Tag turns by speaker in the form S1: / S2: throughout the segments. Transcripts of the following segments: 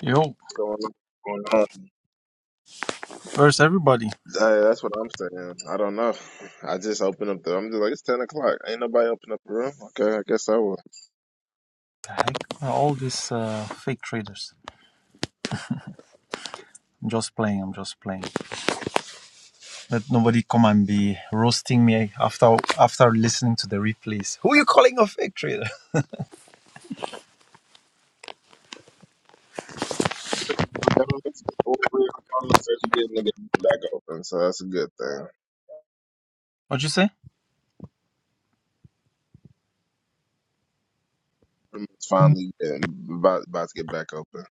S1: Yo,
S2: going on.
S1: where's everybody?
S2: Hey, that's what I'm saying. I don't know. I just opened up the. I'm just like it's ten o'clock. Ain't nobody open up the room. Okay, I guess I will.
S1: The heck? All these uh, fake traders. I'm just playing, I'm just playing. Let nobody come and be roasting me after after listening to the replays. Who are you calling a fake trader?
S2: Okay, well, it's- well, we're on the verge of getting the back open, so that's a good thing.
S1: What'd you say?
S2: It's finally getting, about about to get back open.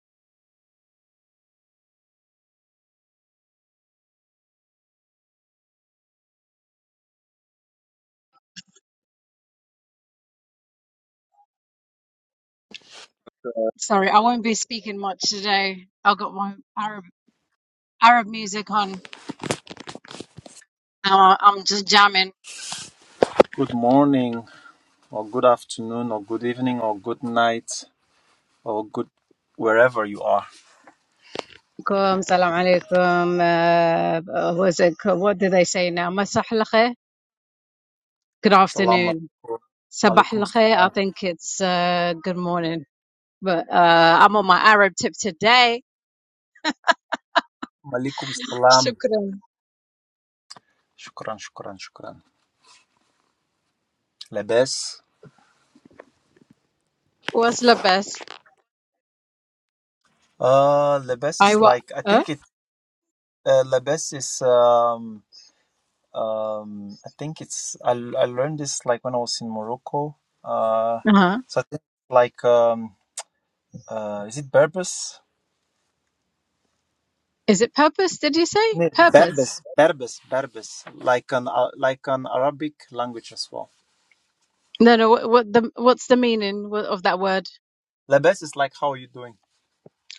S3: Sorry, I won't be speaking much today. I've got my Arab Arab music on. i I'm just jamming.
S1: Good morning, or good afternoon, or good evening, or good night, or good wherever you are.
S3: Alaikum, Salam alaikum. Uh, uh, was it, what do they say now? Masah al khair? Good
S1: Salam
S3: afternoon.
S1: alaikum.
S3: Sabah
S1: Malikum
S3: al khair? I
S1: salam.
S3: think it's uh, good morning. But uh, I'm on my Arab tip today.
S1: Malikum salam.
S3: Shukran.
S1: Shukran, shukran, shukran. Lebes.
S3: What's the best?
S1: Uh, Lebes
S3: I
S1: is
S3: wa uh?
S1: like, I
S3: huh
S1: think it, uh, Lebes is, um, Um, I think it's I, I learned this like when I was in Morocco. Uh,
S3: Uh-huh.
S1: so I think like um, uh, is it Berbers?
S3: Is it purpose? Did you say
S1: Ne-
S3: purpose?
S1: Berbers, Berbers, Berbers, like an uh, like an Arabic language as well.
S3: No, no. What, what the what's the meaning of that word?
S1: Labes is like how are you doing,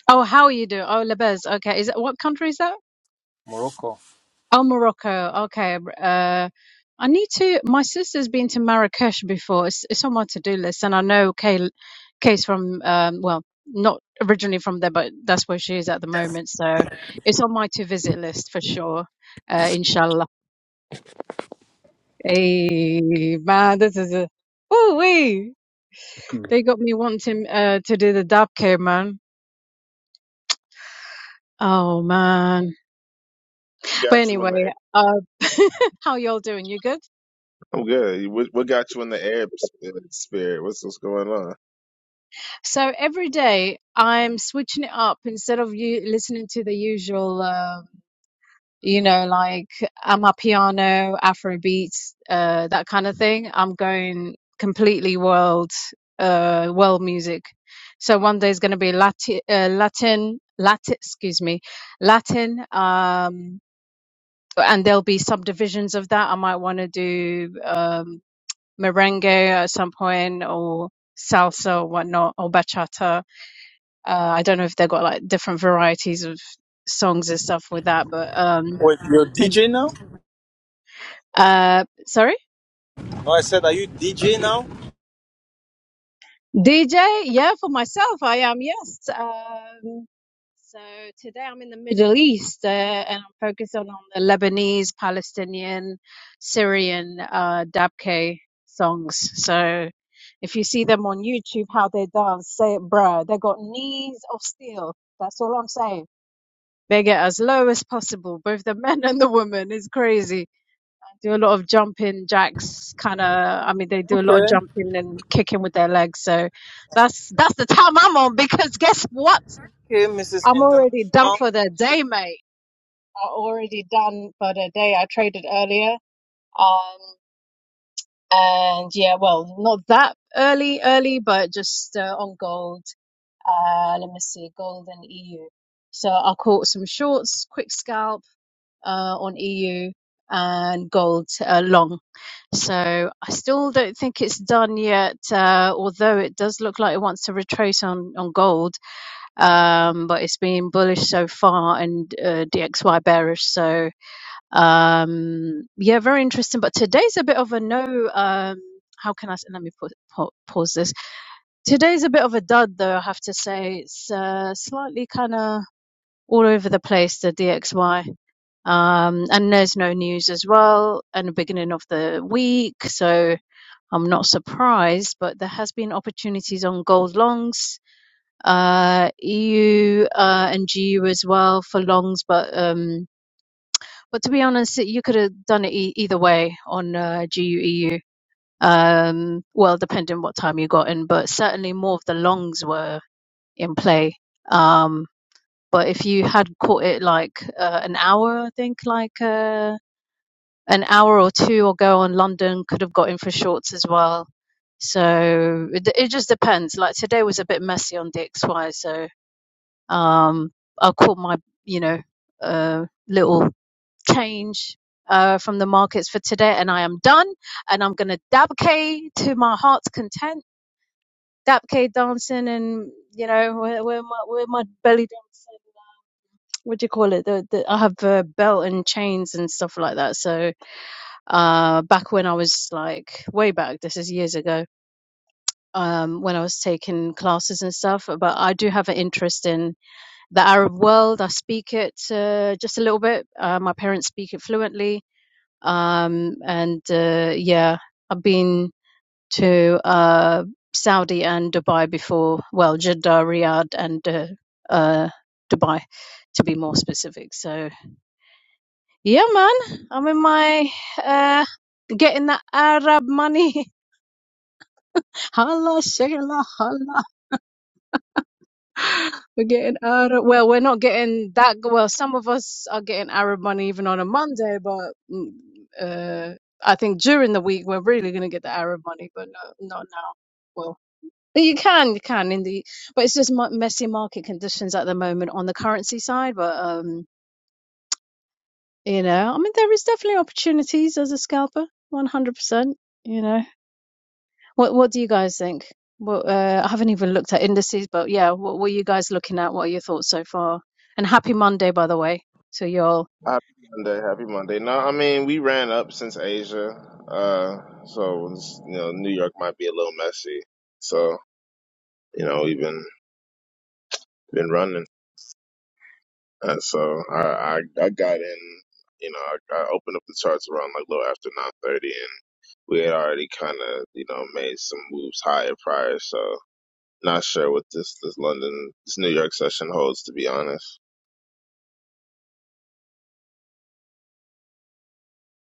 S3: Oh, how you do? Oh, Labez. Okay. Is that what country is that?
S1: Morocco?
S3: Oh, Morocco. Okay. Uh, I need to. My sister's been to Marrakesh before. It's, it's on my to-do list, and I know Kay, Kay's from. Um, well, not originally from there, but that's where she is at the moment. So it's on my to-visit list for sure. Uh, inshallah. Hey, man, this is a. Ooh wee! They got me wanting uh, to do the dab care, man. Oh man. But
S2: Got you
S3: anyway,
S2: in the air.
S3: uh, how y'all doing? You good?
S2: I'm good. What, what got you in the air spirit? spirit? What's what's going on?
S3: So every day I'm switching it up instead of you listening to the usual, um, you know, like Amapiano, Afro beats, uh, that kind of thing. I'm going completely world, uh, world music. So one day is going to be Latin, uh, Latin, Latin, excuse me, Latin. Um, and there'll be subdivisions of that. I might want to do um, merengue at some point or salsa or whatnot or bachata uh, I don't know if they've got like different varieties of songs and stuff with that, but um,
S1: Wait, you're
S3: and,
S1: DJ now?
S3: uh, sorry,
S1: No, I said, are you DJ now?
S3: DJ. Yeah, for myself, I am. Yes. Um, so today I'm in the Middle East uh, and I'm focused on, on the Lebanese, Palestinian, Syrian uh, dabke songs. So if you see them on YouTube, how they dance, say it, bruh. They got knees of steel. That's all I'm saying. They get as low as possible, both the men and the women. It's crazy. Do a lot of jumping jacks, kind of. I mean, they do a lot of
S1: Okay,
S3: jumping and kicking with their legs. So that's that's the time I'm on because guess what?
S1: okay, Mrs.
S3: I'm already done
S1: International.
S3: for the day, mate. I'm already done for the day. I traded earlier. Um, and yeah, well, not that early, early, but just uh, on gold. Uh, let me see, gold and EU. So I caught some shorts, quick scalp uh, on EU and gold uh, long. So I still don't think it's done yet, uh, although it does look like it wants to retrace on, on gold. Um, but it's been bullish so far and uh, DXY bearish. So um, yeah, very interesting. But today's a bit of a no. Um, how can I s- let me put, pa- pause this? Today's a bit of a dud, though. I have to say it's uh, slightly kind of all over the place. The DXY um, and there's no news as well in the beginning of the week so i'm not surprised but there has been opportunities on gold longs uh, eu uh, and gu as well for longs but um, but to be honest you could have done it e- either way on uh, gu eu um, well depending what time you got in but certainly more of the longs were in play um, but if you had caught it like uh, an hour i think like Uh, an hour or two ago on London could have got in for shorts as well. So it, it just depends. Like today was a bit messy on DXY, so um, I'll call my you know uh, little change uh, from the markets for today, and I am done. And I'm gonna dab K to my heart's content. Dab K dancing, and you know where, where my where my belly dancing. What do you call it? The, the I have a belt and chains and stuff like that. So uh, back when I was like way back, this is years ago, um, when I was taking classes and stuff. But I do have an interest in the Arab world. I speak it uh, just a little bit. Uh, my parents speak it fluently. Um, and uh, yeah, I've been to uh, Saudi and Dubai before. Well, Jeddah, Riyadh, and uh, uh, Dubai, to be more specific. So yeah, man, I'm in my uh, getting that Arab money. Holla, shayla, holla. We're getting Arab. Well, we're not getting that. Well, some of us are getting Arab money even on a Monday, but mm, uh, I think during the week we're really going to get the Arab money, but no, not now. Well, you can, you can in the, but it's just mu- messy market conditions at the moment on the currency side. But um, you know, I mean, there is definitely opportunities as a scalper, one hundred percent. You know. What What do you guys think? What uh, I haven't even looked at indices, but yeah, what were you guys looking at? What are your thoughts so far? And happy Monday, by the way, to you all.
S2: Happy Monday. Happy Monday. No, I mean we ran up since Asia, uh, so it's, you know New York might be a little messy. So you know, even been running. And so I, I, I got in, you know, I, I opened up the charts around like a little after 930 and we had already kind of, you know, made some moves higher prior. So not sure what this, this London, this New York session holds, to be honest.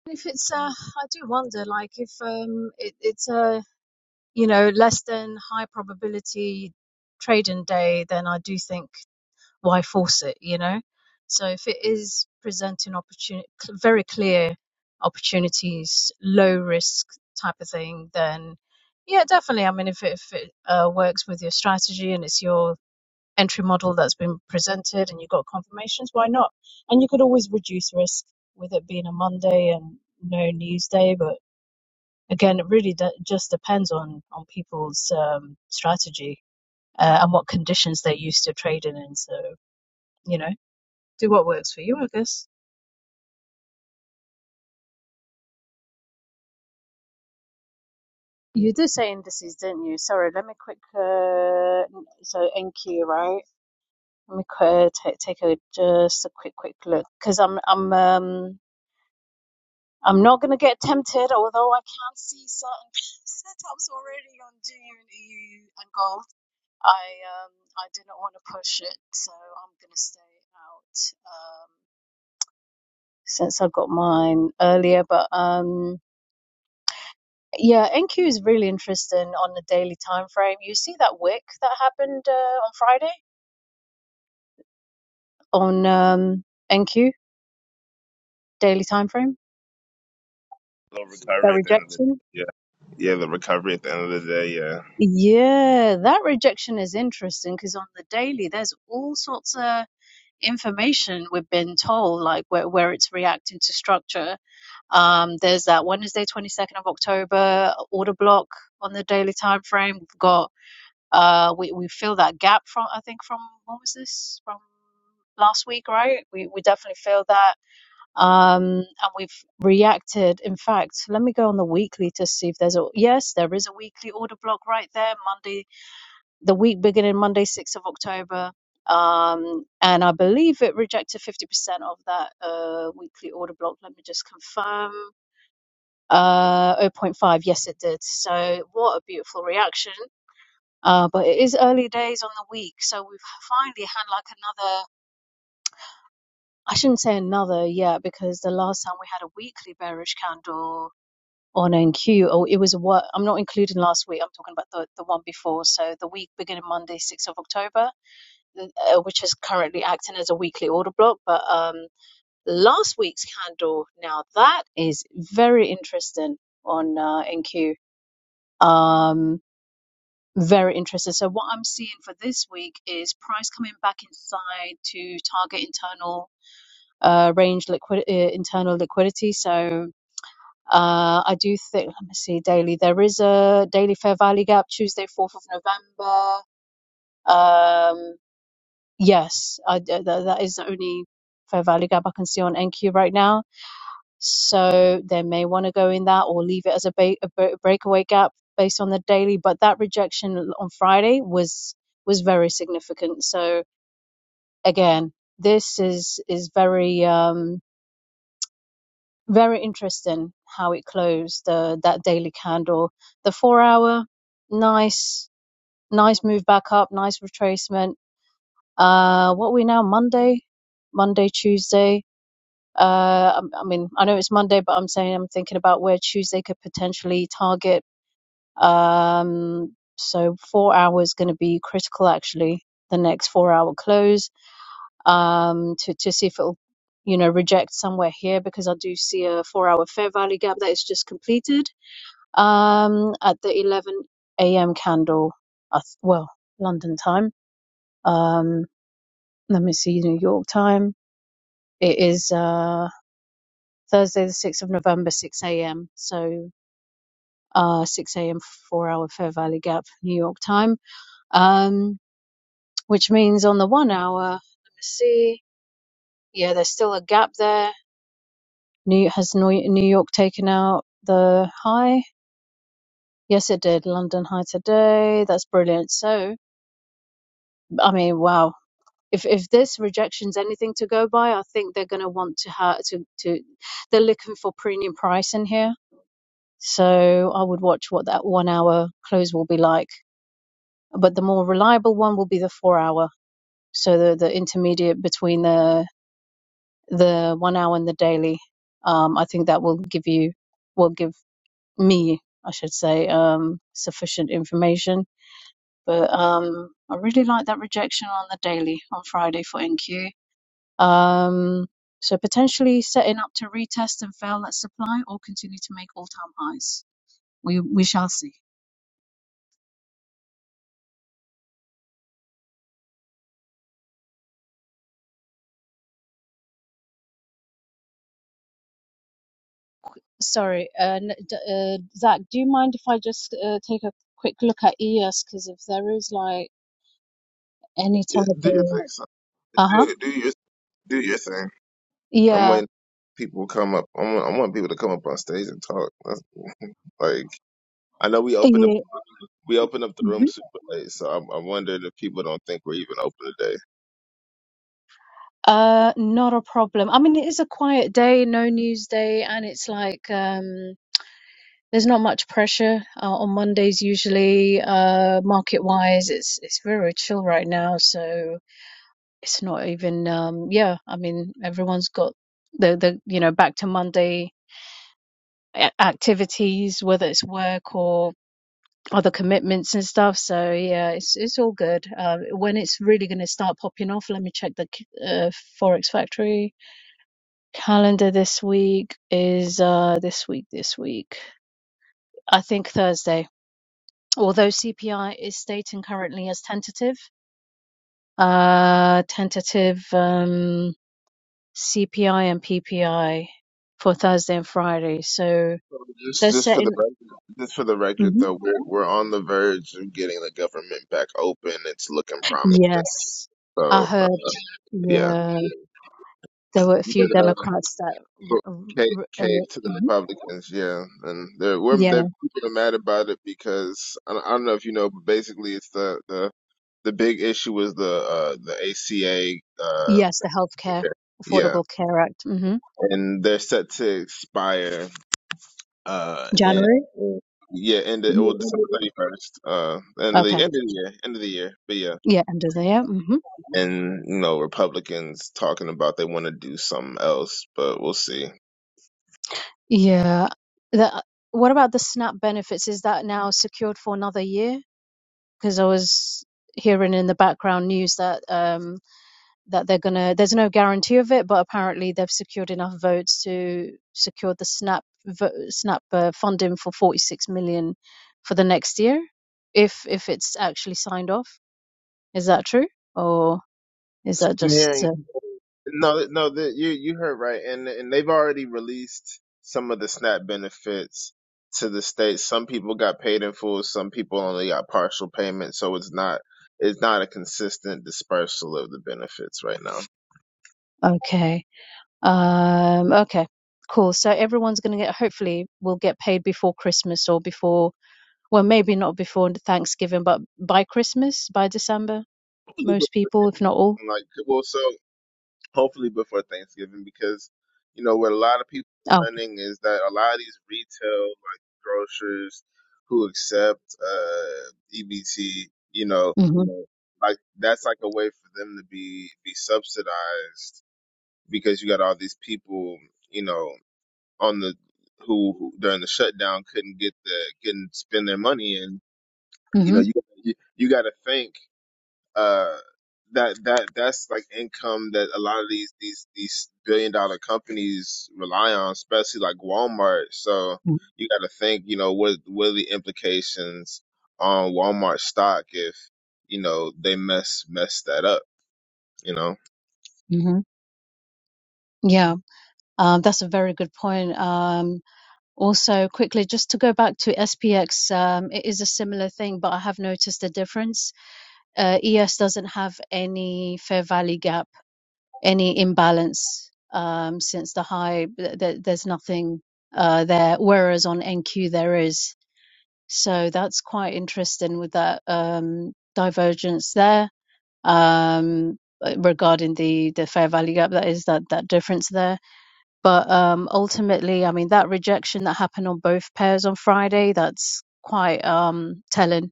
S3: If it's, uh, I do wonder, like if um, it, it's a you know less than high probability trading day, then I do think. why force it, you know? So if it is presenting opportunity, very clear opportunities, low risk type of thing, then yeah, definitely. I mean, if it, if it uh, works with your strategy and it's your entry model that's been presented and you've got confirmations, why not? And you could always reduce risk with it being a Monday and no news day. But again, it really de- just depends on, on people's um, strategy uh, and what conditions they're used to trading in. So, you know. Do what works for you, I guess. You did say indices, didn't you? Sorry, let me quick. Uh, so NQ, right? Let me qu- take take a just a quick quick look because I'm I'm um I'm not gonna get tempted, although I can see certain setups already on June EU and gold. I um I do not want to push it, so I'm gonna stay out. Um, since I got mine earlier, but um. Yeah, NQ is really interesting on the daily time frame. You see that wick that happened uh, on Friday on um, NQ daily time frame.
S2: Little
S3: That
S2: recovery at the end of the
S3: rejection.
S2: Yeah. Yeah. The recovery at the end of the day. Yeah.
S3: Yeah, that rejection is interesting because on the daily, there's all sorts of information we've been told, like where where it's reacting to structure. Um, there's that Wednesday, 22nd of October order block on the daily time frame. We've got Uh, we we fill that gap from I think from what was this from last week, right? We we definitely feel that, um, and we've reacted. In fact, let me go on the weekly to see if there's a yes, there is a weekly order block right there. Monday, the week beginning Monday, sixth of October, um, and I believe it rejected fifty percent of that uh, weekly order block. Let me just confirm. Uh, zero point 0.5, yes, it did. So, what a beautiful reaction uh, but it is early days on the week, so we've finally had like another, I shouldn't say another yet, because the last time we had a weekly bearish candle on NQ, oh, it was what I'm not including last week, I'm talking about the, the one before. So the week beginning Monday, 6th of October, uh, uh, which is currently acting as a weekly order block. But um, last week's candle, now that is very interesting on uh, NQ. Um, Very interesting. So what I'm seeing for this week is price coming back inside to target internal uh, range liquid uh, internal liquidity. So uh, I do think let me see daily. There is a daily fair value gap Tuesday, fourth of November. Um, yes, I, th- th- that is the only fair value gap I can see on NQ right now. So they may want to go in that or leave it as a, ba- a bre- breakaway gap based on the daily. But that rejection on Friday was was very significant. So again, this is is very um, very interesting how it closed uh, that daily candle. The four hour, nice nice move back up, nice retracement. Uh, what are we now Monday, Monday Tuesday Uh, I, I mean, I know it's Monday, but I'm saying I'm thinking about where Tuesday could potentially target. Um, so four hours going to be critical actually. The next four hour close um, to to see if it'll you know reject somewhere here because I do see a four hour fair value gap that is just completed um, at the 11 a.m. candle. I well, London time. Um, let me see New York time. It is. uh, Thursday, the 6th of November, 6 a.m. So, uh, 6 a.m. four hour Fair Valley Gap, New York time. Um, which means on the one hour, let me see. Yeah, there's still a gap there. New has New New York taken out the high? Yes, it did. London high today. That's brilliant. So, I mean, wow. If if this rejection's anything to go by, I think they're going to want to ha- to to they're looking for premium price in here. So I would watch what that one hour close will be like but the more reliable one will be the four hour. So the, the intermediate between the the one hour and the daily. Um, I think that will give you will give me, I should say, um, sufficient information. But um, I really like that rejection on the daily on Friday for NQ. Um, so potentially setting up to retest and fail that supply or continue to make all time highs. We we shall see. Sorry, uh, n- d- uh, Zach, do you mind if I just uh, take a quick look at ES? Because if there is like any
S2: yeah
S3: type
S2: do you
S3: of,
S2: think so?
S3: uh-huh,
S2: Do, do your, do your thing. I'm
S3: yeah,
S2: waiting. People come up. I want, I want people to come up on stage and talk. That's, like I know we opened up.
S3: yeah.
S2: we open up the
S3: mhm.
S2: room super late, so I'm, I'm wondering if people don't think we're even open today.
S3: Uh, not a problem. I mean, it is a quiet day, no news day, and it's like um, there's not much pressure uh, on Mondays usually. Uh, market wise, it's it's very chill right now, so it's not even um, yeah. I mean, everyone's got the the you know back to Monday. a- activities, whether it's work or other commitments and stuff. So yeah, it's it's all good. Uh, when it's really going to start popping off, let me check the c- uh, Forex Factory calendar. This week is uh, this week. This week, I think Thursday. Although CPI is stating currently as tentative, uh, tentative um, CPI and PPI for Thursday and Friday. So
S2: So Just,
S3: they're
S2: just for the
S3: setting.
S2: record, just for the record,
S3: Mhm.
S2: though, we're we're on the verge of getting the government back open. It's looking promising.
S3: Yes, I
S2: So uh,
S3: heard.
S2: yeah,
S3: Yeah, there were a few
S2: but uh,
S3: Democrats that, w-
S2: but cave,
S3: r- r-
S2: cave
S3: uh,
S2: to the
S3: mhm.
S2: Republicans, yeah, and they're we're
S3: yeah,
S2: they're people are mad about it because I don't, I don't know if you know, but basically it's the the the big issue was the uh the ACA uh
S3: yes, the Healthcare
S2: yeah,
S3: Affordable Care Act, hmm
S2: and they're set to expire uh in
S3: January. Uh,
S2: Yeah, end it. well December thirty first. Uh, end of the
S3: Okay,
S2: end of the year, end of the year. But yeah,
S3: yeah, end of the year. hmm
S2: and you know Republicans talking about they want to do something else, but we'll see.
S3: Yeah, the, what about the SNAP benefits? Is that now secured for another year? Because I was hearing in the background news that um, that they're going to there's no guarantee of it but apparently they've secured enough votes to secure the snap snap uh, funding for 46 million for the next year if if it's actually signed off is that true or is that
S2: I'm
S3: just
S2: hearing
S3: uh,
S2: no, no, the, you you heard right, and and they've already released some of the SNAP benefits to the states. Some people got paid in full, some people only got partial payment, so it's not it's not a consistent dispersal of the benefits right now.
S3: okay um, okay, cool. So everyone's going to get, hopefully, will get paid before Christmas or before, well, maybe not before Thanksgiving, but by Christmas, by December, most people, if not all.
S2: Like well, so. hopefully before Thanksgiving because you know what a lot of people
S3: Oh,
S2: are learning is that a lot of these retail like grocers who accept uh EBT, you know,
S3: hmm
S2: like that's like a way for them to be be subsidized because you got all these people, you know, on the who, who during the shutdown couldn't get the couldn't spend their money and you know
S3: hmm
S2: you you, you got to think uh, that that that's like income that a lot of these these these billion dollar companies rely on, especially like Walmart. So you got to think, you know, what what are the implications on Walmart stock if you know they mess mess that up? You know,
S3: hmm Yeah, um, that's a very good point. Um, also, quickly, just to go back to SPX, um, it is a similar thing, but I have noticed a difference. Uh, ES doesn't have any fair value gap any imbalance um, since the high th- th- there's nothing uh, there whereas on NQ there is so that's quite interesting with that um, divergence there um, regarding the the fair value gap that is that that difference there but um, ultimately I mean that rejection that happened on both pairs on Friday that's quite um, telling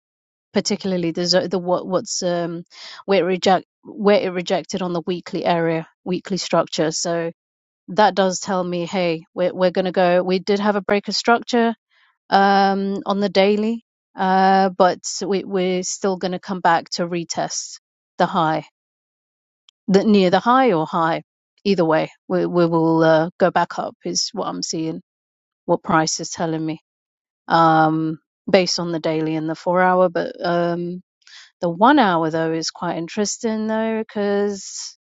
S3: particularly the the what what's um where it reject where it rejected on the weekly area weekly structure so that does tell me hey we're, we're gonna go we did have a break of structure um on the daily uh but we, we're still gonna come back to retest the high the near the high or high either way we, we will uh, go back up is what i'm seeing what price is telling me um based on the daily and the four hour but um the one hour though is quite interesting though because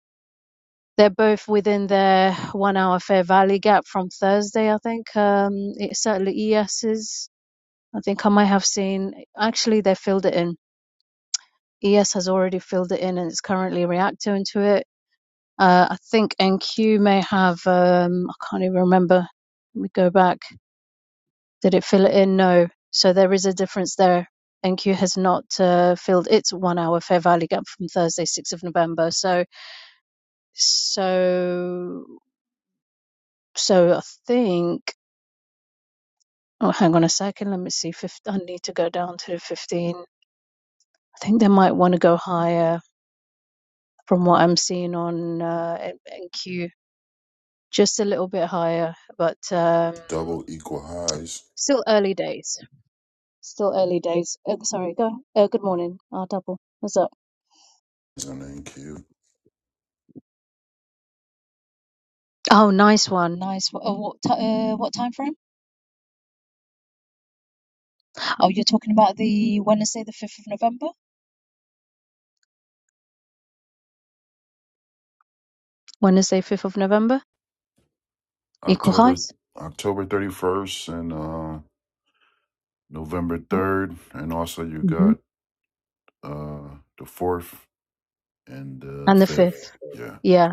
S3: they're both within their one hour Fair Valley gap from Thursday. I think um, it certainly ES is. I think I might have seen actually they filled it in. ES has already filled it in and it's currently reacting to it. Uh, I think NQ may have. Um, I can't even remember. Let me go back. Did it fill it in? No. So there is a difference there. NQ has not uh, filled its one hour Fair Valley gap from Thursday, 6th of November. So So, so I think. Oh, hang on a second. Let me see. Fif- I need to go down to fifteen. I think they might want to go higher from what I'm seeing on uh, NQ, just a little bit higher, but um,
S4: Double Equal Highs
S3: still early days. Still early days. Uh, sorry. Go. Uh, good morning. I'll double. What's up?
S4: is an NQ.
S3: Oh, nice one. Nice. one. Oh, what ti uh, what time frame? Oh, you're talking about the Wednesday, the fifth of November. Wednesday, fifth of November. Equal
S4: October
S3: highs.
S4: October 31st and uh, November 3rd. And also you got uh, the 4th and the
S3: And the
S4: 5th.
S3: fifth.
S4: Yeah.
S3: Yeah.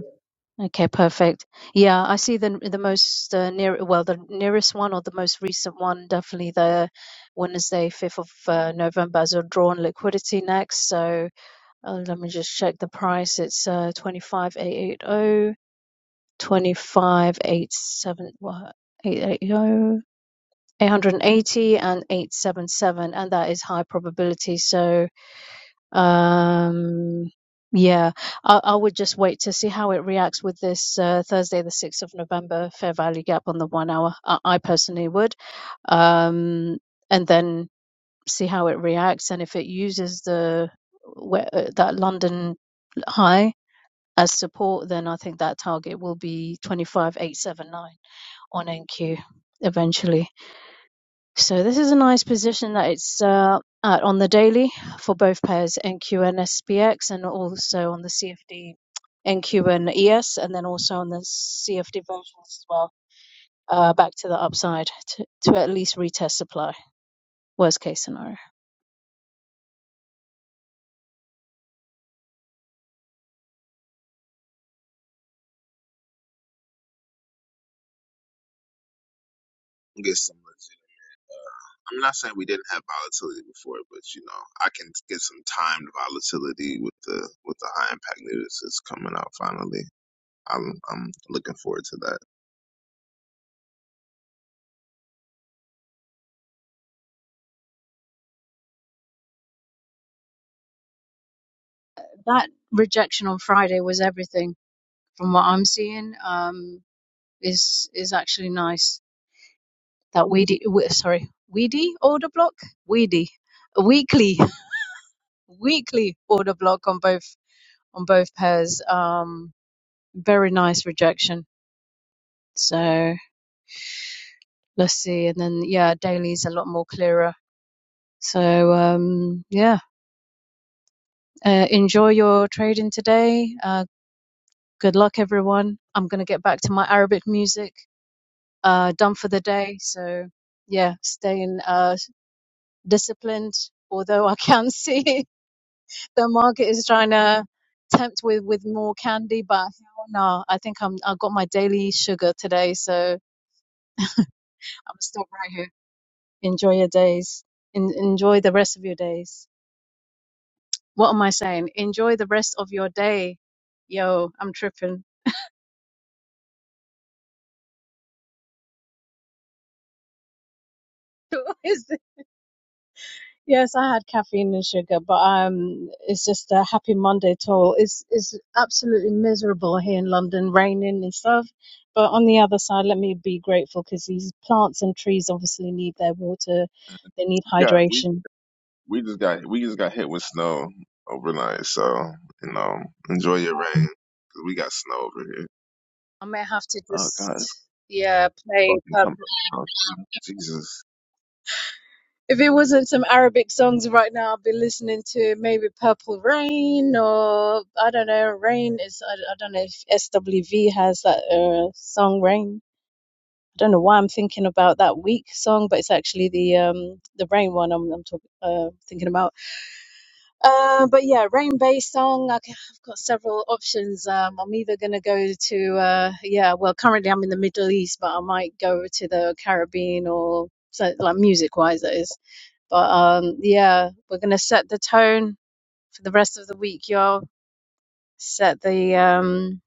S3: Okay, perfect. Yeah, I see the the most uh, near well the nearest one or the most recent one definitely the Wednesday 5th of uh, November as a drawn liquidity next. So uh, let me just check the price. It's uh 25880 what eight eight o, 880 and 877 and that is high probability. So um, yeah, I, I would just wait to see how it reacts with this uh, Thursday, the 6th of November, fair value gap on the one hour. I, I personally would. Um, and then see how it reacts. And if it uses the where, uh, that London high as support, then I think that target will be 25,879 on NQ eventually. So this is a nice position that it's uh, at on the daily for both pairs NQ and SPX, and also on the CFD NQ and ES, and then also on the CFD versions as well. Uh, back to the upside to, to at least retest supply. Worst case scenario.
S2: get so much. I'm not saying we didn't have volatility before, but you know, I can get some timed volatility with the with the high impact news that's coming out finally. I'm I'm looking forward to that.
S3: That rejection on Friday was everything from what I'm seeing. Um, is is actually nice. That weedy, we, sorry, weedy order block, weedy, weekly, weekly order block on both on both pairs. Um, very nice rejection. So let's see. And then, yeah, daily's a lot more clearer. So, um, yeah, uh, enjoy your trading today. Uh, good luck, everyone. I'm going to get back to my Arabic music. Uh, done for the day. So, yeah, staying uh, disciplined. Although I can see the market is trying to tempt with, with more candy, but no, I think I'm I got my daily sugar today, so I'm gonna stop right here. Enjoy your days. En enjoy the rest of your days. What am I saying? Enjoy the rest of your day. Yo, I'm tripping. Is it- yes, I had caffeine and sugar, but um, it's just a happy Monday to all. It's it's absolutely miserable here in London, raining and stuff. But on the other side, let me be grateful because these plants and trees obviously need their water. They need
S2: Yeah, we.
S3: hydration.
S2: We just got we just got hit with snow overnight, so you know, enjoy your rain. 'cause we got snow over here.
S3: I may have to
S2: Oh God, it's
S3: just yeah play
S2: fucking coming. Oh, Jesus,
S3: If it wasn't some Arabic songs right now, I'd be listening to maybe Purple Rain or I don't know, Rain is I, I don't know if SWV has that uh, song Rain. I don't know why I'm thinking about that week song, but it's actually the um the Rain one I'm I'm talking uh, thinking about. Uh, but yeah, Rain based song. I can, I've got several options. Um, I'm either gonna go to uh yeah, well currently I'm in the Middle East, but I might go to the Caribbean or so like music wise that is but um, yeah, we're gonna set the tone for the rest of the week, y'all. Set the um,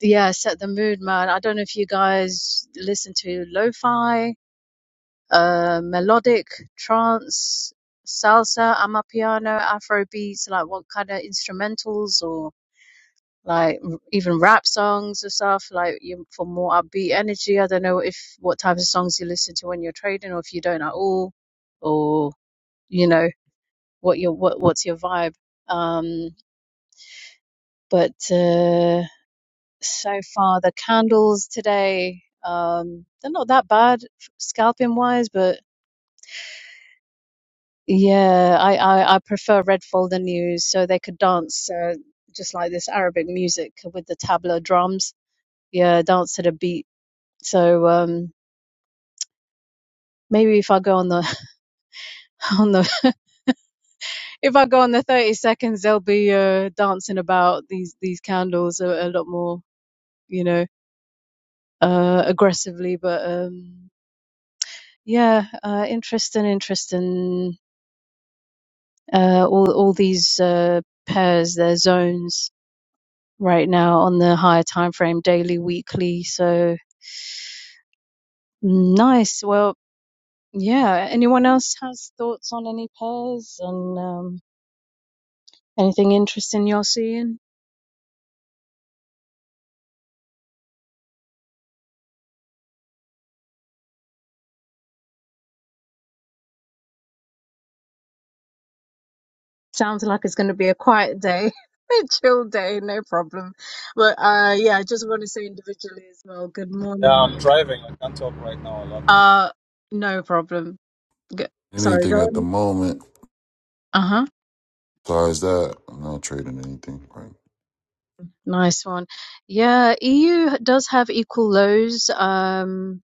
S3: yeah, set the mood, man. I don't know if you guys listen to lo-fi, uh, melodic, trance, salsa, amapiano, afro beats, like what kind of instrumentals or like r- even rap songs or stuff like you for more upbeat energy. I don't know if what types of songs you listen to when you're trading or if you don't at all or you know what your what what's your vibe um but uh so far the candles today um they're not that bad scalping wise but yeah I, I i prefer red folder news so they could dance uh, just like this arabic music with the tabla drums yeah dance to the beat so um maybe if i go on the on the if i go on the 30 seconds they'll be uh dancing about these these candles a, a lot more you know uh, aggressively, but um, yeah, uh, interesting, interesting. Uh, all all these uh, pairs, their zones right now on the higher time frame, daily, weekly. So nice. Well, yeah. Anyone else has thoughts on any pairs and um, anything interesting you're seeing? Sounds like it's going to be a quiet day. a Chill day, no problem. But uh yeah, I just want to say individually as well, good
S1: Yeah,
S3: morning.
S1: I'm driving. I can't talk right now a lot.
S3: Uh no problem. Go, sorry, go
S4: Anything at the
S3: on.
S4: moment
S3: Uh-huh.
S4: besides that, I'm not trading anything. Right.
S3: Nice one. Yeah, EU does have equal laws. Um,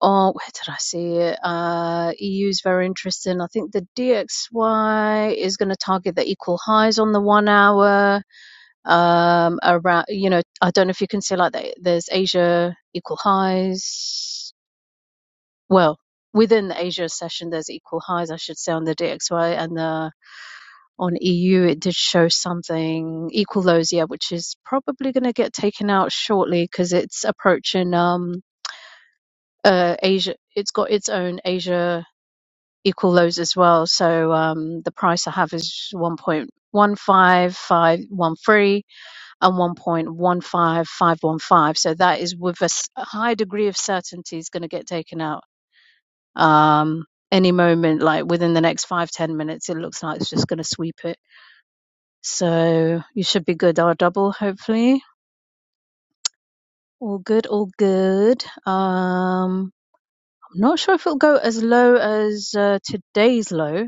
S3: oh, where did I see it? Uh, EU is very interesting. I think the DXY is going to target the equal highs on the one hour. Um, around, you know, I don't know if you can say like that. There's Asia equal highs. Well, within the Asia session, there's equal highs, I should say, on the DXY and the on EU, it did show something Equalosia, which is probably going to get taken out shortly because it's approaching um uh Asia. It's got its own Asia equal lows as well. So um the price I have is one point one five five one three and one point one five five one five. So that is with a s- a high degree of certainty is going to get taken out. Um any moment like within the next five ten minutes it looks like it's just going to sweep it So you should be good. Our double, hopefully. All good, all good. Um, I'm not sure if it'll go as low as uh, today's low,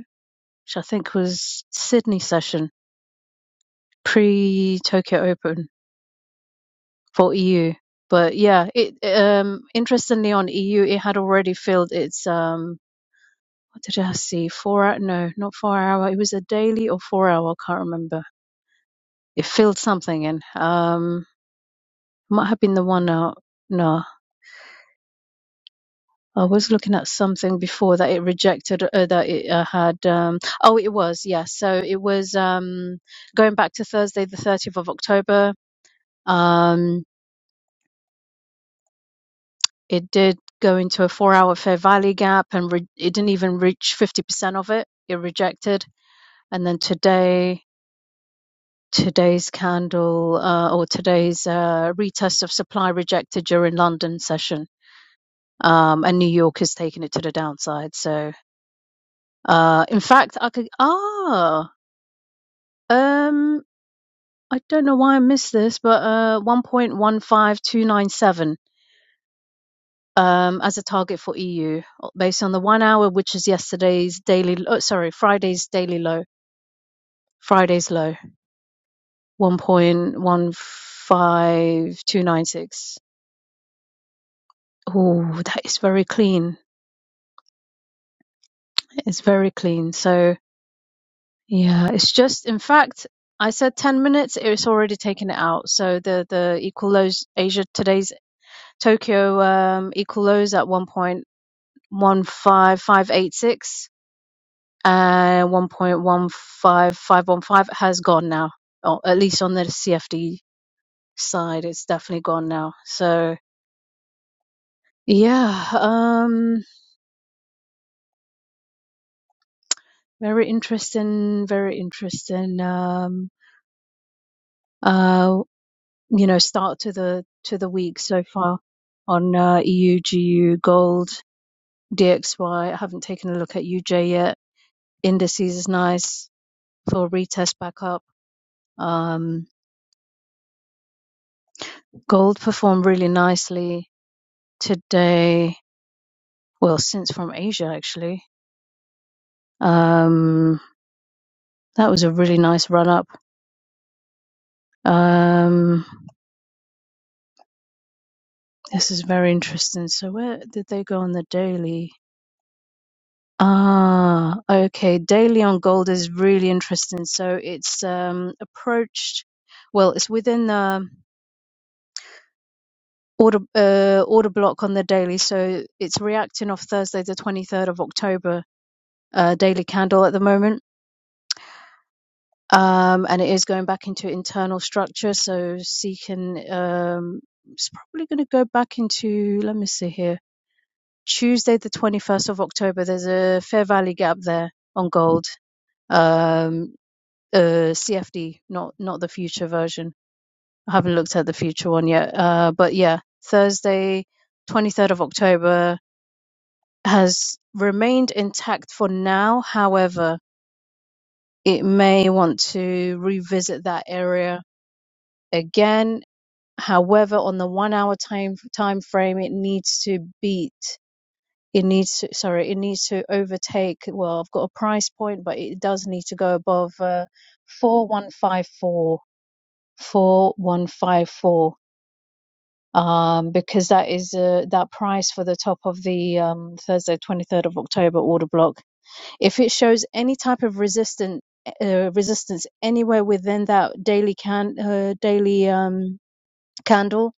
S3: which I think was Sydney session pre Tokyo Open for EU. But yeah, it um interestingly on EU it had already filled its um what did I see? Four hour no, not four hour. It was a daily or four hour, I can't remember. It filled something in. Um might have been the one out. No, I was looking at something before that it rejected uh, that it uh, had. Um, oh, it was yes. So it was um, going back to Thursday, the thirtieth of October. Um, it did go into a four-hour fair value gap, and re- it didn't even reach fifty percent of it. It rejected, and then today, today's candle uh, or today's uh, retest of supply rejected during London session, um, and New York is taking it to the downside. So. Uh, in fact, I could. Ah, Um, I don't know why I missed this, but uh, 1.15297 um, as a target for EU uh, based on the one hour, which is yesterday's daily, oh, sorry, Friday's daily low, Friday's low, 1.15296. Oh, that is very clean. It's very clean. So, yeah, it's just, in fact, I said 10 minutes, it's already taken it out. So the, the equal lows, Asia today's Tokyo um, equal lows at one point. 15586 and 1.15515 has gone now. Or at least on the CFD side, it's definitely gone now. So yeah, um, very interesting, very interesting, um, uh, you know, start to the, to the week so far on, uh, EU, GU, gold, DXY. I haven't taken a look at UJ yet. Indices is nice for retest back up. Um, Gold performed really nicely today. Well, since from Asia actually. Um, that was a really nice run up. Um, this is very interesting. So where did they go on the daily? Ah, okay. Daily on gold is really interesting. So it's um approached. Well, it's within the order uh, order block on the daily. So it's reacting off Thursday, the twenty third of October, uh, daily candle at the moment um, and it is going back into internal structure. So Seacon um, is probably going to go back into. Let me see here. Tuesday, the twenty first of October. There's a fair value gap there on gold. Um, uh, CFD, not not the future version. I haven't looked at the future one yet. Uh, but yeah, Thursday, twenty third of October has remained intact for now. However, it may want to revisit that area again However, on the one-hour time time frame, it needs to beat. It needs to, sorry, it needs to overtake. Well, I've got a price point, but it does need to go above uh, 4154, um, because that is uh, that price for the top of the um, Thursday, 23rd of October order block. If it shows any type of resistance, uh, resistance anywhere within that daily can uh, daily um, candle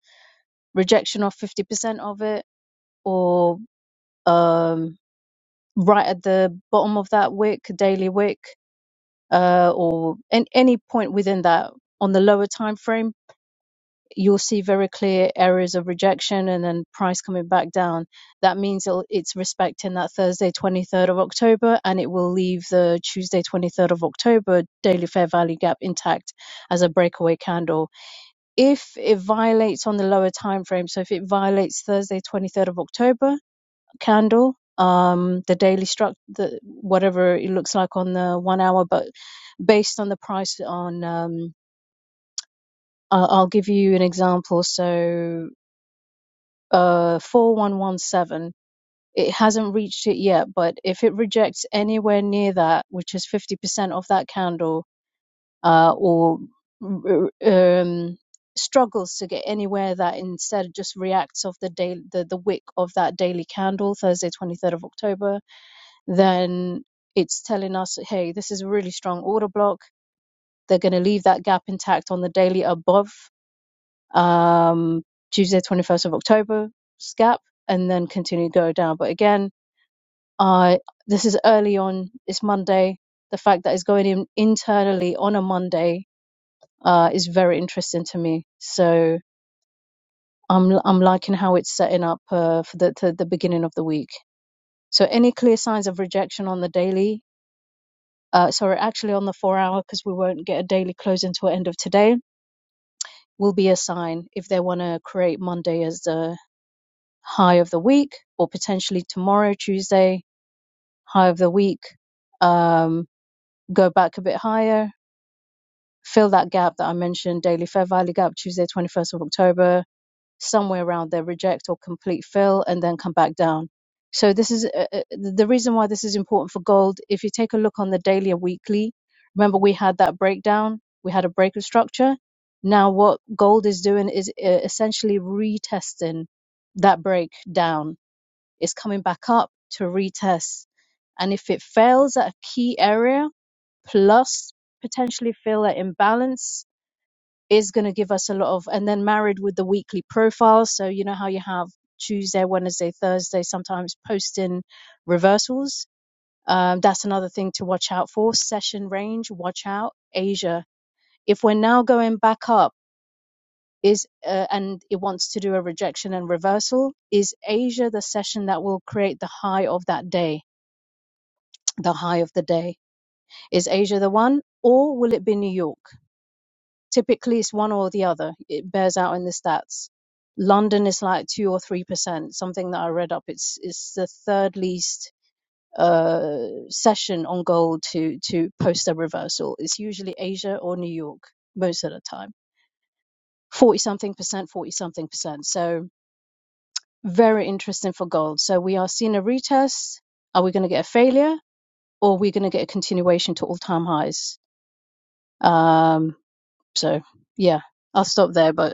S3: rejection of 50% of it or um, right at the bottom of that wick daily wick uh, or in any point within that on the lower time frame you'll see very clear areas of rejection and then price coming back down that means it'll, it's respecting that thursday 23rd of october and it will leave the tuesday 23rd of october daily fair value gap intact as a breakaway candle if it violates on the lower time frame so if it violates thursday 23rd of october candle, um, the daily struct, the, whatever it looks like on the one hour, but based on the price on, um, I- I'll give you an example. So, uh, 4117, it hasn't reached it yet, but if it rejects anywhere near that, which is 50% of that candle, uh, or, um, struggles to get anywhere that instead just reacts off the day the, the wick of that daily candle thursday 23rd of october then it's telling us, hey, this is a really strong order block. They're going to leave that gap intact on the daily above um, Tuesday, 21st of October gap, and then continue to go down. But again, I this is early on. It's Monday. The fact that it's going in internally on a Monday uh, is very interesting to me. So I'm I'm liking how it's setting up uh, for the to the beginning of the week. So any clear signs of rejection on the daily uh, sorry, actually on the four hour because we won't get a daily close until end of today, will be a sign if they want to create Monday as the high of the week or potentially tomorrow, Tuesday, high of the week, um, go back a bit higher, fill that gap that I mentioned, daily fair value gap, Tuesday, 21st of October, somewhere around there, reject or complete fill, and then come back down. So this is uh, uh, the reason why this is important for gold. If you take a look on the daily or weekly, remember we had that breakdown. We had a breaker structure. Now what gold is doing is uh, essentially retesting that breakdown. It's coming back up to retest. And if it fails at a key area plus potentially fill at imbalance, is going to give us a lot of, and then married with the weekly profile. So, you know how you have Tuesday, Wednesday, Thursday, sometimes posting reversals. Um, that's another thing to watch out for. Session range, watch out. Asia. If we're now going back up, is uh, and it wants to do a rejection and reversal, is Asia the session that will create the high of that day? The high of the day. Is Asia the one, or will it be New York? Typically, it's one or the other. It bears out in the stats. London is like two or three percent. Something that I read up. It's it's the third least uh session on gold to to post a reversal. It's usually Asia or New York most of the time. Forty something percent, forty something percent. So very interesting for gold. So we are seeing a retest. Are we going to get a failure or are we going to get a continuation to all time highs? Um, so yeah, I'll stop there. But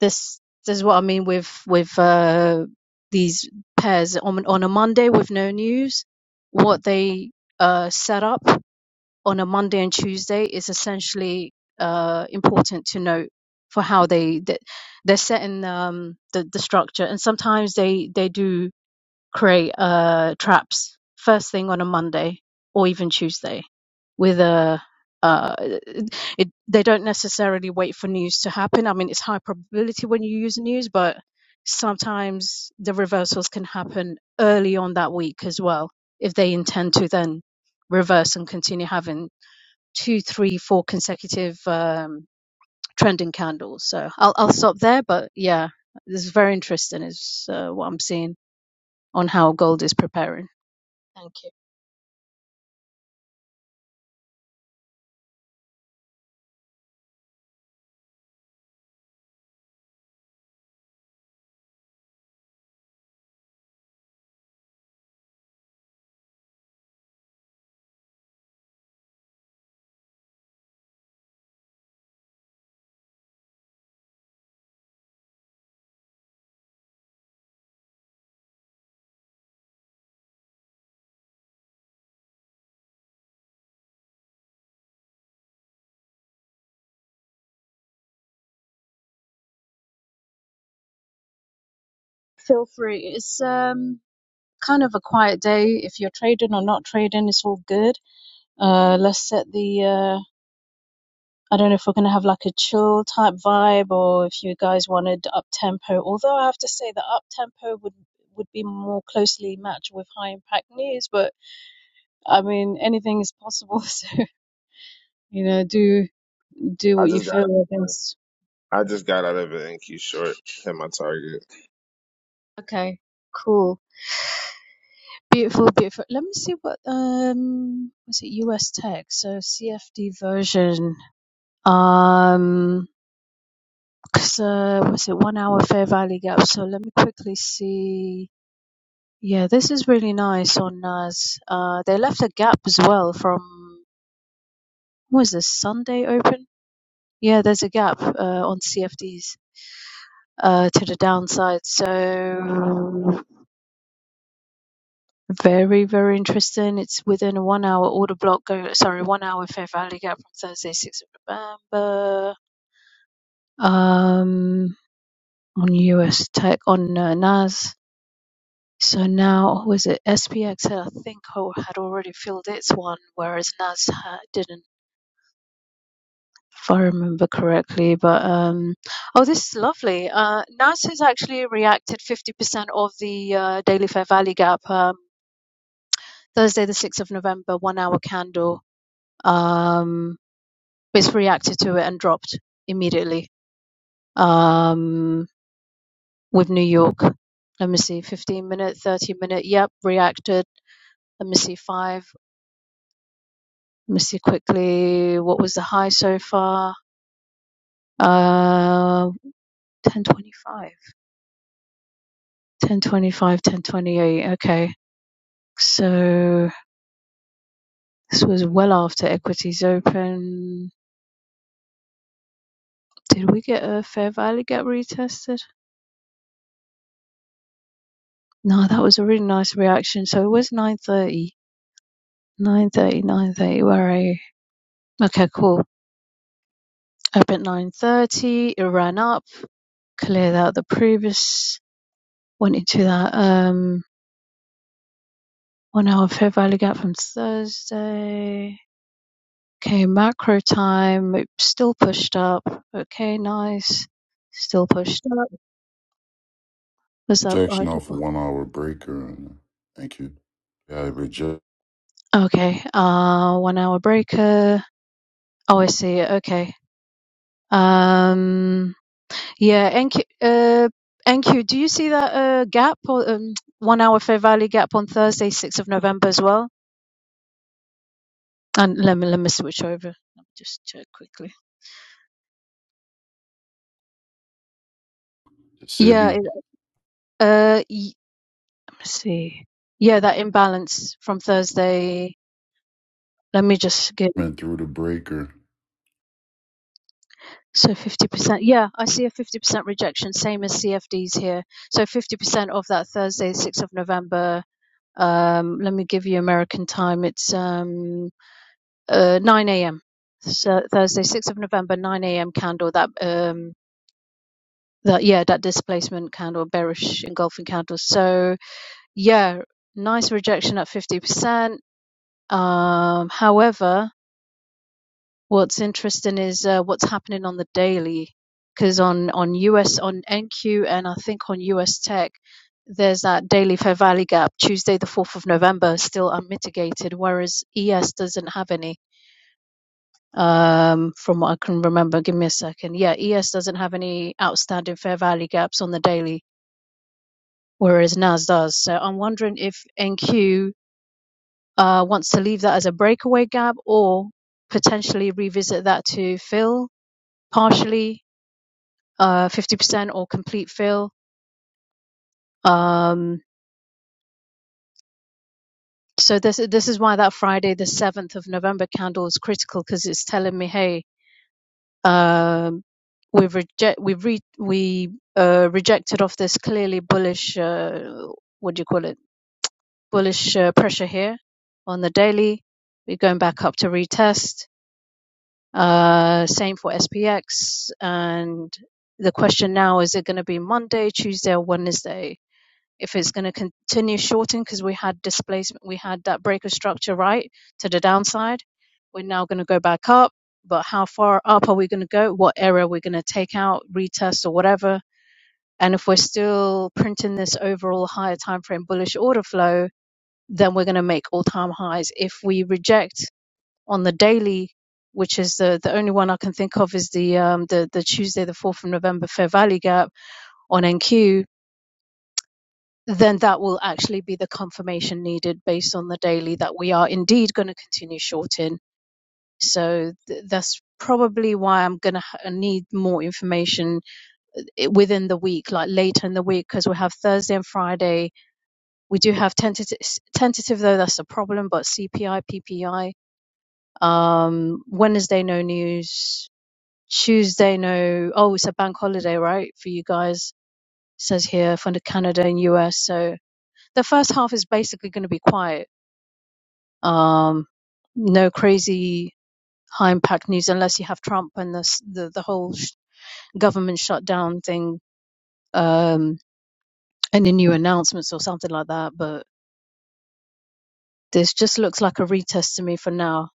S3: This, this is what I mean with with uh, these pairs on on a Monday with no news. What they uh, set up on a Monday and Tuesday is essentially uh, important to note for how they, they they're setting um, the the structure, and sometimes they they do create uh, traps first thing on a Monday or even Tuesday with a uh, it, they don't necessarily wait for news to happen. I mean, it's high probability when you use news, but sometimes the reversals can happen early on that week as well if they intend to then reverse and continue having two, three, four consecutive um, trending candles. So I'll I'll stop there, but yeah, this is very interesting. Is uh, what I'm seeing on how gold is preparing. Thank you. Feel free. It's um kind of a quiet day. If you're trading or not trading, it's all good. Uh, let's set the uh, I don't know if we're gonna have like a chill type vibe or if you guys wanted up tempo. Although I have to say the up tempo would would be more closely matched with high impact news, but I mean anything is possible. So you know, do do
S2: I
S3: what you
S2: just got
S3: feel. I guess.
S2: I just got out of an NQ short. Hit my target.
S3: Okay, cool. Beautiful, beautiful. Let me see what um was it US Tech? So CFD version. Um, because uh, was it one hour fair value gap? So let me quickly see. Yeah, this is really nice on NAS. Uh, they left a gap as well from what was this Sunday open? Yeah, there's a gap uh, on CFDs uh to the downside. So Very, very interesting. It's within a one hour order block. Go sorry, one hour Fair value Gap from Thursday, 6th of November. Um, on US tech on uh, NAS. So now was it SPX? I think ho- had already filled its one, whereas NAS ha- didn't, if I remember correctly. But um, oh, this is lovely. Uh, NAS has actually reacted 50% of the uh, daily Fair value Gap. Um, Thursday, the 6th of November, one hour candle. Um, Biz reacted to it and dropped immediately um, with New York. Let me see, 15 minute, 30 minute. Yep, reacted. Let me see, five. Let me see quickly. What was the high so far? Uh, 1025. 1025, 1028. Okay. So this was well after equities open. Did we get a fair value gap retested? No, that was a really nice reaction. So it was 930. 930, 930. Where are you? Okay, cool. Up at 9.30, it ran up, cleared out the previous, went into that um, one hour fair value gap from Thursday. Okay, macro time, it still pushed up. Okay, nice. Still pushed up. Was that
S4: Rejection
S3: right?
S4: off a
S3: double?
S4: one hour breaker. And, thank you. Got reject
S3: Okay, uh, one hour breaker. Oh, I see. Okay. Um, Yeah, NQ, uh, NQ, do you see that uh, gap or um, one hour Fair Value gap on Thursday, 6th of November as well? And let me let me switch over. Let me just check quickly.
S4: the
S3: Yeah, it,
S4: SIBI.
S3: uh, y- let me see. Yeah, that imbalance from Thursday. Let me just get
S4: Went through the breaker.
S3: so 50%. Yeah, I see a 50% rejection, same as CFDs here. So 50% of that Thursday, 6th of November. Um, let me give you American time. It's um uh, 9 a.m. So Thursday, 6th of November, 9 a.m. candle. That um that yeah, that displacement candle, bearish engulfing candle. So yeah, nice rejection at 50%. Um, however, what's interesting is uh, what's happening on the daily, because on on US on NQ and I think on US Tech. There's that daily fair value gap, Tuesday the 4th of November, still unmitigated, whereas ES doesn't have any. um, from what I can remember. Give me a second. Yeah, ES doesn't have any outstanding fair value gaps on the daily, whereas NAS does. So I'm wondering if NQ uh, wants to leave that as a breakaway gap or potentially revisit that to fill partially, uh, 50% or complete fill. Um, so this this is why that Friday, the 7th of November candle is critical because it's telling me, hey, Um, we've reject we've re- we uh, rejected off this clearly bullish uh, what do you call it bullish uh, pressure here on the daily. We're going back up to retest. Uh, same for SPX and the question now is it going to be Monday, Tuesday, or Wednesday? if it's going to continue shorting because we had displacement, we had that breaker structure right to the downside. We're now going to go back up, but how far up are we going to go? What area are we going to take out, retest, or whatever? And if we're still printing this overall higher time frame bullish order flow, then we're going to make all time highs. If we reject on the daily, which is the, the only one I can think of is the um, the the Tuesday the fourth of November fair value gap on NQ then that will actually be the confirmation needed based on the daily that we are indeed going to continue shorting. So th- that's probably why I'm going to ha- need more information uh, within the week, like later in the week, because we have Thursday and Friday. We do have tentative, tentative though, that's a problem, but CPI, PPI. Um, Wednesday, no news. Tuesday, no. Oh, it's a bank holiday, right? For you guys, says here, for the Canada and US. So the first half is basically going to be quiet Um, no crazy high impact news unless you have Trump and the s- the, the whole sh- government shutdown thing, um, any new announcements or something like that. But this just looks like a retest to me for now.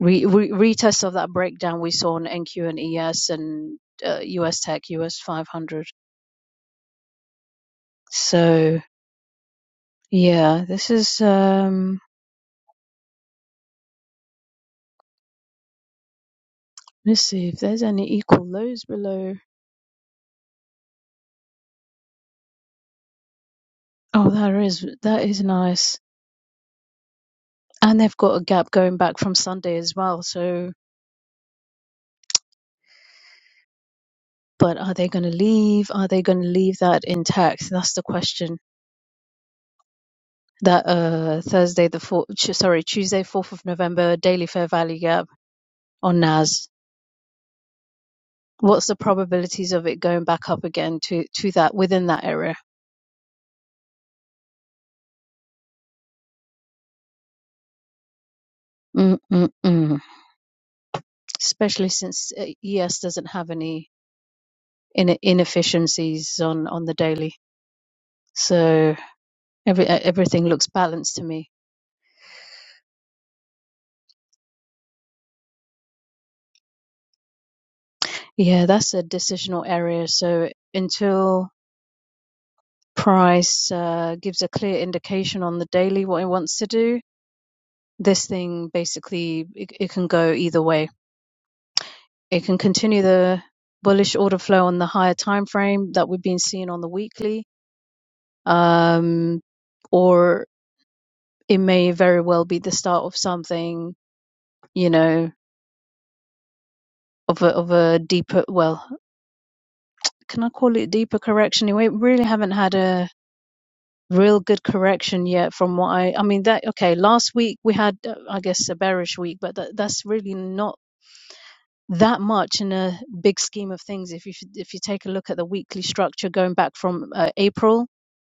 S3: Re, re, retest of that breakdown we saw on NQ and ES and uh, US Tech, US 500. So yeah, this is. Um, let's see if there's any equal lows below. Oh, there is. That is nice. And they've got a gap going back from Sunday as well. So, but are they going to leave? Are they going to leave that intact? That's the question. That uh, Thursday, the fourth, sorry, Tuesday, 4th of November, daily fair value gap on NAS. What's the probabilities of it going back up again to, to that within that area? Mm-mm-mm. Especially since uh, ES doesn't have any in- inefficiencies on, on the daily. So every, everything looks balanced to me Yeah, that's a decisional area. So until price uh, gives a clear indication on the daily what it wants to do, this thing basically it, it can go either way. It can continue the bullish order flow on the higher time frame that we've been seeing on the weekly, um, or it may very well be the start of something, you know, of a of a deeper. Well, can I call it deeper correction? We really haven't had a real good correction yet from what I I mean that okay last week we had uh, I guess a bearish week but that, that's really not that much in a big scheme of things if you if you take a look at the weekly structure going back from uh, April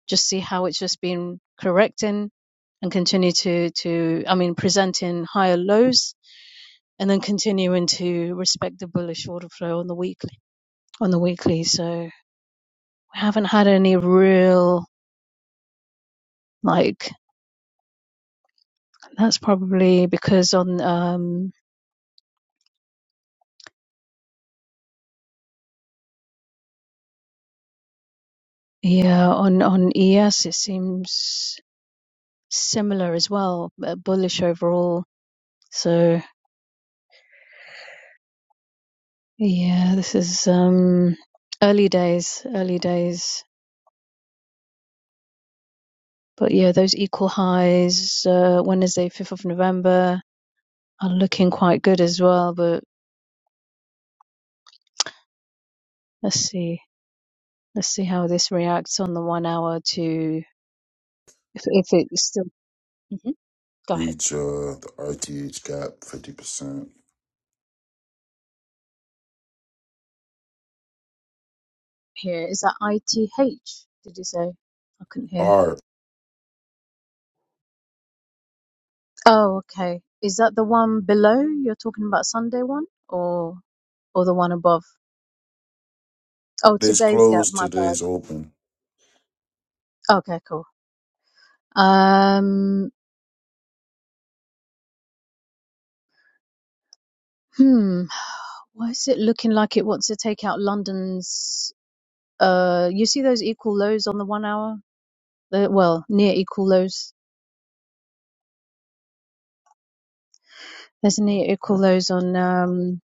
S3: just see how it's just been correcting and continue to to I mean presenting higher lows and then continuing to respect the bullish order flow on the weekly on the weekly so we haven't had any real like That's probably because on um yeah on on ES it seems similar as well, uh, bullish overall. So yeah, this is um early days, early days. But yeah, those equal highs uh, Wednesday, fifth of November, are looking quite good as well. But let's see, let's see how this reacts on the one hour to if if it's still. Mhm. Go ahead.
S4: Reach uh, the RTH gap 50%.
S3: Here is that ITH? Did you say? I couldn't hear.
S4: All right.
S3: Oh, okay. Is that the one below? You're talking about Sunday one or or the one above? Oh,
S4: Today's
S3: today's gap,
S4: closed.
S3: my bad.
S4: Today's open.
S3: Okay, cool. Um, hmm. Why is it looking like it wants to take out London's uh you see those equal lows on the one hour? The, well, near equal lows. There's near equal lows on um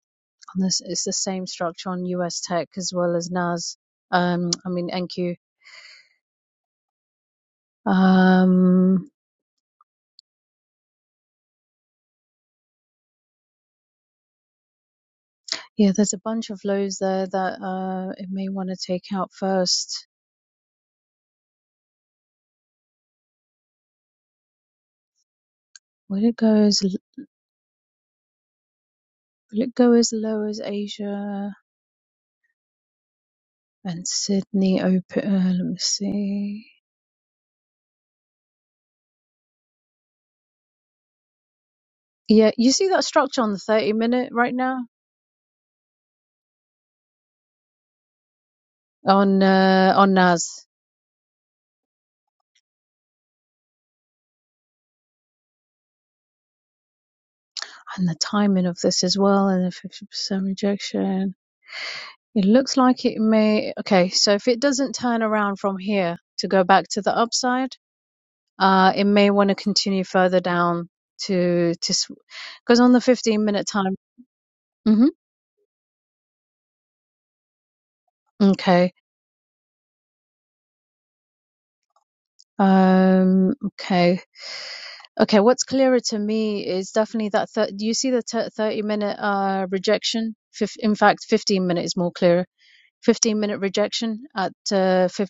S3: on this it's the same structure on US Tech as well as NAS. Um I mean NQ. Um Yeah, there's a bunch of lows there that uh it may want to take out first. Will it go as will it go as low as Asia and Sydney open? Uh, let me see. Yeah, you see that structure on the 30 minute right now on uh, on NAS and the timing of this as well and the 50% rejection. It looks like it may. Okay, so if it doesn't turn around from here to go back to the upside. Uh, it may want to continue further down to to because on the 15 minute time. hmm Okay. Um. Okay. Okay. What's clearer to me is definitely that. Thir- do you see the t- 30 minute uh rejection? Fif- in fact, 15 minute is more clearer. 15 minute rejection at uh, fif-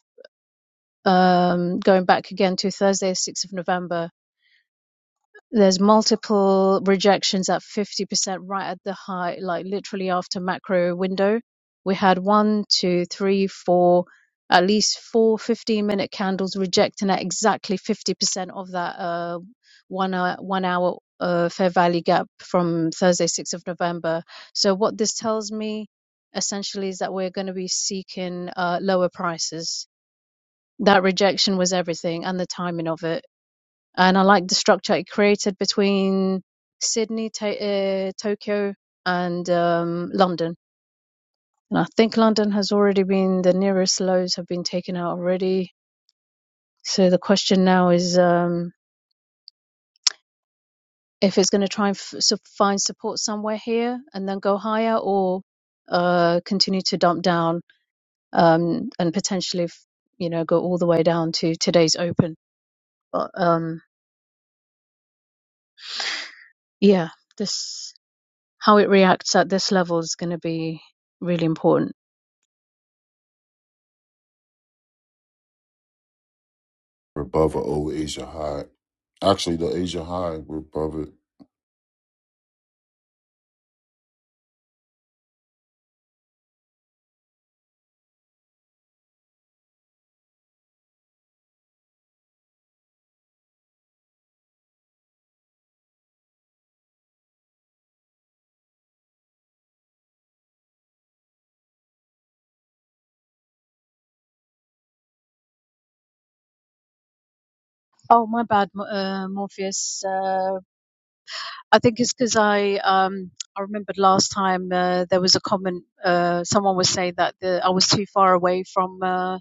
S3: um going back again to Thursday, 6th of November. there's multiple rejections at 50% right at the high, like literally after macro window. We had one, two, three, four, at least four 15 minute candles rejecting at exactly 50% of that uh, one hour, one hour uh, fair value gap from Thursday, 6th of November. So what this tells me essentially is that we're going to be seeking uh, lower prices. That rejection was everything and the timing of it and I like the structure it created between Sydney, to- uh, Tokyo, and um, London. And I think London has already been the nearest lows have been taken out already. So the question now is um, if it's going to try and f- so find support somewhere here and then go higher, or uh, continue to dump down um, and potentially, f- you know, go all the way down to today's open. But um, yeah, this. how it reacts at this level is going to be really important.
S4: We're above an old Asia high. Actually, the Asia high, we're above it.
S3: Oh, my bad, uh, Morpheus. Uh, I think it's because I um, I remembered last time uh, there was a comment. Uh, someone was saying that the, I was too far away from uh,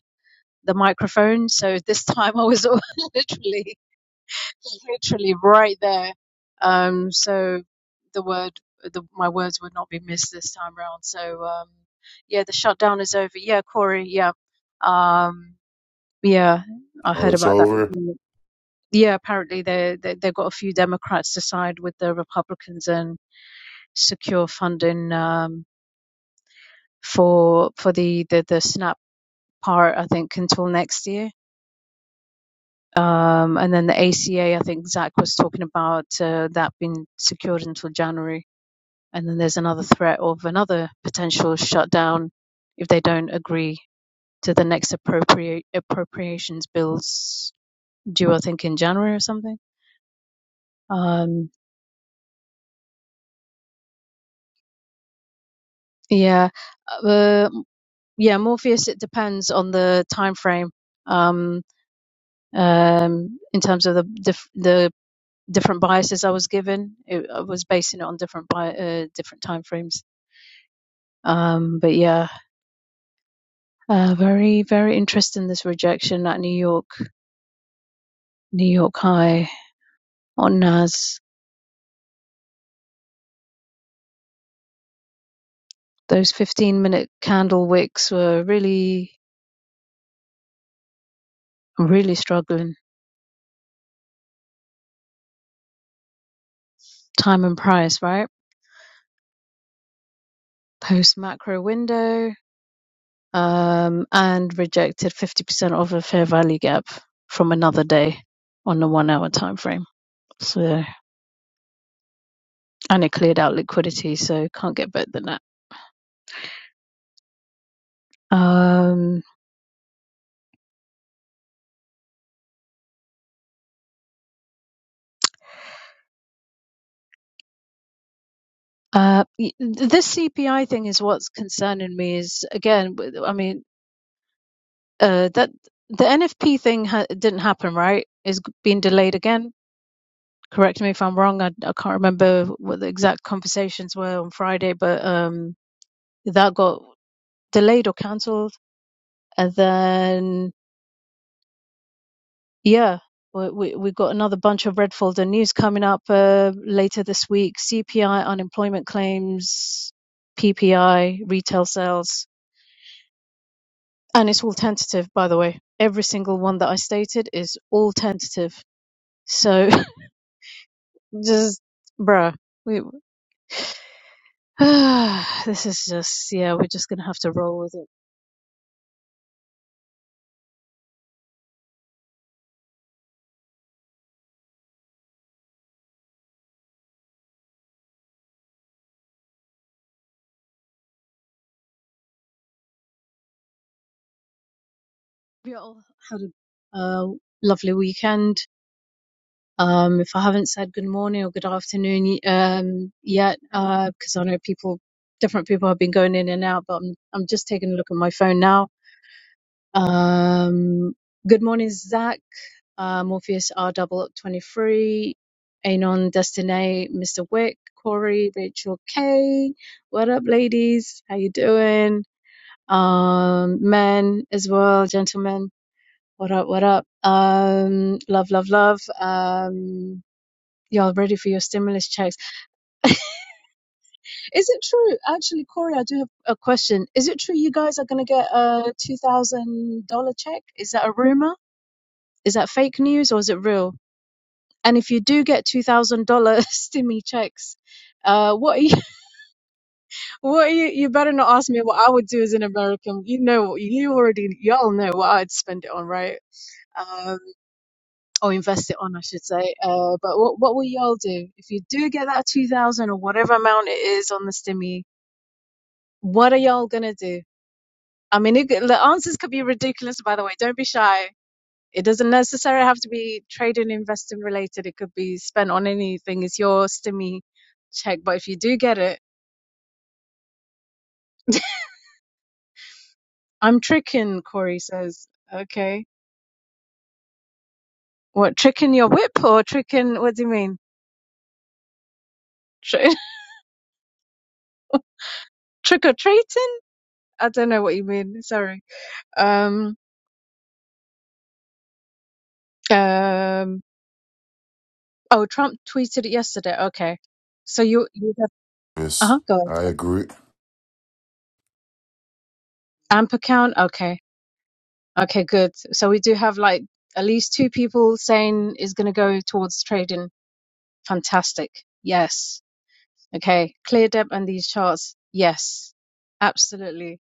S3: the microphone, so this time I was literally, literally right there. Um, so the word, the, my words would not be missed this time round. So um, yeah, the shutdown is over. Yeah, Corey. Yeah. Um, Yeah, I
S4: Oh,
S3: heard
S4: it's
S3: about that.
S4: over?
S3: agreement. Yeah, apparently they, they they've got a few Democrats to side with the Republicans and secure funding um, for for the, the the SNAP part, I think, until next year. Um, and then the ACA, I think Zach was talking about uh, that being secured until January. And then there's another threat of another potential shutdown if they don't agree to the next appropriate appropriations bills due, I think, in January or something. Um, Yeah. Uh, yeah, Morpheus, it depends on the time frame um, um, in terms of the dif- the different biases I was given. It, I was basing it on different bi- uh, different time frames. Um, but yeah, uh, very, very interesting this rejection at New York, New York High on NAS. Those 15 minute candle wicks were really, really struggling. Time and price, right? Post macro window, um, and rejected 50% of a fair value gap from another day on the one hour time frame. So, and it cleared out liquidity, so can't get better than that. Um, uh, this CPI thing is what's concerning me. Is again, I mean, uh, that the NFP thing ha- didn't happen, right? Is being delayed again. Correct me if I'm wrong. I, I can't remember what the exact conversations were on Friday, but um, that got delayed or cancelled and then yeah we, we, we've got another bunch of red folder news coming up uh, later this week cpi unemployment claims ppi retail sales and it's all tentative by the way every single one that i stated is all tentative so just bruh we this is just yeah we're just gonna have to roll with it we all had a uh, lovely weekend Um, if I haven't said good morning or good afternoon um, yet, because uh, I know people, different people have been going in and out, but I'm, I'm just taking a look at my phone now. Um, good morning, Zach, uh, Morpheus R double 23, Anon Destiny, Mr. Wick, Corey, Rachel K. What up, ladies? How you doing? Um, men as well, gentlemen. What up, what up? Um, love, love, love. Um, Y'all ready for your stimulus checks? Is it true? Actually, Corey, I do have a question. Is it true you guys are going to get a $2,000 check? Is that a rumor? Is that fake news or is it real? And if you do get $2,000 stimmy checks, uh, what are you, what are you, you better not ask me what I would do as an American. You know, you already, y'all know what I'd spend it on, right? Um, or invest it on, I should say. Uh, but what, what will y'all do? If you do get that 2000 or whatever amount it is on the stimmy, What are y'all gonna do? I mean, it, the answers could be ridiculous, by the way. Don't be shy. It doesn't necessarily have to be trade and investing related. It could be spent on anything. It's your stimmy check. But if you do get it, I'm tricking, Corey says. Okay. What, tricking your whip or tricking, what do you mean? Tri- trick or treating? I don't know what you mean. Sorry. Um, um, oh, Trump tweeted it yesterday. Okay. So you, you have, uh
S4: Yes,
S3: huh, go
S4: I
S3: ahead.
S4: agree.
S3: Amp account? Okay. Okay, good. So we do have like at least two people saying is going to go towards trading. Fantastic. Yes. Okay. Clear debt and these charts. Yes. Absolutely.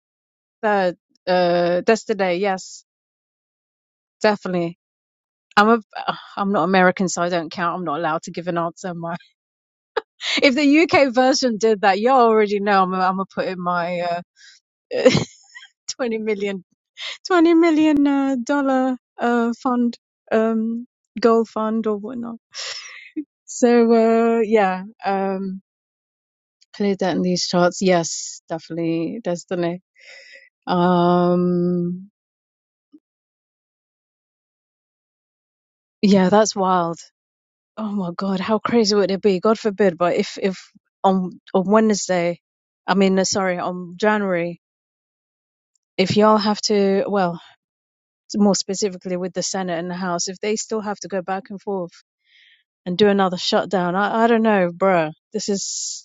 S3: Third, uh, that's today. Yes. Definitely. I'm a, ugh, I'm not American, so I don't count. I'm not allowed to give an answer. am I? if the UK version did that, you already know I'm, I'm gonna put in my, uh, 20 million, 20 million, uh, dollar, uh, fund, um, gold fund or whatnot. So uh, yeah, um, played that in these charts. Yes, definitely, Destiny. Um, yeah, that's wild. Oh my God, how crazy would it be? God forbid, but if if on on Wednesday, I mean, uh, sorry, on January, if y'all have to, well, more specifically with the Senate and the House, if they still have to go back and forth and do another shutdown, I I don't know, bruh. This is.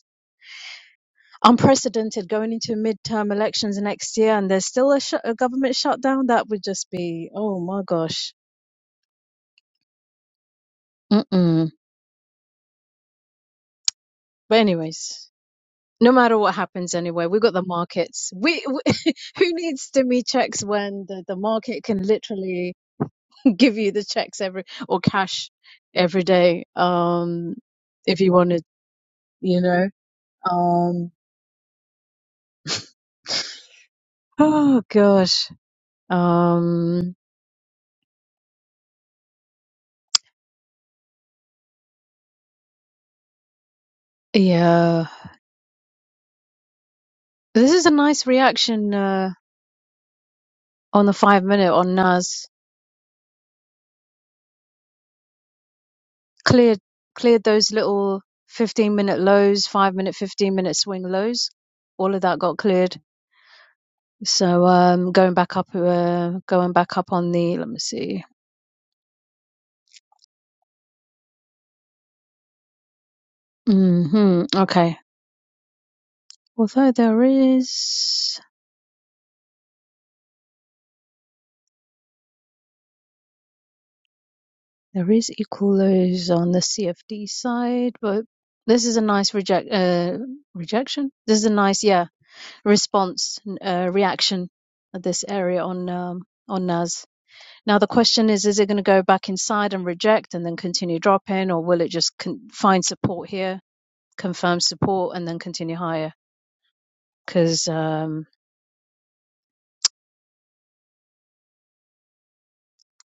S3: unprecedented going into midterm elections next year and there's still a, sh- a government shutdown that would just be oh my gosh Mm-mm. but anyways no matter what happens anyway we got the markets we, we who needs stimmy checks when the, the market can literally give you the checks every or cash every day um if you wanted you know um oh gosh um yeah this is a nice reaction Uh, on the five minute on Nas. Cleared cleared those little fifteen minute lows, five minute, fifteen minute swing lows. All of that got cleared. So um, going back up, uh, going back up on the. Let me see. hmm Okay. Although there is there is equal lows on the CFD side, but this is a nice reject uh, rejection. This is a nice yeah response uh, reaction at this area on um, on Nas. Now the question is, is it going to go back inside and reject and then continue dropping, or will it just con- find support here, confirm support, and then continue higher? Because um,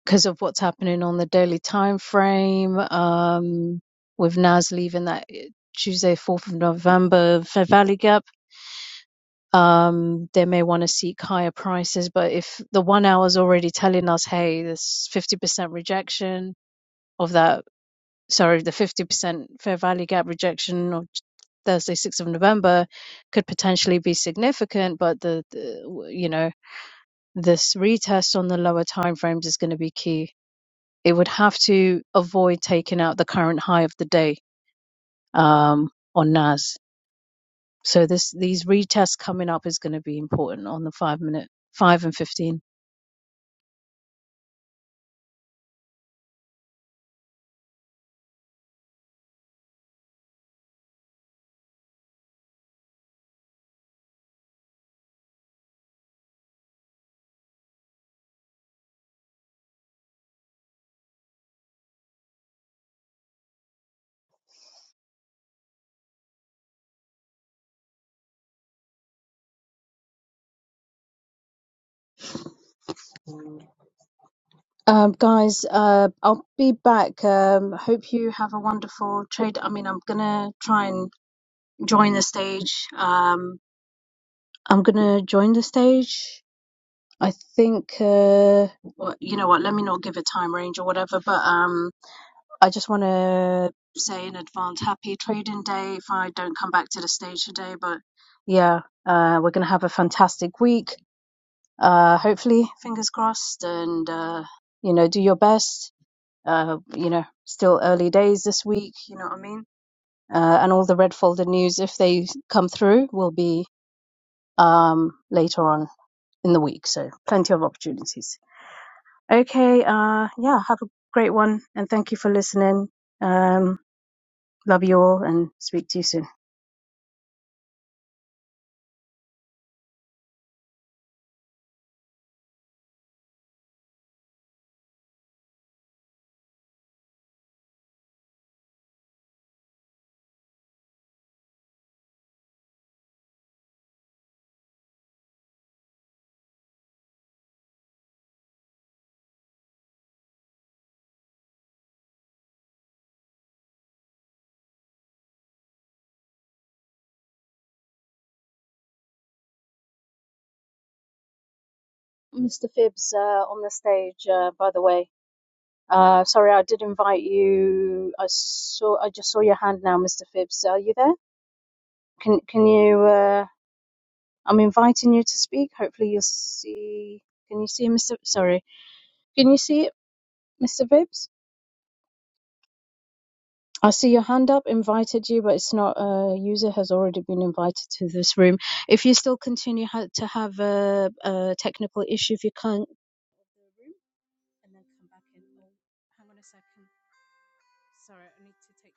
S3: because of what's happening on the daily time frame, um, with Nas leaving that eh, Tuesday, fourth of November, Fair Valley Gap, um, they may want to seek higher prices. But if the one hour is already telling us, hey, there's fifty percent rejection of that sorry, the 50% fair value gap rejection on Thursday, 6th of November could potentially be significant, but the, the you know, this retest on the lower time frames is going to be key. It would have to avoid taking out the current high of the day um, on NAS. So this these retests coming up is going to be important on the five minute, five and fifteen. Um, guys, uh, I'll be back. Um, hope you have a wonderful trade. I mean, I'm gonna try and join the stage. Um, I'm gonna join the stage. I think, uh, well, you know what? Let me not give a time range or whatever, but um, I just want to say in advance, happy trading day if I don't come back to the stage today. But yeah, uh, we're gonna have a fantastic week. Uh, hopefully, fingers crossed, and uh, you know, do your best. Uh, you know, still early days this week. You know what I mean? Uh, and all the red folder news, if they come through, will be um, later on in the week. So plenty of opportunities. Okay, uh, yeah, have a great one, and thank you for listening. Um, love you all, and speak to you soon. Mr. Phibbs uh, on the stage, uh, by the way. Uh, sorry, I did invite you. I saw, I just saw your hand now, Mr. Phibbs. Are you there? Can can you? Uh, I'm inviting you to speak. Hopefully, you'll see. Can you see, Mr. Sorry, can you see it, Mr. Phibbs? I see your hand up, invited you, but it's not a uh, user has already been invited to this room. If you still continue ha- to have a, a technical issue, if you can't the room and then come back in. Oh, hang on a second. Sorry, I need to take.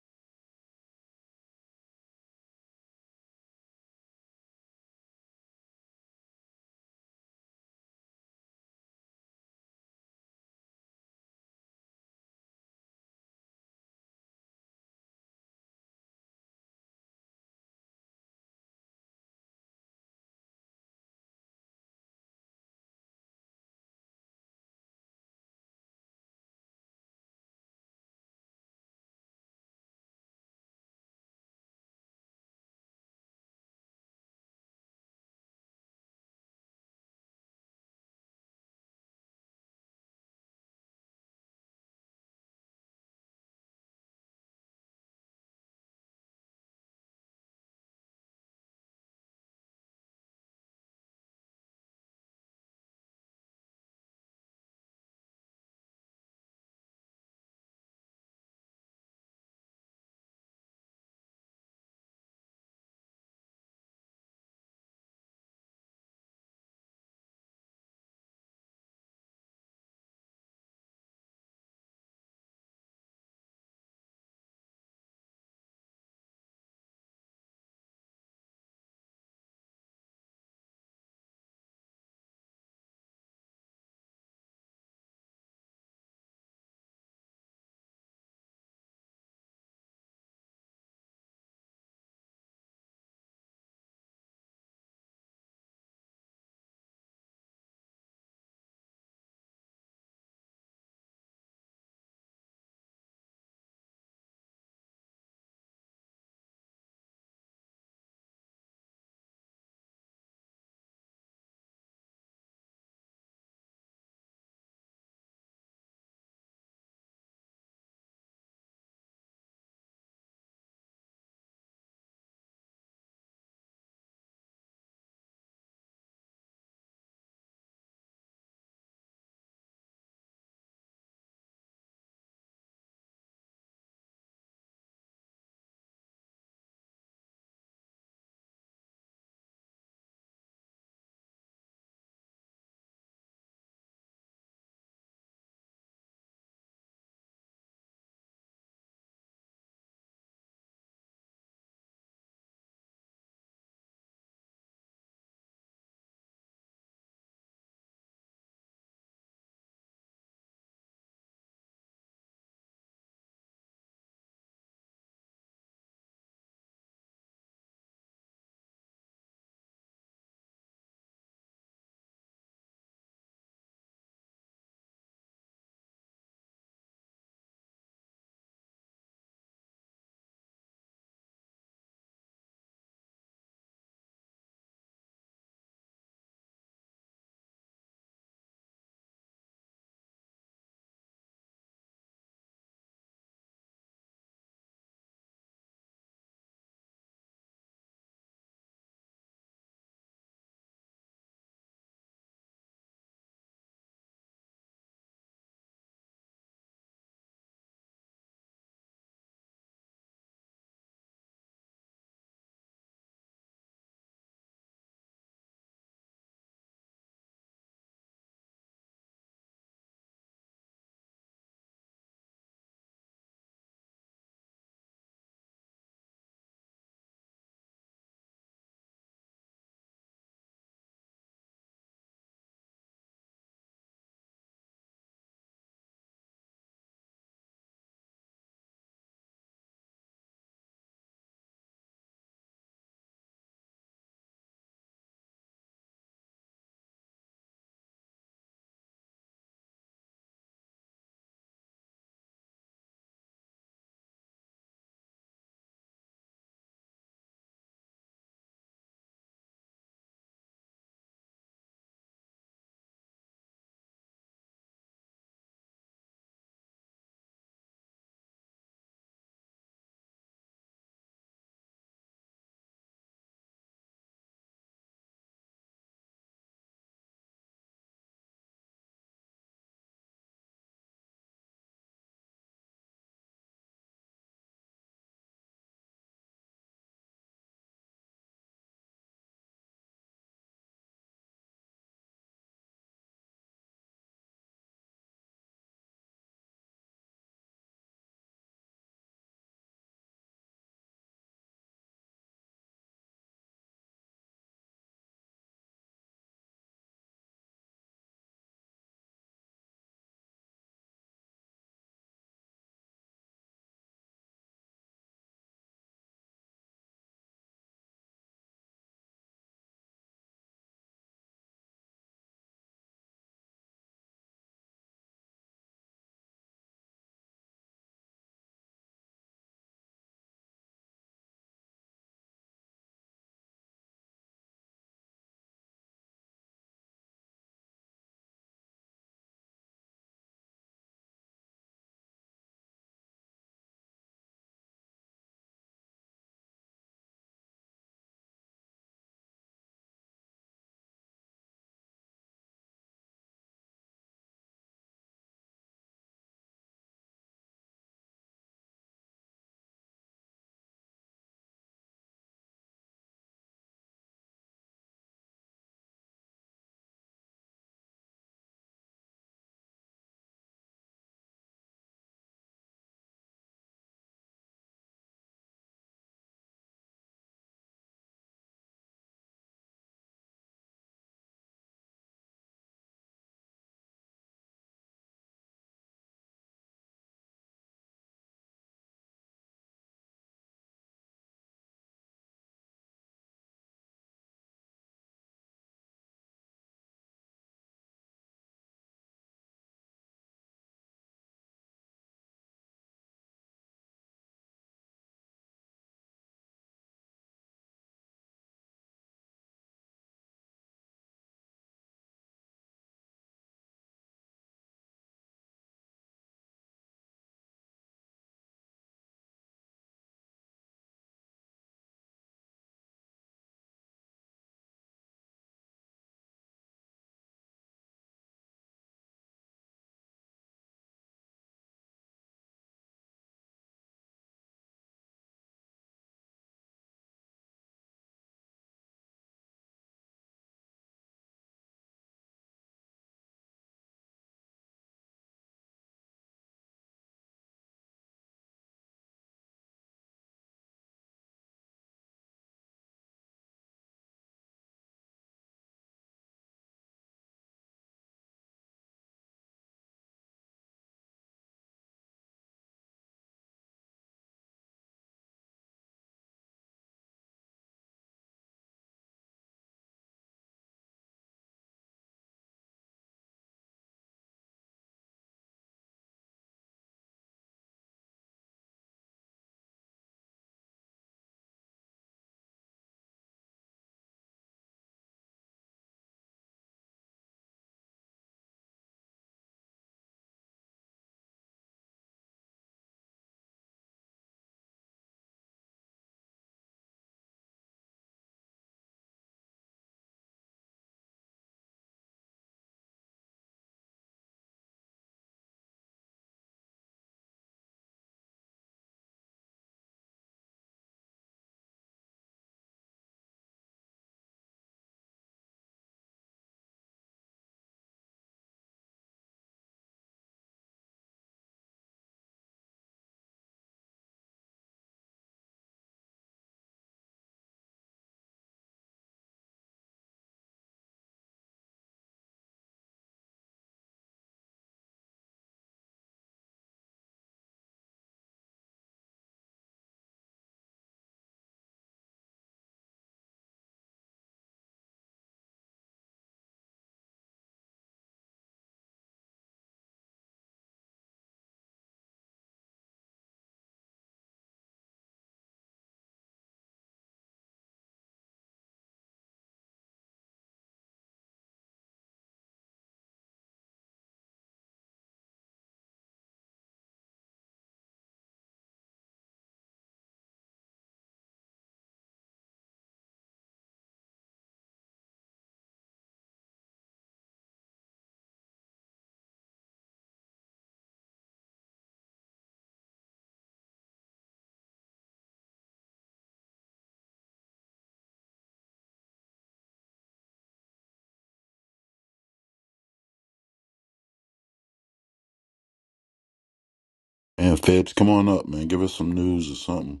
S4: And Fibs, come on up, man. Give us some news or something.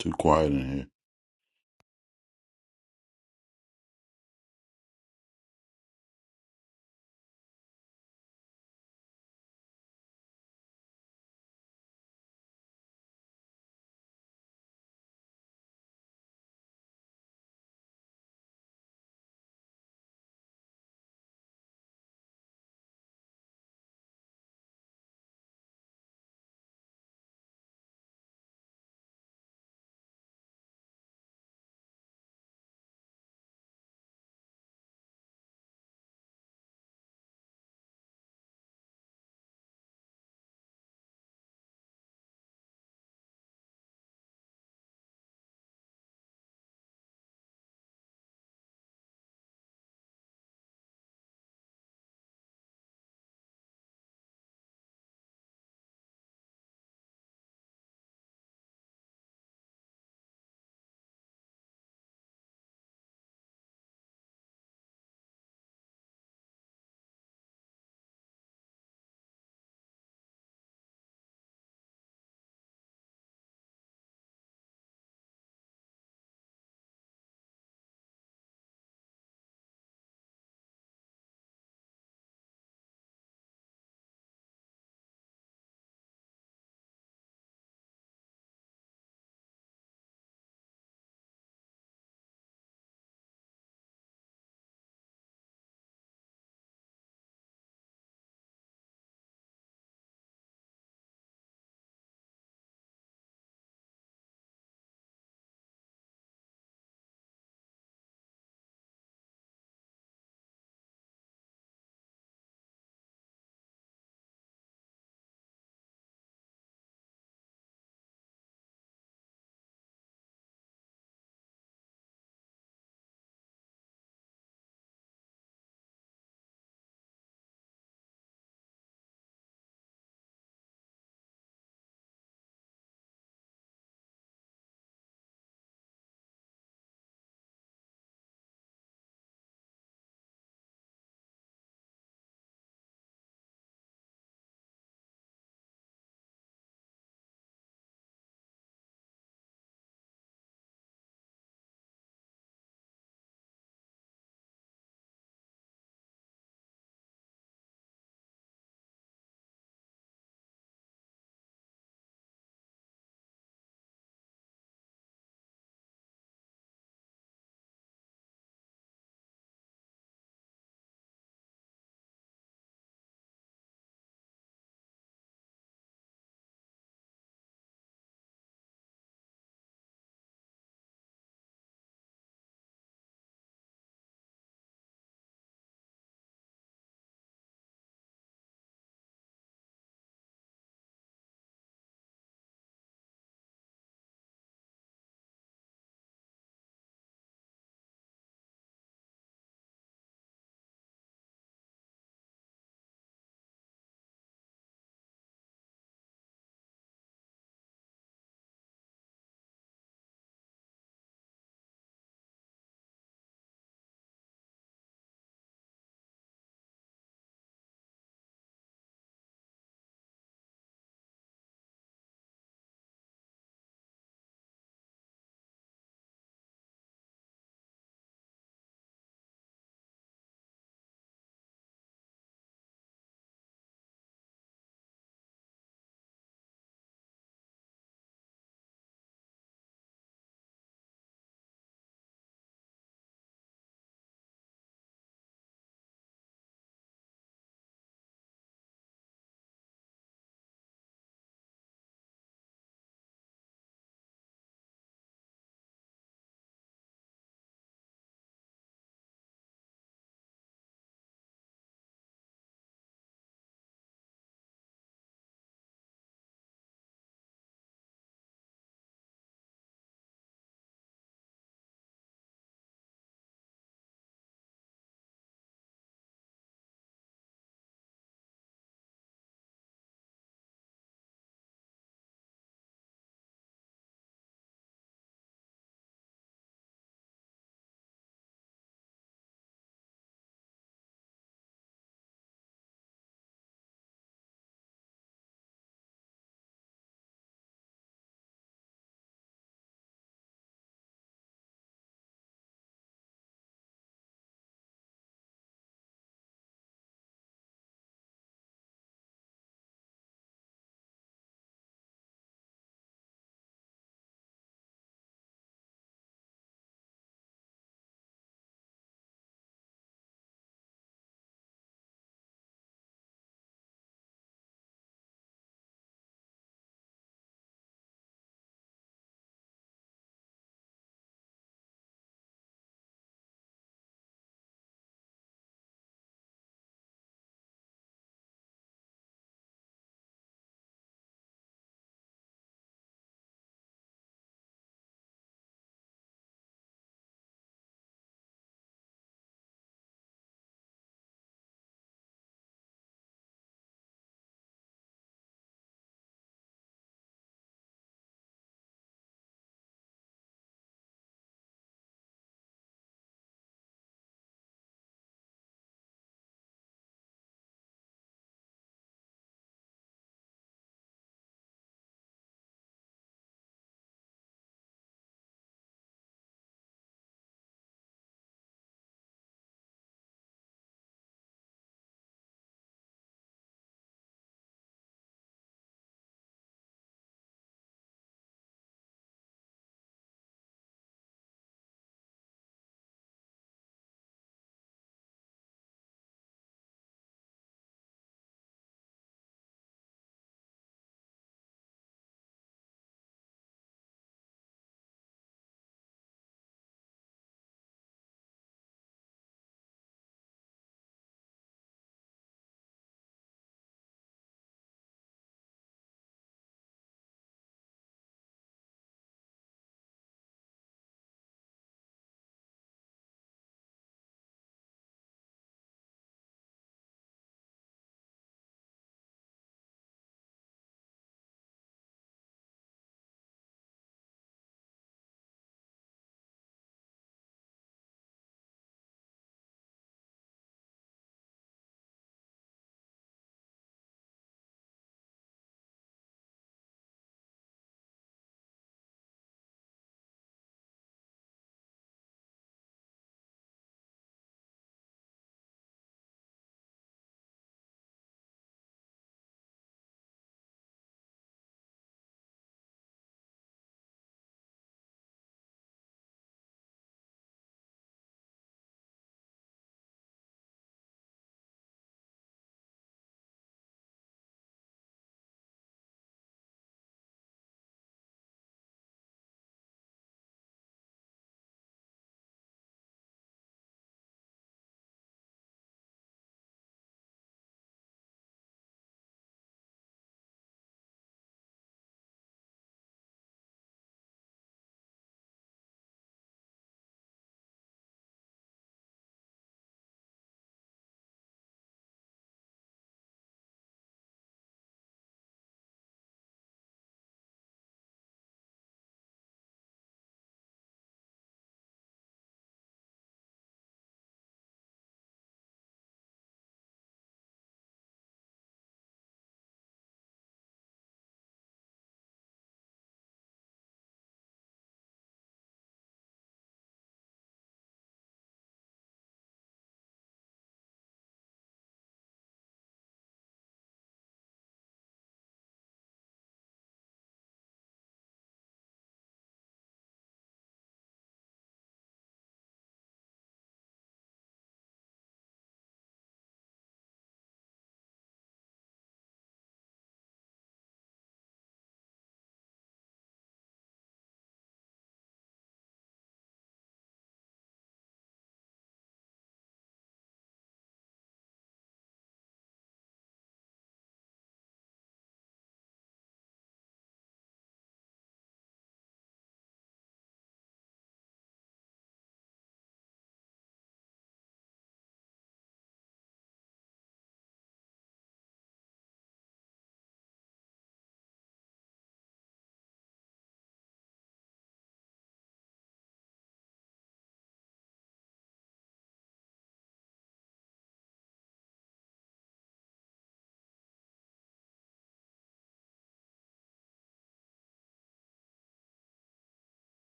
S4: Too quiet in here.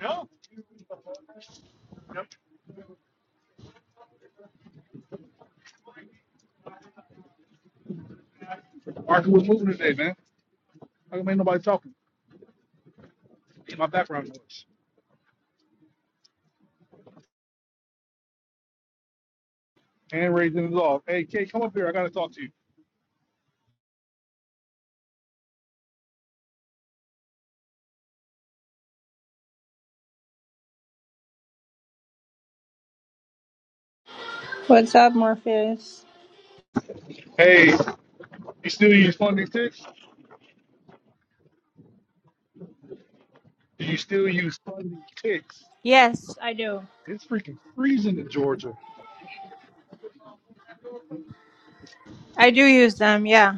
S5: No.
S6: What's up, Morpheus? Yes, I do. I do use them, yeah.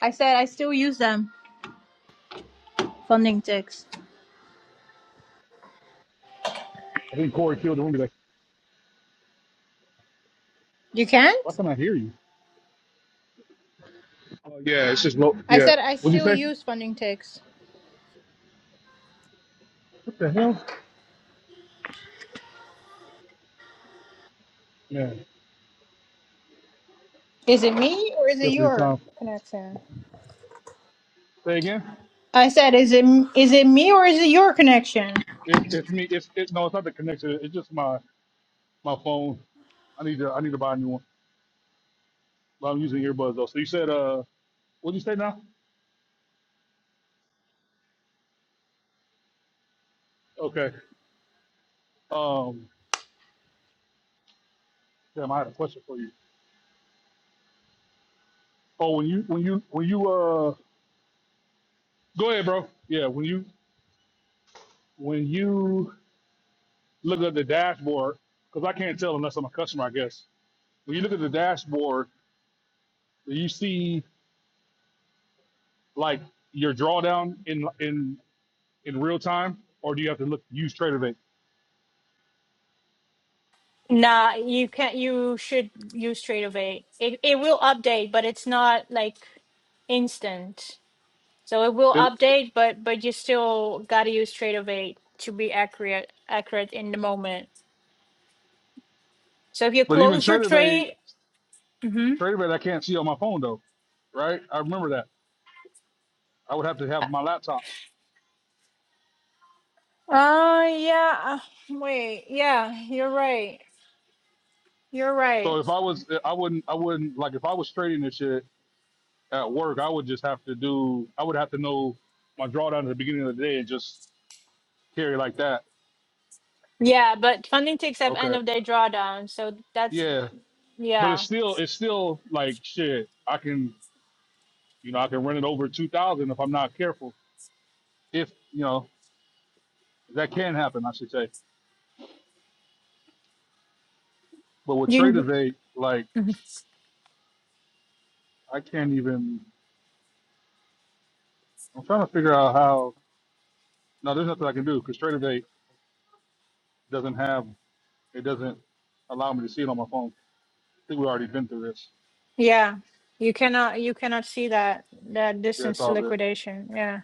S6: I said I still use them, funding ticks. You can't? I said I still use funding ticks. Is it me or is it your connection? I said, is it is it me or is it your connection? Nah, you can't. You should use Trade of Eight. It it will update, but it's not like instant. So it will update, but but you still gotta use Trade of Eight to be accurate accurate in the moment. So if you close your tray, Mm-hmm. uh, yeah, uh, wait, yeah, you're right. You're right. Yeah, but funding takes up end of day drawdown. So that's, yeah. You, yeah, you cannot, you cannot see that, that distance to liquidation. Yeah.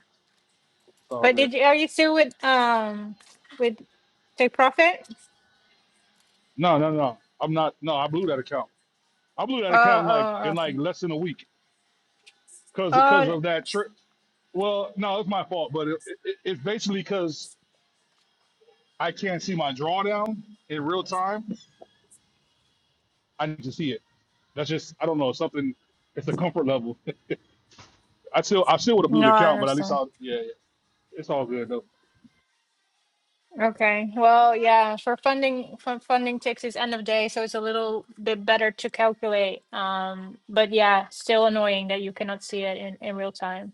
S6: But did you, are you still with, um, with take profit? Oh, oh, okay. Oh, no, I understand. Okay. Well, yeah, for funding, for funding takes is end of day, so it's a little bit better to calculate. Um, but yeah, still annoying that you cannot see it in, in real time.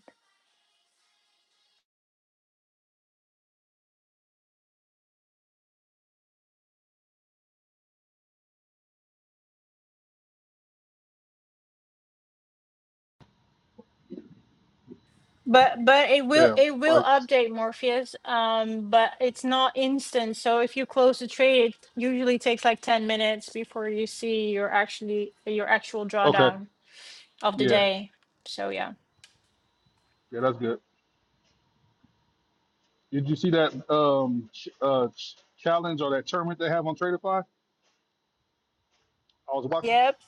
S6: But but it will it will update Morpheus. Um, but it's not instant. So if you close the trade, it usually takes like 10 minutes before you see your actually your actual drawdown of the day. So yeah. Yep,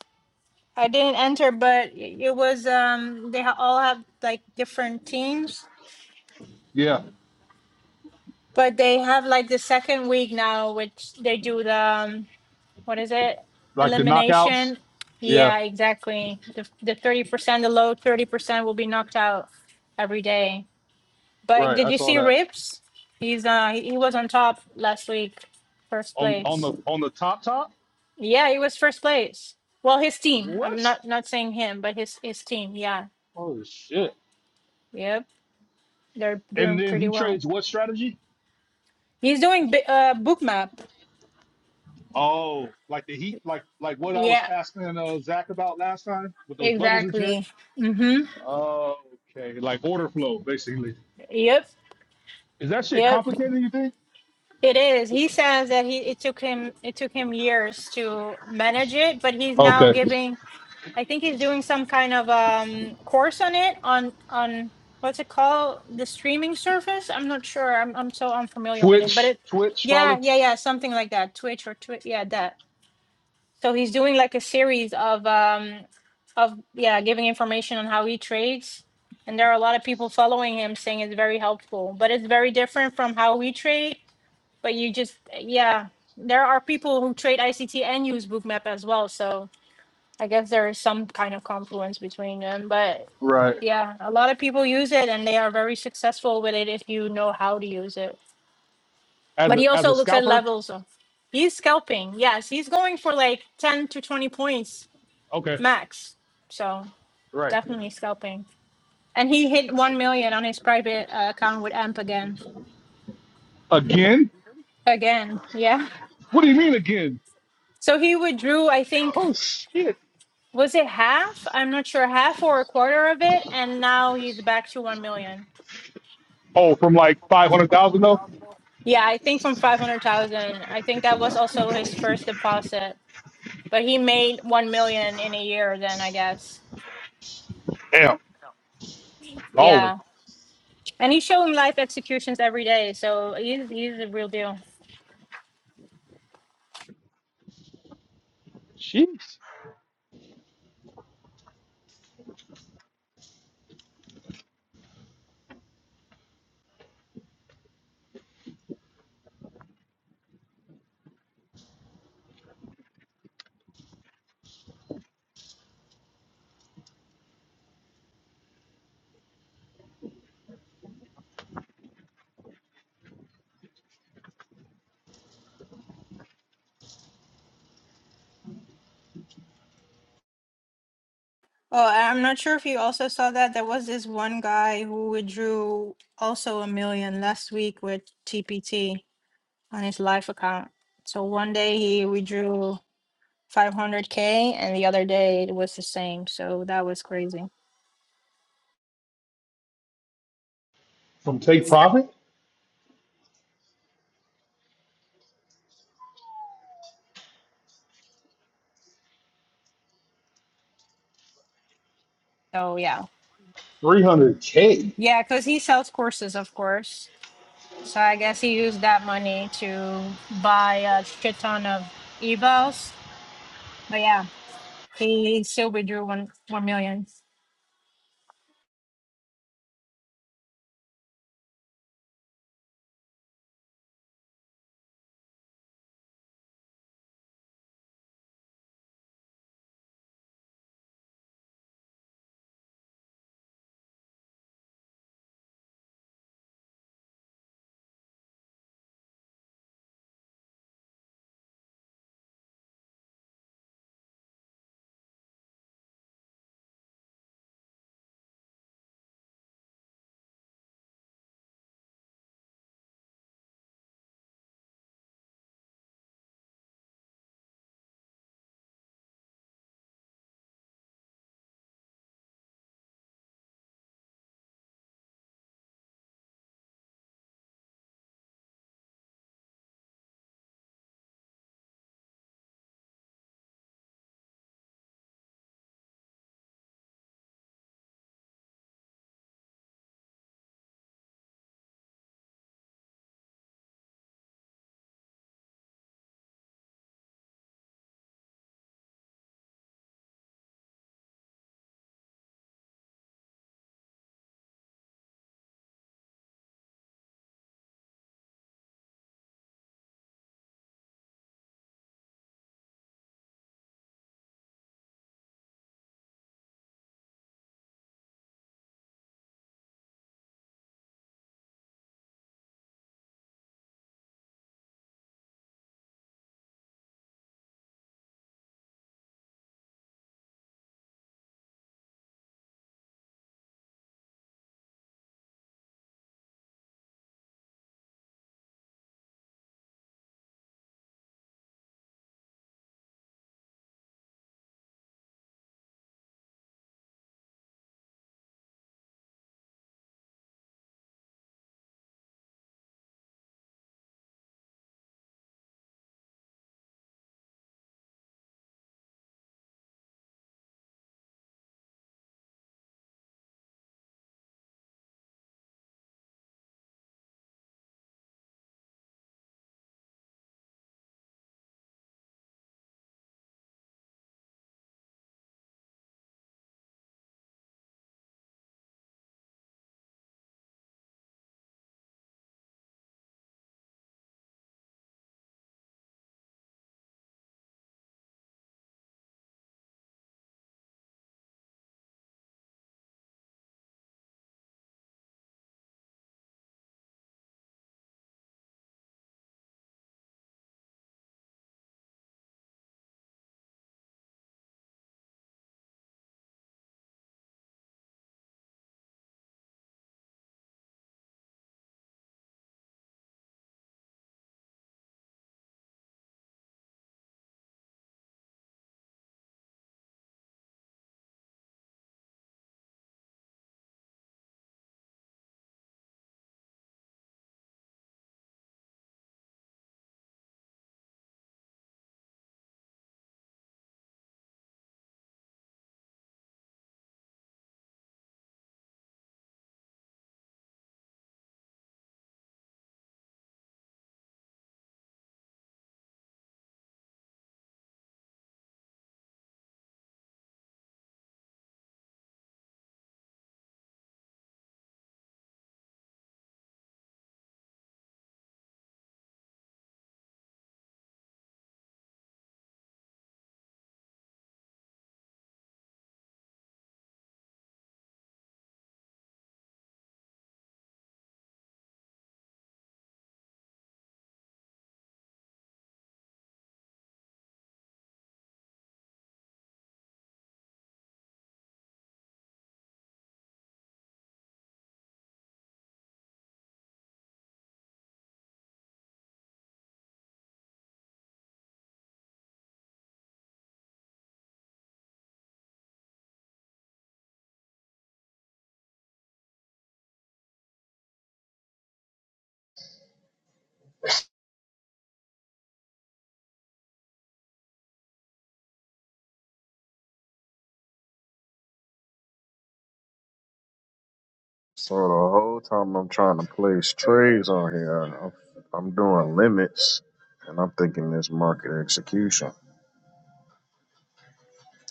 S6: I didn't enter, but i- it was um they ha- all have like different teams. But they have like the second week now, which they do the um, what is it? Elimination. Yeah, exactly. The the thirty percent, the low thirty percent will be knocked out every day. But did you see Rips? He's uh he he was on top last week, first place. Yeah, he was first place. Well, his team. I'm not not saying him, but his his team. Yeah, yep, they're doing pretty well. He's doing bi- uh book map. Yeah, exactly. Mhm. Yep, yep. It is. He says that he it took him it took him years to manage it, but he's now giving I think he's doing some kind of um course on it on on what's it called? The streaming service? I'm not sure. I'm I'm so unfamiliar with it. But it yeah, yeah, yeah, something like that. Twitch or Twitch, yeah, that. So he's doing like a series of um of yeah, giving information on how he trades and there are a lot of people following him saying it's very helpful but it's very different from how we trade But you just, yeah, there are people who trade ICT and use Bookmap as well. So I guess there is some kind of confluence between them. But yeah, a lot of people use it and they are very successful with it if you know how to use it. But he also looks at levels. Of, he's scalping. Yes, he's going for like 10 to 20 points max. So definitely scalping. And he hit 1 million on his private uh, account with AMP again. Again. Yeah. So he withdrew, I think, Was it half? I'm not sure, half or a quarter of it, and now he's back to 1 million. Yeah, I think from 500,000. I think that was also his first deposit, but he made 1 million in a year then, I guess. Yeah. And he's showing live executions every day, so he's he's a real deal. Oh, and I'm not sure if you also saw that there was this one guy who withdrew also a million last week with TPT on his live account. So one day he withdrew 500k and the other day it was the same so that was crazy so yeah yeah because he sells courses of course so i guess he used that money to buy a shit ton of evos but yeah he still withdrew one one million
S7: So the whole time I'm trying to place trades on here, I'm, I'm doing limits, and I'm thinking this market execution.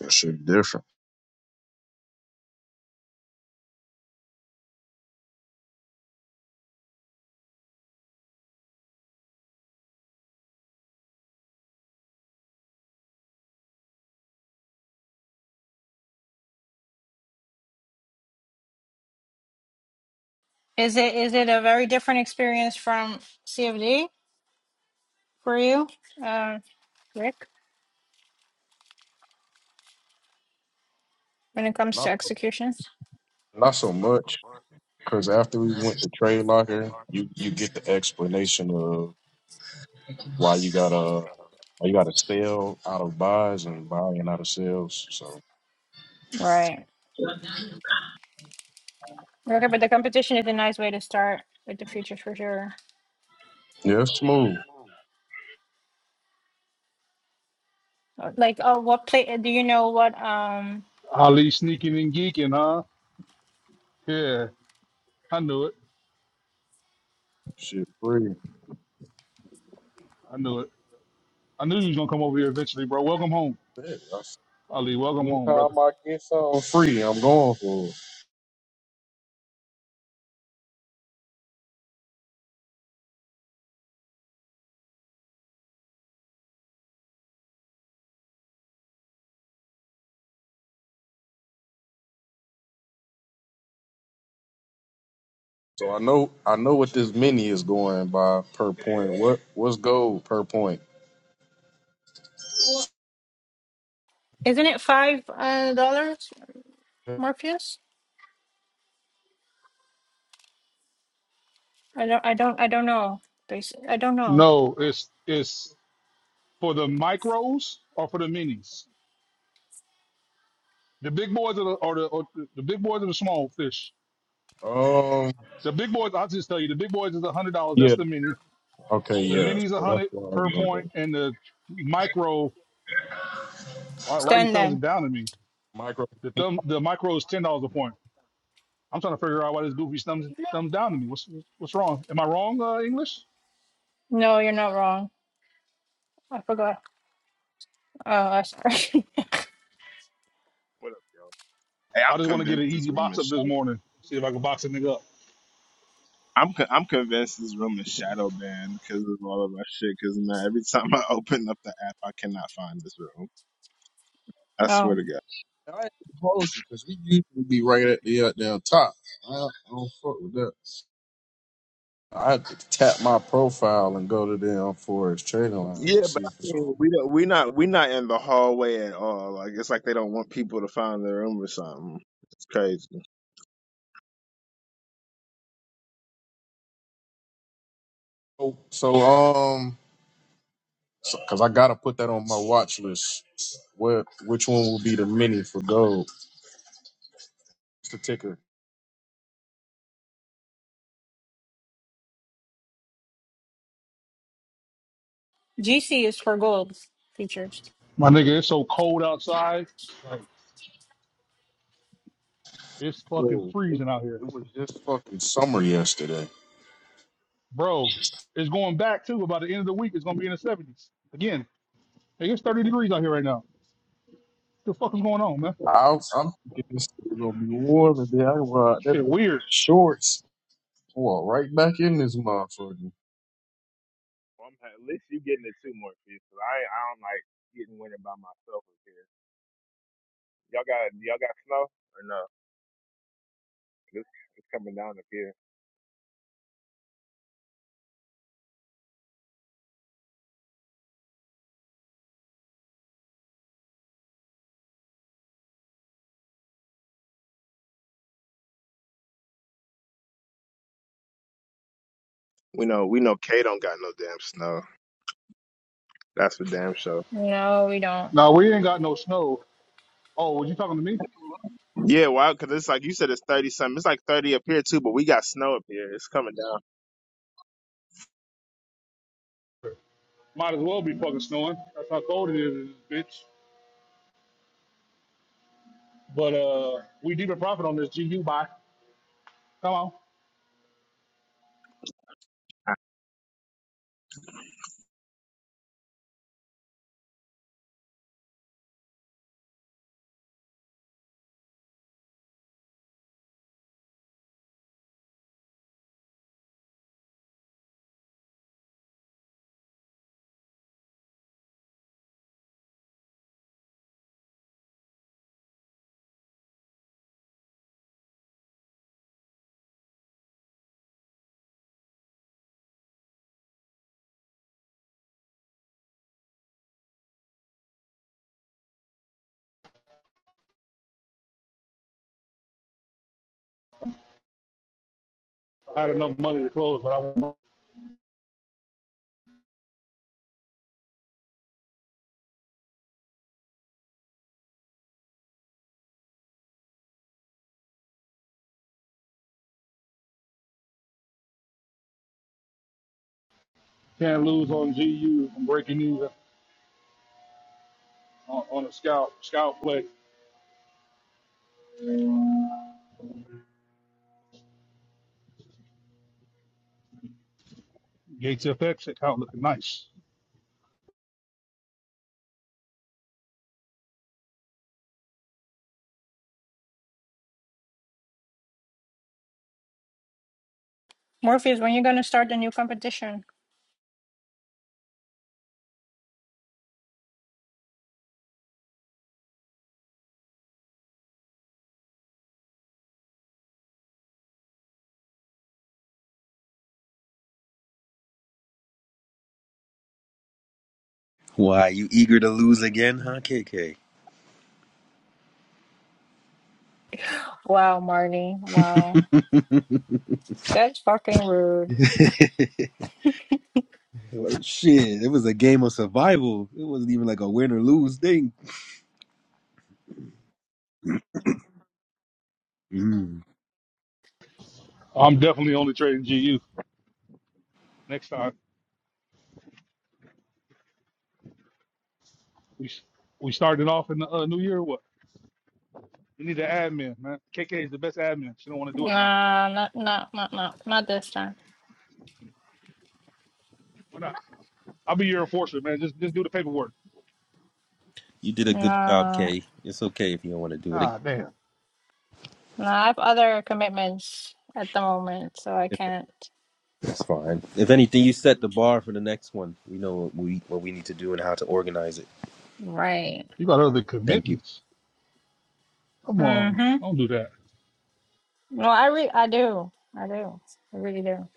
S7: That shit different.
S6: is it is it a very different experience from cfd for you uh rick when it comes to
S7: Not
S6: execution
S7: not so much, because after we went to trade locker, you you get the explanation of why you gotta why you gotta sell out of buys and buying out of sales. So
S6: right okay but the competition is a nice way to start with the futures for sure
S7: yeah, it's smooth.
S6: Uh, Like, oh, what play? Do you know what? Um,
S7: Shit free. Yeah, that's- Anytime I get something free, I'm going for it. So I know I know what this mini is going by per point. What what's gold per point?
S6: isn't it five uh, dollars, Morpheus? I don't, I don't, I don't know. Basi- I don't know.
S7: Um yeah, okay, yeah. So that's what I was gonna go.
S6: Stand then.
S7: Micro
S6: No, you're not wrong. I forgot. Oh, I'm sorry.
S2: What up, yo? Hey, I'm convinced this room is shadow. I'm con- I'm convinced this room is shadow banned because of all of our shit. Because man, every time I open up the app, I cannot find this room. I swear
S6: oh,
S2: to God.
S7: I ain't gonna hold you because we usually be right at the uh, down top. I, I don't fuck with that. I had to tap my profile and go to them for his trading lines and
S2: Yeah, but
S7: see
S2: I
S7: if it's all
S2: mean, we don't, we not we not in the hallway at all. Like it's like they don't want people to find their room or something. It's crazy.
S7: so so um so, cause I gotta put that on my watch list. What which one will be the mini for gold? It's the ticker.
S6: GC is for gold features.
S7: Yo, it it was just fucking summer yesterday. I, I'm thinking this is gonna be warm today. I ride that bitch in shorts. Well, right back in this motherfucker.
S2: Well, I'm, at least you getting it too, Morpheus. 'cause I ain't- I don't like getting winter by myself up here. Y'all got y'all got snow or no? It's, it's coming down up here. We know we know Kay don't got no damn snow. That's for damn sure.
S6: No, we don't.
S2: Yeah, why? Because it's like you said, it's thirty something. It's like thirty up here too, but we got snow up here. It's coming down.
S6: Morpheus, when you gonna start the new competition?
S8: Why, you eager to lose again, huh, KK?
S6: Wow, Marty. Wow, that's fucking rude.
S8: Shit, it was a game of survival. It wasn't even like a win or lose thing. Mm,
S6: Nah, not, not, not, not, not this time.
S8: you did a good job,
S6: No.
S8: K. It's okay if you don't want to do it again.
S6: No, I have other commitments at the moment, so I
S8: If-
S6: can't.
S8: It's fine. If anything, you set the bar for the next one. We know what we what we need to do and how to organize it.
S6: Right.
S8: Thank you.
S6: Mm-hmm. No, I re I do. I do. I really do.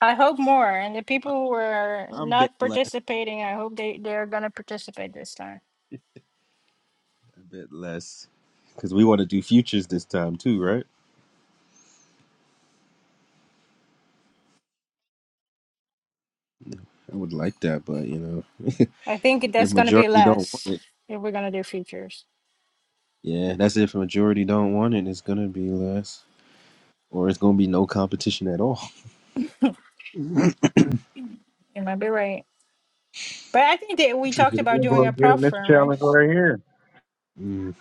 S6: I hope more. And the
S8: I,
S6: people who are
S8: I'm
S6: not
S8: betting less.
S6: participating, I hope they they're gonna participate this time.
S8: I bet less. Because we want to do futures this time too, right? I would like that, but you know,
S6: I think
S8: if
S6: that's gonna be
S8: majority don't want
S6: less
S8: it,
S6: if we're gonna do features.
S8: yeah, that's it. if majority don't want it, it's gonna be less. or it's gonna be no competition at all.
S6: You might be right. But I think that we
S7: Futures,
S6: talked
S7: if
S6: about
S7: You're
S6: doing
S7: gonna
S6: a
S7: get in
S6: prop
S7: this
S6: firm, right?
S7: challenge right here.
S8: Mm,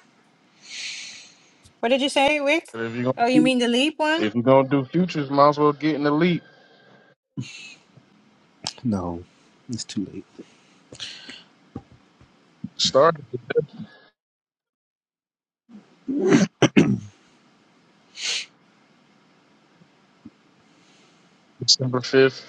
S6: What did you say, Wick?
S7: And if you're gonna
S6: Oh, you
S7: do,
S6: mean the leap one?
S7: if you're gonna do futures, might as well get in the leap.
S8: no, it's too late.
S7: Started December fifth.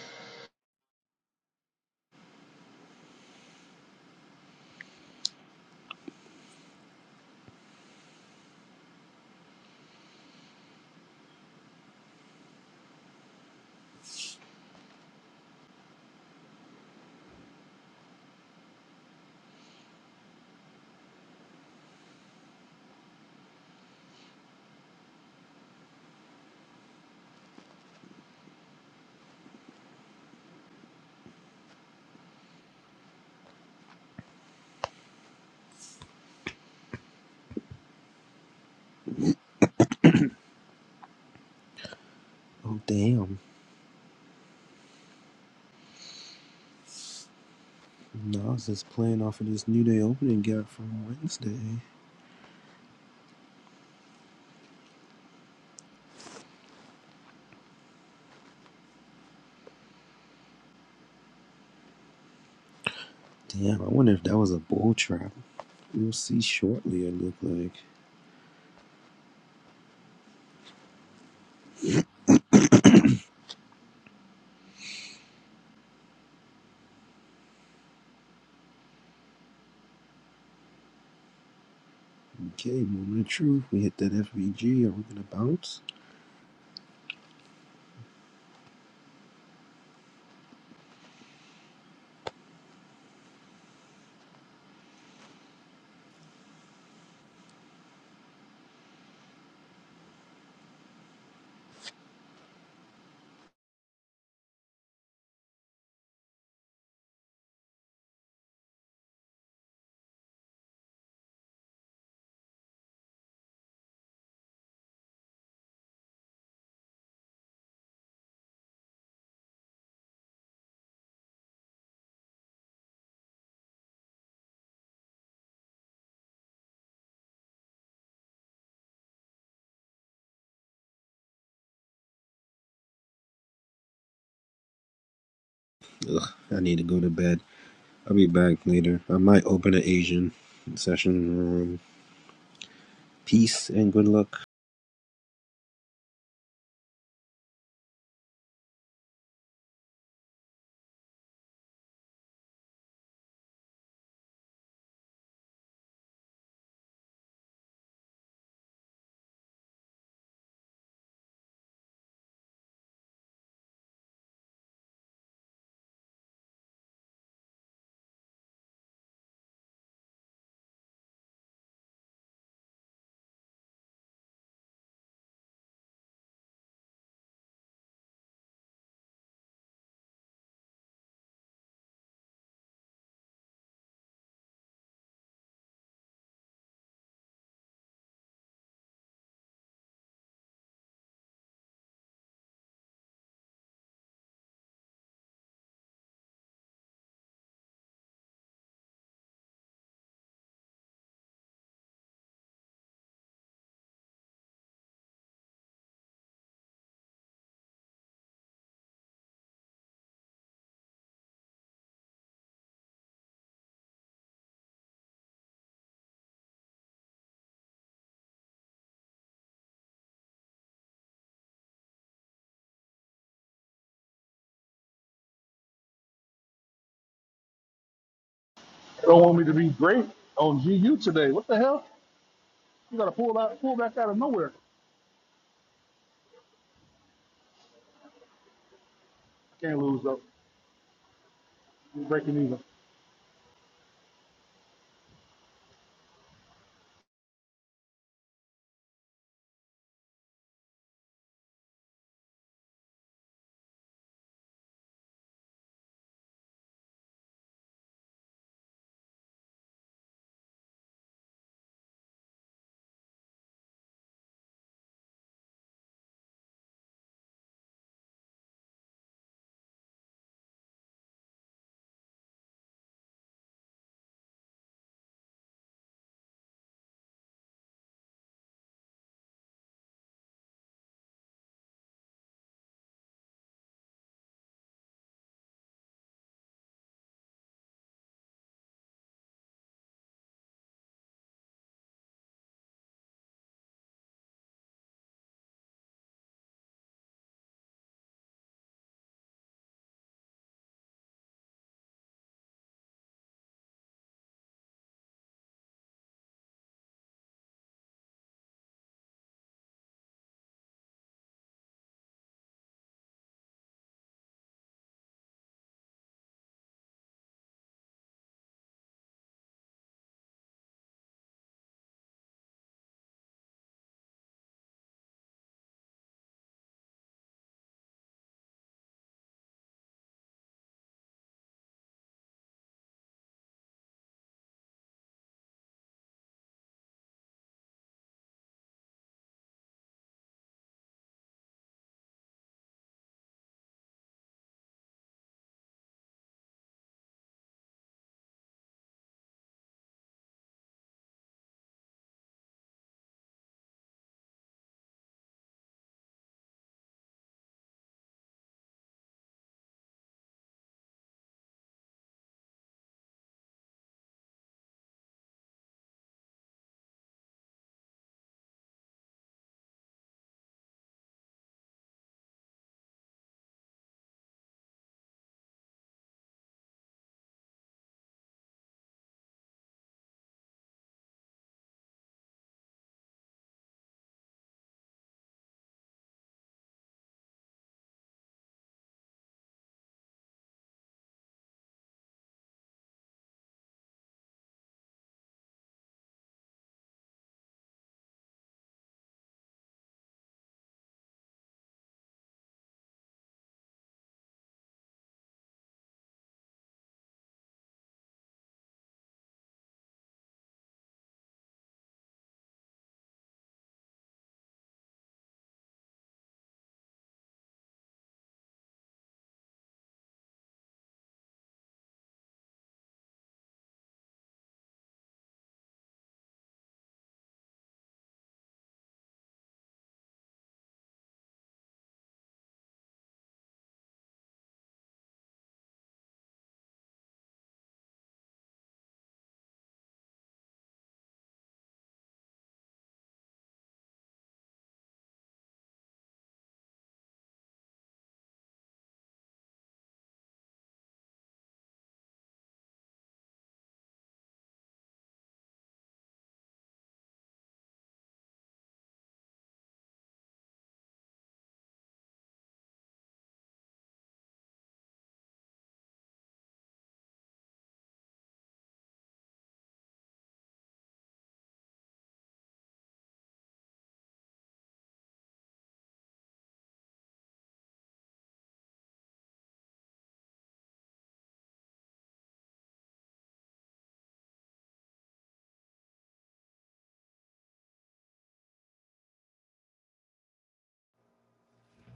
S8: Oh damn! No, I was just playing off of this New Day opening gap from Wednesday. Damn, I wonder if that was a bull trap. We'll see shortly. It looked like okay. Moment of truth. We hit that FVG. Are we gonna bounce? Ugh, I need to go to bed. I'll be back later. I might open an Asian session room. Peace and good luck.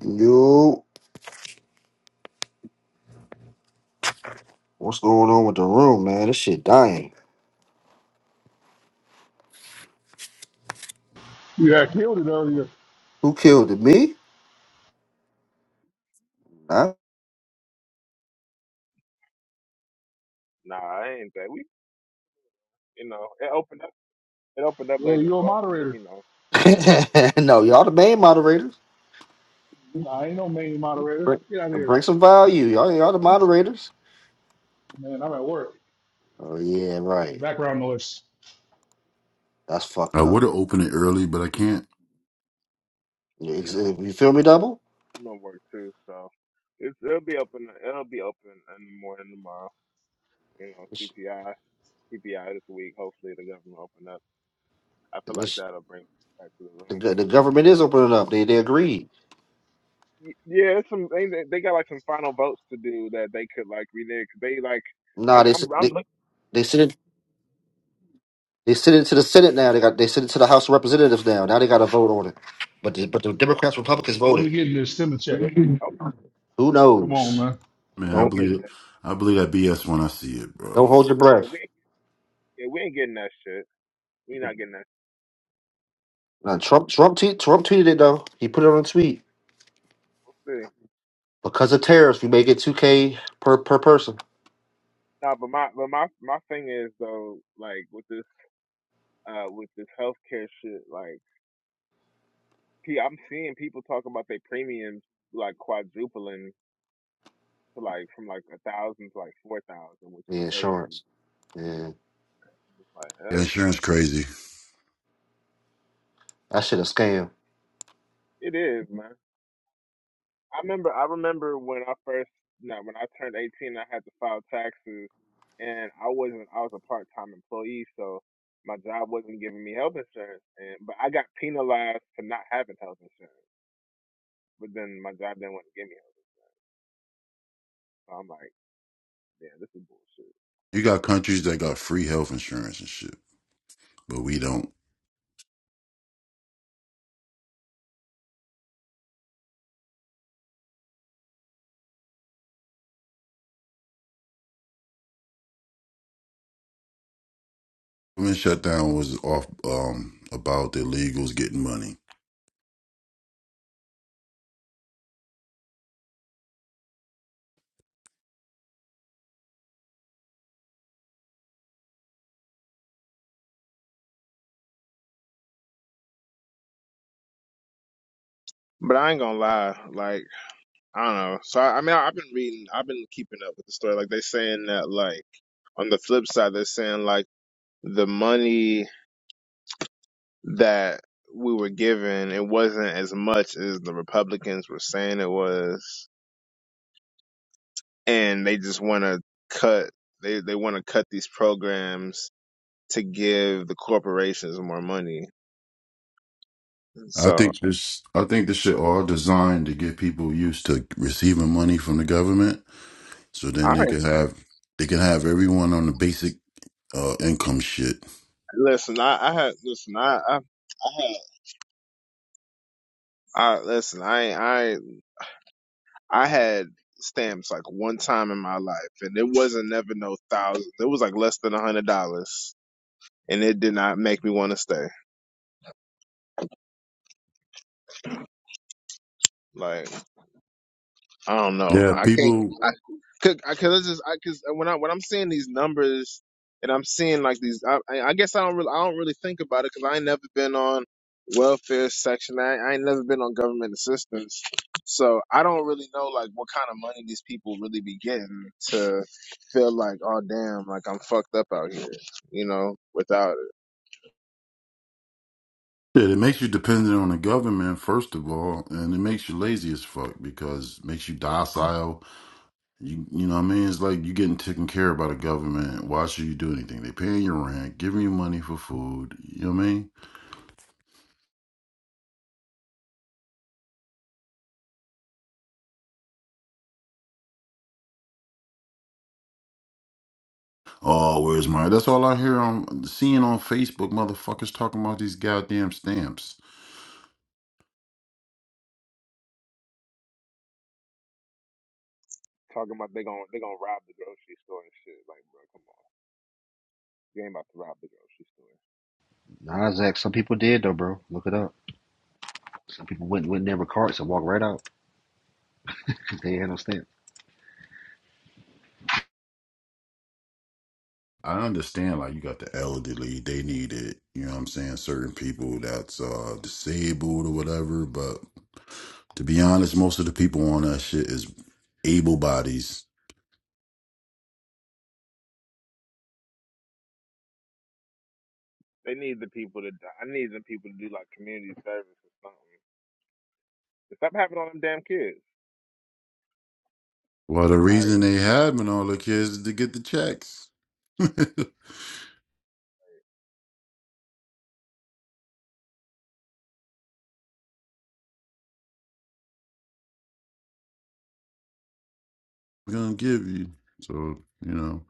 S9: Yo, what's going on with the room, man? This shit dying. Who killed it? Me? Huh?
S2: Nah, I ain't that. We you know it opened up it opened up late as fuck, but you
S9: no, y'all the main moderators. Bring, bring some value. Y'all, y'all the moderators. Oh yeah, right. That's fucked
S4: I would
S2: know.
S9: up.
S4: have opened it early, but I can't.
S9: You ex-
S2: Yeah, I'm
S9: you feel me, double?
S2: I'm at work too, so it's it'll be open. It'll be open in the morning tomorrow. You know,
S9: This,
S2: CPI, CPI this week. Hopefully, the government open up. I feel like
S9: this,
S2: that'll bring people back to the
S9: the,
S2: room.
S9: go- the government is opening up. They they agreed.
S2: Y- Yeah, it's some. They they they got like some final votes to do that they could like renege. They like, I,
S9: Nah, they s-
S2: I'm I'm
S9: they
S2: looking.
S9: they sent it. They sent it to the Senate now. They got they sent it to the House of Representatives now. Now they got to vote on it. But the, but the Democrats Republicans voted.
S2: Okay,
S9: Who knows?
S4: Man,
S2: we
S4: I
S2: ain't getting
S4: believe
S9: Don't
S2: that.
S4: I believe that BS when I see it, bro.
S9: don't hold your
S2: Yeah,
S9: breath.
S2: we yeah we ain't getting that shit. We not getting that.
S9: Uh, Trump Trump tweet Trump tweeted it though. He put it on a tweet.
S2: We'll see.
S9: Because of tariffs, we may get two K per per person.
S2: Nah, but my but my my thing is though, like with this uh with this healthcare shit, like. P- I'm seeing people talk about their premiums like quadrupling to like from like a thousand to like four thousand, which is
S9: The
S2: crazy.
S9: insurance. Yeah.
S2: It's like,
S4: Yeah,
S2: uh,
S4: insurance crazy.
S9: That shit a scam.
S2: it is, man. I remember, I remember when I first, no, when I turned 18, I had to file taxes, and I wasn't, I was a part-time employee, so my job wasn't giving me health insurance, and but I got penalized for not having health insurance. But then my job didn't want to give me health insurance, so I'm like, yeah, this is bullshit.
S4: You got countries that got free health insurance and shit, but we don't. Government shutdown was off um, about the illegals getting money.
S2: But I ain't gonna lie, like. I don't know. So I I mean, I, I've been reading, I've been keeping up with the story. Like they're saying that, like on the flip side, they're saying like the money that we were given, it wasn't as much as the Republicans were saying it was, and they just want to cut. They they want to cut these programs to give the corporations more money.
S4: I
S2: So
S4: think this I think this shit all designed to get people used to receiving money from the government so
S2: I
S4: then they can have they can have everyone on the basic uh income shit.
S2: listen. I, I had listen. I I, I had I listen. I I I had stamps like one time in my life, and it wasn't never no thousand. It was like less than a hundred dollars, and it did not make me want to stay. Like. I don't know.
S4: Yeah,
S2: I can't.
S4: people
S2: I could. I could it's just. I because when I when I'm seeing these numbers and I'm seeing like these. I I I guess I don't really. I don't really think about it because I ain't never been on welfare section. I, I ain't never been on government assistance. So I don't really know like what kind of money these people really be getting to feel like, oh damn, like I'm fucked up out here, you know, without it.
S4: yeah, it makes you dependent on the government first of all, and it makes you lazy as fuck because it makes you docile. You you know what I mean? It's like you getting taken care of by the government. Why should you do anything? They paying your rent, giving you money for food, you know what I mean? Oh, where's my? That's all I hear on seeing on Facebook, motherfuckers talking about these goddamn stamps.
S2: Talking about they gon' they gonna rob the grocery store and shit. Like, bro, come on. You ain't about to rob the grocery store.
S9: Nah, Zach, some people did though, bro. Look it up. Some people went went in their carts and walked right out because they had no stamp.
S4: I understand, like you got the elderly, they need it. You know what I'm saying? Certain people that's uh disabled or whatever. But to be honest, most of the people on that shit is able bodies.
S2: They need the people to. I need the people to do like community service or something. Stop something happened on them damn kids,
S4: Well, the reason
S2: like
S4: they having all the kids is to get the checks. We're gonna give you. So you know.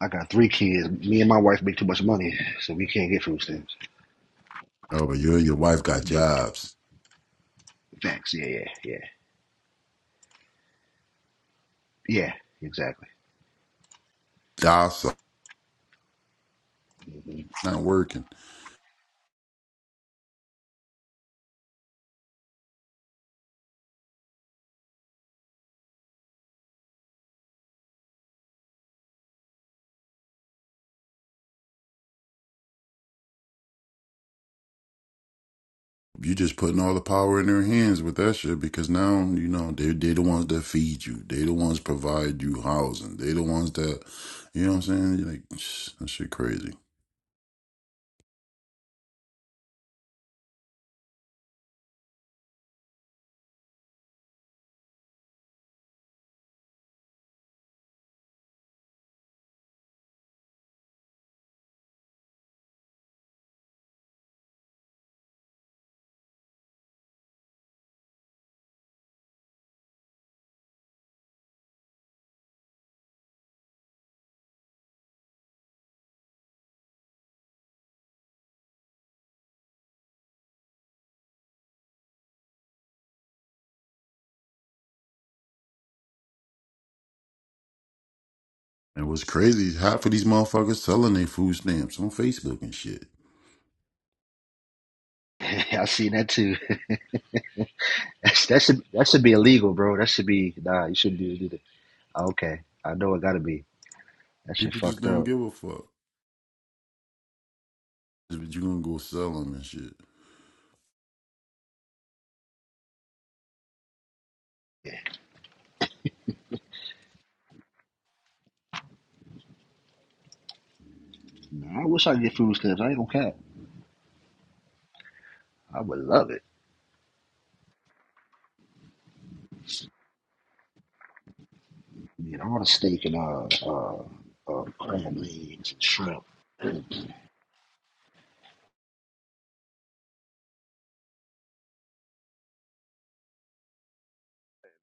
S9: I got three kids. Me and my wife make too much money, so we can't get food stamps.
S4: Oh, but you and your wife
S9: We
S4: got
S9: make too
S4: jobs.
S9: facts. Yeah, yeah, yeah, yeah. Exactly.
S4: Docile, not working. you just putting all the power in their hands with that shit because now you know they they the ones that feed you, they the ones provide you housing, they the ones that you know what I'm saying. like that shit crazy. And what's crazy is half of these motherfuckers selling their food stamps on Facebook and shit.
S9: I seen that too. That's, that should that should be illegal, bro. That should be nah. You shouldn't do do that. Okay, I know it gotta be. That shit
S4: People just
S9: fucked
S4: don't
S9: up.
S4: give a fuck. But you gonna go sell them and shit.
S9: Nah, I wish I could get food stamps. I ain't gonna cap. I would love it. Get all the steak and uh uh, uh crab legs and shrimp.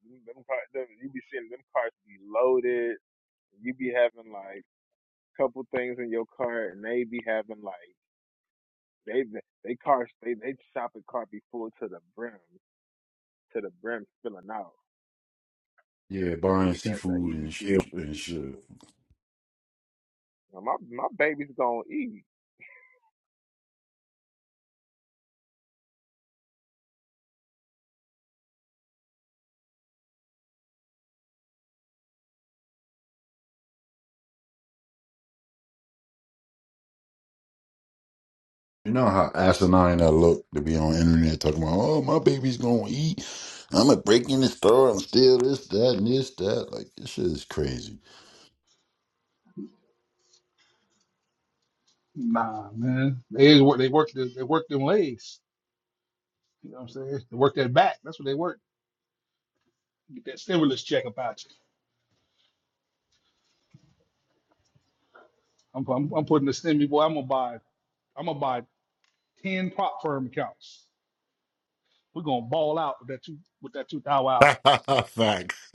S2: them, car- them you be seeing them cars be loaded. You be having like a couple things in your car, and they be having like they they cars they they shopping cart be full to the brim to the brim spilling out.
S4: Yeah,
S2: You
S4: buying
S2: get that that
S4: seafood and
S2: EBT.
S4: shit and shit.
S2: Now, my my baby's gonna eat,
S4: You know how asinine that look to be on the internet talking about, oh, my baby's gonna eat. I'm gonna break in the store and steal this, that, and this, that. Like, this shit is crazy. Facts.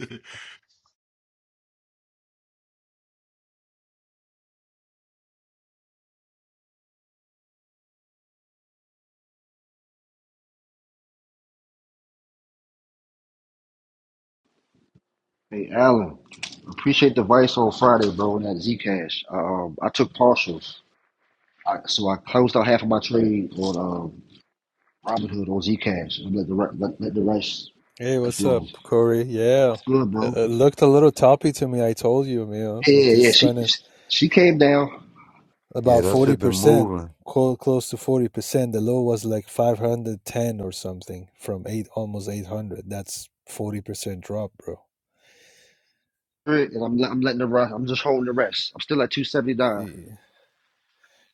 S9: Hey Alan, appreciate the advice on Friday, bro, on that Zcash. Um I took partials. I, so I closed out half of my trade on um Robinhood on Zcash and let the re- let, let the rest
S10: Hey,
S9: that's
S10: what's up,
S9: wrong.
S10: Corey? Yeah,
S9: What's good,
S10: it,
S9: bro?
S10: it looked a little toppy to me. I told you, Emil. It
S9: Yeah, yeah,
S10: is
S9: she
S10: kind of
S9: she came down
S4: Yeah,
S10: about
S4: that shit been
S10: 40%,
S4: moving.
S10: close to 40%. The low was like 510 or something from eight, almost 800. That's 40% drop, bro.
S9: and I'm let- I'm letting the rest I'm just holding the rest. I'm still at two seventy nine.
S10: Ye-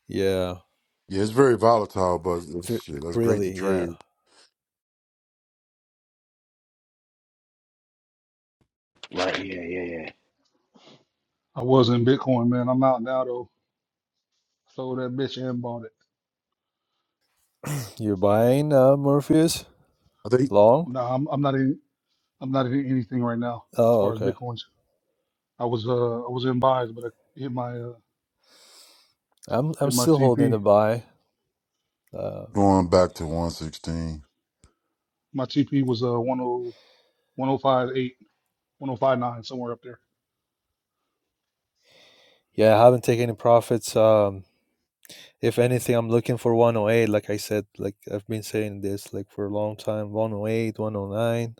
S10: Yeah,
S4: Yeah, it's very volatile, but it's-
S10: Fi
S4: shit, that's great to
S10: really, yeah.
S4: trade.
S9: Right, yeah, yeah,
S10: You're buying uh, Morpheus
S4: I think
S10: long? Oh, okay. I'm I'm still holding the buy. Uh,
S4: Going back to 116.
S10: yeah, I haven't taken any profits. Um, If anything, I'm looking for 108. Like I said, like I've been saying this like for a long time, 108, 109,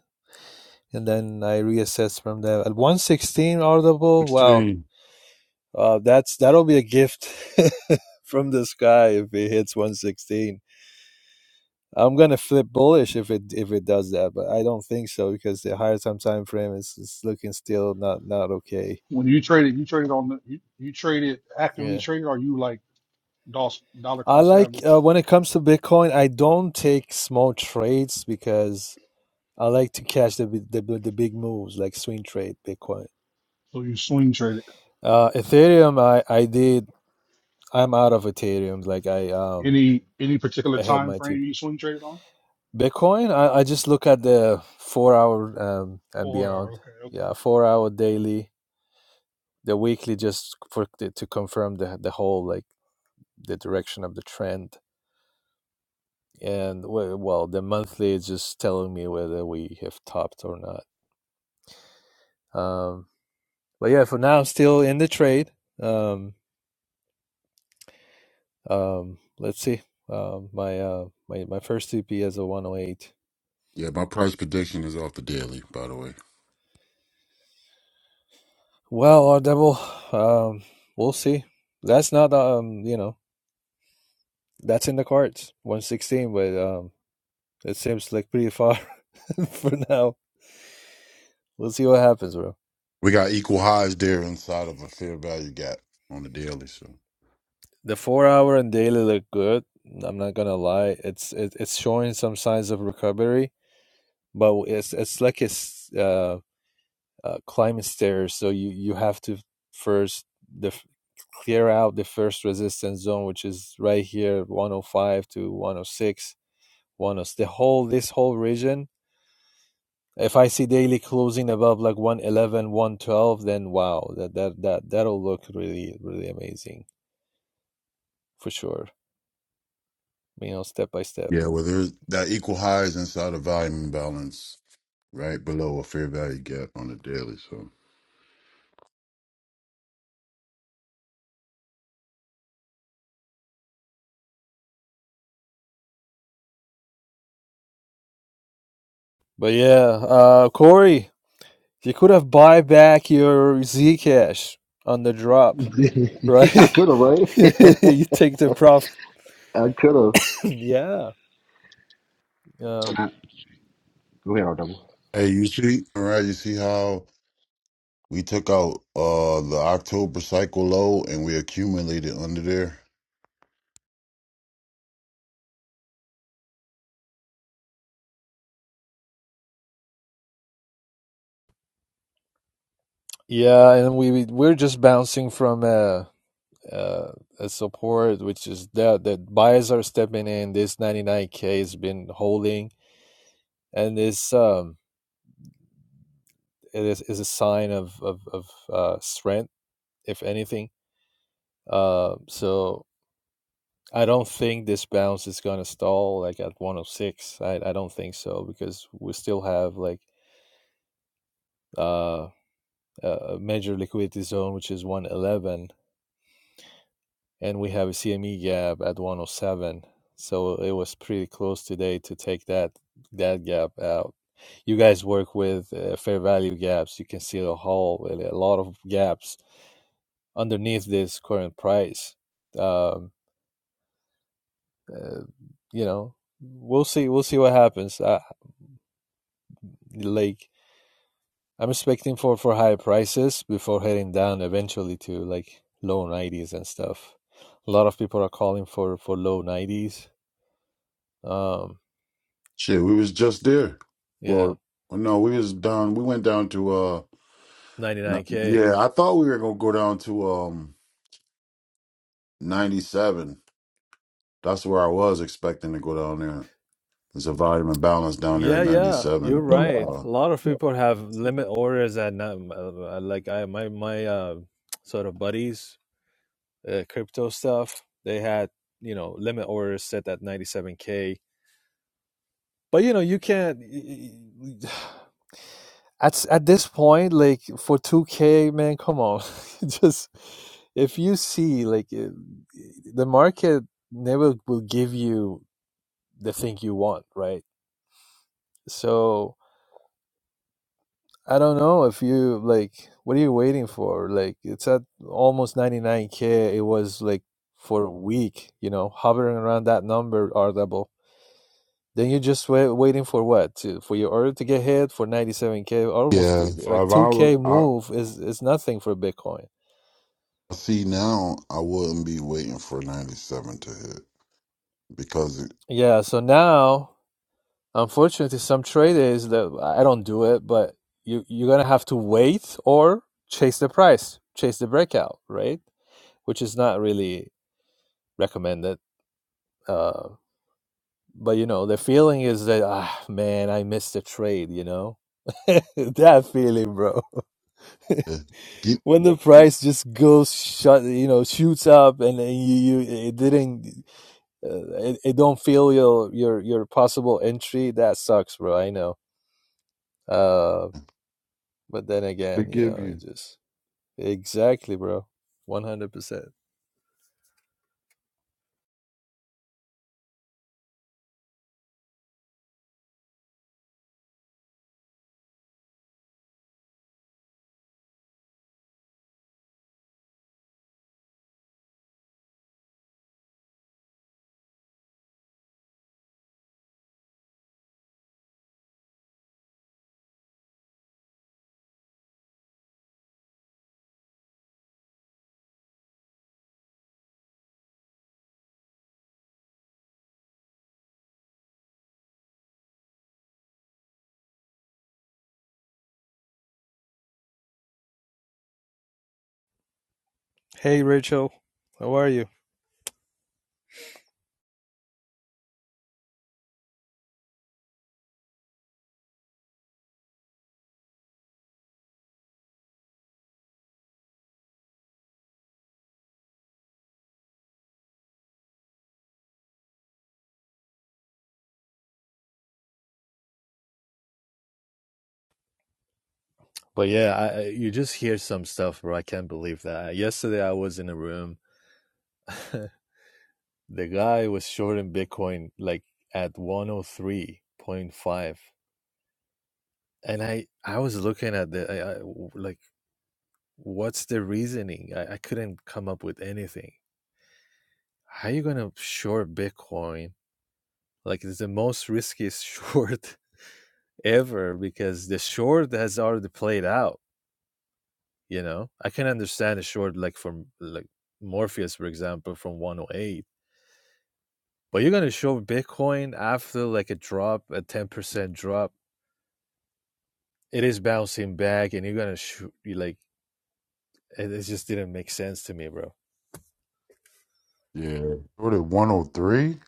S10: and then I reassess from there. At 116
S4: 16.
S10: audible, wow,
S4: sixteen.
S10: uh, that's that'll be a gift from the sky if it hits 116. I'm gonna flip bullish if it if it does that, but I don't think so because the higher time time frame is, is looking still not not okay. Yeah. I like uh, when it comes to Bitcoin, I don't take small trades because I like to catch the the, the big moves like swing trade Bitcoin. Uh, Ethereum, I I did. I'm out of Ethereum. Like I um I had my tip. Bitcoin, I, I just look at the four hour um and beyond. Yeah, four hour daily, the weekly just for to confirm the the whole like the direction of the trend. And well, the monthly is just telling me whether we have topped or not. Um, but yeah, for now, still in the trade. Um, Um, let's see. Um, my uh, my my first TP is a 108.
S4: Yeah, my price prediction is off the daily, by the way.
S10: Well, our devil. Um, we'll see. That's not um, you know, that's in the cards. 116, but um, it seems like pretty far for now. We'll see what happens, bro.
S4: We got equal highs there inside of a fair value gap on the daily. So,
S10: The four hour and daily look good. I'm not gonna lie. It's it, it's showing some signs of recovery, but it's it's like it's uh. uh, climb stairs. So you you have to first def- clear out the first resistance zone, which is right here, 105 to 106, 106. The whole this whole region. If I see daily closing above like one eleven, one twelve, then wow, that that that that'll look really really amazing for sure. You know, step by step.
S4: yeah, well, there's that equal highs inside of volume imbalance. right below a fair value gap on the daily. So,
S10: But yeah, uh, Corey, You could have buy back your Zcash on the drop,
S9: yeah.
S10: right?
S9: I could have, right?
S10: you take the profit.
S9: I could have.
S10: yeah, uh,
S9: But not go ahead, RW.
S4: hey, you see, all right, you see how we took out uh the October cycle low and we accumulated under there.
S10: yeah, and we we- are just bouncing from a, a a support, which is that that buyers are stepping in. This ninety nine k has been holding, and this um it is is a sign of of of uh, strength, if anything. Uh, so I don't think this bounce is gonna stall like at 106. I, I don't think so because we still have like uh, a major liquidity zone which is 111, and we have a CME gap at 107. So it was pretty close today to take that that gap out. You guys work with uh, fair value gaps. You can see the whole a lot of gaps underneath this current price. Um, uh, you know, we'll see. We'll see what happens. Uh, like I'm expecting for for higher prices before heading down eventually to like low 90s and stuff. A lot of people are calling for for low 90s. Um,
S4: Shit, we was just there.
S10: yeah,
S4: Well, well, no, we was down. We went down to uh, n-
S10: 99k.
S4: yeah, I thought we were gonna go down to um ninety seven. That's where I was expecting to go down there. There's a volume and balance down there at
S10: Yeah,
S4: ninety
S10: yeah, you're
S4: seven.
S10: right.
S4: Uh,
S10: A lot of people have limit orders at um, uh, like I my my uh, sort of buddies, uh, crypto stuff. They had you know limit orders set at 97k But you know, you can't. At at this point, like for two K, man, come on, just if you see like uh, the market never will give you the thing you want, right? So I don't know if you like what are you waiting for? Like it's at almost ninety nine K. It was like for a week, you know, hovering around that number, R Then you're just wait, waiting for what? To, for your order to get hit for 97k, almost
S4: yeah,
S10: e, like
S4: five
S10: 2k
S4: hour.
S10: move is is nothing for Bitcoin.
S4: See now, I wouldn't be waiting for ninety seven to hit because it,
S10: Yeah, so now unfortunately some trade is that I don't do it, but you you're gonna have to wait or chase the price, chase the breakout, right? Which is not really recommended. Uh, but you know the feeling is that ah man, I missed the trade. You know that feeling, bro.
S4: it get
S10: when the price just goes shut you know shoots up and you, you it didn't uh, it, it don't feel your your your possible entry that sucks bro i know uh but then
S4: to
S10: again you
S4: give
S10: know you
S4: you
S10: just exactly bro 100% Hey, Rachel, how are you? But yeah, I, you just hear some stuff, bro. I can't believe that. Yesterday, I was in a room. the guy was shorting Bitcoin like at 103.5. And I, I was looking at the, I, I- w- like, what's the reasoning? I, I couldn't come up with anything. How are you going to short Bitcoin? Like, it's the most riskiest short ever because the short has already played out. You know, I can understand a short like from like Morpheus, for example, from 108, but you're gonna show Bitcoin after like a drop, a 10% drop. It is bouncing back, and you're gonna shoot you like it, it just didn't make sense to me, bro.
S4: yeah. What at one hundred three?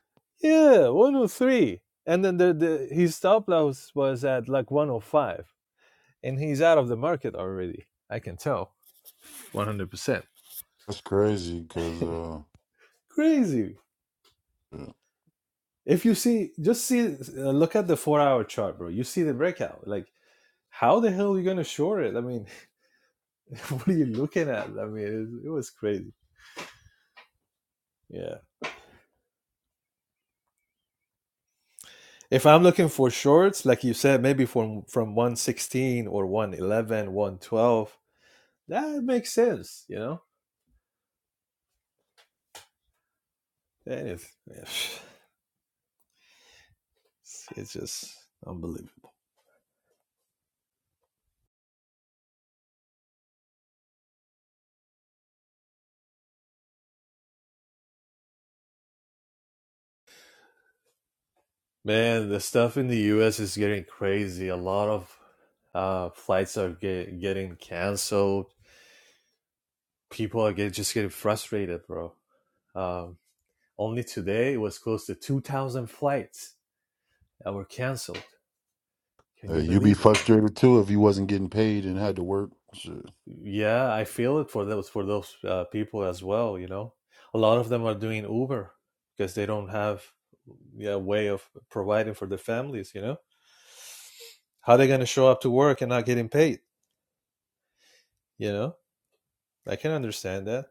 S10: Yeah, 103, and then the, the his stop loss was at like 105, and he's out of the market already. I can tell 100%.
S4: That's crazy. Cause uh,
S10: Crazy.
S4: yeah.
S10: If you see, just see, uh, look at the four hour chart, bro. You see the breakout. Like how the hell are you going to shore it? I mean, what are you looking at? I mean, it, it was crazy. Yeah. If I'm looking for shorts, like you said, maybe from from 116 or one eleven, one twelve, that makes sense, you know? And if, if- it's just unbelievable. Man, the stuff in the US is getting crazy. A lot of uh, flights are get, getting canceled. people are get, just getting frustrated, bro. Um, only today it was close to 2,000 flights that were canceled. Can
S4: Hey,
S10: you
S4: you be
S10: believe it? man?
S4: frustrated too if you wasn't getting paid and had to work. Shit.
S10: Yeah, I feel it for those for those uh, people as well. You know, a lot of them are doing Uber because they don't have yeah a way of providing for their families. You know, how are they going to show up to work and not getting paid? You know, I can understand that.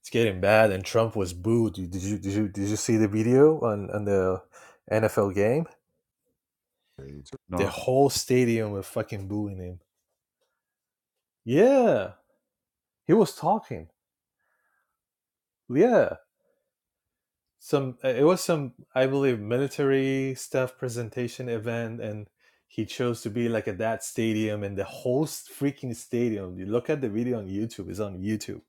S10: It's getting bad, and Trump was booed. Did you did you did you see the video on on the NFL game? The
S4: No.
S10: whole stadium was fucking booing him. Yeah, he was talking. Yeah, some uh, it was some I believe military stuff presentation event, and he chose to be like at that stadium, and the whole freaking stadium. You look at the video on YouTube; it's on YouTube.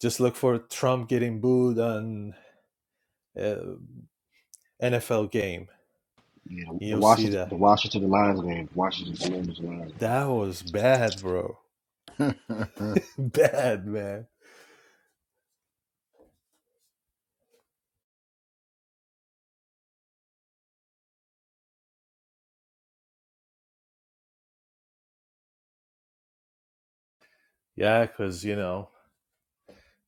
S10: Just look for Trump getting booed on uh, NFL game.
S9: Yeah,
S10: and
S9: the
S10: You'll see
S9: Washington,
S10: that.
S9: the Washington the Lions game, Washington Commanders Lions game.
S10: That was bad, bro. bad, man. Yeah, because you know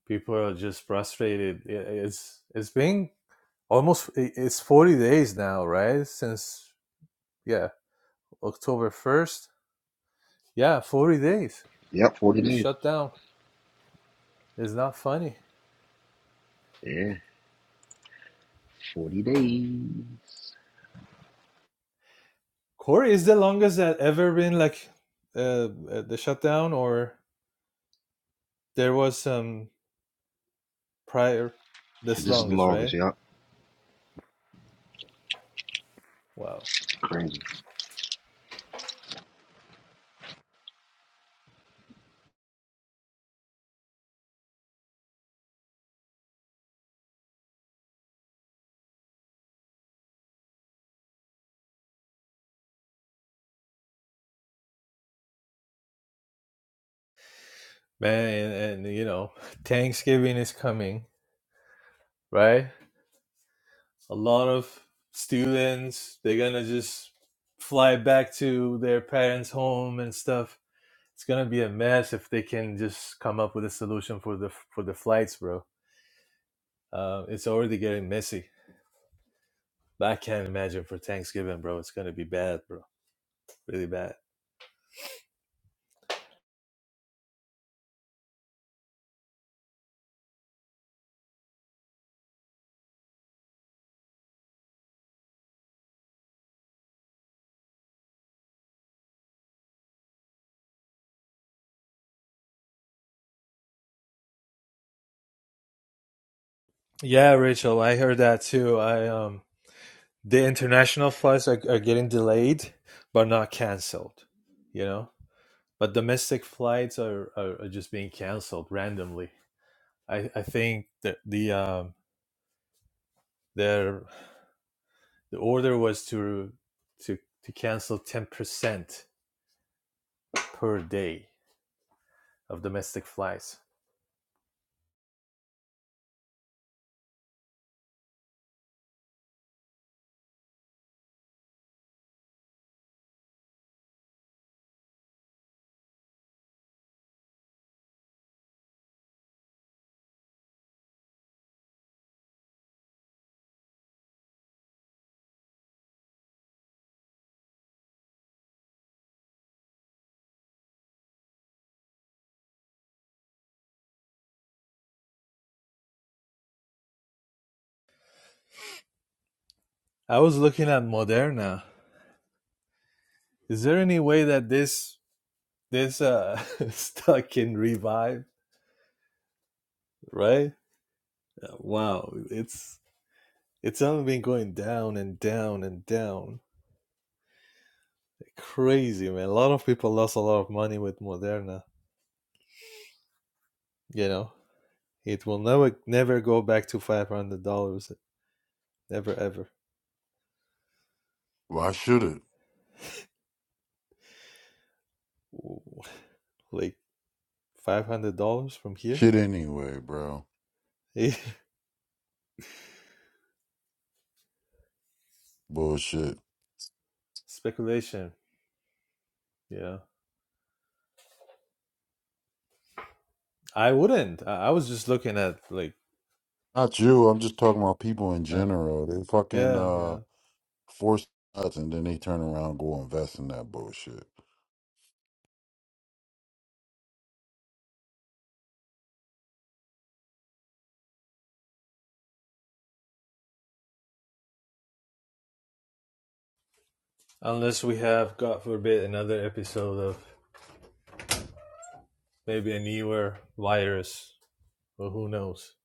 S10: people are just frustrated I- it's it's been almost i- it's 40 days now right since yeah october 1st yeah 40 days
S9: Yep, forty days.
S10: shut down it's not funny
S9: Yeah, forty days.
S10: corey is the longest that ever been like uh, uh, the shutdown or there was some prior this
S9: This is the
S10: longest
S9: longest.
S10: right
S9: Yep,
S10: wow
S9: crazy.
S10: man and, and you know thanksgiving is coming right a lot of students they're gonna just fly back to their parents home and stuff it's gonna be a mess if they can just come up with a solution for the for the flights bro uh, it's already getting messy but i can't imagine for thanksgiving bro it's gonna be bad bro really bad yeah rachel i heard that too i um the international flights are, are getting delayed but not canceled you know but domestic flights are, are, are just being canceled randomly I, I think that the um, their the order was to to to cancel ten percent per day of domestic flights. I was looking at Moderna. Is there any way that this this uh stock can revive? Right? Uh, Wow, it's it's only been going down and down and down. Crazy man. A lot of people lost a lot of money with Moderna. You know, it will never never go back to five hundred dollars Never ever.
S4: Why should it?
S10: Ooh, Like five hundred dollars from here?
S4: Shit anyway, bro. Bullshit.
S10: Speculation. Yeah. I wouldn't. I, I was just looking at like
S4: Not you. I'm just talking about people in
S10: uh,
S4: general. They fucking
S10: yeah,
S4: uh
S10: yeah.
S4: force us and then they turn around and go invest in that bullshit.
S10: Unless we have, God forbid, another episode of maybe a newer virus. Well, who knows?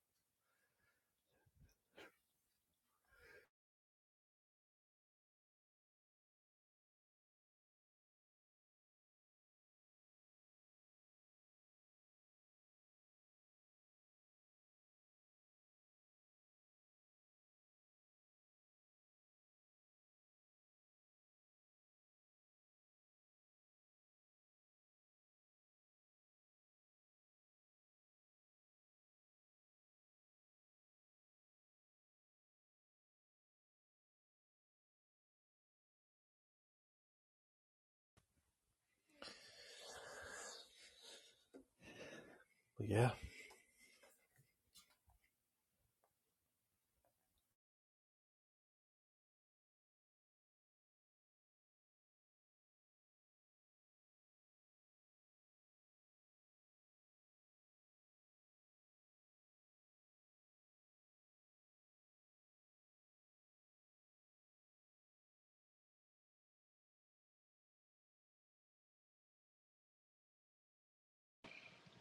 S10: But yeah.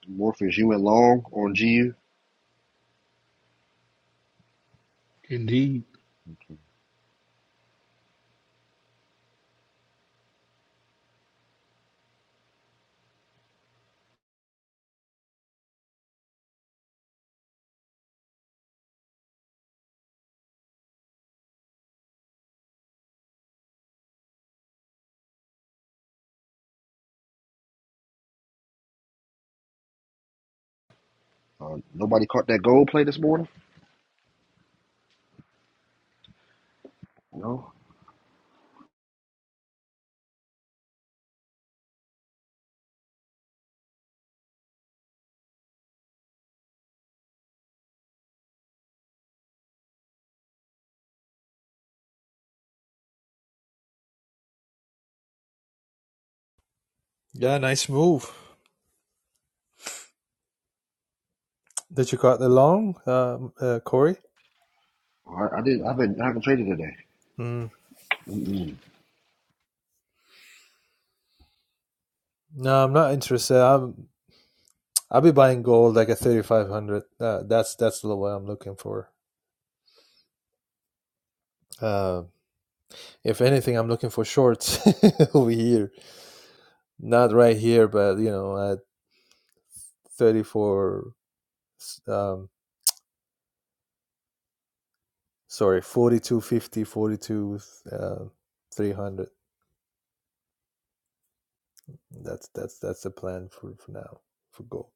S9: Morpheus, you went long on GU. Uh, nobody caught that goal play this morning. No,
S10: Yeah, nice move. Did you cut along, um, uh, Corey?
S9: I, I did. I have been. I haven't traded today.
S10: Mm.
S9: Mm-mm.
S10: No, I'm not interested. I'm, I'll be buying gold like a 3500. Uh, that's that's the way I'm looking for. Uh, If anything, I'm looking for shorts over here, not right here, but you know, at 34, um, sorry, 4250, 42, uh, 300. That's that's that's the plan for for now for gold.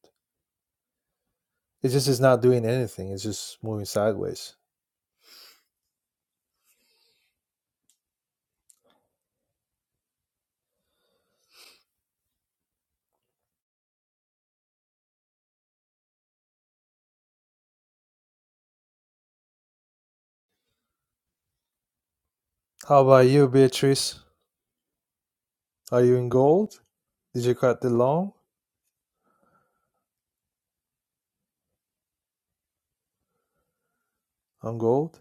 S10: It just is not doing anything. It's just moving sideways. How about you, Beatrice? Are you in gold? Did you cut the long on gold?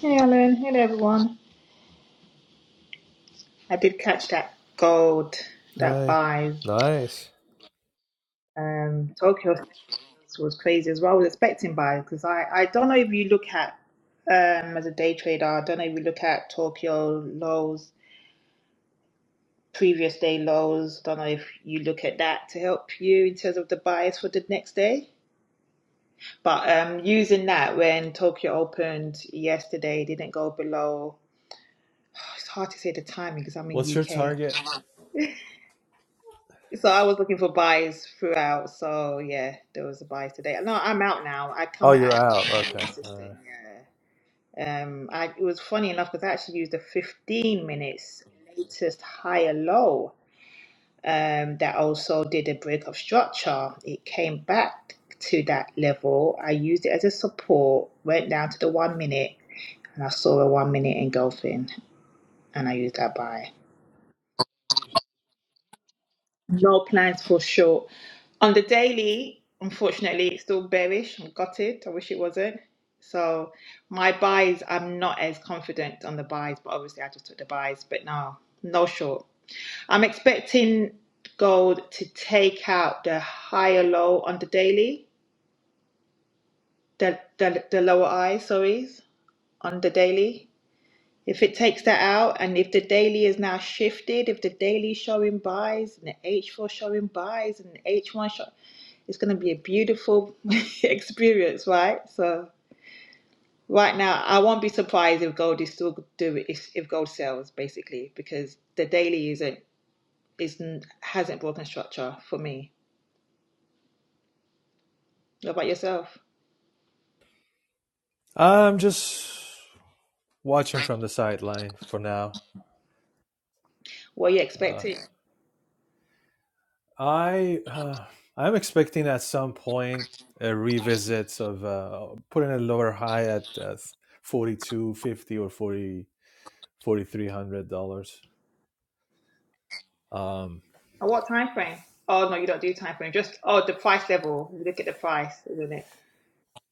S11: Hey Alan, hello everyone. I did catch that gold, that
S10: Hi,
S11: buy.
S10: nice.
S11: Um, Tokyo was crazy as well. I was expecting buy because I, I don't know if you look at um as a day trader. I don't know if you look at Tokyo lows, previous day lows. Don't know if you look at that to help you in terms of the buys for the next day. But um, using that when Tokyo opened yesterday, it didn't go below. It's hard to say the timing because I'm
S10: What's
S11: in
S10: your
S11: UK.
S10: target?
S11: So I was looking for buys throughout. So yeah, there was a buy today. No, I'm out now. I
S10: Oh,
S11: come out
S10: you're
S11: at
S10: out. Okay.
S11: nine
S10: All
S11: assistant.
S10: right.
S11: Yeah. Um, I it was funny enough because I actually used a 15 minutes latest higher low. Um, that also did a break of structure. It came back to that level. I used it as a support. Went down to the one minute, and I saw a one minute engulfing, and I used that buy. No plans for sure. On the daily, unfortunately, it's still bearish. I'm gutted. I wish it wasn't. So my buys, I'm not as confident on the buys, but obviously I just took the buys. But no, no short. I'm expecting gold to take out the higher low on the daily, the the, the lower high, sorry, on the daily. If it takes that out, and if the daily is now shifted, if the daily showing buys and the H4 showing buys and the H1 show. It's going to be a beautiful experience, right? So right now, I won't be surprised if gold is still do if, if gold sells basically because the daily isn't isn't hasn't broken structure for me. What about yourself?
S10: I'm just watch him from the sideline for now.
S11: What are you
S10: Uh,
S11: expecting?
S10: I uh, I'm expecting at some point a
S11: At
S10: revisit of uh, putting a lower high at uh, 4250 or 40 4300 dollars. Um,
S11: what time frame? Oh no, you don't do time frame. Just oh, the price level. You look at the price, isn't it?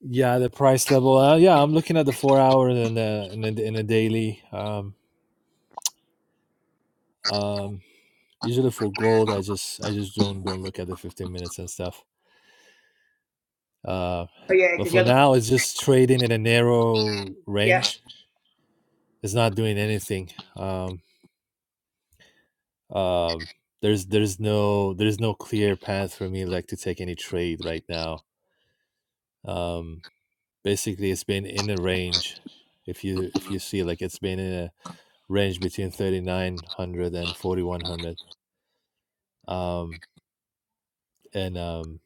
S10: Yeah, the price level. Uh, yeah, I'm looking at the four hour and the and the, and the daily. Um, um,
S11: Oh
S10: usually for gold, I just I just don't don't look at the 15 minutes and stuff. Uh,
S11: yeah,
S10: but
S11: because
S10: for
S11: you're
S10: now, it's just trading in a narrow
S11: yeah.
S10: range. it's not doing anything. Um, um, there's there's no there's no clear path for me like to take any trade right now. Um, basically, it's been in a range. If you if you see like it's been in a range between thirty nine hundred and forty one hundred. Um, and um,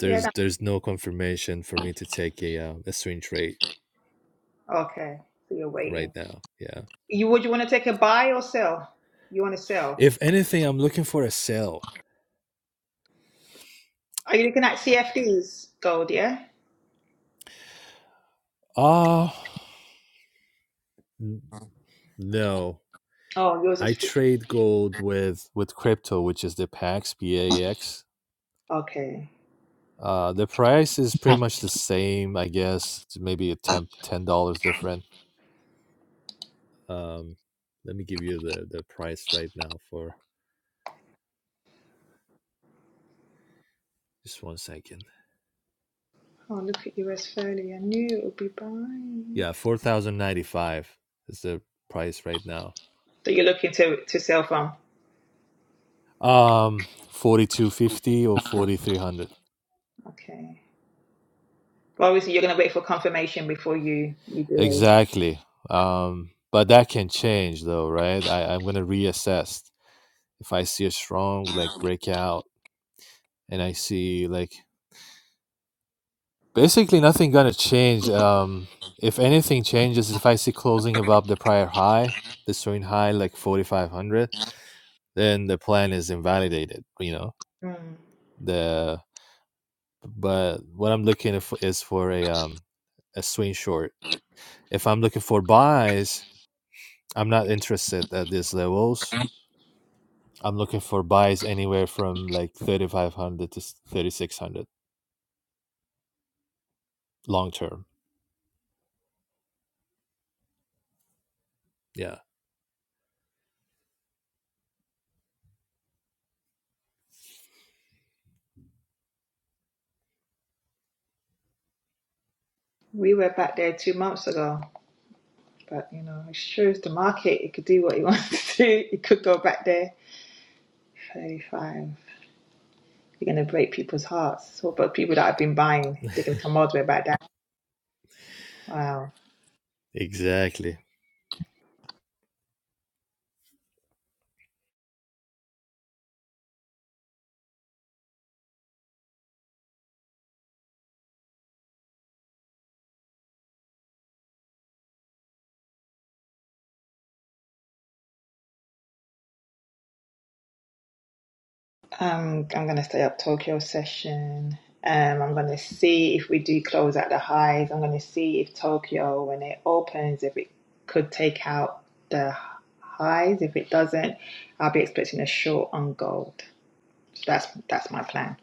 S10: there's
S11: Yeah,
S10: there's no confirmation for me to take a uh, a swing trade
S11: Okay, so you're
S10: right
S11: waiting.
S10: now. Yeah.
S11: You would you want to take a buy or sell? You want to sell?
S10: If anything, I'm looking for a sell.
S11: Are you looking at CFDs gold? Yeah.
S10: Ah, n- no.
S11: Oh, yours is
S10: I
S11: free.
S10: trade gold with with crypto, which is the PAX PAX.
S11: Okay.
S10: Uh, the price is pretty much the same, I guess. It's maybe a ten ten dollars different. Um, let me give you the the price right now for just one second.
S11: Oh, look at US fairly. I knew it would be buying.
S10: Yeah, four thousand ninety five is the price right now.
S11: So you're looking to to sell from?
S10: Um, forty two fifty or forty three hundred
S11: Okay. Well, obviously you're gonna wait for confirmation before you you do
S10: exactly. Um, but that can change though, right? I, I'm gonna reassess if I see a strong like breakout and I see like basically nothing gonna change. Um, if anything changes, if I see closing above the prior high, the swing high like forty five hundred, then the plan is invalidated. You know
S11: a. Hmm.
S10: the but what I'm looking for is for a um a swing short. If I'm looking for buys, I'm not interested at these levels. I'm looking for buys anywhere from like thirty five hundred to thirty six hundred long term. Yeah,
S11: We were back there two months ago, but you know it shows the market. It could do what it wants to do. It could go back there. Thirty-five. You're going to break people's hearts. So, but people that have been buying, they are gonna come all the way back down. Wow.
S10: exactly.
S11: Um, I'm going to stay up Tokyo session. Um, I'm going to see if we do close at the highs. I'm going to see if Tokyo, when it opens, if it could take out the highs. If it doesn't, I'll be expecting a short on gold. So that's that's my plan.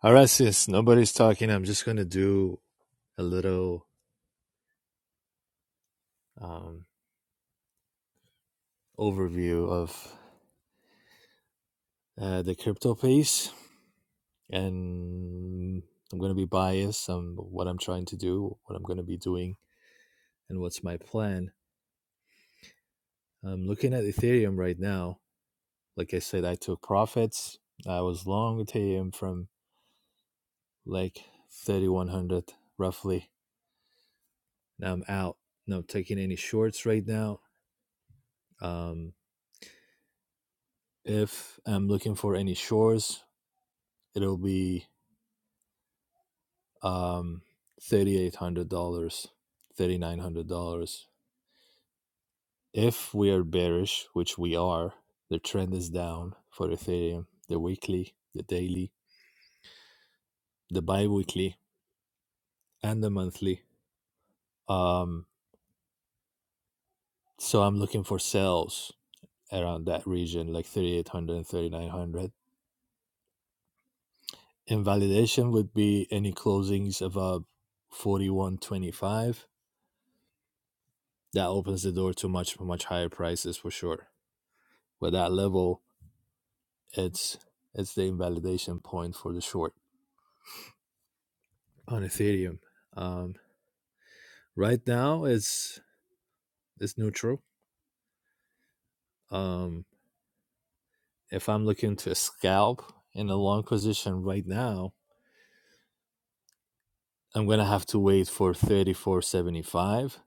S10: All right, sis. Nobody's talking. I'm just gonna do a little um, overview of uh, the crypto piece, and I'm gonna be biased on what I'm trying to do, what I'm gonna be doing, and what's my plan. I'm looking at Ethereum right now. Like I said, I took profits. I was long Ethereum from like 3100 roughly. Now I'm out. Not taking any shorts right now. Um, if I'm looking for any shorts, it'll be um $3800 $3900 if we are bearish which we are the trend is down for ethereum the weekly the daily the bi-weekly and the monthly um so i'm looking for sales around that region like thirty-eight hundred, and thirty-nine hundred. and 3900 invalidation would be any closings above 4125 that opens the door to much much higher prices for sure but that level it's it's the invalidation point for the short on ethereum um, right now it's it's neutral um, if i'm looking to scalp in a long position right now i'm gonna have to wait for 3475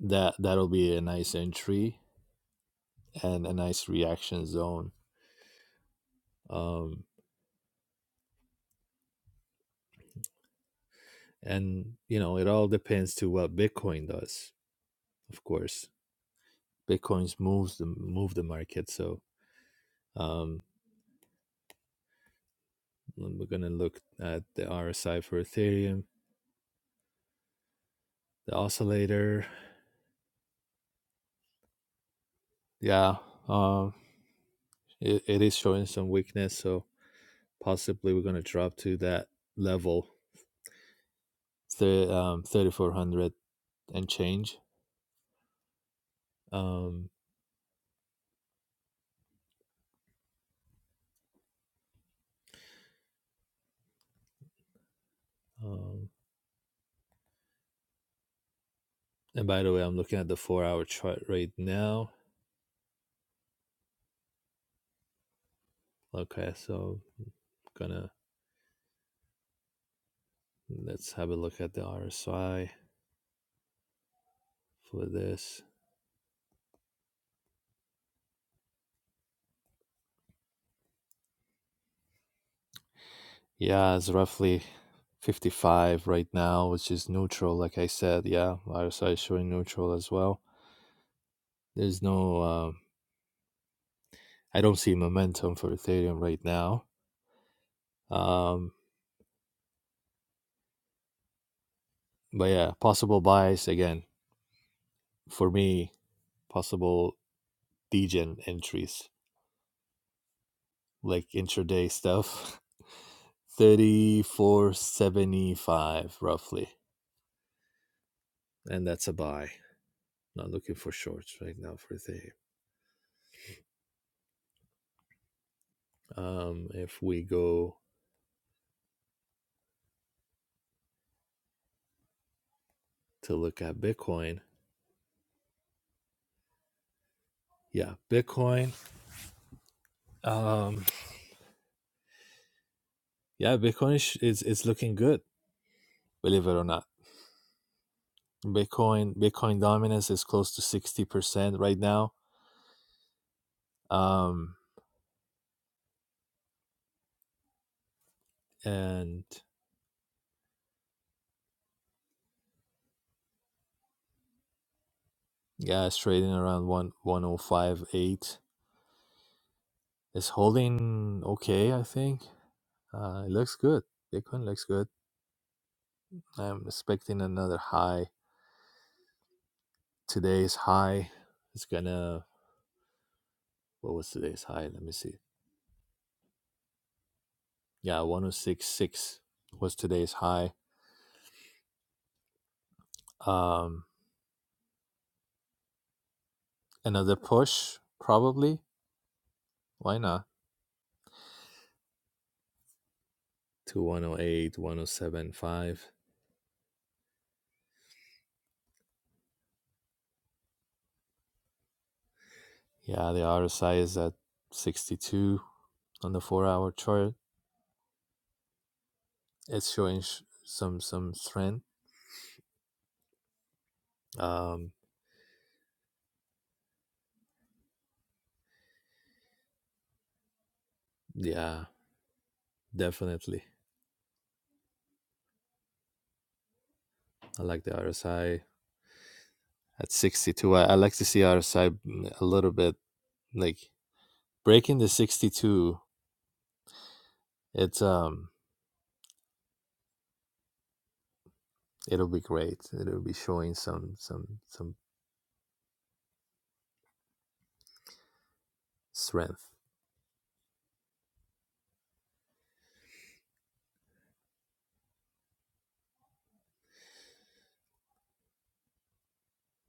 S10: that that'll be a nice entry and a nice reaction zone um, and you know it all depends to what bitcoin does of course bitcoin's moves the move the market so um, And we're gonna look at the RSI for Ethereum, the oscillator. Yeah, um, it, it is showing some weakness, so possibly we're gonna drop to that level, the um, 3400 and change. Um, um, and by the way, I'm looking at the four-hour chart right now. Okay, so I'm gonna let's have a look at the RSI for this. Yeah, it's roughly 55 right now, which is neutral. Like I said, yeah, RSI is showing neutral as well. There's no, um, I don't see momentum for Ethereum right now. Um, but yeah, possible buys again for me, possible degen entries like intraday stuff 3475 roughly, and that's a buy. Not looking for shorts right now for Ethereum. Um, if we go to look at Bitcoin, yeah bitcoin um yeah bitcoin is is, is looking good believe it or not bitcoin bitcoin dominance is close to 60% right now um and yeah it's trading around one one o five eight 1058 it's holding okay i think uh it looks good bitcoin looks good i'm expecting another high today's high is gonna what was today's high let me see yeah 1066 was today's high Um. Another push, probably. Why not? to 108, Yeah, the RSI is at 62 on the four-hour chart. It's showing sh- some some strength. Um, Yeah, definitely. I like the RSI. at 62, I, I like to see RSI a little bit like breaking the 62. It's um, it'll be great. It'll be showing some some some strength.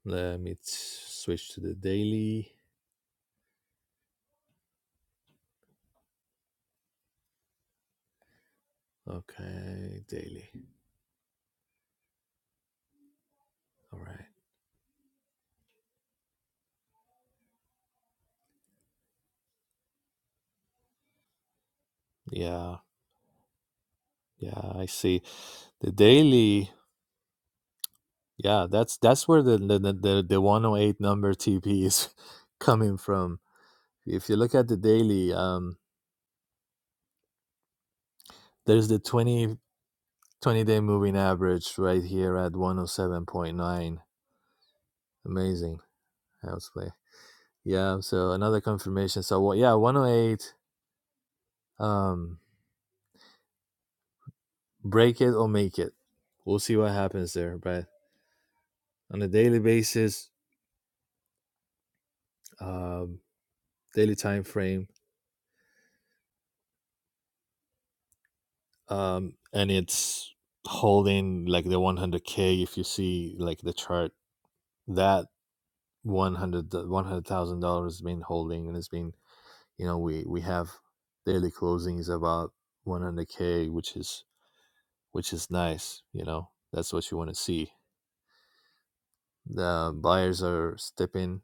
S10: Let me t- switch to the daily. Okay, daily. All right. Yeah, yeah, I see. The daily, yeah, that's that's where the the the, the the 108 number TP is coming from. If you look at the daily, um, there's the 20 20 day moving average right here at 107.9. Amazing. House play. Yeah, so another confirmation. So what? Yeah, 108. Um, break it or make it. We'll see what happens there, but on a daily basis. Um, daily time frame um, and it's holding like the 100k if you see like the chart that 100 100000 dollars has been holding and it's been you know we we have daily closings about 100k which is which is nice you know that's what you want to see the buyers are stepping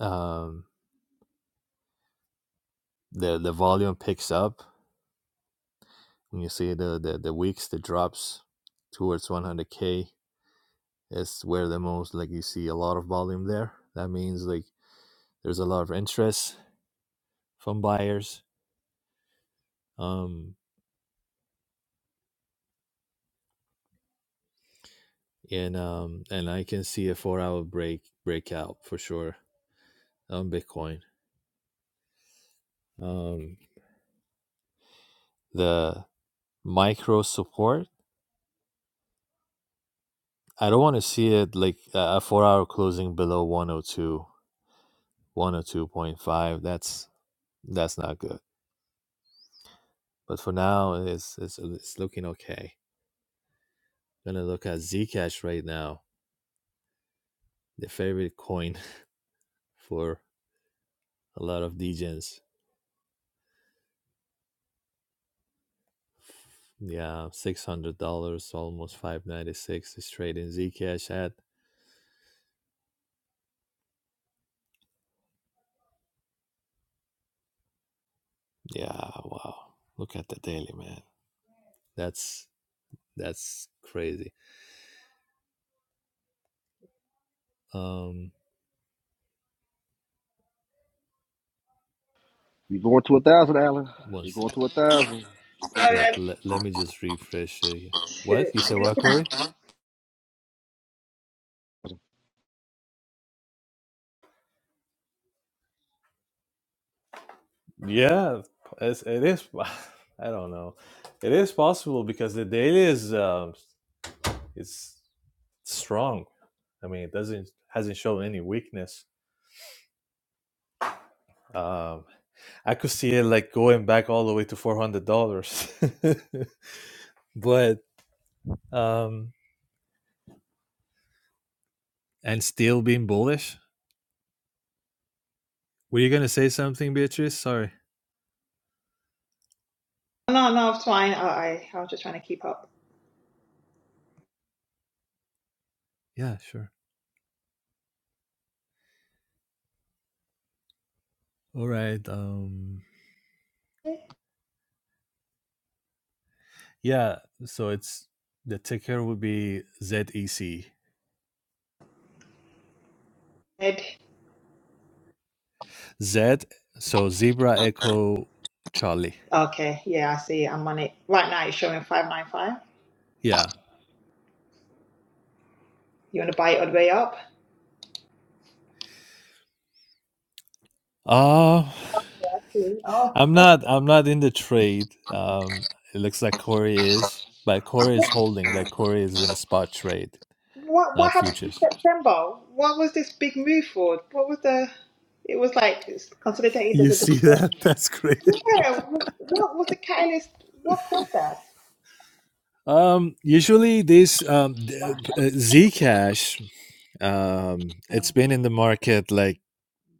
S10: um the the volume picks up when you see the the, the weeks the drops towards 100k It's where the most like you see a lot of volume there. That means like there's a lot of interest from buyers. Um and um and I can see a four hour break breakout for sure on Bitcoin. Um the micro support I don't want to see it like a four hour closing below one o two, one o two point five. That's that's not good. But for now, it's it's, it's looking okay. I'm Gonna look at Zcash right now, the favorite coin for a lot of DGens. Yeah, six hundred dollars, almost five ninety six straight in Zcash ad. Yeah, wow. Look at the daily man. That's that's crazy. Um,
S9: You going to a thousand, Allen? You
S10: once
S9: going to a thousand?
S10: yeah,
S11: Sorry,
S10: le- let me just refresh. Uh, what
S11: to-
S10: you said? What Corey? Yeah, it's, it is. I don't know. It is possible because the daily is um, it's strong. I mean, it doesn't hasn't shown any weakness. Um, I could see it like going back all the way to four hundred dollars, but um, and still being bullish. Were you gonna say something, Beatrice? Sorry.
S11: No, no, it's fine. I, I, I was just trying to keep up.
S10: Yeah, sure. All right. Um, yeah. So it's the ticker would be ZEC.
S11: Ed.
S10: Z. So zebra echo Charlie.
S11: Okay, yeah, I see. I'm on it. Right now it's showing 595.
S10: Yeah.
S11: You want to buy it all the way up?
S10: Uh
S11: Yeah, I see. Oh.
S10: I'm not. I'm not in the trade. Um, it looks like Corey is, but Corey is holding. Like Corey is in a spot trade
S11: What what
S10: not
S11: happened in
S10: futures.
S11: September? What was this big move for? What was the it was like it's consolidated
S10: You
S11: the, the,
S10: see
S11: the,
S10: that?
S11: the-
S10: That's great.
S11: Yeah, what was the catalyst? What caused that?
S10: Um, usually this um, uh, Zcash, um, it's been in the market like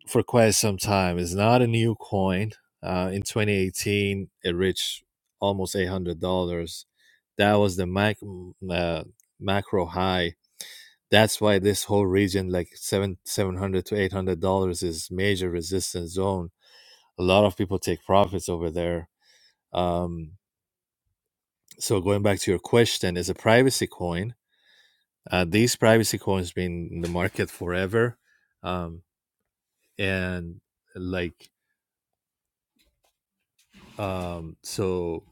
S10: for quite some time. It's not a new coin. Uh, in 2018, it reached almost $800. That was the mac- uh, macro high. That's why this whole region, like seven seven hundred to eight hundred dollars, is major resistance zone. A lot of people take profits over there. Um, So going back to your question, as a privacy coin, uh, these privacy coins been in the market forever, um, and like um, so.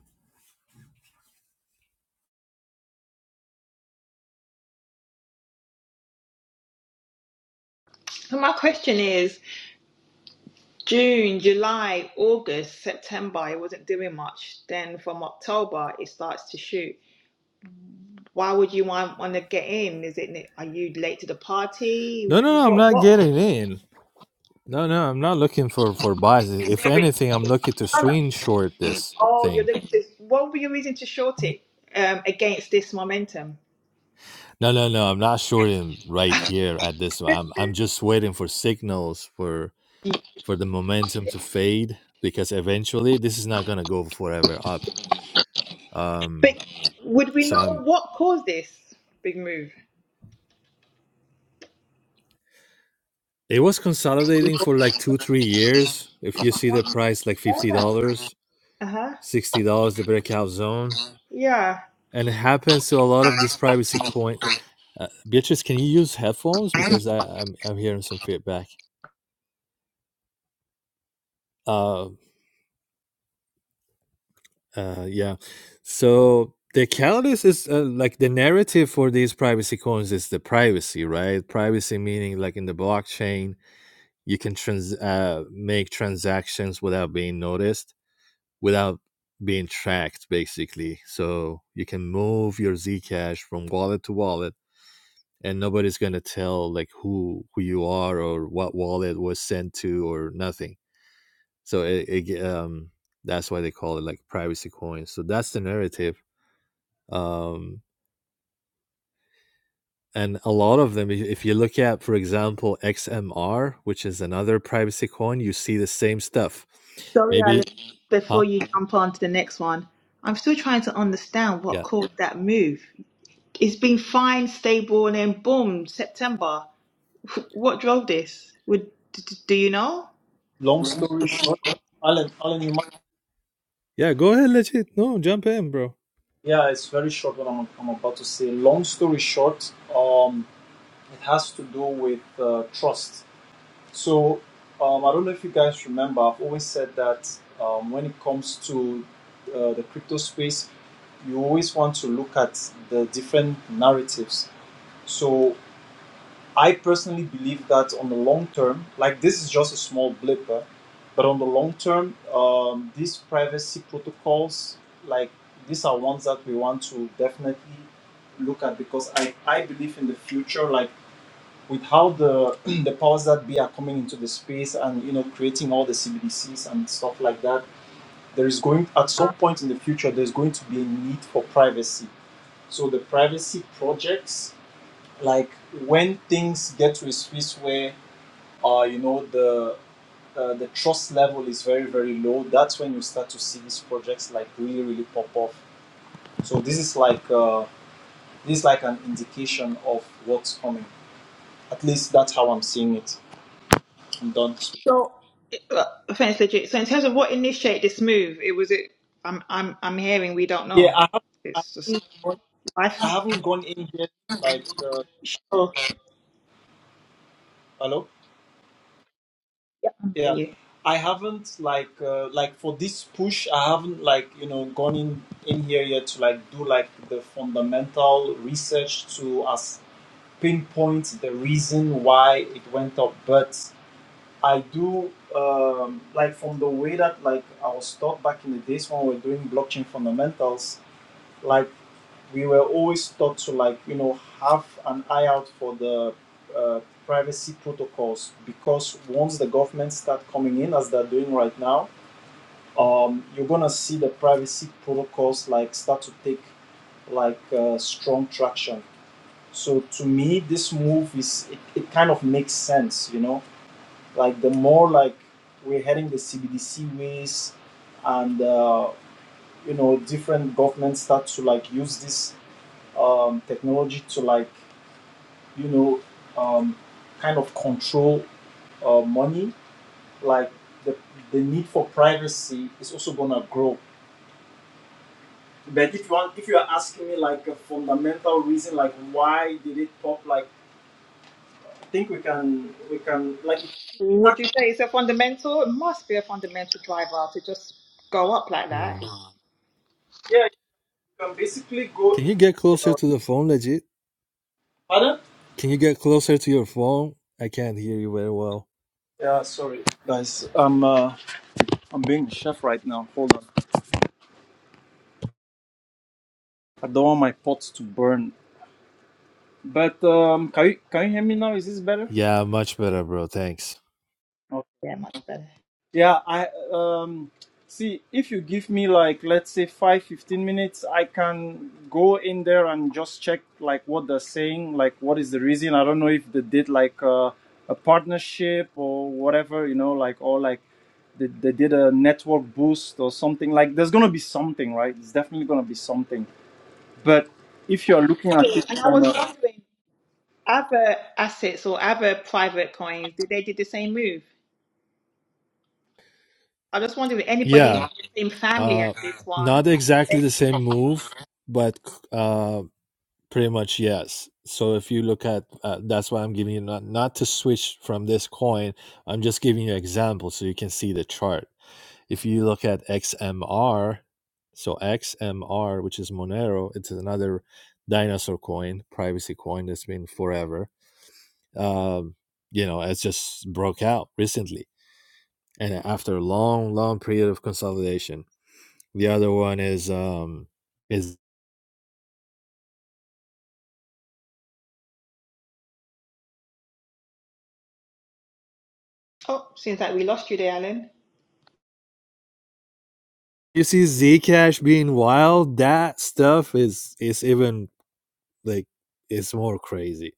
S11: So my question is June, July, August, September, it wasn't doing much. Then from October it starts to shoot. Why would you want want to get in? Is it are you late to the party?
S10: No, no, no, I'm
S11: What
S10: not
S11: what
S10: getting in. No, no, I'm not looking for for buys. If anything, I'm looking to swing short this
S11: Oh, you're
S10: thing.
S11: looking to, what would be your reason to short it um, against this momentum?
S10: No, no, no, I'm not shorting right here at this one. I'm I'm just waiting for signals for for the momentum to fade because eventually this is not gonna go forever up. Um,
S11: But would we
S10: so I'm
S11: know what caused this big move?
S10: It was consolidating for like two, three years. If you see the price, like $50, dollars,
S11: Uh huh.
S10: $60, the breakout zone.
S11: Yeah.
S10: And it happens to a lot of these privacy coin. Uh, Beatrice, can you use headphones? Because I, I'm, I'm hearing some feedback. Uh, uh, yeah. So the catalyst is uh, like the narrative for these privacy coins is the privacy, right? Privacy meaning like in the blockchain, you can trans- uh, make transactions without being noticed without being tracked basically. So you can move your Zcash from wallet to wallet and nobody's going to tell like who who you are or what wallet was sent to or nothing. So it, it um that's why they call it like privacy coins. So that's the narrative. Um and a lot of them if you look at for example XMR, which is another privacy coin, you see the same stuff.
S11: Sorry, Alan.
S10: Maybe
S11: Before
S10: huh?
S11: you jump on to the next one, I'm still trying to understand what
S10: Yeah.
S11: caused that move. It's been fine, stable, and then boom, September. What drove this? Would d- d- do you know?
S1: Long story short, Alan, Alan, you
S10: Yeah, go ahead legit. No, jump in, bro.
S1: Yeah, it's very short what I'm, I'm about to say. Long story short, um, it has to do with uh, trust. So, um, I don't know if you guys remember, I've always said that um, when it comes to uh, the crypto space, you always want to look at the different narratives. So, I personally believe that on the long term, like this is just a small blip, eh, but on the long term, um, these privacy protocols, like these are ones that we want to definitely look at because I, I believe in the future, like with how the the powers that be are coming into the space and you know creating all the CBDCs and stuff like that, there is going at some point in the future there's going to be a need for privacy. So the privacy projects like when things get to a space where uh, you know the uh, the trust level is very very low that's when you start to see these projects like really really pop off so this is like uh, this is like an indication of what's coming at least that's how i'm seeing it i'm done
S11: So Uh, Thanks, legit. So in terms of what initiated this move, it was it. I'm I'm I'm hearing we don't
S1: yeah
S11: know.
S1: i haven't i
S11: It's just
S1: haven't gone, I
S11: life's
S1: haven't gone in yet like uh,
S11: sure.
S1: hello Yeah,
S11: You.
S1: I haven't like uh, like for this push, I haven't like you know gone in in here yet to like do like the fundamental research to as pinpoint the reason why it went up. But I do um, like from the way that like I was taught back in the days when we were doing blockchain fundamentals like we were always taught to like you know have an eye out for the uh, privacy protocols because once the government start coming in as they're doing right now um, you're gonna see the privacy protocols like start to take like uh, strong traction so to me this move is it, it kind of makes sense you know like the more like we're heading the cbdc ways and uh, you know different governments start to like use this um, technology to like you know um, kind of control uh, money like the, the need for privacy is also gonna grow but if you want if you are asking me like a fundamental reason like why did it pop like i think we can we can like it,
S11: Would you say it's a fundamental? It must be a fundamental driver to just go up like
S10: Hmm.
S11: that.
S1: yeah you can basically go
S10: Can you get
S1: into
S10: closer
S1: uh,
S10: to the phone, legit?
S1: pardon
S10: Can you get closer to your phone? I can't hear you very well.
S1: yeah sorry guys i'm uh, i'm being the chef right now hold on i don't want my pots to burn but um can you can you hear me now is this better
S10: Yeah, much better, bro. Thanks.
S11: Yeah, much better.
S1: Yeah, I um see if you give me like let's say five, fifteen minutes, I can go in there and just check like what they're saying, like what is the reason. I don't know if they did like uh, a partnership or whatever, you know, like or like they, they did a network boost or something. Like there's gonna be something, right? It's definitely gonna be something. But if you're looking at
S11: Really?
S1: it
S11: And I
S1: from
S11: was
S1: a,
S11: wondering, other assets or other private coins, did they do the same move? I just wonder if anybody in
S10: Yeah,
S11: the same family as
S10: uh,
S11: this one.
S10: not exactly the same move, but uh, pretty much yes. So if you look at, uh, that's why I'm giving you not not to switch from this coin. I'm just giving you an example so you can see the chart. If you look at XMR, so XMR, which is Monero, it's another dinosaur coin, privacy coin that's been forever um, you know, it just broke out recently. And after a long, long period of consolidation, the other one is um, is
S11: Oh, seems like we lost you there, Alan.
S10: you see Zcash being wild. That stuff is is even like it's more crazy.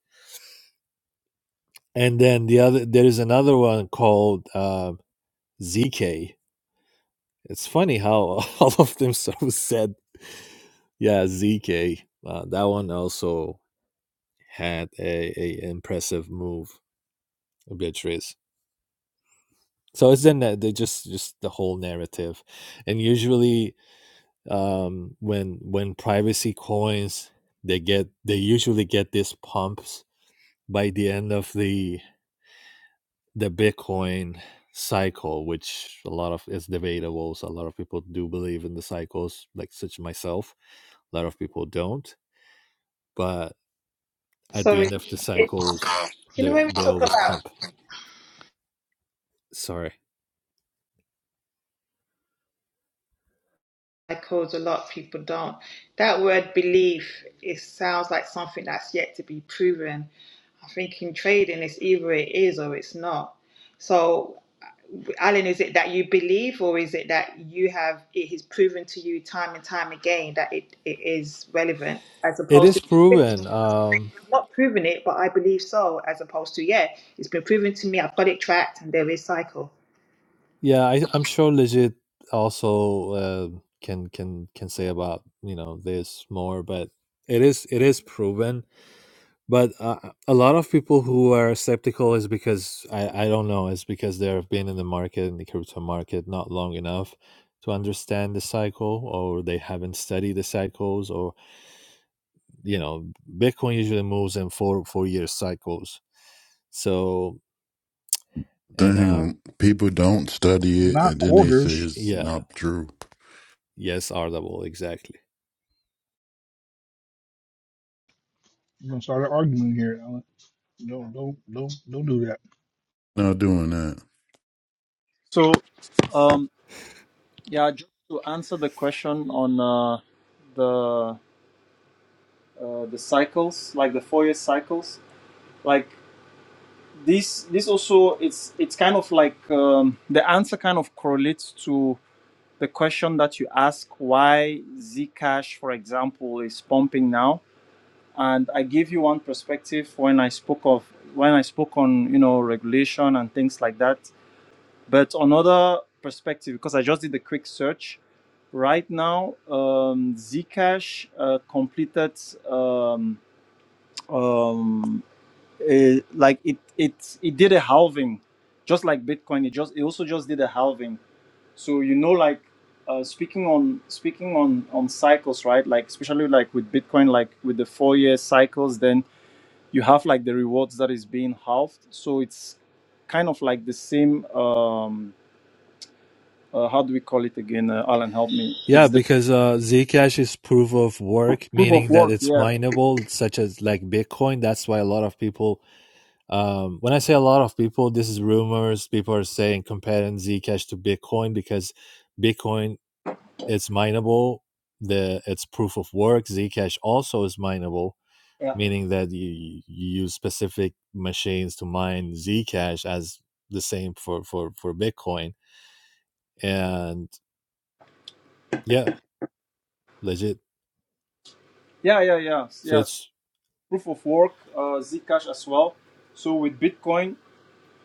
S10: And then the other there is another one called uh, ZK. It's funny how all of them sort of said, yeah, ZK. Uh, that one also had a, a impressive move, Beatrice. so it's in the, the just just the whole narrative and usually um when when privacy coins they get they usually get these pumps by the end of the the bitcoin cycle which a lot of is debatable so a lot of people do believe in the cycles like such myself a lot of people don't but at
S11: So
S10: the
S11: it,
S10: end of the
S11: it,
S10: cycles
S11: you know
S10: they
S11: when we
S10: they
S11: talk
S10: always
S11: about
S10: pump sorry
S11: codes, a lot of people don't. That word belief, it sounds like something that's yet to be proven. I think in trading, it's either it is or it's not. So Alan, is it that you believe, or is it that you have it has proven to you time and time again that it, it is relevant, as
S10: it
S11: opposed to
S10: is proven Um.
S11: "I've not proven it, but I believe so, as opposed to yeah, it's been proven to me, I've got it tracked, and there is cycle.
S10: Yeah, I, I'm sure Legit also uh, can can can say about you know this more, but it is it is proven. But uh, a lot of people who are skeptical is because I I don't know is because they have been in the market in the crypto market not long enough to understand the cycle, or they haven't studied the cycles, or you know Bitcoin usually moves in four four year cycles. So and um
S4: thing. People don't study it, and then they say it's
S10: yeah
S4: not true.
S10: yes R double exactly.
S4: Not doing that.
S1: so um yeah, just to answer the question on uh the uh, the cycles, like the Fourier cycles. Like this, this also it's it's kind of like um, the answer kind of correlates to the question that you ask why Zcash, for example, is pumping now. And I gave you one perspective when I spoke of when I spoke on you know regulation and things like that. But another perspective, because I just did a quick search, right now um, Zcash uh, completed um, um, uh, like it it it did a halving just like bitcoin it just it also just did a halving so you know like uh, speaking on speaking on on cycles right like especially like with bitcoin like with the four year cycles then you have like the rewards that is being halved so it's kind of like the same um uh, how do we call it again uh, alan help me
S10: Yeah,
S1: it's the
S10: because uh, Zcash is proof of work,
S1: proof of
S10: meaning that
S1: work
S10: it's
S1: yeah
S10: mineable, such as like Bitcoin. That's why a lot of people, um, when I say a lot of people, this is rumors. People are saying comparing Zcash to Bitcoin because Bitcoin it's mineable. The it's proof of work. Zcash also is mineable,
S1: yeah
S10: meaning that you, you use specific machines to mine Zcash as the same for for for Bitcoin. And yeah, legit.
S1: yeah yeah yeah
S10: So
S1: yeah so
S10: it's
S1: proof of work uh zcash as well so with bitcoin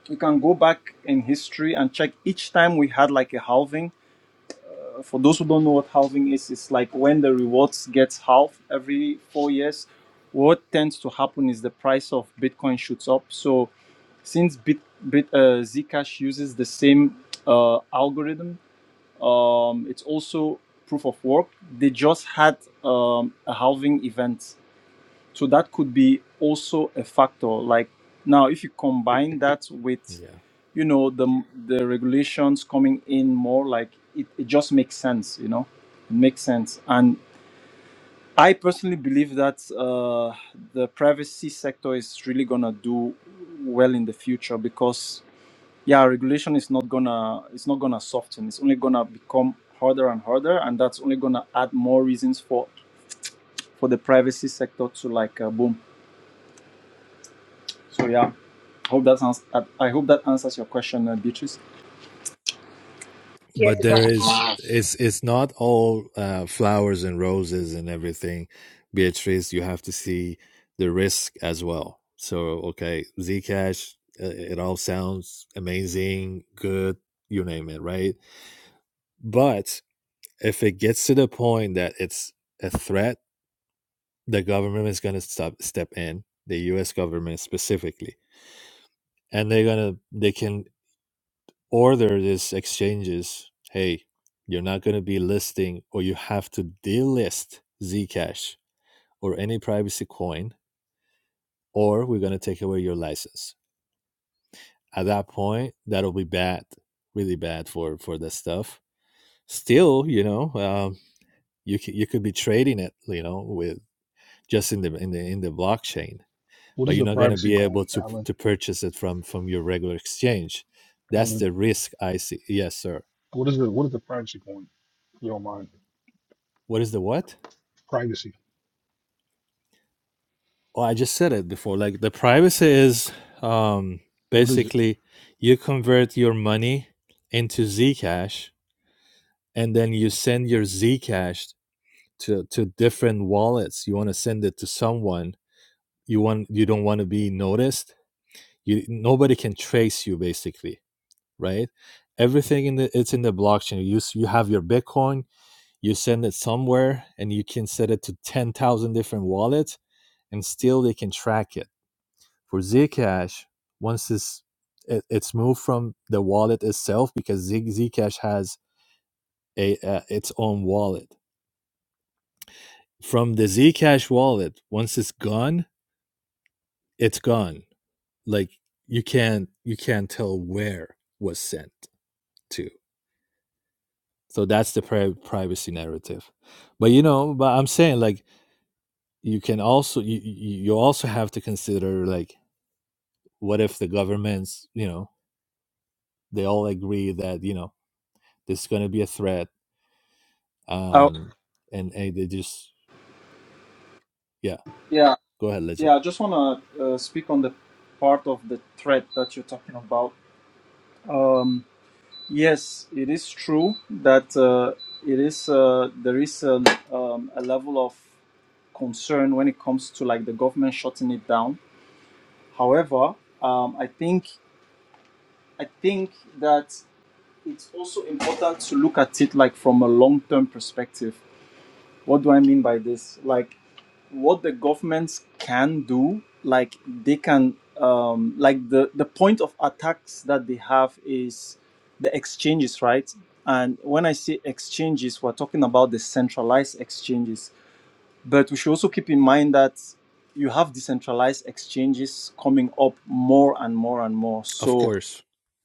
S1: We can go back in history and check each time we had like a halving. Uh, For those who don't know what halving is, it's like when the rewards gets halved every four years. What tends to happen is the price of Bitcoin shoots up. So since Bit, Bit uh, Zcash uses the same uh, algorithm, um, it's also proof of work. They just had um, a halving event so that could be also a factor. Like now, if you combine that with,
S10: yeah.
S1: you know, the the regulations coming in more, like it, it just makes sense. You know, it makes sense. And I personally believe that uh, the privacy sector is really gonna do well in the future because yeah, regulation is not gonna it's not gonna soften. It's only gonna become harder and harder, and that's only gonna add more reasons for for the privacy sector to like uh, boom. So yeah, hope that ans- I I hope that answers your question, uh, Beatrice.
S11: Yes,
S10: but
S11: it
S10: there is
S11: does.
S10: it's it's not all uh, flowers and roses and everything beatrice you have to see the risk as well so okay zcash uh, it all sounds amazing good you name it right but if it gets to the point that it's a threat the government is going to stop step in the us government specifically and they're going to they can order these exchanges. Hey, you're not going to be listing or you have to delist Zcash or any privacy coin, or we're going to take away your license. At that point, that'll be bad, really bad for for this stuff. Still, you know, um, you c- you could be trading it, you know, with just in the in the in the blockchain, but you're not going to be able to to purchase it from from your regular exchange. That's the risk I see. Yes, sir. What is the what? Well, I just said it before. Like the privacy is um, basically you convert your money into Zcash and then you send your Zcash to, to different wallets. You want to send it to someone. You want you don't want to be noticed. You nobody can trace you basically, right? Everything in the it's in the blockchain. You s- you have your Bitcoin. You send it somewhere, and you can set it to ten thousand different wallets, and still they can track it For Zcash, once this it, it's moved from the wallet itself because Z, Zcash has a uh, its own wallet. From the Zcash wallet, once it's gone, it's gone. Like you can't you can't tell where was sent to. So that's the pri- privacy narrative. But you know, but I'm saying like you can also you you you also have to consider like what if the governments you know they all agree that you know this is going to be a threat
S1: Oh
S10: Um, and hey, they just yeah.
S1: yeah,
S10: Go ahead, legend.
S1: yeah. I just wanna uh, speak on the part of the threat that you're talking about. Um, yes, it is true that uh, it is uh, there is a, um, a level of concern when it comes to like the government shutting it down. However, um, I think I think that it's also important to look at it like from a long-term perspective What do I mean by this? Like, what the governments can do, like they can, um, like the the point of attacks that they have is the exchanges, right? And when I say exchanges, we're talking about the centralized exchanges. But we should also keep in mind that you have decentralized exchanges coming up more and more and more.
S10: Of
S1: So
S10: course.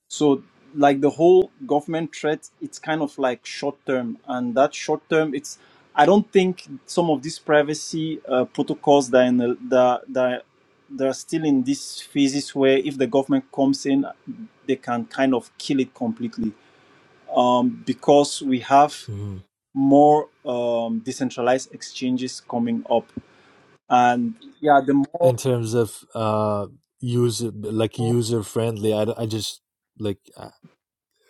S1: so, like the whole government threat, it's kind of like short term, and that short term, it's I don't think some of these privacy uh, protocols that are, in the, that, that that are still in this phases where if the government comes in, they can kind of kill it completely um, because we have
S10: hmm
S1: more um, decentralized exchanges coming up, and yeah, the more,
S10: In terms of uh user like user friendly, I, I just like uh,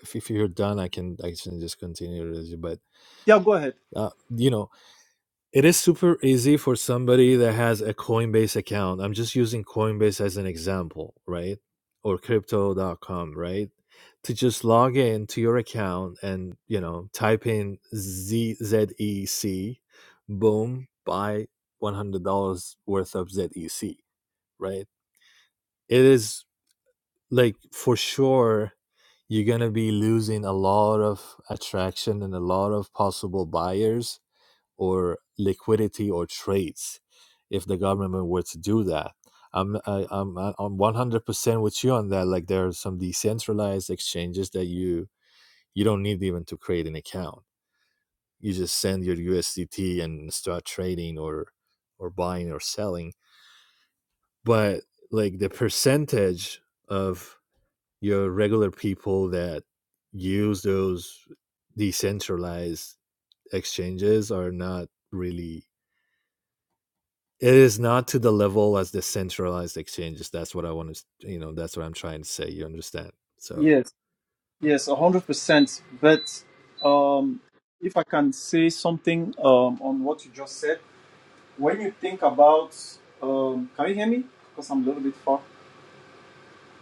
S10: if, if you're done, I can I can just continue, Legend. But
S1: yeah, go ahead.
S10: uh, you know, It is super easy for somebody that has a Coinbase account. I'm just using Coinbase as an example, right? Or crypto.com, right? To just log in to your account and, you know, type in ZZEC, boom, buy $100 worth of ZEC, right? It is like for sure you're going to be losing a lot of attraction and a lot of possible buyers or liquidity or trades if the government were to do that. I'm I, I'm I'm 100% with you on that. Like there are some decentralized exchanges that you you don't need even to create an account. You just send your USDT and start trading or or buying or selling. But like the percentage of your regular people that use those decentralized exchanges are not really it is not to the level as the centralized exchanges that's what i want to you know that's what i'm trying to say you understand so
S1: Yes, one hundred percent. But um, if I can say something um, on what you just said, when you think about, um, can you hear me? Because I'm a little bit far.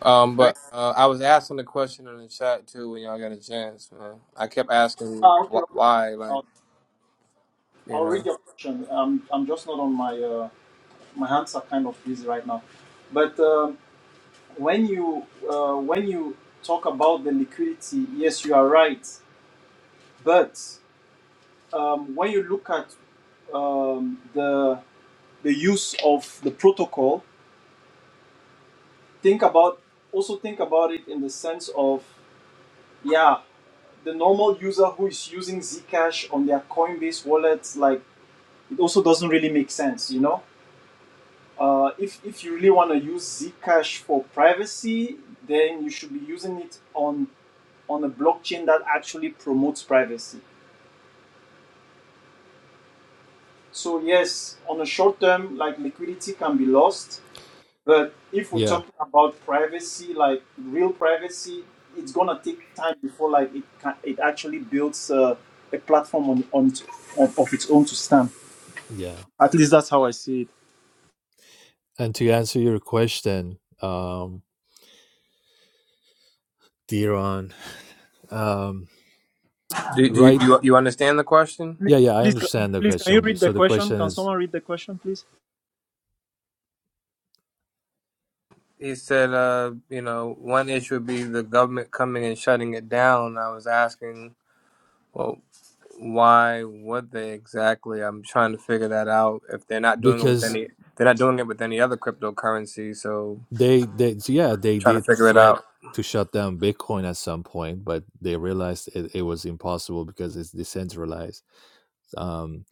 S12: Um,
S1: Can you?
S12: but uh, I was asking the question in the chat too when y'all got a chance. Man. I kept asking
S1: Ah, okay,
S12: wh-
S1: okay.
S12: why, like
S1: I'll,
S12: you
S1: I'll read
S12: know,
S1: your question. I'm, I'm just not on my uh, my hands are kind of busy right now. But um, when you uh, when you talk about the liquidity, yes, you are right. But um, when you look at um, the the use of the protocol think about also think about it in the sense of yeah the normal user who is using zcash on their coinbase wallet like it also doesn't really make sense you know uh, if, if you really want to use zcash for privacy then you should be using it on on a blockchain that actually promotes privacy so yes on the short term like liquidity can be lost But if we're
S10: yeah
S1: talking about privacy, like real privacy, it's gonna take time before like it can, it actually builds uh, a platform on, on on of its own to stand.
S10: yeah
S1: At least that's how I see it.
S10: and to answer your question um Diron, um
S12: do, do you
S10: right
S12: you you understand the question?
S10: yeah yeah i
S1: Please,
S10: understand the
S1: please, can you
S10: question
S1: read the
S10: so the
S1: question?
S10: question
S1: Can
S10: is
S1: someone read the question, please?
S12: He said, uh, you know, one issue would be the government coming and shutting it down. I was asking, well, why would they exactly? I'm trying to figure that out. If they're not doing it with
S10: because
S12: any, they're not doing it with any other cryptocurrency. So
S10: they they so yeah they
S12: trying to
S10: did
S12: figure it
S10: threat
S12: out.
S10: to shut down bitcoin at some point but they realized it, it was impossible because it's decentralized um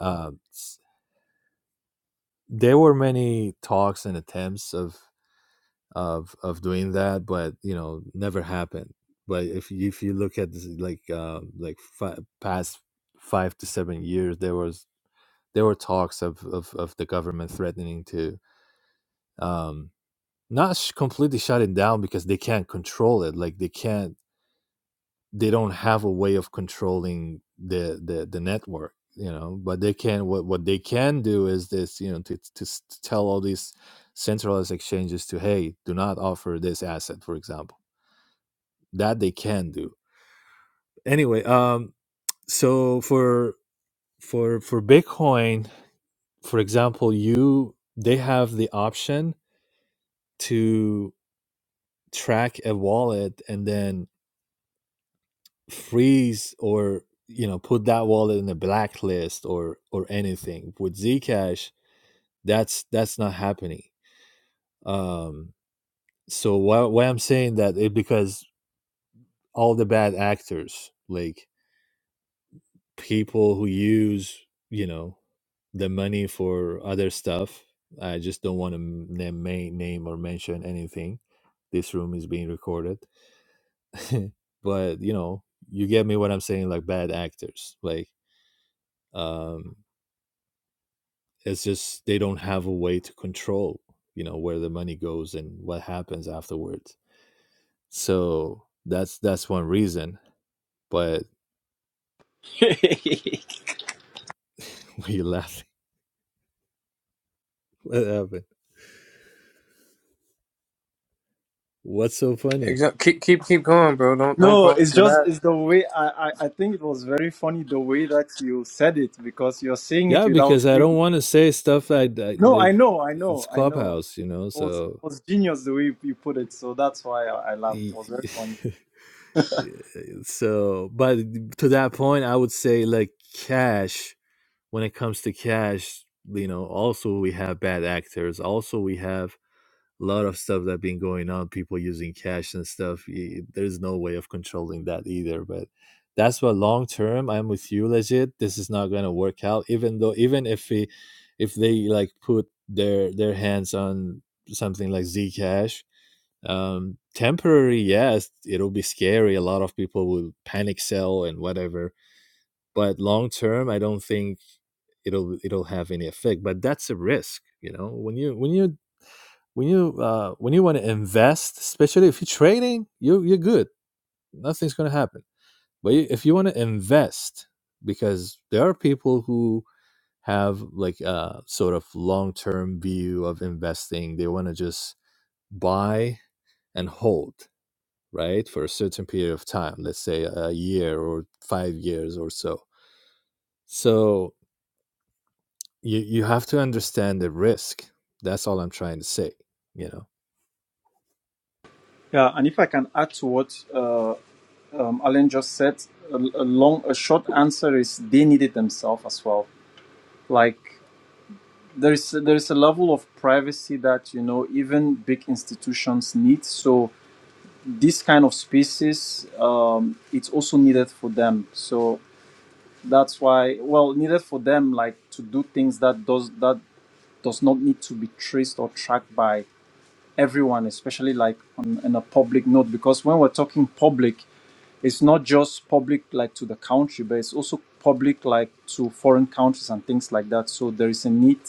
S10: uh, there were many talks and attempts of of of doing that but you know never happened but if you, if you look at this, like uh, like fi- past 5 to 7 years there was there were talks of of, of the government threatening to um not sh- completely shut it down because they can't control it like they can't they don't have a way of controlling the the, the network you know but they can what what they can do is this you know to, to s- to tell all these centralized exchanges to hey do not offer this asset for example That they can do. Anyway, um, so for for for Bitcoin, for example, you they have the option to track a wallet and then freeze or you know put that wallet in a blacklist or or anything. With Zcash, that's that's not happening. Um, so why why I'm saying that is because all the bad actors like people who use you know the money for other stuff i just don't want to name name or mention anything this room is being recorded but you know you get me what i'm saying like bad actors like um it's just they don't have a way to control you know where the money goes and what happens afterwards so that's that's one reason but what you laughing what happened what's so funny
S12: Exa- Keep keep keep going, bro. Don't don't
S1: No,
S12: pause
S1: it's
S12: for
S1: just
S12: that.
S1: it's the way I, I I think it was very funny the way that you said it because you're saying it
S10: Yeah,
S1: without
S10: because I
S1: saying
S10: don't
S1: it.
S10: want to say stuff that, that
S1: No, I
S10: like
S1: know, I
S10: it's
S1: know, I know.
S10: clubhouse, you know.
S1: It was it
S10: So,
S1: was genius the way you put it, so that's why I, I laughed. It
S10: y-
S1: was very funny.
S10: so, but to that point, I would say like cash. When it comes to cash, you know, also we have bad actors. Also, we have a lot of stuff that been going on people using cash and stuff y- there's no way of controlling that either but that's what long term i'm with you legit this is not going to work out even though even if we if they like put their their hands on something like zcash um temporary yes it'll be scary a lot of people will panic sell and whatever but long term i don't think it'll it'll have any effect but that's a risk you know when you when you when you uh, when you want to invest, especially if you're trading, you you're good. Nothing's going to happen. But if you want to invest, because there are people who have like a sort of long term view of investing, they want to just buy and hold, right, for a certain period of time. Let's say a year or five years or so. So you you have to understand the risk that's all i'm trying to say you know
S1: Yeah, and if I can add to what uh, um, Alan just said, a, a long, a short answer is they need it themselves as well. Like there is there is a level of privacy that you know even big institutions need. So this kind of spaces, um, it's also needed for them. So that's why, well, needed for them like to do things that does that does not need to be traced or tracked by everyone, especially like on, on a public note. Because when we're talking public it's not just public like to the country but it's also public like to foreign countries and things like that so there is a need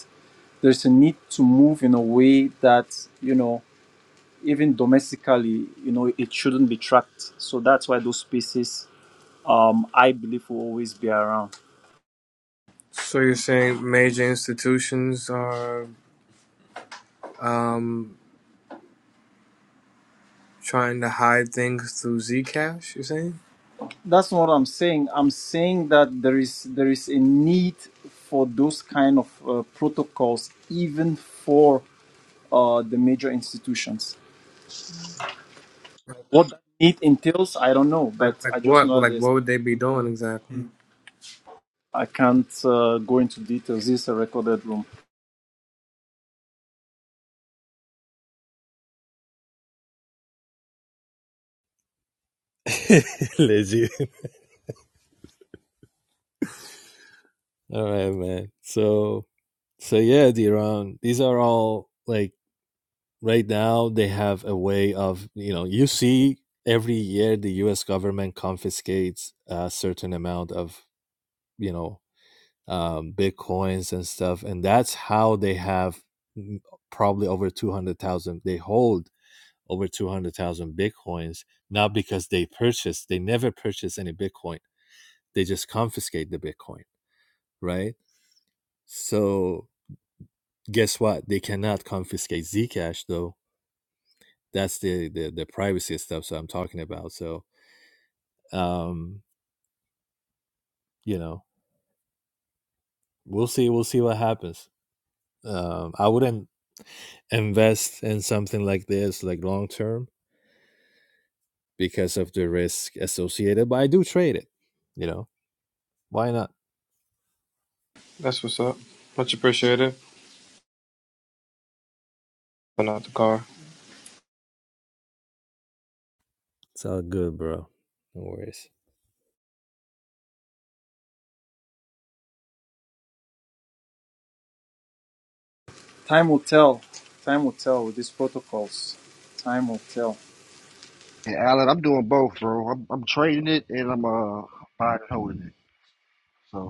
S1: there's a need to move in a way that you know even domestically you know it shouldn't be tracked so that's why those spaces um, i believe will always be around
S12: So you're saying major institutions are um, trying to hide things through Zcash? You're saying
S1: that's not what i'm saying i'm saying that there is there is a need for those kind of uh, protocols even for uh, the major institutions What that need entails, I don't know,
S12: like
S1: but
S12: like
S1: I just
S12: what?
S1: know
S12: Well, Like
S1: this.
S12: what would they be doing exactly?
S1: I can't uh, go into details. This is a recorded room.
S10: lazy all right man so so yeah the these are all like right now they have a way of you know you see every year the us government confiscates a certain amount of you know um, bitcoins and stuff, and that's how they have mm, probably over two hundred thousand. They hold over two hundred thousand bitcoins, not because they purchased. They never purchase any bitcoin. They just confiscate the bitcoin, right? So guess what? They cannot confiscate Zcash though. That's the the, the privacy stuff. So I'm talking about. So um, you know, we'll see. We'll see what happens. Um, I wouldn't invest in something like this like long term because of the risk associated, but I do trade it. You know, why not?
S12: That's what's up. Much appreciated. But not the car.
S10: It's all good, bro. No worries.
S1: Time will tell. Time will tell with these protocols. Time will tell.
S9: And Allen, I'm doing both, bro. I'm, I'm trading it and I'm uh buying and holding it. So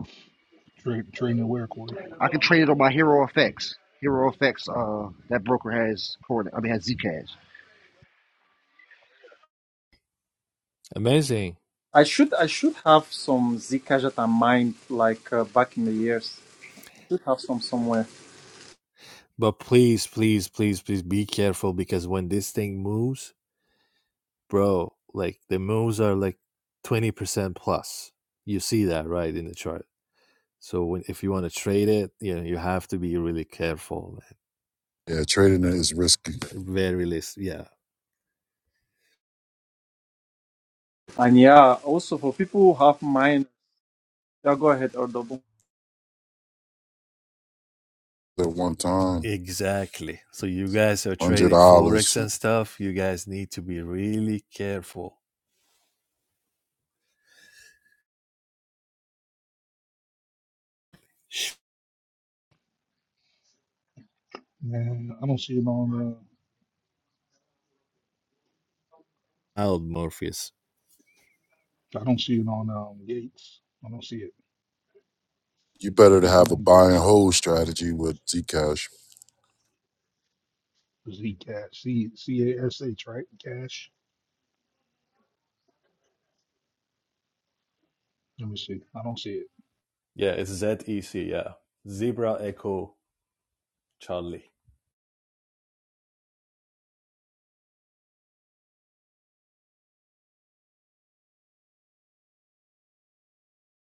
S9: I can trade it on my Hero FX. Hero FX, uh, that broker has Cornet. I mean, has Zcash.
S10: Amazing.
S1: I should I should have some Zcash that I mined like uh, back in the years. Should have some somewhere.
S10: But please, please, please, please be careful because when this thing moves, bro, like the moves are like 20% plus. You see that right in the chart. So when, if you want to trade it, you know, you have to be really careful.
S4: Yeah, trading it is risky.
S10: Man. Very least, yeah.
S1: And yeah, also for people who have mine, yeah, go ahead or
S4: At one time,
S10: Exactly. So you guys are
S4: hundred
S10: trading forex
S4: dollars.
S10: and stuff. You guys need to be really careful. Harold Morpheus.
S4: You better to have a buy and hold strategy with Zcash.
S10: Yeah, it's Z E C. Yeah, Zebra Echo Charlie.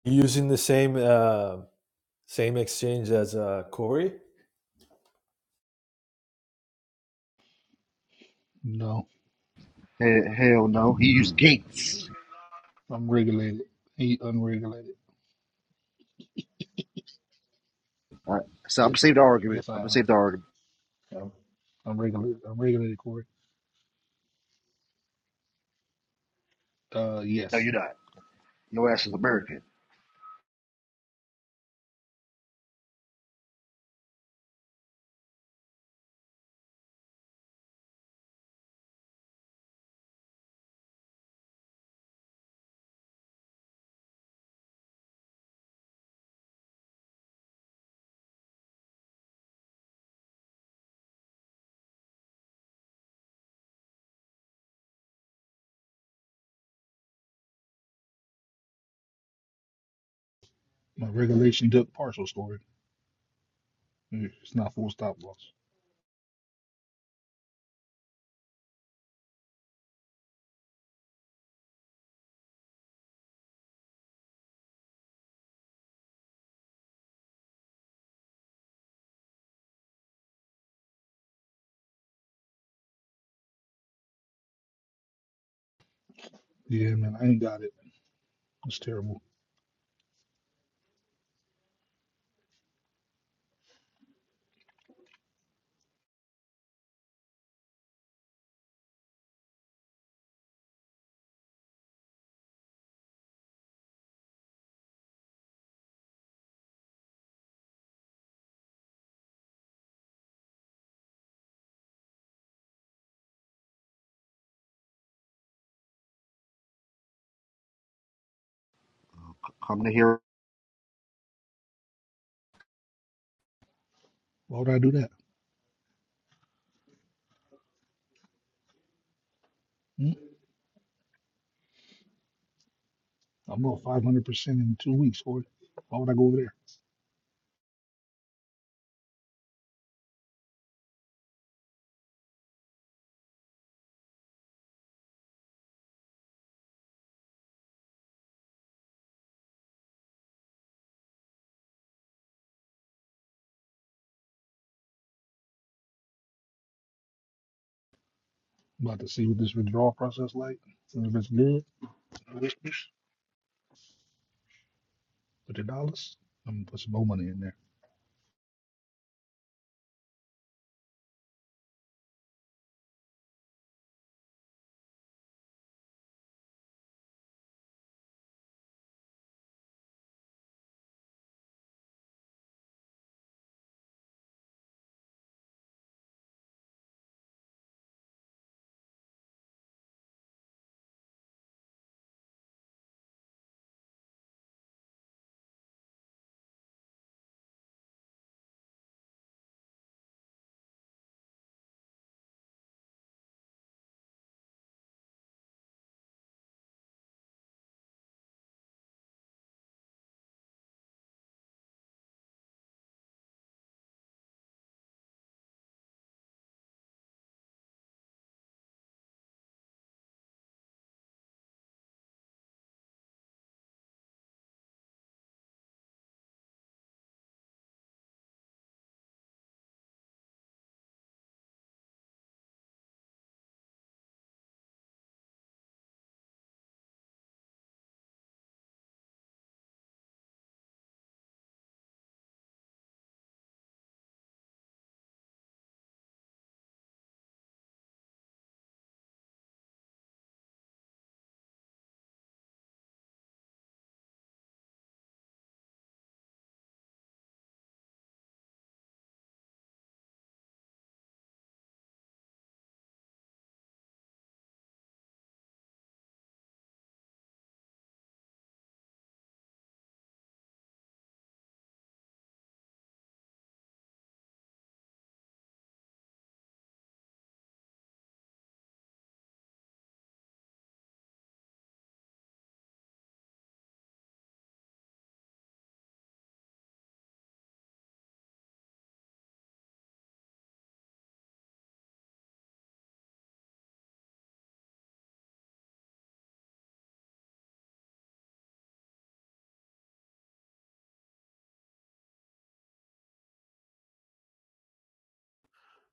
S10: Using the same uh, same exchange as uh, Corey,
S9: Hell, hell no, he used Gates. All right, so I'm gonna save the argument. I'm gonna save the argument. No, you're not. Your ass is American. Come to Hero.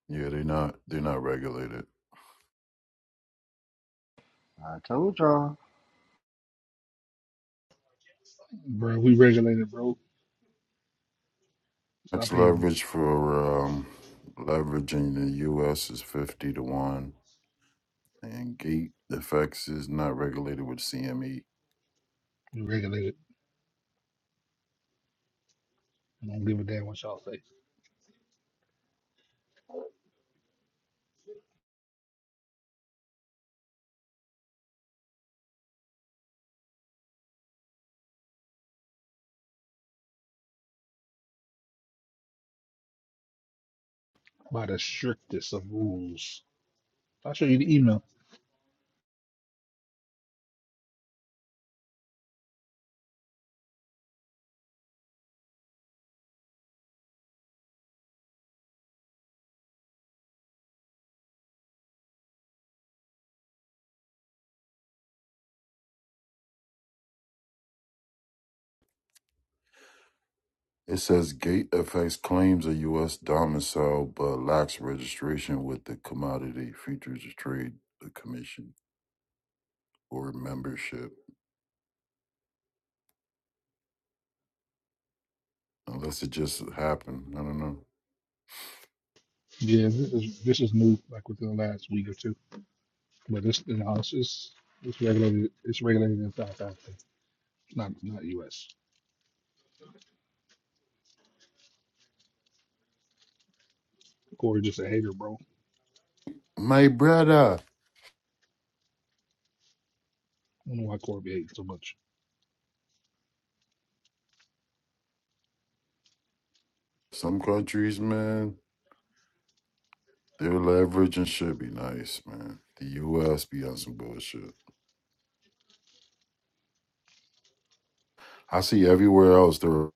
S4: Yeah, they're not. They're not regulated.
S9: I told y'all
S4: Max leverage for um, leverage the U.S. is fifty to one, and gate effects is not regulated with CME. It says GateFX claims a U.S. domicile but lacks registration with the Commodity Futures Trade Commission or membership, unless it just happened. I don't know. My brother, some countries, man, their leverage and shit be nice, man. The U.S. be on some bullshit. I see everywhere else there.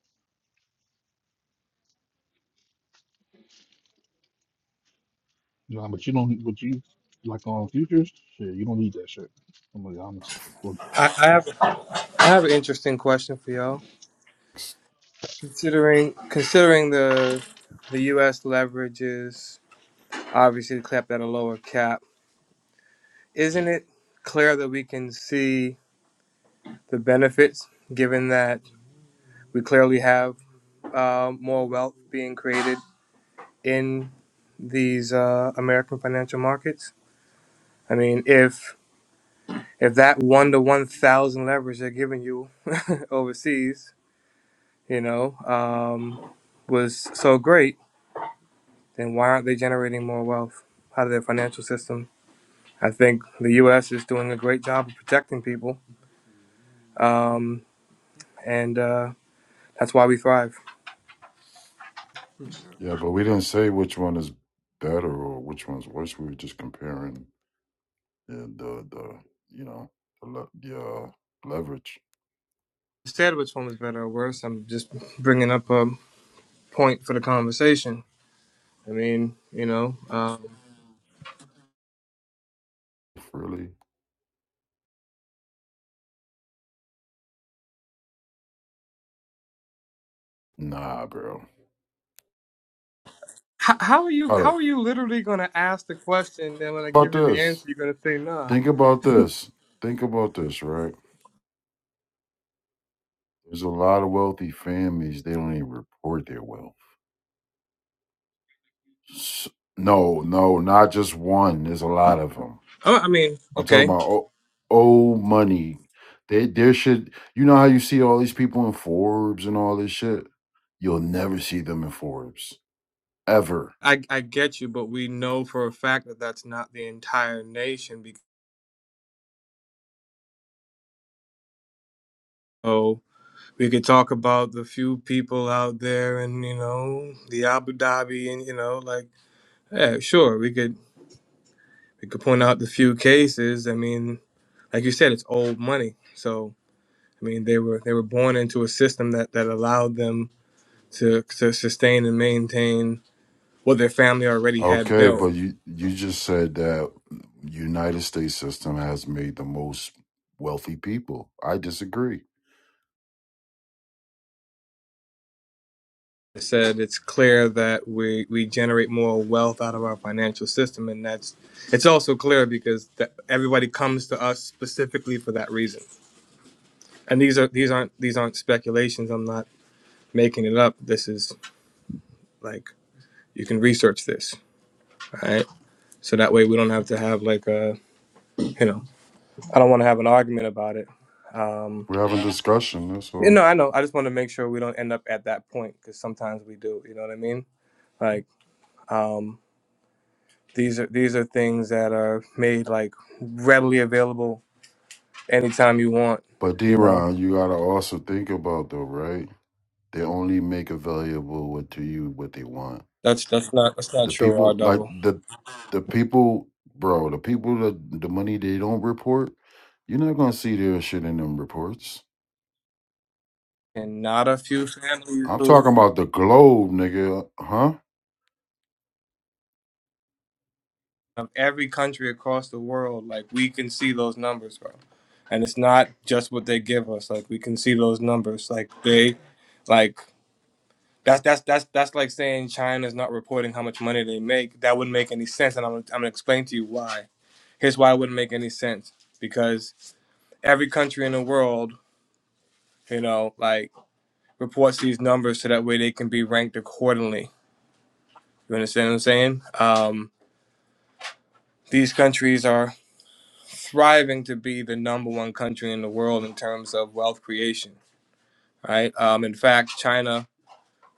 S12: I, I have I have an interesting question for y'all. Considering considering the the U.S. leverages obviously capped at a lower cap, isn't it clear that we can see the benefits given that we clearly have uh, more wealth being created in these uh, American financial markets. I mean, if if that one to one thousand leverage they're giving you overseas, you know, um, was so great, then why aren't they generating more wealth out of their financial system? I think the U.S. is doing a great job of protecting people, um, and uh, that's why we thrive.
S4: Yeah, but we didn't say which one is better or which one's worse. We were just comparing the the, the you know the le- the uh, leverage.
S12: Instead, which one was better or worse? I'm just bringing up a point for the conversation. I mean, you know. Um,
S4: Really? Nah, bro.
S12: How, how are you?
S4: About
S12: How
S4: it.
S12: are you literally going to ask the question? Then when I
S4: About
S12: give you the
S4: this.
S12: answer, you're going to say nah.
S4: Think about this. Think about this, right? There's a lot of wealthy families. They don't even report their wealth. S- no, no, not just one. There's a lot of them.
S12: Oh, I mean,
S4: I'm talking
S12: okay,
S4: about old, old money. They there should. You know how you see all these people in Forbes and all this shit. You'll never see them in Forbes ever.
S12: I I get you, but we know for a fact that that's not the entire nation. Because oh, we could talk about the few people out there, and you know, the Abu Dhabi, and you know, like yeah, sure, we could we could point out the few cases. I mean, like you said, it's old money. So I mean, they were they were born into a system that that allowed them to to sustain and maintain. what their family already had
S4: Okay,
S12: built.
S4: but you you just said that United States system has made the most wealthy people. I disagree.
S12: It said it's clear that we, we generate more wealth out of our financial system, and that's it's also clear because that everybody comes to us specifically for that reason. And these are these aren't these aren't speculations. I'm not making it up. This is like you can research this, all right? So that way we don't have to have like a you know I don't want to have an argument about it. Um,
S4: We're having discussion, that's
S12: you
S4: all.
S12: know, I know. I just want to make sure we don't end up at that point because sometimes we do. You know what I mean? Like, um, These are these are things that are made like readily available anytime you want.
S4: But D
S12: You know,
S4: Ron, you gotta also think about though, right? They only make available what to you what they want.
S12: that's that's not that's not
S4: The
S12: true. R
S4: people like
S12: double
S4: the the people bro, the people that the money they don't report, you're not gonna see their shit in them reports.
S12: and not a few families
S4: I'm talking
S12: who
S4: about the globe, nigga, huh?
S12: of every country across the world. Like we can see those numbers, bro. And it's not just what they give us. Like we can see those numbers. Like they, like that's that's that's that's like saying China's not reporting how much money they make. That wouldn't make any sense, and I'm gonna- I'm gonna explain to you why. Here's why it wouldn't make any sense because every country in the world, you know, like reports these numbers so that way they can be ranked accordingly. You understand what I'm saying? Um, these countries are thriving to be the number one country in the world in terms of wealth creation, right? Um, in fact, China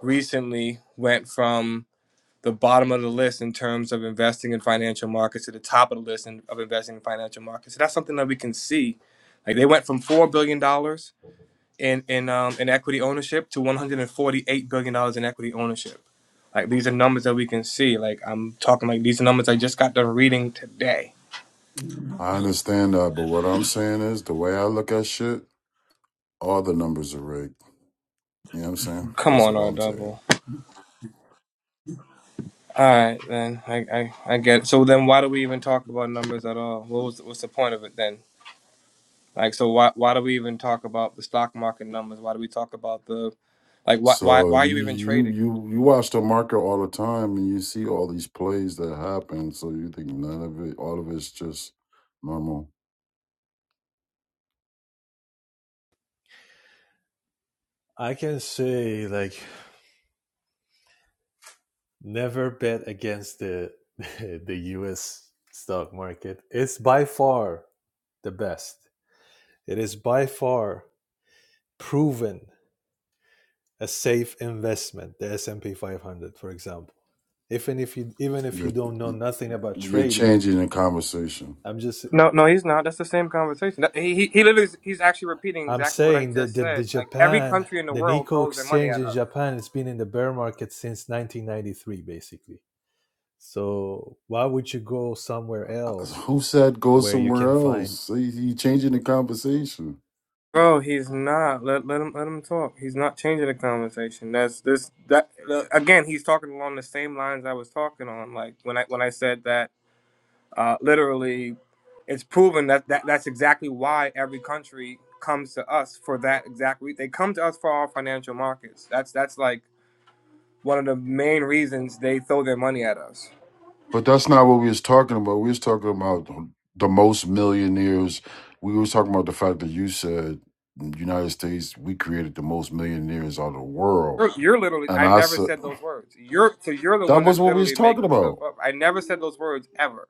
S12: recently went from the bottom of the list in terms of investing in financial markets to the top of the list in, of investing in financial markets. So that's something that we can see. Like they went from $4 billion dollars in in um in equity ownership to 148 billion dollars in equity ownership. Like these are numbers that we can see. Like I'm talking like these are numbers I just got done reading today.
S4: I understand that, but what I'm saying is the way I look at shit, all the numbers are rigged. You know what I'm saying?
S12: Come
S4: That's
S12: on,
S4: what
S12: R
S4: I'm saying.
S12: double. All right, then I, I I get. It. So then why do we even talk about numbers at all? What was what's the point of it then? Like so why why do we even talk about the stock market numbers? Why do we talk about the like why why
S4: So
S12: why are
S4: you
S12: you even
S4: you
S12: trading?
S4: you you watch the market all the time and you see all these plays that happen. So you think none of it, all of it's just normal.
S10: I can say like never bet against the the U.S. stock market. It's by far the best. It is by far proven a safe investment. The S and P 500, for example. Even if you even if you
S4: You're
S10: don't know
S4: you-
S10: nothing about
S4: are you are
S10: trading,
S4: changing the conversation.
S10: I'm just
S12: No, no, he's not. That's the same conversation. That- He, he, he literally, he's actually repeating
S10: I'm
S12: exactly what I
S10: saying that
S12: just
S10: the, the
S12: said. Like every
S10: Japan,
S12: country in the
S10: the
S12: world
S10: Nikko
S12: throws their money
S10: exchange
S12: at
S10: in
S12: us.
S10: Japan, it's been in the bear market since 1993, basically. So why would you go somewhere
S4: Uh,
S10: else
S4: Who said go
S10: where you
S4: somewhere
S10: can find?
S4: else? See, you changing the conversation.
S12: Bro, he's not. Let let him let him talk. He's not changing the conversation. That's this that uh, again. He's talking along the same lines I was talking on. Like when I when I said that, uh, literally, it's proven that, that that's exactly why every country comes to us for that exact reason. They come to us for our financial markets. That's that's like one of the main reasons they throw their money at us.
S4: But that's not what we was talking about. We was talking about the most millionaires. We was talking about the fact that you said in the United States we created the most millionaires out of the world,
S12: You're, you're literally.
S4: and
S12: I
S4: I
S12: never
S4: said
S12: said those words. You're so you're the
S4: that
S12: one
S4: was
S12: that's
S4: what we was
S12: literally
S4: talking
S12: making stuff
S4: about.
S12: up. I never said those words ever.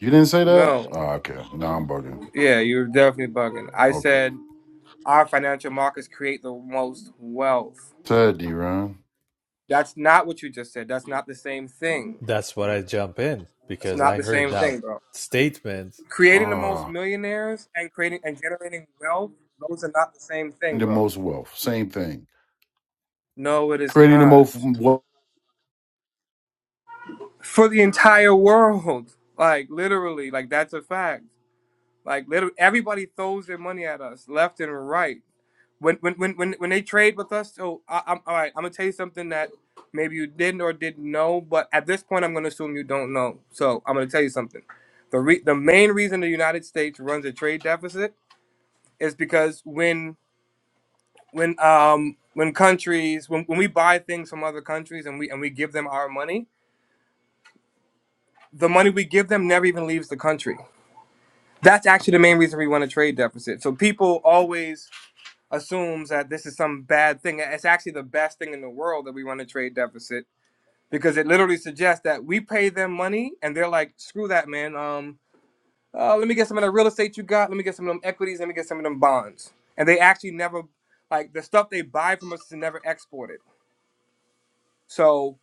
S4: You didn't say that.
S12: No.
S4: Ah, okay, now I'm bugging.
S12: Yeah, you're definitely bugging. I
S4: Okay,
S12: said our financial markets create the most wealth.
S4: said D-Ron.
S12: That's not what you just said. That's not the same thing.
S10: That's what I jump in
S12: That's
S10: because
S12: not
S10: I
S12: the
S10: heard
S12: same
S10: that
S12: thing, bro.
S10: statement.
S12: Creating the most
S4: Ah,
S12: millionaires and creating and generating wealth, those are not the same thing,
S4: the
S12: bro.
S4: most wealth, same thing.
S12: No, it is
S4: Creating the most
S12: not.
S4: wealth.
S12: For the entire world. Like literally, like that's a fact. Like literally, everybody throws their money at us left and right. When when when when, when they trade with us, so I, I'm all right. I'm gonna tell you something that maybe you didn't or didn't know, but at this point, I'm gonna assume you don't know. So I'm gonna tell you something. The re- the main reason the United States runs a trade deficit is because when when um when countries when, when we buy things from other countries and we and we give them our money, the money we give them never even leaves the country. That's actually the main reason we run a trade deficit. So people always assumes that this is some bad thing. It's actually the best thing in the world that we run a trade deficit because it literally suggests that we pay them money and they're like, screw that, man. Um, uh, let me get some of that real estate you got. Let me get some of them equities. Let me get some of them bonds. And they actually never, like, the stuff they buy from us is never exported. So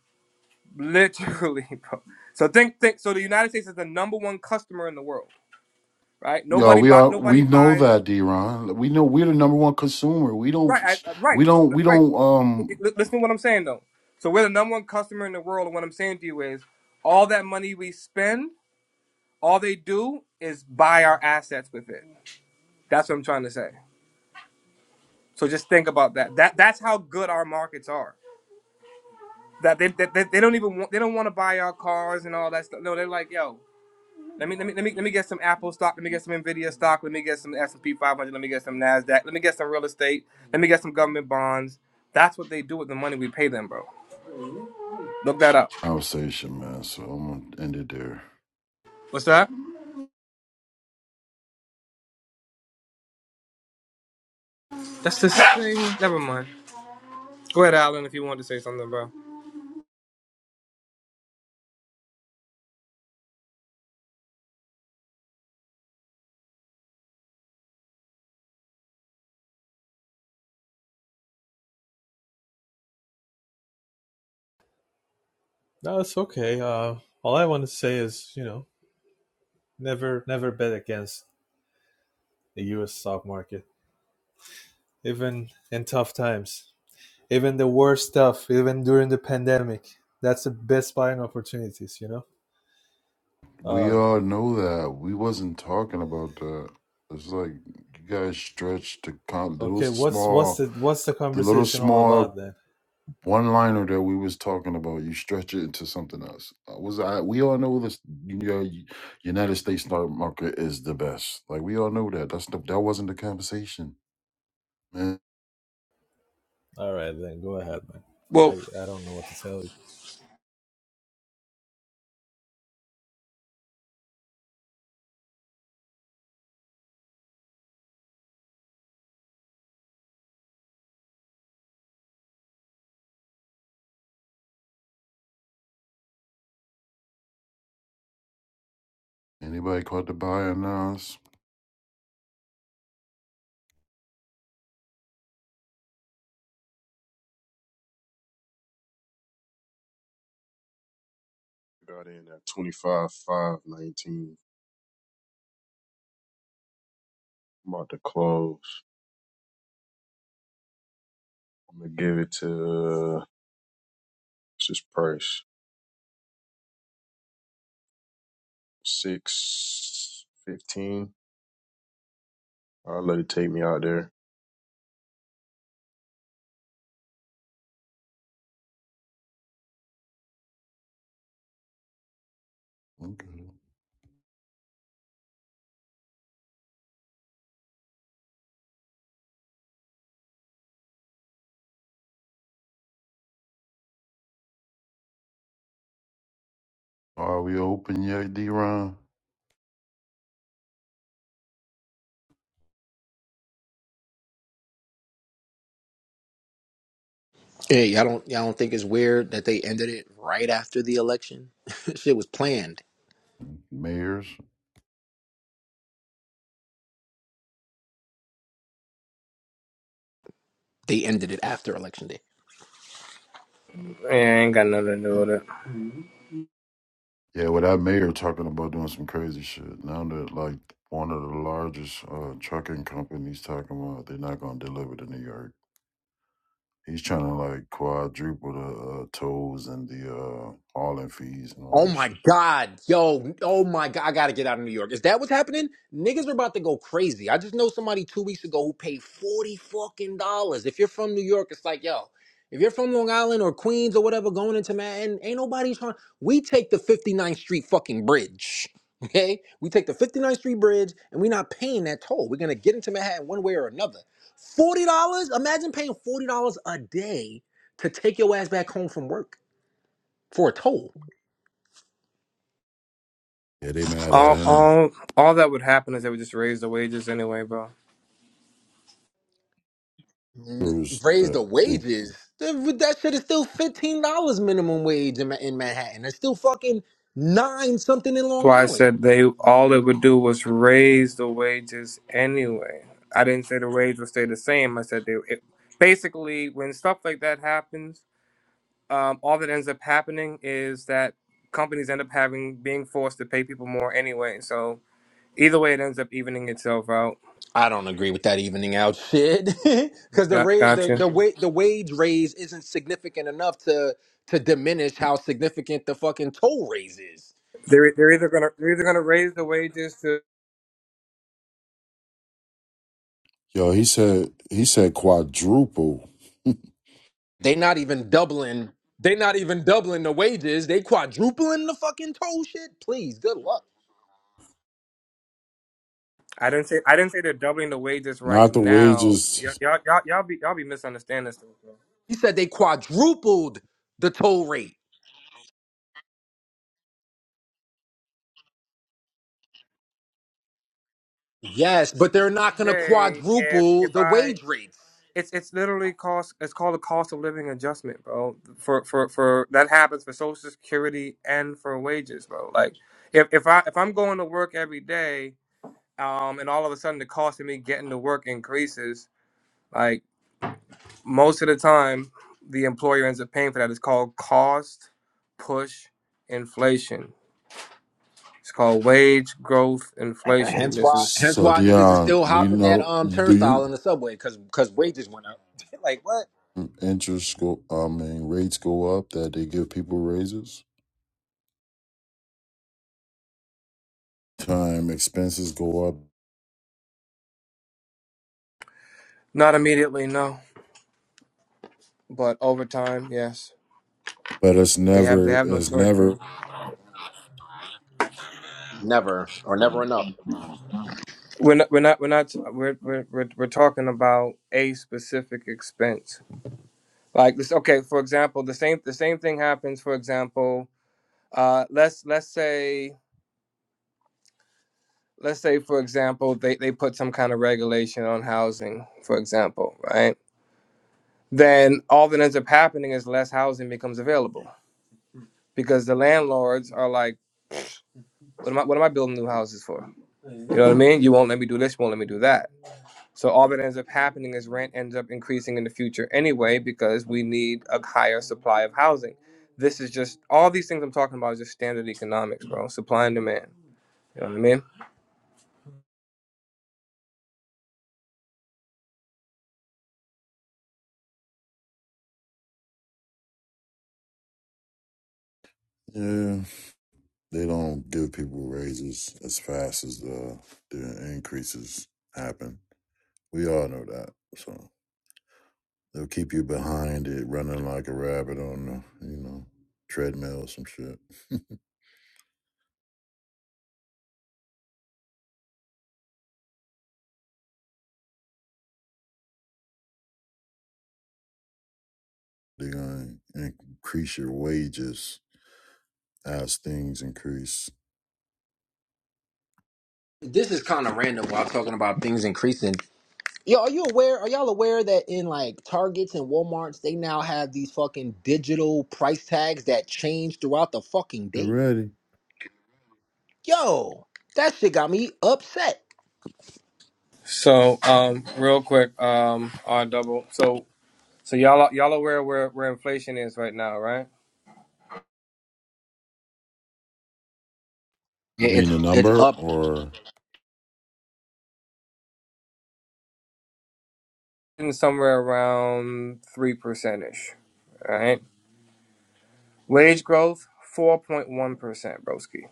S12: literally, bro. So think, think. So the United States is the number one customer in the world, right?
S4: Yo,
S12: Nobody
S4: we
S12: buy,
S4: are. We
S12: nobody
S4: know
S12: buys.
S4: that, D-Ron. We know we're the number one consumer. We don't.
S12: Right, I,
S4: We
S12: right. So
S4: don't. We
S12: right.
S4: don't. Um.
S12: listen to what I'm saying though. So we're the number one customer in the world, and what I'm saying to you is, all that money we spend, all they do is buy our assets with it. That's what I'm trying to say. So just think about that. That that's how good our markets are. That they, that they, they don't even want, they don't want to buy our cars and all that stuff. No, they're like, yo, let me let me let me let me get some Apple stock, let me get some Nvidia stock, let me get some S and P 500, let me get some Nasdaq, let me get some real estate, let me get some government bonds. That's what they do with the money we pay them, bro. Look that up.
S4: Alsatian, man. So I'm gonna end it there.
S12: What's that? That's the same. Never mind. Go ahead, Alan, if you wanted to say something, bro.
S10: No, it's okay. Uh, all I want to say is, you know, never, never bet against the U.S. stock market, even in tough times. even the worst stuff, even during the pandemic. That's the best buying opportunities, you know.
S4: We
S10: Uh,
S4: all know that we wasn't talking about that. It's like you guys stretched the con-
S10: okay,
S4: those
S10: what's what's
S4: small,
S10: the what's the
S4: the little
S10: conversation all
S4: small
S10: about then?
S4: one liner that we was talking about. You stretch it into something else. Uh, Was I? We all know this. You know, United States stock market is the best. Like we all know that. That's the, that wasn't the conversation, man.
S10: All right, then go ahead, man.
S12: Well,
S10: I I don't know what to tell you.
S4: Anybody caught the buy or not?
S7: Got in at twenty five five nineteen. I'm about to close. I'm gonna give it to uh, what's his price six fifteen. I'll let it take me out there.
S4: Okay. Are we open yet, D-Ron?
S13: Hey, all don't y'all don't think it's weird that they ended it right after the election. Shit was planned.
S4: Mayors?
S13: They ended it after election day.
S12: Yeah, I ain't got nothing to do with it.
S4: Yeah, with that mayor talking about doing some crazy shit. Now that like one of the largest uh, trucking companies talking about they're not gonna deliver to New York. He's trying to like quadruple the uh, tolls and the uh, hauling fees and all
S13: Oh
S4: that
S13: my
S4: shit.
S13: God, yo, oh my God, I gotta get out of New York. Is that what's happening? Niggas are about to go crazy. I just know somebody two weeks ago who paid 40 fucking dollars. If you're from New York, it's like, yo, if you're from Long Island or Queens or whatever, going into Manhattan, ain't nobody trying. We take the 59th Street fucking bridge, okay? We take the 59th Street bridge and we're not paying that toll. We're gonna get into Manhattan one way or another. $40? Imagine paying $40 a day to take your ass back home from work for a toll.
S4: Yeah, they mad at
S12: All,
S4: him.
S12: all, all that would happen is they would just raise the wages anyway, bro.
S4: It
S13: N-
S4: was
S13: raise
S4: the,
S13: the
S4: the
S13: wages. Th- That shit is still fifteen dollars minimum wage in, Ma- in Manhattan. It's still fucking nine something in
S12: That's
S13: Long
S12: why I
S13: Island.
S12: said they all it would do was raise the wages anyway. I didn't say the wage would stay the same. I said they. It, basically, when stuff like that happens, um, all that ends up happening is that companies end up having being forced to pay people more anyway. So either way, it ends up evening itself out.
S13: I don't agree with that evening out shit because the
S12: Got,
S13: rate the
S12: gotcha.
S13: the wa- the wage raise isn't significant enough to to diminish how significant the fucking toll raise is.
S12: They're they're either gonna they're either gonna raise the wages to.
S4: yo. He said he said quadruple,
S13: They not even doubling. They not even doubling the wages. They quadrupling the fucking toll shit. Please, good luck.
S12: I didn't say I didn't say they're doubling the wages right
S4: not the
S12: now. Y'all
S4: wages.
S12: y'all y'all, y'all be y'all be misunderstanding stuff. bro.
S13: He said they quadrupled the toll rate. Yes, but they're not gonna
S12: Today, if
S13: quadruple
S12: if
S13: the
S12: I
S13: wage rates.
S12: it's it's literally cost it's called a cost of living adjustment, bro. For for for that happens for Social Security and for wages, bro. Like if if I if I'm going to work every day, um, and all of a sudden the cost of me getting to work increases. like, most of the time the employer ends up paying for that it's called cost push inflation it's called wage growth inflation
S13: Hence
S12: this
S13: why,
S12: is
S13: hence
S4: So
S13: why niggas is
S4: Dion,
S13: still
S4: we
S13: hopping that
S4: know.
S13: um
S4: Do
S13: turnstile
S4: you
S13: in the subway because because wages went up. like what?
S4: interest go? I mean, rates go up that they give people raises. time expenses go up
S12: not immediately no but over time yes
S4: but it's
S12: they have
S4: never
S12: they have no
S4: it's
S12: choice bro
S4: never
S13: Never or never enough.
S12: we're not we're not we're not we're we're, we're, we're talking about a specific expense like this okay for example the same the same thing happens for example uh let's let's say let's say for example they, they put some kind of regulation on housing for example right then all that ends up happening is less housing becomes available because the landlords are like, what am I, what am I building new houses for? You know what I mean? You won't let me do this, you won't let me do that. So all that ends up happening is rent ends up increasing in the future anyway because we need a higher supply of housing. This is just all these things I'm talking about is just standard economics, bro. Supply and demand. You know what I mean?
S4: yeah they don't give people raises as fast as the the increases happen we all know that so they'll keep you behind it running like a rabbit on the you know treadmill or some shit they're gonna increase your wages as things increase
S13: This is kind of random while talking about things increasing. Yo, are you aware? Are y'all aware that in like Targets and WalMarts, they now have these fucking digital price tags that change throughout the fucking
S4: you
S13: day?
S4: ready
S13: Yo, that shit got me upset.
S12: So, um, real quick, um, R double. So, so y'all, y'all aware where where inflation is right now, right?
S4: you
S13: Yeah,
S4: mean
S13: It's
S4: the
S13: it's
S4: number or
S12: somewhere around three percent ish. All right. Wage growth four point one percent, broski.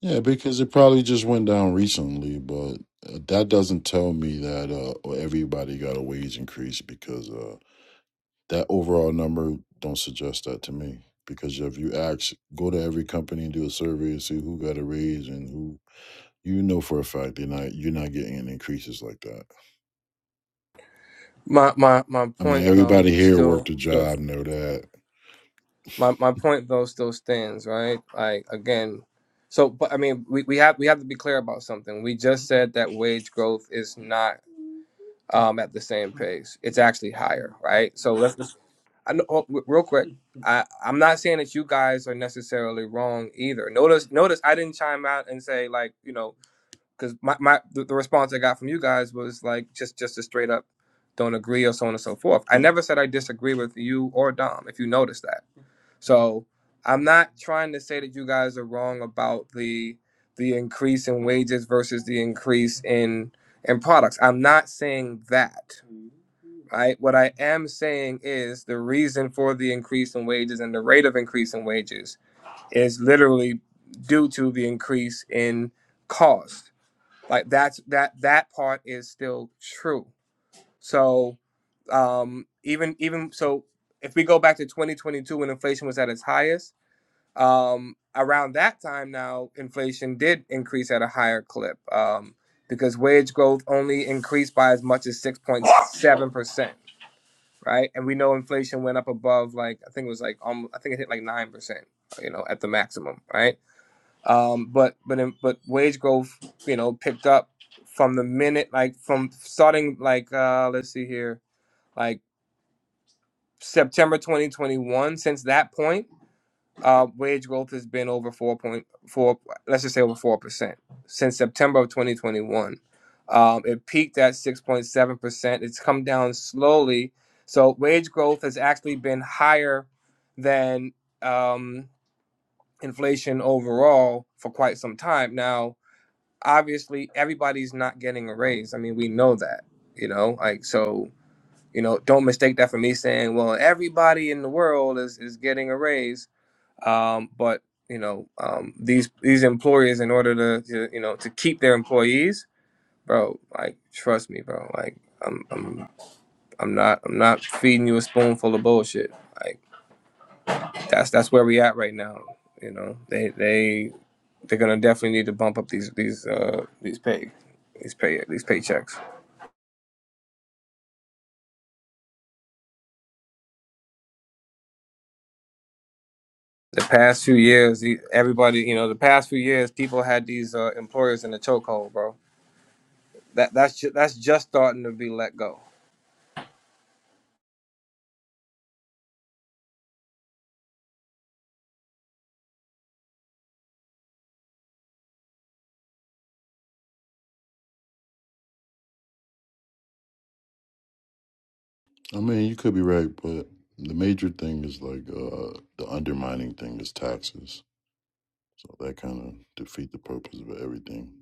S4: Yeah, because it probably just went down recently, but uh, that doesn't tell me that uh, everybody got a wage increase because uh, that overall number don't suggest that to me. Because if you ask, go to every company and do a survey and see who got a raise and who you know for a fact they're not you're not getting any increases like that.
S12: My my my
S4: I mean,
S12: point though
S4: everybody here worked
S12: still
S4: a
S12: still
S4: job, know that.
S12: my, my point though still stands, right? Like again so but I mean we, we have we have to be clear about something. We just said that wage growth is not um at the same pace. It's actually higher, right? So let's just I know oh, w- real quick. I, I'm not saying that you guys are necessarily wrong either. Notice notice I didn't chime out and say like, you know, because my, my the, the response I got from you guys was like just just a straight up don't agree or so on and so forth. I never said I disagree with you or Dom, if you notice that. So I'm not trying to say that you guys are wrong about the the increase in wages versus the increase in in products. I'm not saying that. Right? What I am saying is the reason for the increase in wages and the rate of increase in wages is literally due to the increase in cost like that's that that part is still true so um even even so if we go back to 2022 when inflation was at its highest um around that time now inflation did increase at a higher clip um because wage growth only increased by as much as 6.7% right and we know inflation went up above like i think it was like um, i think it hit like 9% you know at the maximum right um, but but in, but wage growth, you know, picked up from the minute like from starting like uh, let's see here, like September 2021. Since that point, uh, wage growth has been over four point four. Let's just say over four percent since September of 2021. Um, it peaked at 6.7 percent. It's come down slowly. So wage growth has actually been higher than um, inflation overall for quite some time now obviously everybody's not getting a raise. I mean, we know that, you know, like so, you know, don't mistake that for me saying, well, everybody in the world is is getting a raise. Um, but you know, um, these these employers, in order to, to you know to keep their employees, bro, like trust me, bro, like I'm I'm I'm not I'm not feeding you a spoonful of bullshit. Like that's that's where we at right now. You know, they they they're gonna definitely need to bump up these these uh these pay these pay these paychecks. the past few years, e- everybody, you know, the past few years, people had these uh, employers in the chokehold, bro. That that's ju- that's just starting to be let go.
S4: I mean, you could be right, but the major thing is like uh, the undermining thing is taxes. So that kind of defeat the purpose of everything.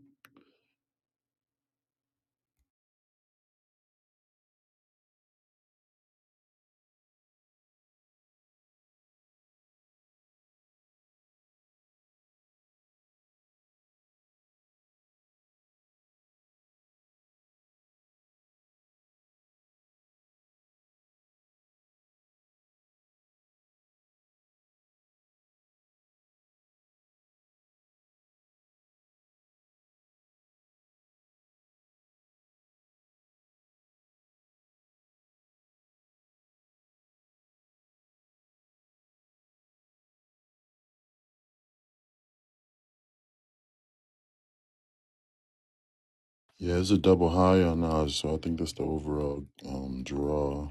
S4: Yeah, it's a double high on us, so I think that's the overall um, draw.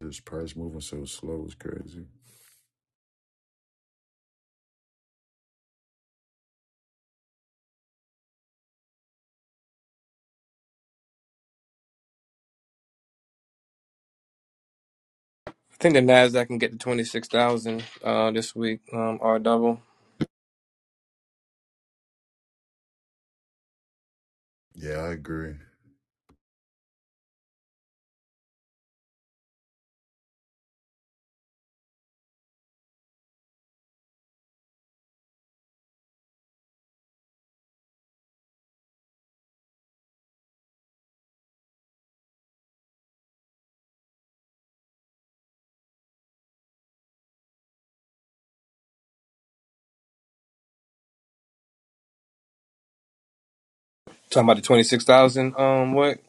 S4: This price moving so slow is crazy.
S12: I think the Nasdaq can get to twenty six thousand uh, this week, um, or double.
S4: Yeah, I agree.
S12: Talking about the twenty six thousand. Um, what?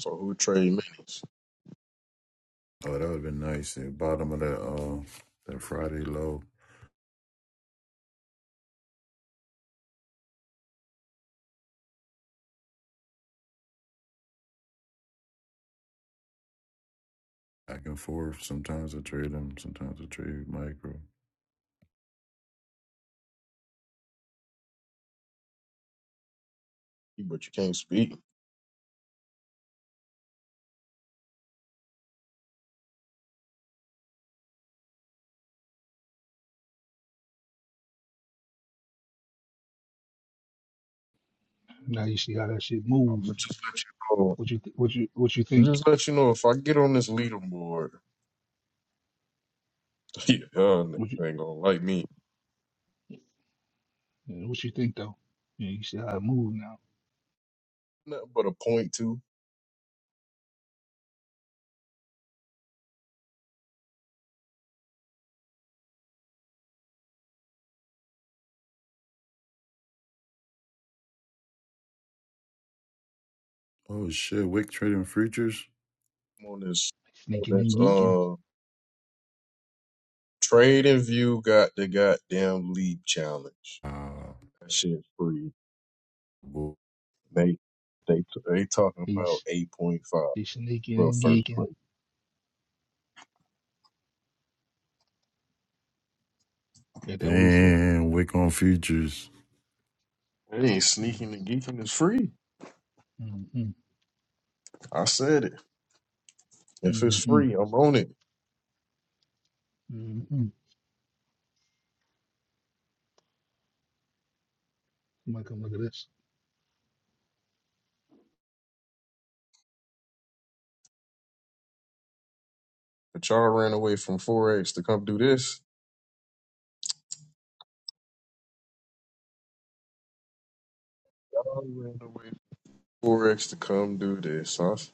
S7: So who trade minutes?
S4: Oh, that would have been nice. The bottom of that uh, that Friday low. back and forth. Sometimes I trade him, sometimes I trade micro.
S7: But you can't speak. I'm gonna just let you know. I'm just let you know if I get on this leaderboard, yeah, y'all niggas ain't gonna like me. Nothing but a point two.
S4: Oh shit, Wick trading futures?
S7: I'm on this on this uh trade and view got the goddamn league challenge.
S4: Ah,
S7: That shit's free.
S4: bull.
S7: They they they talking about eight point five for first place.
S4: Damn, Wick on futures.
S7: It ain't sneaking and geeking. It's free. I said it. If it's free, I'm on it. But y'all ran away from forex to come do this. Y'all ran away for four X to come do this. Y'all sh-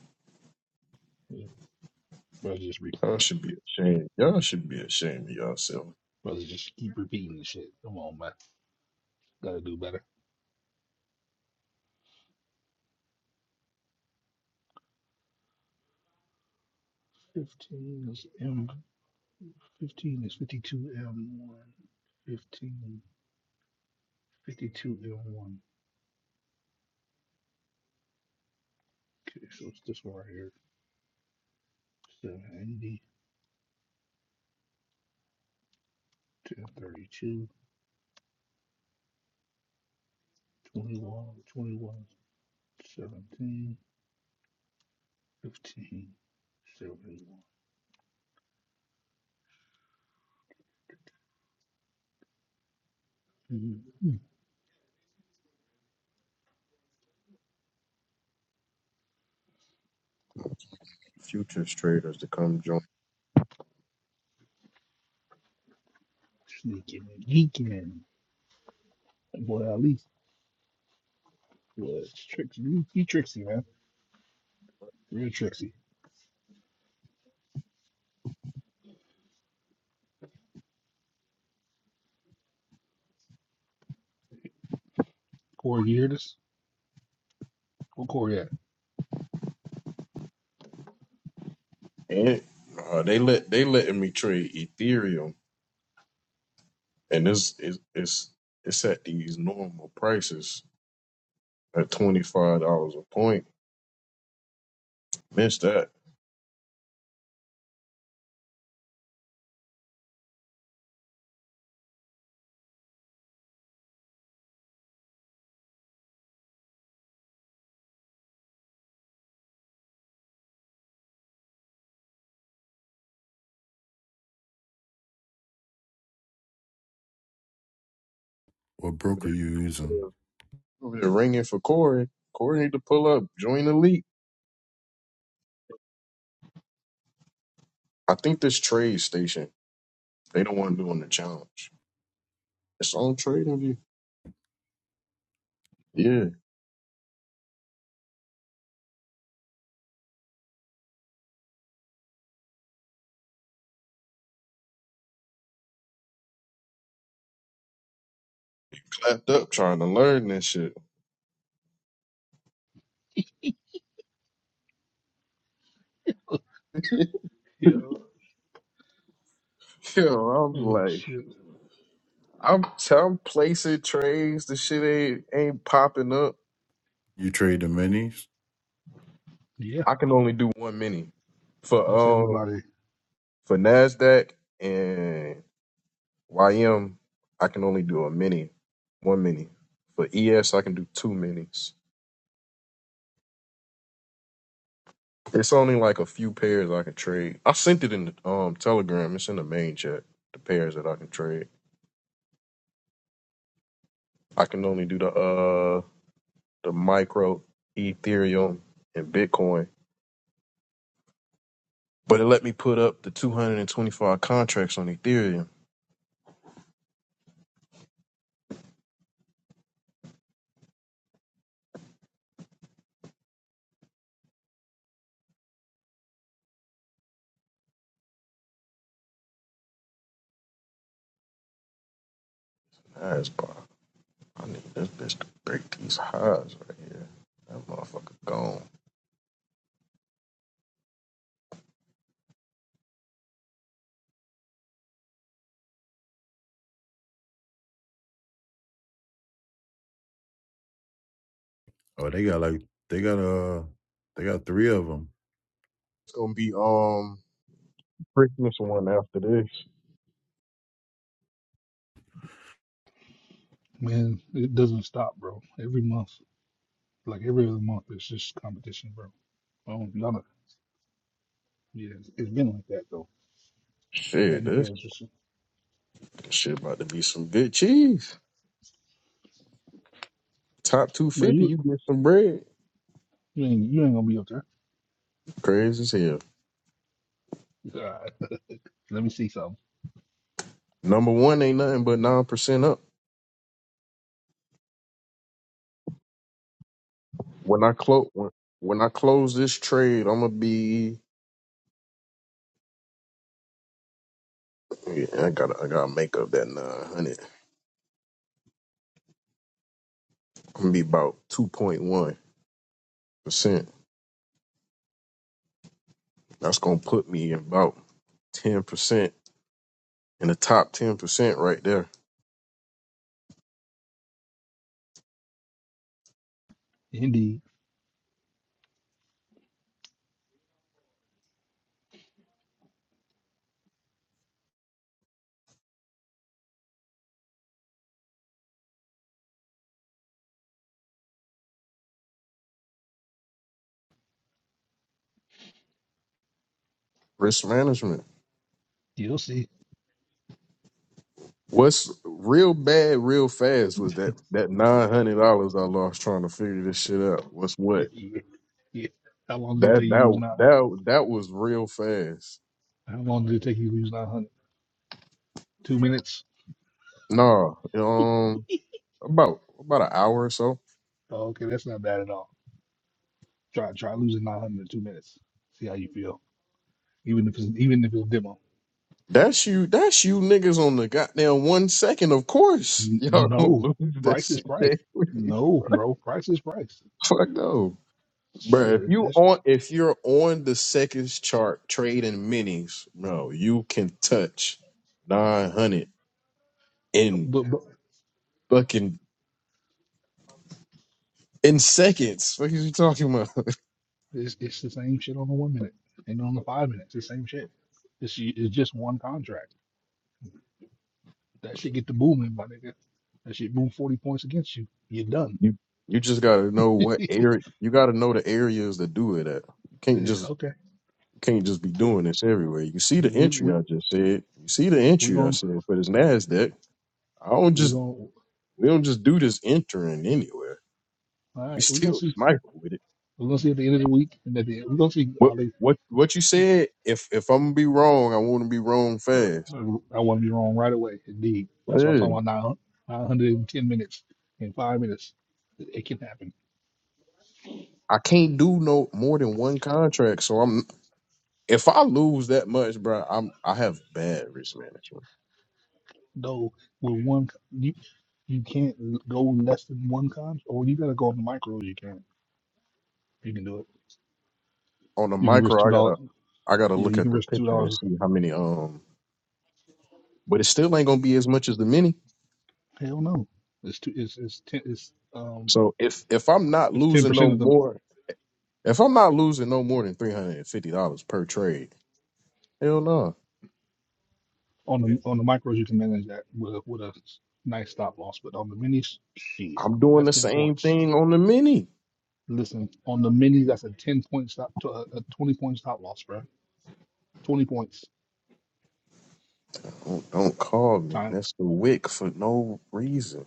S7: y'all should be ashamed. Y'all should be ashamed of yourself. Futures traders to come join. And uh, they let they letting me trade Ethereum, and it's it's it's, it's at these normal prices at twenty five dollars a point. Miss that
S4: What
S7: over
S4: broker you using?
S7: there over there ringing for Corey. Corey need to pull up, join the league. I think this trade station they don't want to do on the challenge. It's on Trading View. Yeah. backed up trying to learn this shit. Yo, I'm like, I'm t- I'm placing trades. The shit ain't ain't popping up.
S4: You trade the minis?
S7: I can only do one mini for um for Nasdaq and YM. I can only do a mini, one mini. For ES, I can do two minis. It's only like a few pairs I can trade. I sent it in the um Telegram. It's in the main chat. The pairs that I can trade. I can only do the uh. the micro, Ethereum, and Bitcoin. But it let me put up the 225 contracts on Ethereum. That's pop. I need this bitch to break these highs right here. That motherfucker gone.
S4: Oh, they got like they got uh they got three of them.
S7: It's gonna be um Christmas one after this. Shit, this shit about to be some good cheese. Top 250, you get some bread. Crazy as hell. Number one ain't nothing but nine percent up. When I close when, when I close this trade, I'm gonna be Yeah, I gotta I gotta make up that nine hundred. I'm gonna be about two point one percent. That's gonna put me in about ten percent in the top ten percent right there. Risk management. What's real bad, real fast was that that nine hundred dollars I lost trying to figure this shit out. What's what? That that that that was real fast. Nah, um, about about an hour or so. That's you. That's you niggas on the goddamn one second. Of course, y'all gonna lose that shit. Jay. Fuck no, bro. If you on, if you're on the seconds chart trading minis, bro, you can touch nine hundred in fucking in seconds. What are you talking about? You you just gotta know what area. You gotta know the areas that do it at. You can't just can't just be doing this everywhere. You see the entry I just said. You see the entry I said for this Nasdaq. I don't just we don't just do this entering anywhere. We still sniper with it. What what what you said? If if I'm gonna be wrong, I want to be wrong fast. Yeah. I can't do no more than one contract. So I'm if I lose that much, bro, I'm I have bad risk management. On the micro, I gotta I gotta look at the picture and see how many um. But it still ain't gonna be as much as the mini. So if if I'm not losing no more, if I'm not losing no more than three hundred and fifty dollars per trade, hell no. I'm doing the same thing on the mini. Don't, don't call me Mr. Wick for no reason.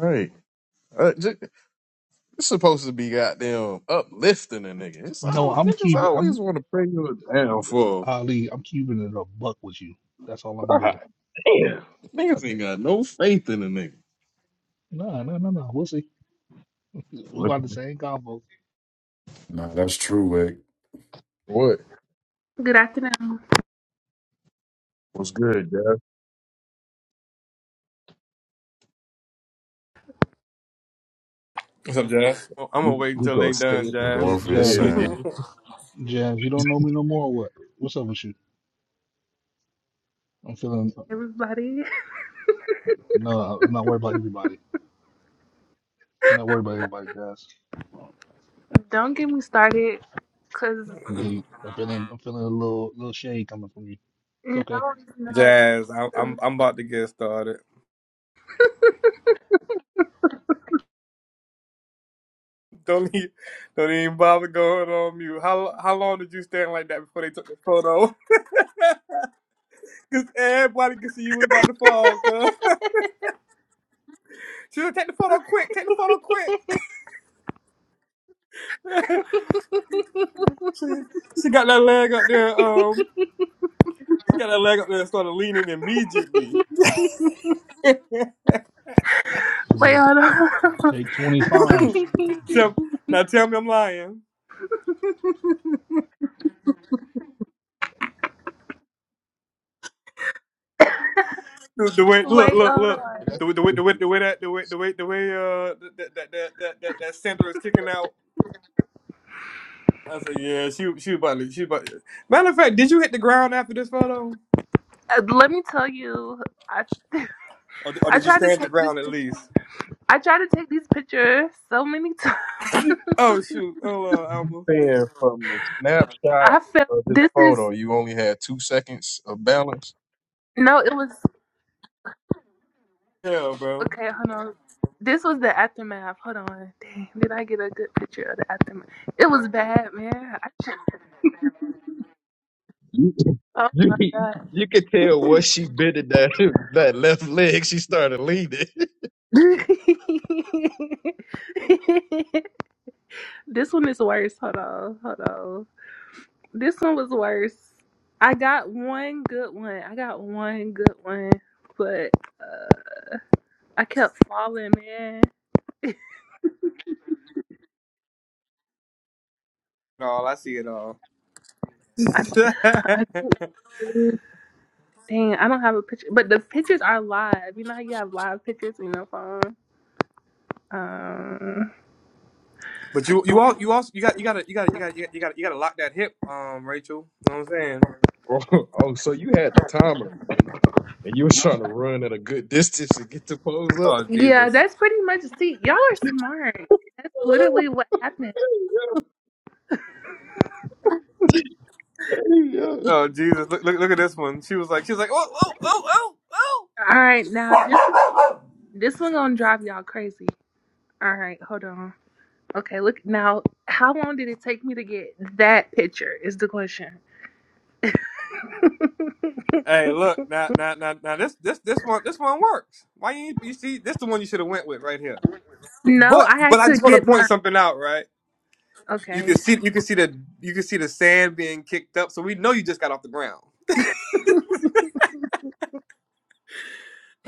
S7: Hey, uh, j- it's supposed to be goddamn uplifting a nigga. It's all niggas always want to bring you down for. God damn, niggas ain't got no faith in a nigga. What?
S4: Nah, that's true, Wick.
S7: What?
S14: Good afternoon,
S7: What's good, Jeff?
S12: What's up, Jazz? Oh, I'm gonna
S7: You,
S12: wait
S7: you
S12: until
S7: go
S12: they
S7: say
S12: done,
S7: it. You
S4: What
S7: go
S12: Jazz.
S7: say
S4: Morpheus is
S7: it
S4: saying?
S7: again.
S14: everybody. Don't get me started, cause no, it's not.
S12: Jazz, I, I'm I'm about to get started. Don't even, don't even bother going on mute. How how long did you stand like that before they took the photo? Because everybody could see you was about to fall, cuz. She said, take the photo quick, take the photo quick. she, she got that leg up there, um, she got that leg up there and started leaning immediately.
S14: Wait, hold on.
S12: So, now tell me I'm lying. The, the way, look,
S14: Wait,
S12: look,
S14: hold
S12: look.
S14: on.
S7: That's
S12: The, the way,
S7: what
S12: the way,
S7: you're
S12: the way that, the way, the way, the way, uh, that, that, that, that, that, that center is kicking out. I said, yeah, she, she about to, she about to. Matter of fact, did you hit the ground after this photo?
S14: Uh, Let me tell you, I
S12: Or, or
S14: I
S12: did you
S14: tried to
S12: stand the
S14: take this
S12: ground at
S14: picture.
S12: least?
S14: I tried to take this picture so many times.
S12: Oh, shoot. Oh uh, Alma.
S7: Saying from the snapshot
S14: I felt
S7: of this
S14: this
S7: photo,
S14: is
S7: you only had two seconds of balance.
S14: no. It was
S12: Hell, bro.
S14: okay. Hold on. This was the aftermath. Hold on. Dang, did I get a good picture of the aftermath? It was bad, man. I,
S7: You
S14: oh
S7: you
S14: my
S7: can
S14: god.
S7: you can tell what she bit in that that left leg. She started leaning.
S14: this one is worse. Hold on, hold on. This one was worse. I got one good one. I got one good one, but uh, I kept falling, man.
S12: No, I see it all.
S14: I, I think- dang, I don't have a picture, but the pictures are live. You know how you have live pictures in your phone. Um,
S12: But you you all you also you got you got to you got you got you got you got to lock that hip, um, Rachel. You know what I'm saying?
S7: oh, oh, so you had the timer, and you was trying to run at a good distance to get the pose up.
S12: Oh
S14: yeah,
S12: Jesus!
S14: that's pretty much. See, y'all are smart. That's literally what happened.
S7: yeah.
S12: Oh Jesus! Look look look at this one. She was like she was like oh oh oh oh oh.
S14: All right, now this. This one gonna drive y'all crazy. All right, hold on. Okay, look now. How long did it take me to get that picture? Is the question.
S12: Hey, look now now now now this this this one this one works. Why you ain't- you see this the one you should have went with right here.
S14: no,
S12: But
S14: I had
S12: but I
S14: to
S12: just want to
S14: get my.
S12: point something out, right? You
S14: Okay,
S12: can see you can see the you can see the sand being kicked up, so we know you just got off the ground.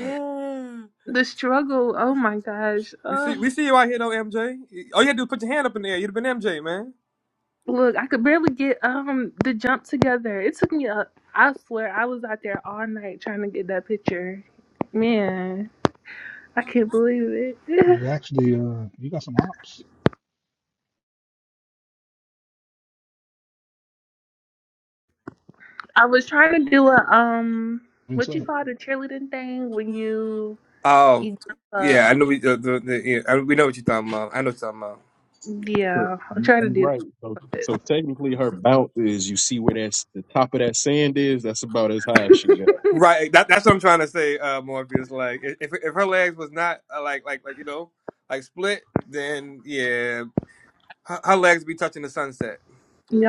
S7: Right.
S14: the struggle. Oh my gosh.
S12: we
S14: Uh,
S12: see we see you out here though, MJ. All you had to do was put your hand up in the air. You'd have been MJ, man.
S14: look, I could barely get um the jump together. It took me a. I swear, I was out there all night trying to get that picture. Man, I can't believe it. I was trying to do a um, what you call the cheerleading thing when you
S12: Oh,
S14: You jump up.
S12: yeah, I know we the, the, the yeah, I, we know what you're talking about. I know what you're talking about.
S7: You
S14: Yeah, I'll
S7: you
S14: try to do
S7: right. So so
S14: that.
S7: technically her bounce is you see where that's the top of that sand is, that's about as high as she got.
S12: Right, that, that's what I'm trying to say, uh, Morpheus. Like, if if if her legs was not uh, like like like you know like split, then yeah, her, her legs be touching the sunset.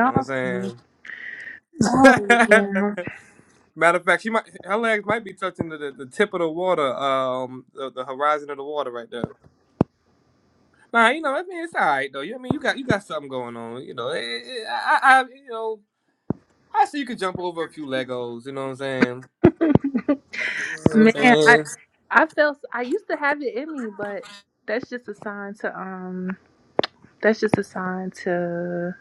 S12: You know what
S14: funny.
S12: I'm saying?
S14: Oh yeah.
S12: Matter of fact, she might her legs might be touching the, the, the tip of the water, um, the, the horizon of the water right there. Nah, you know, I mean, it's all right though. You I mean, you got you got something going on. You know, Eh, eh, I, I, I you know. I see you can jump over a few Legos. You know what I'm saying? You know what I'm
S14: Man, I
S12: saying?
S14: I felt I used to have it in me, but that's just a sign to um that's just a sign to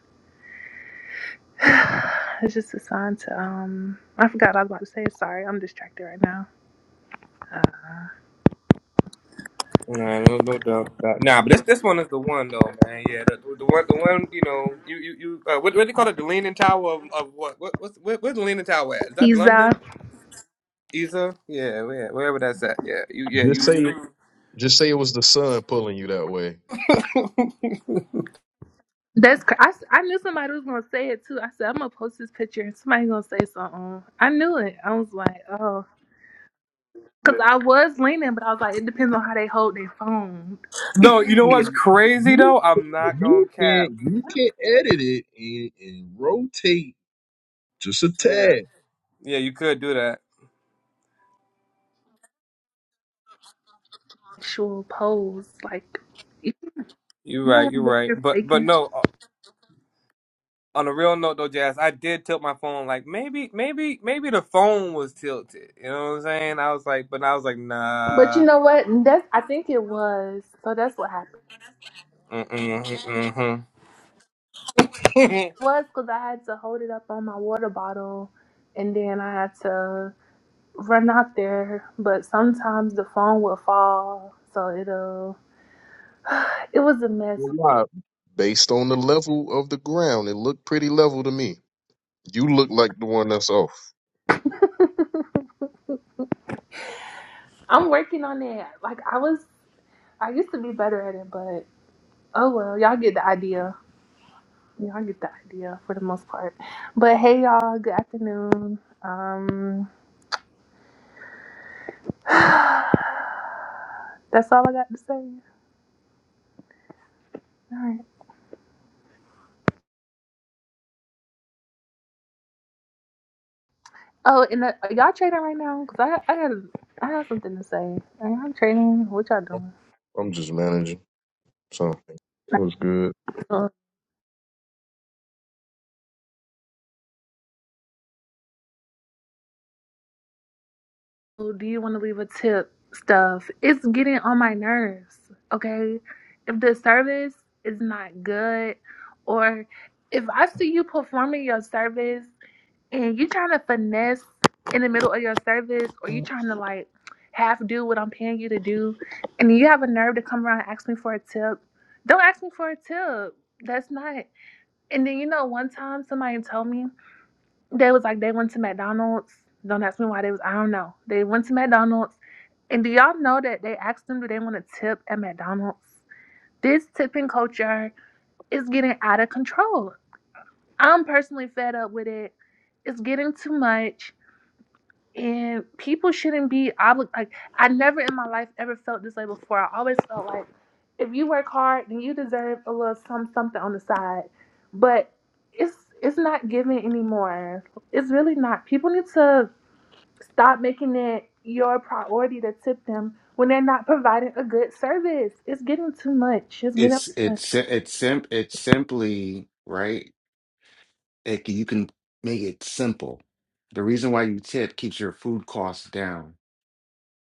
S14: it's just a sign to um I forgot what I was about to say. Sorry, I'm distracted right now. Uh,
S12: Nah, no, no doubt about it. Nah, but this this one is the one though, man. Yeah, the, the one, the one. You know, you you, you uh, what what do you call it? The Leaning Tower of, of what? What what's where, where's the Leaning Tower at? Is that
S14: he's uh
S12: London? Isa? Yeah, yeah, wherever that's at. Yeah, you yeah
S7: Just say
S12: you.
S7: just say it was the sun pulling you that way.
S12: you.
S14: that's cr- I, s- I knew somebody was gonna say it too. I said I'm gonna post this picture and somebody's gonna say something. I knew it. I was like, oh. Cause I was leaning, but I was like, it depends on how they hold their phone.
S12: no, you know
S14: if
S12: what's
S7: You
S12: crazy
S7: you
S12: though? I'm not gonna
S7: you
S12: cap.
S7: can you can edit it and, and rotate just a
S12: Yeah,
S7: tad
S12: yeah, you could do that.
S14: actual pose, like you
S12: You're
S14: don't
S12: right.
S14: want to
S12: You're
S14: be out
S12: right.
S14: here
S12: But but
S14: faking.
S12: no. on a real note though, Jazz, I did tilt my phone. Like maybe, maybe, maybe the phone was tilted. You know what I'm saying? I was like, but I was like,
S14: But you
S12: nah.
S14: know what? That I think it was. So that's what happened.
S12: Mm-mm, mm-mm. mm.
S14: It was because I had to hold it up on my water bottle, and then I had to run out there. But sometimes the phone will fall, so it'll. It was a
S7: a
S14: mess.
S7: lot based on the level of the ground. It looked pretty level to me. You look like the one that's off.
S14: I'm working on it. Like I was, I used to be better at it, but oh well. Y'all get the idea. Y'all get the idea for the most part. But hey, y'all. Good afternoon. Um, that's all I got to say. All right. Oh, and uh, are y'all trading right now? Cause I I got I got something to say. Are y'all trading? What y'all
S7: I'm
S14: doing?
S7: I'm just managing. So what's good?
S14: Uh, do you want to leave a tip? Stuff. It's getting on my nerves. Okay. If the service is not good, or if I see you performing your service and you trying to finesse in the middle of your service or you trying to like half do what I'm paying you to do and you have a nerve to come around and ask me for a tip. Don't ask me for a tip. That's not and then you know one time somebody told me they was like they went to McDonald's. Don't ask me why they was I don't know. They went to McDonald's and do y'all know that they asked them do they want a tip at McDonald's? This tipping culture is getting out of control. I'm personally fed up with it. It's getting too much and people shouldn't be obligated. Like I never in my life ever felt this way before. I always felt like if you work hard, then you deserve a little some something on the side. But it's it's not given anymore. It's really not. People need to stop making it your priority to tip them when they're not providing a good service. It's getting too much. It's
S15: it's
S14: getting
S15: it's si- it's simp it's simply right it, can- you can make it simple the reason why you tip keeps your food costs down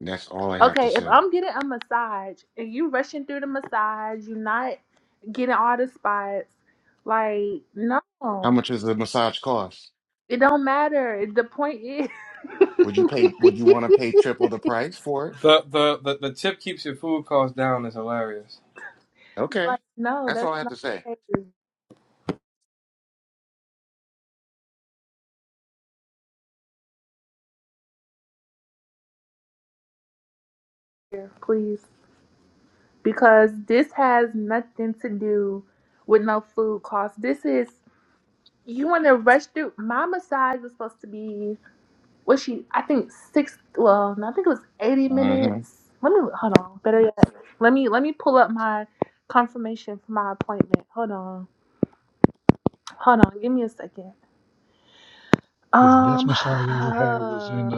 S15: and that's all i have to
S14: Okay, if
S15: say
S14: I'm getting a massage and you rushing through the massage, you're not getting all the spots. Like, no,
S15: how much does the massage cost
S14: it don't matter. The point is,
S15: would you pay would you want to pay triple the price for it
S12: the, the the the tip keeps your food cost down is hilarious.
S14: like,
S15: okay
S14: no,
S15: that's
S14: that's
S15: all i have
S14: not
S15: to say
S14: okay. Here, Please, because this has nothing to do with no food cost. This is you want to rush through. My massage was supposed to be. was she I think six well no, I think it was eighty
S15: hmm
S14: minutes. Let me hold on. Better yet. Let me let me pull up my confirmation for my appointment. Hold on. Hold on. Give me a second. Um uh,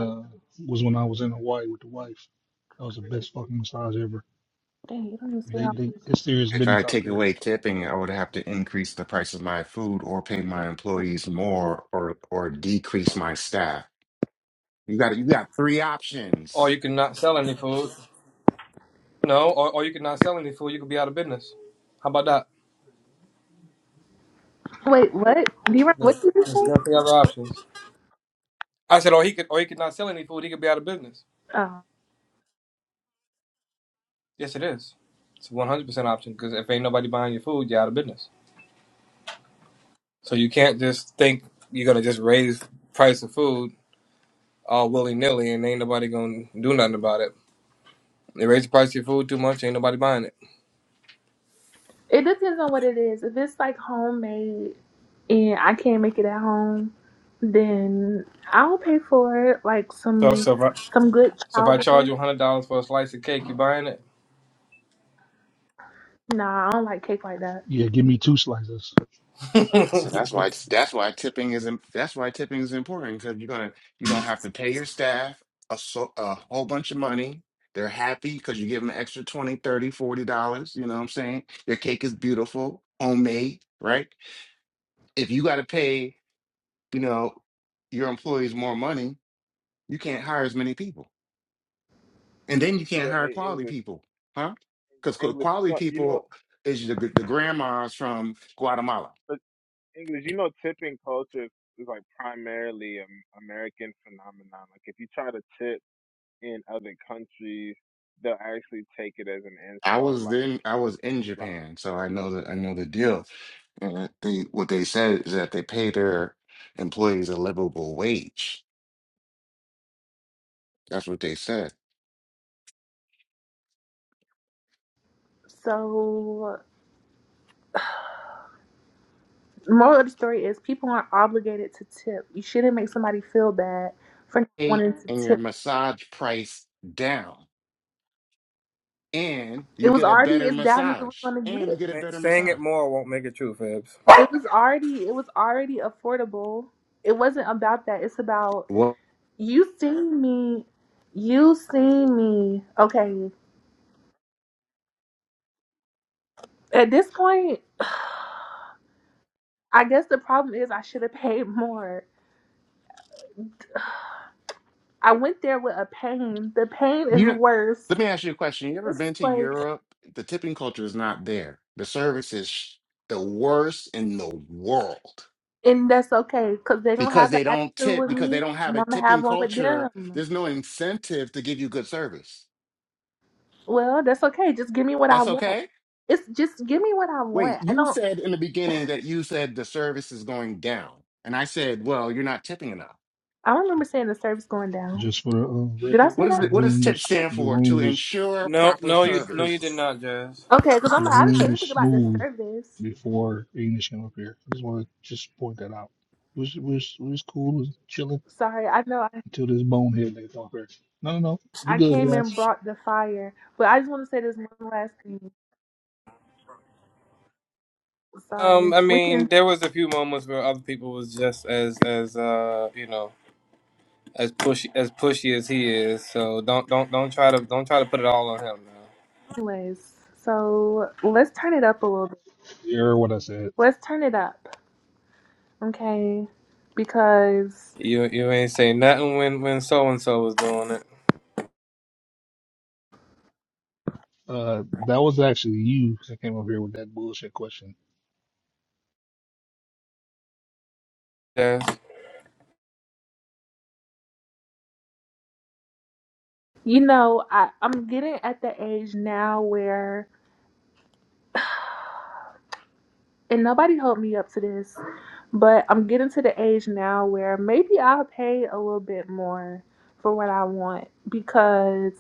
S14: dang, you don't even say how
S15: if i take away tipping i would have to increase the price of my food or pay my employees more or or decrease my staff you got you got three
S12: Or
S15: options
S12: you can not sell any food. No, or, or you can not sell any food. You could be out of business. How about that?
S14: wait, what? Do you what
S12: There's,
S14: did you
S12: there's
S14: say?
S12: definitely other options. I said, or he could, or he could not sell any food. He could be out of business.
S14: Oh.
S12: Yes, it is. It's a 100% option because if ain't nobody buying your food, you're out of business. So you can't just think you're gonna just raise price of food all willy nilly and ain't nobody gonna do nothing about it. They raise the price of your food too much, ain't nobody buying it.
S14: It depends on what it is. If it's like homemade and I can't make it at home, then I'll pay for it. Like
S12: So
S14: some
S12: so if I,
S14: some good
S12: so if I charge
S14: chowder.
S12: you hundred dollars for a slice of cake, you buying it?
S14: Nah, I don't like cake like that.
S15: So that's why that's why tipping is im- that's why tipping is important because you're gonna you don't have to pay your staff a so a whole bunch of money. They're happy because you give them an extra 20 30 40 dollars. You know what I'm saying? Your cake is beautiful, homemade, right? If you gotta pay, you know, your employees more money, you can't hire as many people. And then you can't
S2: but
S15: hire
S2: hey,
S15: quality
S2: English
S15: people, huh? Because
S2: English,
S15: quality
S2: you know.
S15: people is the, the grandmas from Guatemala.
S2: English, you know, tipping culture is, is like primarily an American phenomenon. Like if you try to tip in other countries, they'll actually take it as an
S15: I
S2: insult.
S15: was
S2: Like
S15: then I was in
S2: like
S15: Japan, so I know the I know the deal. And they what they said is that they pay their employees a livable wage. That's what they said.
S14: So, moral of the story is people aren't obligated to tip. You shouldn't make somebody feel bad for not
S15: Eight
S14: wanting to
S15: and your
S14: tip.
S15: massage price down, and
S14: It
S15: you
S14: was
S15: get a
S14: already
S15: better
S14: as down as it was
S15: massage,
S14: going to
S15: and you
S14: get.
S15: get a
S12: Say-
S15: better
S12: Saying it
S15: massage.
S12: more won't make it true, Fibs.
S14: It was already it was already affordable. It wasn't about that. It's about
S15: Well,
S14: you seen me, you seen me. Okay, at this point, I guess the problem is I should have paid more. I went there with a pain. The pain is
S15: you
S14: worse.
S15: let me ask you a question. You ever
S14: It's
S15: been to
S14: like
S15: Europe? The tipping culture is not there. The service is sh- the worst in the world.
S14: And that's okay, because they're gonna
S15: because
S14: have an
S15: they don't
S14: attitude
S15: tip
S14: with
S15: because
S14: me
S15: they don't have
S14: and
S15: a
S14: I'm gonna have
S15: tipping
S14: one with
S15: culture
S14: them.
S15: there's no incentive to give you good service
S14: Well, that's okay. Just give me what I
S15: that's
S14: want.
S15: okay
S14: It's just give me what I
S15: wait
S14: want. I
S15: you
S14: don't
S15: said in the beginning that you said the service is going down and i said well you're not tipping enough
S14: I don't remember saying the service going down. Did I
S15: what
S14: say
S15: is
S14: that?
S15: it what does tip stand for to ensure
S12: No,
S15: proper
S12: no, you no, you
S15: service
S12: did not, Jazz.
S14: Okay, because I'm I didn't say anything about the service. Sorry, I know I, I came and brought the fire. But I just want to say this one last thing.
S12: Um,
S14: Sorry.
S12: I
S14: We
S12: mean,
S14: can
S12: there was a few moments where other people was just as as uh you know as pushy as pushy as he is. So don't don't don't try to don't try to put it all on him. now.
S14: anyways. So let's turn it up a little bit. Let's turn it up. Okay. Because
S12: You you ain't say nothing when when so and so was doing it. Yes.
S14: You know, I, I'm getting at the age now where, and nobody helped me up to this, but I'm getting to the age now where maybe I'll pay a little bit more for what I want because,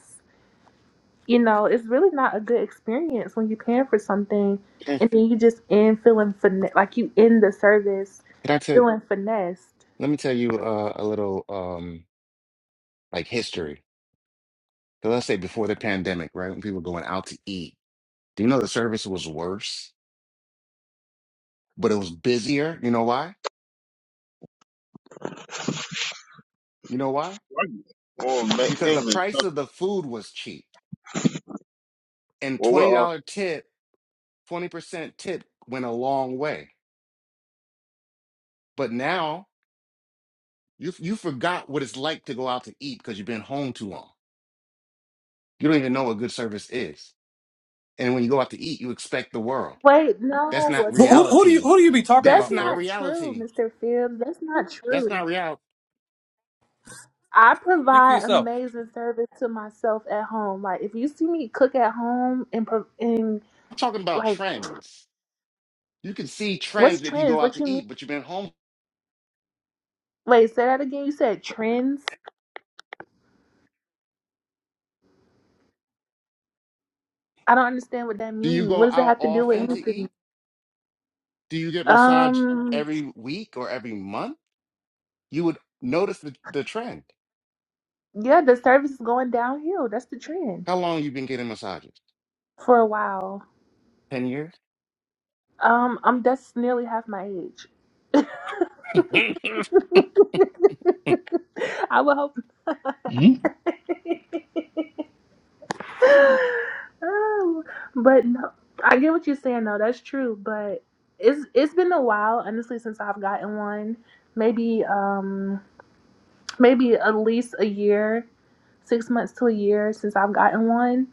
S14: you know, it's really not a good experience when you're paying for something
S15: Eh,
S14: and then you just end feeling fin- like you end the service
S15: can i tell
S14: feeling finessed.
S15: let me tell you uh, a little um like history so let's say before the pandemic right when people were going out to eat do you know the service was worse but it was busier you know why you know why
S2: "Why you- Oh, ma-
S15: because the
S2: English.
S15: price
S2: huh?
S15: of the food was cheap and
S2: Well, we're
S15: $20
S2: all.
S15: tip 20% tip went a long way but now you you forgot what it's like to go out to eat because you've been home too long you don't even know what good service is and when you go out to eat you expect the world
S14: Wait,
S15: that's
S14: no,
S15: not
S12: Who,
S14: that's
S12: who who do you
S15: reality
S12: who do you be talking
S14: that's
S15: that's
S12: about,
S15: not
S14: not
S12: Phipps?
S14: true,
S15: reality
S14: Mr. Fields. That's not
S15: that's
S14: true.
S15: not reality
S14: I
S12: Speak for
S14: provide
S12: yourself.
S14: amazing service to myself at home. Like if you see me cook at home and pro- and
S15: i'm talking about
S14: like
S15: trends you can see
S14: what's
S15: trends if you
S14: trends?
S15: go out
S14: What you
S15: to
S14: mean?
S15: eat but you've been home
S14: Wait, say that again. You said trends. I don't understand what that
S15: do you
S14: means. What
S15: go
S14: does it
S15: out
S14: have to do with
S15: often to
S14: anything?
S15: eat do you get massage
S14: Um,
S15: every week or every month you would notice the, the trend.
S14: yeah, the service is going downhill. That's the trend
S15: How long you been getting massages?
S14: for a while.
S15: Ten years.
S14: Um, I'm that's nearly half my age. I would hope. Oh, but no, I get what you're saying though. That's true, but it's it's been a while, honestly, since I've gotten one. Maybe um maybe at least a year, six months to a year since I've gotten one.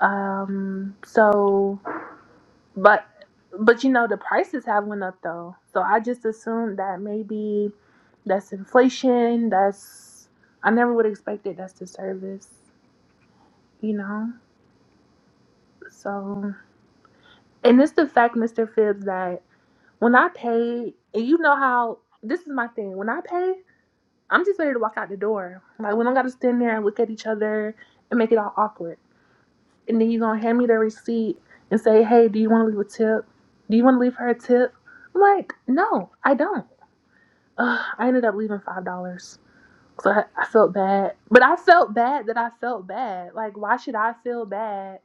S14: Um so but but you know the prices have went up though. So I just assumed that maybe that's inflation, that's I never would expect it that's the service, you know. So And it's the fact, Mr. Phibbs, that when I pay, and you know how this is my thing. When I pay, I'm just ready to walk out the door. Like we don't gotta stand there and look at each other and make it all awkward. And then you're gonna hand me the receipt and say, Hey, do you wanna leave a tip? Do you wanna leave her a tip? I'm like, no, I don't. Ugh, I ended up leaving five dollars. So I, I felt bad. But I felt bad that I felt bad. Like why should I feel bad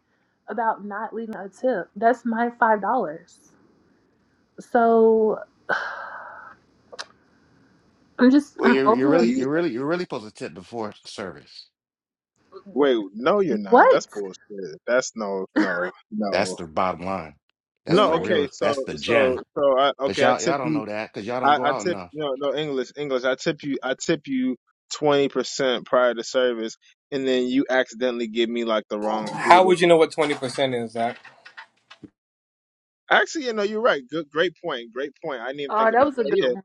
S14: about not leaving a tip? That's my five dollars. So I'm just
S15: well,
S14: I'm
S15: you're you're
S14: over
S2: Do
S14: it.
S15: really
S2: you
S15: you're really you're really supposed to tip before service.
S2: wait? No, you're not.
S14: What?
S2: That's bullshit. That's no, no,
S15: That's
S2: no,
S15: the bottom line. That's
S2: no.
S15: the
S14: what?
S2: Okay,
S15: real.
S2: so,
S15: That's the gem.
S2: so, so, I
S15: But
S2: okay. I
S15: y'all y'all
S2: tip
S15: don't
S2: you.
S15: know that because y'all don't
S2: I,
S15: go
S2: I
S15: out
S2: tip
S15: enough.
S2: no no English English. I tip you I tip you twenty percent prior to service, and then you accidentally give me like the wrong food.
S12: How
S2: Or,
S12: would you know what twenty percent is, Zach?
S2: actually, you know you're right. Good, great point. Great point. I didn't even
S14: Oh,
S2: think
S14: that
S2: about
S14: was a
S2: that.
S14: good one.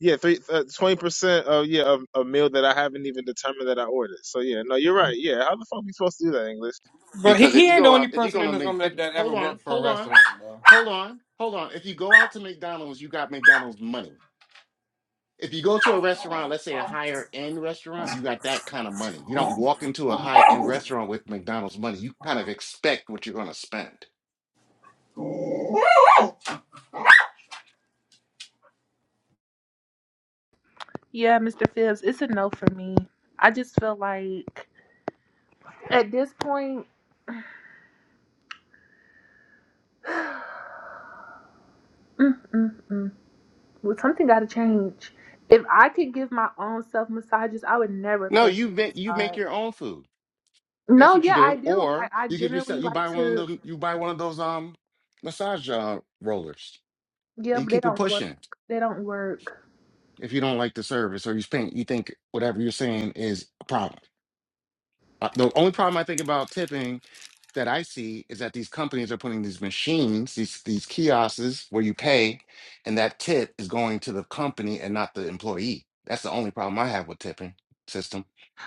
S2: Yeah, yeah. Three uh, twenty percent of yeah of a meal that I haven't even determined that I ordered. So yeah, no, you're right. Yeah, how the fuck we supposed to do that English?
S12: But he,
S15: Because if
S12: he
S15: you
S12: ain't the
S15: go out,
S12: only
S15: if you're
S12: person
S15: gonna
S12: in this
S15: make,
S12: room
S15: if,
S12: that, that
S15: hold
S12: ever
S15: on,
S12: worked for a
S15: hold on,
S12: restaurant, bro.
S15: hold on, hold on. If you go out to McDonald's, you got McDonald's money. if you go to a restaurant, let's say a higher end restaurant, you got that kind of money. You don't walk into a high end restaurant with McDonald's money. You kind of expect what you're going to spend.
S14: Yeah, Mr. Phipps, it's a no for me. I just feel like at this point, mm, mm, mm. well, something got to change. If I could give my own self massages, I would never
S15: No,
S14: pay
S15: you make,
S14: for
S15: you
S14: a
S15: make
S14: massage.
S15: your own food. That's
S14: No,
S15: what you
S14: yeah, I
S15: do.
S14: do.
S15: Or
S14: Like I
S15: you give
S14: generally
S15: yourself you
S14: like
S15: buy one
S14: to.
S15: of them you buy one of those um massage uh, rollers
S14: Yeah,
S15: and you
S14: but they
S15: keep it
S14: don't work.
S15: pushing.
S14: They don't work.
S15: If you don't like the service or you think you think whatever you're saying is a problem. Uh, The only problem I think about tipping that I see is that these companies are putting these machines, these these kiosks where you pay, and that tip is going to the company and not the employee. That's the only problem I have with tipping system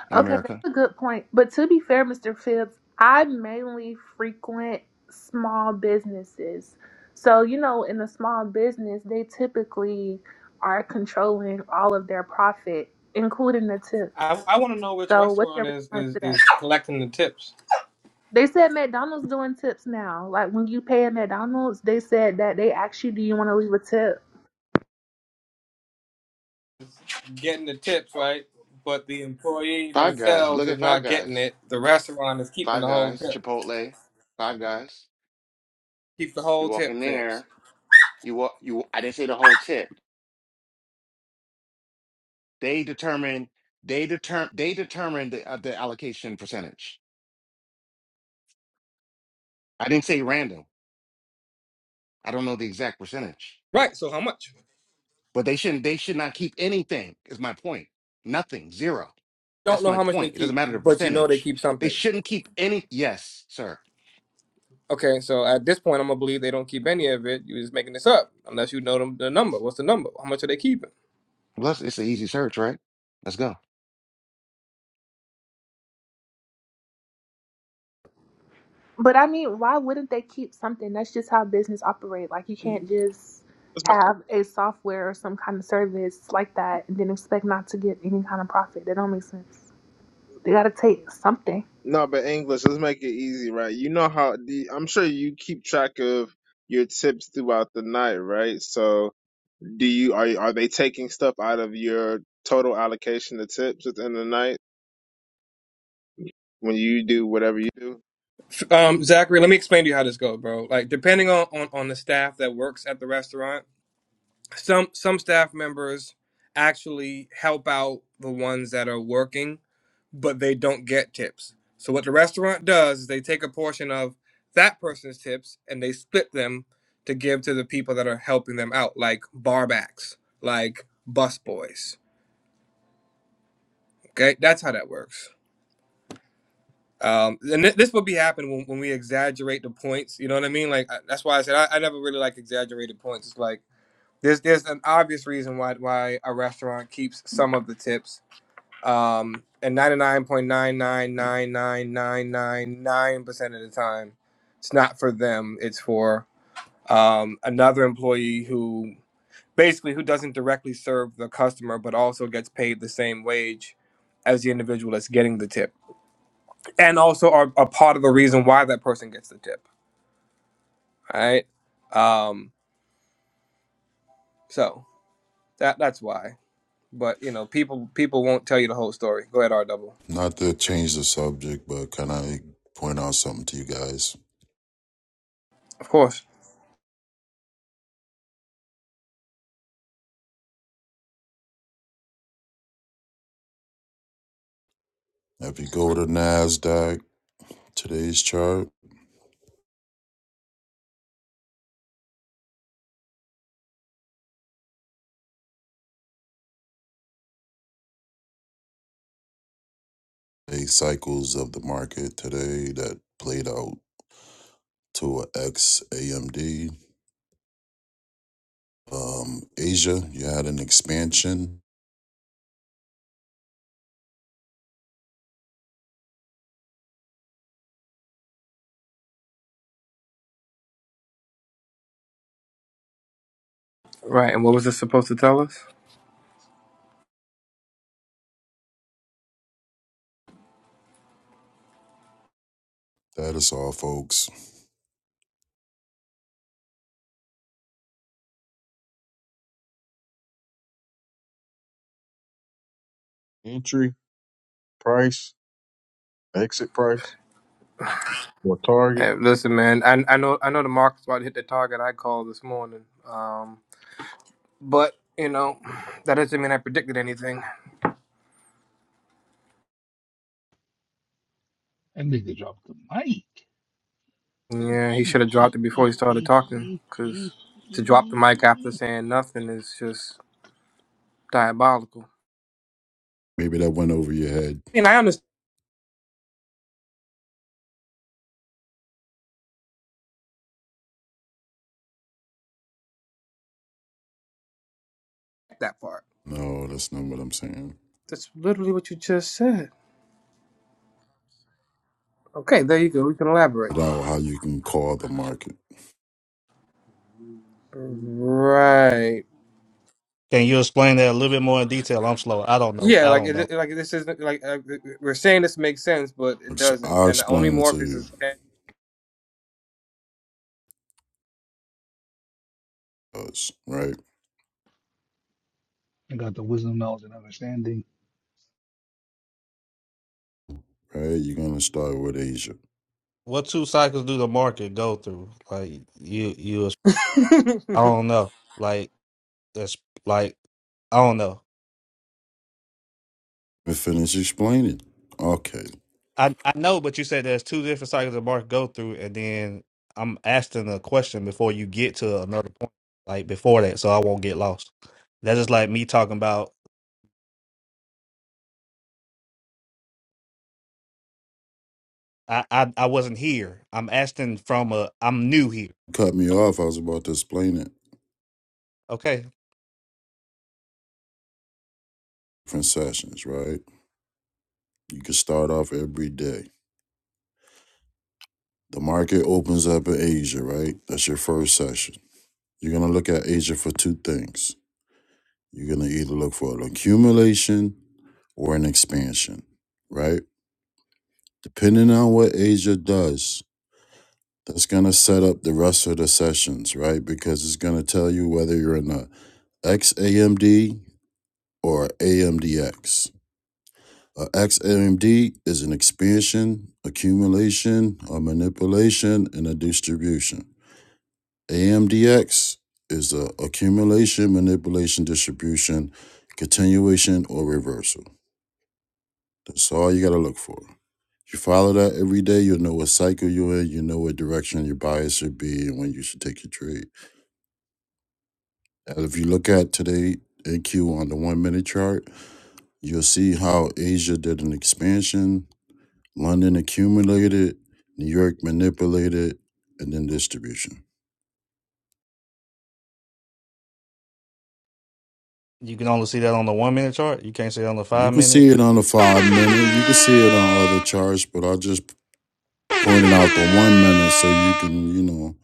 S15: in
S14: Okay, that's
S15: America.
S14: a good point. But to be fair, Mr. Phipps, I mainly frequent small businesses. So, you know, in a small business, they typically are controlling all of their profit, including the tips.
S12: I, I want to know which
S14: So, what's
S12: restaurant
S14: your
S12: is,
S14: response
S12: is
S14: to that?
S12: is collecting the tips,
S14: They said McDonald's doing tips now. Like when you pay at McDonald's, they said that they ask you, do you want to leave a tip?
S12: getting the tips right, but the employee
S15: Five Guys,
S12: themselves
S15: look
S12: is
S15: at Five
S12: not getting
S15: Guys,
S12: it. The restaurant is keeping
S15: Five
S12: the whole
S15: Guys,
S12: tip.
S15: Chipotle, Five Guys.
S12: Keep the
S15: You
S12: whole
S15: walk in
S12: tip, Phipps.
S15: there, you walk, you. I didn't say the whole tip. They determine, they determine, they determine the uh, the allocation percentage. I didn't say random. I don't know the exact percentage.
S12: Right. So how much?
S15: But they shouldn't. They should not keep anything. Is my point. Nothing. Zero.
S12: Don't
S15: That's
S12: know
S15: my
S12: how much they
S15: point. It doesn't
S12: keep,
S15: matter the
S12: but you know they
S15: percentage.
S12: keep
S15: They
S12: something.
S15: shouldn't keep any. Yes, sir.
S12: Okay, so at this point, I'm gonna believe they don't keep any of it. You're just making this up, unless you know them, the number. What's the number? How much are they keeping?
S15: Plus, it's an easy search, right? Let's go.
S14: But I mean, why wouldn't they keep something? That's just how business operate. Like you can't just
S2: Let's make it,
S14: have a software or some kind of service like that and then expect not to get any kind of profit. That don't make sense. They gotta take something.
S2: no, but English. Let's make it easy, right? You know how the I'm sure you keep track of your tips throughout the night, right? So. Do you are are they taking stuff out of your total allocation of tips at the end of the night when you do whatever you do?
S12: Um, Zachary, let me explain to you how this goes, bro. Like, depending on, on on the staff that works at the restaurant, some some staff members actually help out the ones that are working, but they don't get tips. So what the restaurant does is they take a portion of that person's tips and they split them to give to the people that are helping them out, like barbacks, like busboys Okay, that's how that works. Um, and th- this would be happening when, when we exaggerate the points. You know what I mean? Like I, that's why I said I, I never really like exaggerated points. It's like there's there's an obvious reason why why a restaurant keeps some of the tips. Um, and ninety nine point nine nine nine nine nine nine nine percent of the time, it's not for them. It's for um, another employee who basically who doesn't directly serve the customer, but also gets paid the same wage as the individual that's getting the tip. and also are a part of the reason why that person gets the tip. right? Um, so that that's why. But you know, people people won't tell you the whole story. Go ahead, R double.
S4: Not to change the subject, but can I point out something to you guys?
S12: Of course.
S4: If you go to NASDAQ, today's chart, eight cycles of the market today that played out. to a ex AMD. Um, Asia, you had an expansion.
S12: Right. And what was this supposed to tell us?
S4: That is all, folks.
S7: Entry price, exit price, or target
S12: Hey, listen, man. I I know I know the market's about to hit the target I called this morning. Um, but you know, that doesn't mean I predicted anything. Yeah, he should have dropped it before he started talking. Cause to drop the mic after saying nothing is just diabolical.
S4: Maybe that went over your head.
S12: And I understand that part.
S4: No, that's not what I'm saying.
S12: That's literally what you just said. Okay, there you go. We can elaborate.
S4: About how you can call the market.
S12: Right.
S16: Can you explain that a little bit more in detail? I'm slow. I don't know.
S12: Yeah,
S16: I
S12: like
S16: don't
S12: it,
S16: know.
S12: like this isn't like uh, we're saying this makes sense, but it doesn't.
S4: I'll
S12: And the only
S4: explain it to
S12: Morpheus
S4: you.
S12: is.
S4: Us, right? Right? You're going to start with Asia.
S16: What two cycles do the market go through? Like you, you. I don't know. Like that's like I don't know.
S4: And finish explaining. Okay.
S16: I I know, but you said there's two different cycles the market go through, and then I'm asking a question before you get to another point, like before that, so I won't get lost. That's just like me talking about. I I, I wasn't here. I'm asking from a. I'm new here.
S4: Cut me off. I was about to explain it.
S16: Okay,
S4: Different sessions, right? You can start off every day. The market opens up in Asia, right? That's your first session. You're going to look at Asia for two things. You're going to either look for an accumulation or an expansion, right? Depending on what Asia does, that's going to set up the rest of the sessions, right? Because it's going to tell you whether you're in a XAMD or AMDX. A XAMD is an expansion, accumulation, or manipulation, and a distribution. AMDX is the accumulation, manipulation, distribution, continuation, or reversal. That's all you got to look for. If you follow that every day, you'll know what cycle you're in, you know what direction your bias should be, and when you should take your trade. And if you look at today AQ on the one minute chart, you'll see how Asia did an expansion, London accumulated, New York manipulated, and then distribution.
S16: you can only see that on the one minute chart. You can't see it on the
S4: You
S16: five
S4: can
S16: minute
S4: see it on the five minute. You can see it on other charts, but I just pointed out the one minute so you can, you know,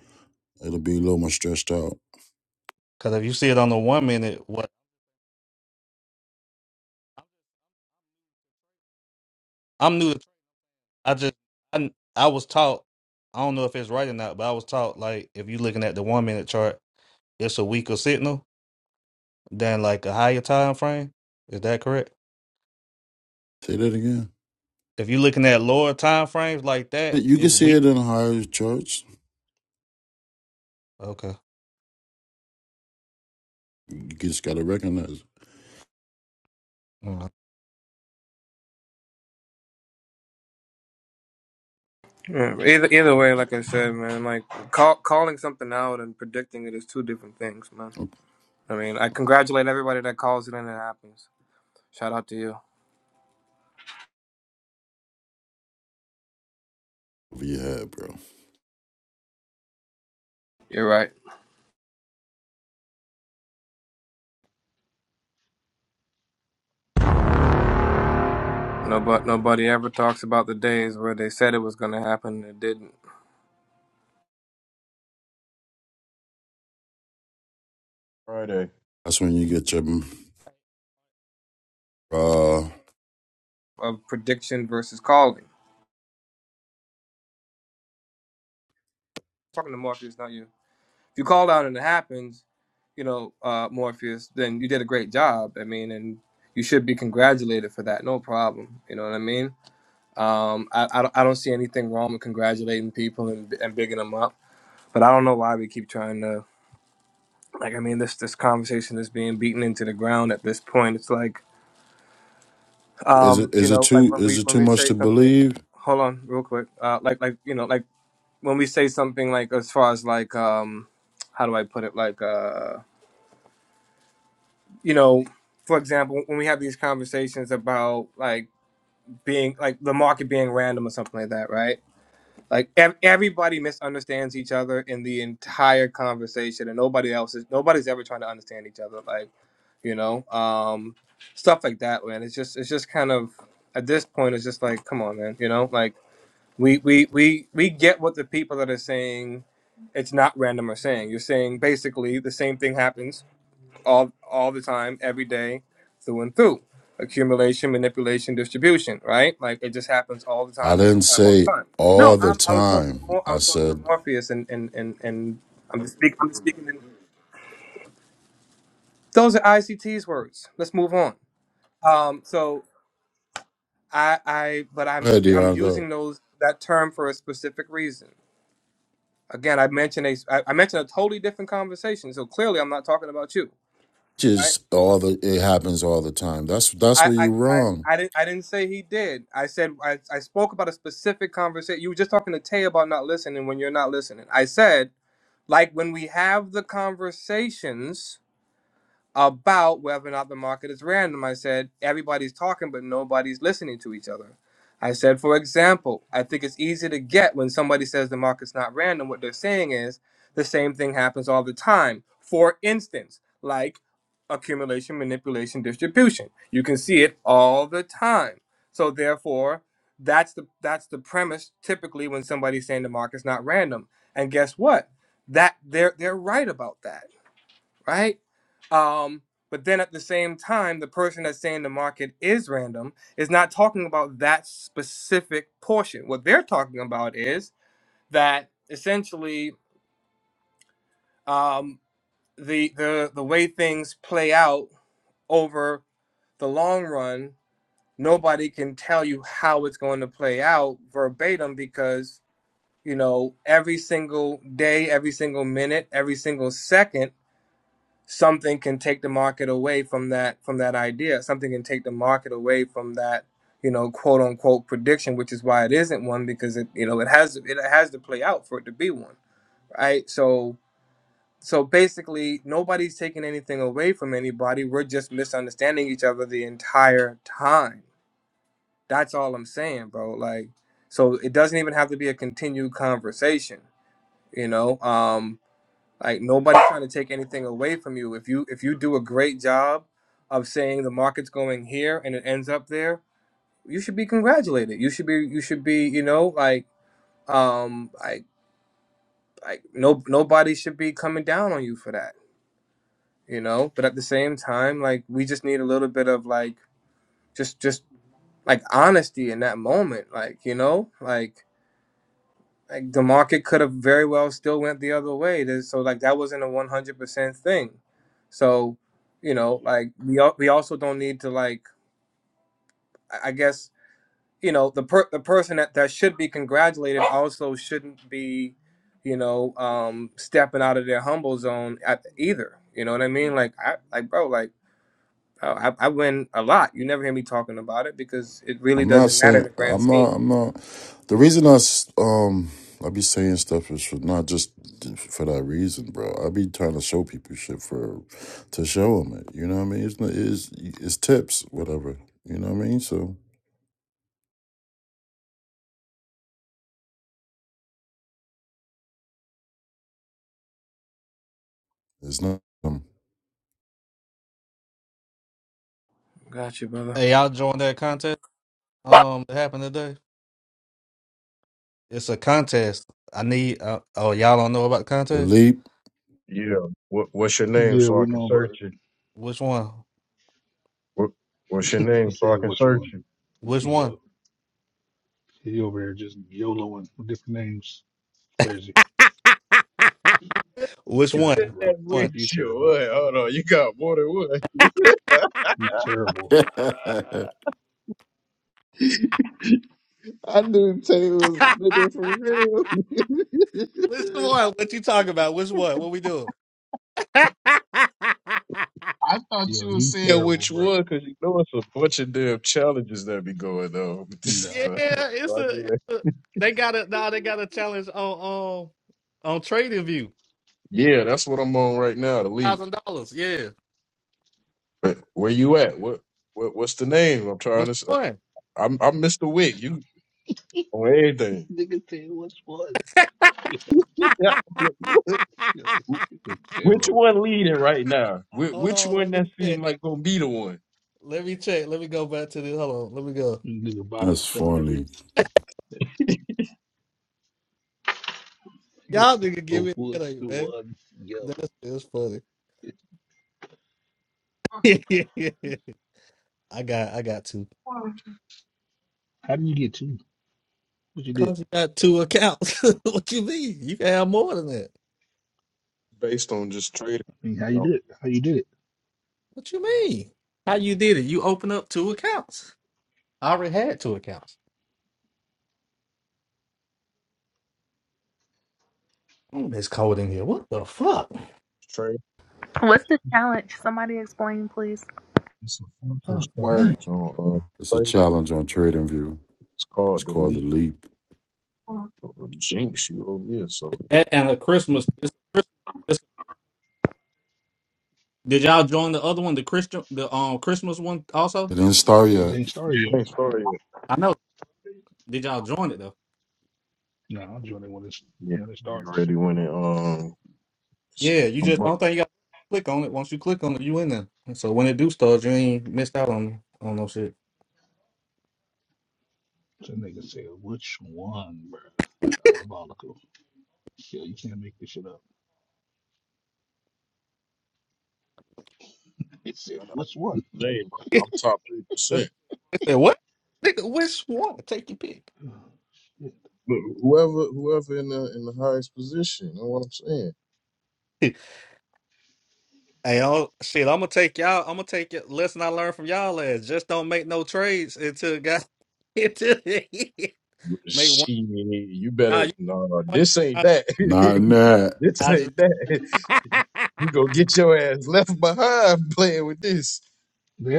S4: it'll be a little more stretched out.
S16: Because if you see it on the one minute, what I'm new, to, I just I I was taught. I don't know if it's right or not, but I was taught like if you're looking at the one minute chart, it's a weaker signal than like a higher time frame. Is that correct?
S4: Say that again.
S16: If you're looking at lower time frames like
S4: Yeah,
S16: that,
S4: You can
S16: it's
S4: see
S16: weak.
S4: it in higher charts.
S16: Okay.
S4: You just gotta recognize it.
S16: Mm.
S12: Yeah, either either way, like I said, man, like call, calling something out and predicting it is two different things, man.
S4: Okay.
S12: I mean, I congratulate everybody that calls it and it happens. Shout out to you.
S4: Over your head, bro.
S12: You're right. No, but nobody ever talks about the days where they said it was going to happen and it didn't.
S7: Friday.
S4: That's when you get your. Uh,
S12: Of prediction versus calling. talking to Morpheus, not you. If you call out and it happens, you know, uh, Morpheus, then you did a great job. I mean, and you should be congratulated for that. No problem. You know what I mean? Um, I, I, don't- I don't see anything wrong with congratulating people and, and bigging them up, but I don't know why we keep trying to, like, I mean, this, this conversation is being beaten into the ground at this point. It's like,
S4: is it
S12: um, you
S4: is it
S12: know, like
S4: too
S12: when we,
S4: is it
S12: when
S4: too
S12: we
S4: much
S12: say
S4: to
S12: something,
S4: believe?
S12: hold on real quick. Uh, like, like, you know, like when we say something like, as far as like, um, how do I put it? Like, uh, you know, for example, when we have these conversations about like being like the market being random or something like that, right? Like ev- everybody misunderstands each other in the entire conversation, and nobody else is nobody's ever trying to understand each other. Like, you know, um, stuff like that, man. It's just it's just kind of at this point, it's just like, come on, man. You know, like we we we we get what the people that are saying it's not random are saying. You're saying basically the same thing happens all all the time, every day, through and through. Accumulation, manipulation, distribution, right? Like it just happens all the
S4: I
S12: time, all
S4: didn't
S12: the time, all the
S4: say
S12: time.
S4: all
S12: No, i
S4: the
S12: I was talking to
S4: time.
S12: Mor- I
S4: I
S12: was talking to
S4: said,
S12: Morpheus, and and and, and I'm just speaking. I'm just speaking. In, those are ICT's words. Let's move on. Um, so I I but I'm
S4: "Hey,
S12: sp- I'm
S4: Dion, go."
S12: using those that term for a specific reason. Again, I mentioned a I, I mentioned a totally different conversation. So clearly, I'm not talking about you, right?
S4: Just all the it happens all the time. That's that's
S12: I,
S4: where
S12: I,
S4: you're
S12: I,
S4: wrong.
S12: I didn't I didn't say he did. I said I, I spoke about a specific conversation. You were just talking to Tay about not listening when you're not listening. I said like when we have the conversations about whether or not the market is random. I said, everybody's talking, but nobody's listening to each other. I said, for example, I think it's easy to get when somebody says the market's not random. What they're saying is the same thing happens all the time. For instance, like accumulation, manipulation, distribution. You can see it all the time. So therefore, that's the that's the premise typically when somebody's saying the market's not random. And guess what? That they're they're right about that right? Um, but then at the same time, the person that's saying the market is random is not talking about that specific portion. What they're talking about is that essentially um, the the the way things play out over the long run, nobody can tell you how it's going to play out verbatim because you know every single day, every single minute, every single second something can take the market away from that from that idea something can take the market away from that you know quote unquote prediction which is why it isn't one because it you know it has it has to play out for it to be one right so so basically nobody's taking anything away from anybody we're just misunderstanding each other the entire time that's all i'm saying bro like so it doesn't even have to be a continued conversation you know um like nobody's trying to take anything away from you. If you if you do a great job of saying the market's going here and it ends up there, you should be congratulated. You should be you should be, you know, like um like like no nobody should be coming down on you for that, you know? But at the same time, like we just need a little bit of like just just like honesty in that moment, like, you know? Like like the market could have very well still went the other way. There's- So like that wasn't a one hundred percent thing. So you know, like we al- we also don't need to like I I guess you know the per- the person that that should be congratulated also shouldn't be you know um stepping out of their humble zone at either. You know what I mean? Like I like bro like. oh, I, I win a lot. You never hear me talking about it because it really
S4: I'm not
S12: doesn't matter in
S4: saying
S12: the grand
S4: I'm not.
S12: scheme.
S4: I'm not. The reason I um I be saying stuff is for not just for that reason, bro. I be trying to show people shit for to show them it. You know what I mean? It's not. It's it's tips, whatever. You know what I mean? So it's not um,
S12: Gotcha, brother.
S16: Hey, y'all join that contest. Um, that happened today. It's a contest. I need. Uh, oh, y'all don't know about the
S4: the
S16: contest?
S4: leap.
S7: Yeah. What what's your name so I can search it?
S16: Which one?
S7: What what's your name so I can search it?
S16: Which one? Which one?
S7: That with
S16: Which
S7: you. What? Hold on. You got more than one. I knew Tay was a nigga for
S16: one?
S7: real.
S16: Which one? What you talking about? Which one? What we doing?
S7: I thought you were saying which one, because you know it's a bunch of damn challenges that be going on. But this is
S16: Yeah,
S7: not-
S16: it's a, it's a they got a nah, they got a challenge on um on trading view.
S7: yeah, that's what I'm on right now, the league.
S16: Thousand dollars, yeah.
S7: But where you at? What, what what's the name? I'm trying
S16: Which
S7: to. s-
S16: one?
S7: I'm I'm Mr. Wick. You on everything? Yeah. yeah. Which one leading right now? Wh-
S16: Hold
S7: Which
S16: on, let
S7: one
S16: me
S7: that
S16: check.
S7: seem like gonna be the one?
S16: Let me check. Let me go back to this. Hold on, let me go.
S4: That's funny.
S16: Y'all nigga give me a headache, man. That's it's funny. I got I got two. Cause you got two accounts. what you mean? You can have more than that.
S7: Based on just trading, you know,
S16: What you mean? How you did it? You open up two accounts. I already had two accounts. Mm, it's cold in here. What the fuck?
S14: What's the challenge? Somebody explain, please.
S7: It's a function
S16: Oh
S13: upward.
S16: man.
S7: challenge on
S4: It's
S7: uh,
S4: a
S7: Facebook.
S4: challenge on TradingView.
S7: It's
S4: It's
S7: called
S4: called the
S7: Delete.
S4: leap.
S7: So it jinx you over here. So
S16: And, and a Christmas. It's a Christmas. It's, did y'all join the other one? The Christian. The um Christmas one also.
S4: It didn't start yet.
S7: it ain't started yet.
S16: I know. Did y'all join it though?
S7: Yeah, you already went in. Um, it's
S16: Yeah. You
S7: a
S16: just. I
S7: month.
S16: don't think you got to click on it. Once you click on it, you in there. And so when it do start, you ain't missed out on on no shit.
S7: Yeah, I know- I know the name. I'm
S16: they
S7: I'm top three percent.
S16: said what? Nigga, which one? Take your pick.
S7: But whoever, whoever in the in the highest position, you know what I'm saying?
S16: Hey, oh shit! I'm gonna take y'all. I'm gonna take it. Lesson I learned from y'all is just don't make no trades until got until make one.
S7: She, you
S16: Nah,
S7: better.
S16: you
S7: No,
S16: one.
S7: this ain't
S16: I,
S7: that.
S4: Not in that.
S7: this
S16: I just
S7: ain't that. You gonna get your ass left behind playing with this.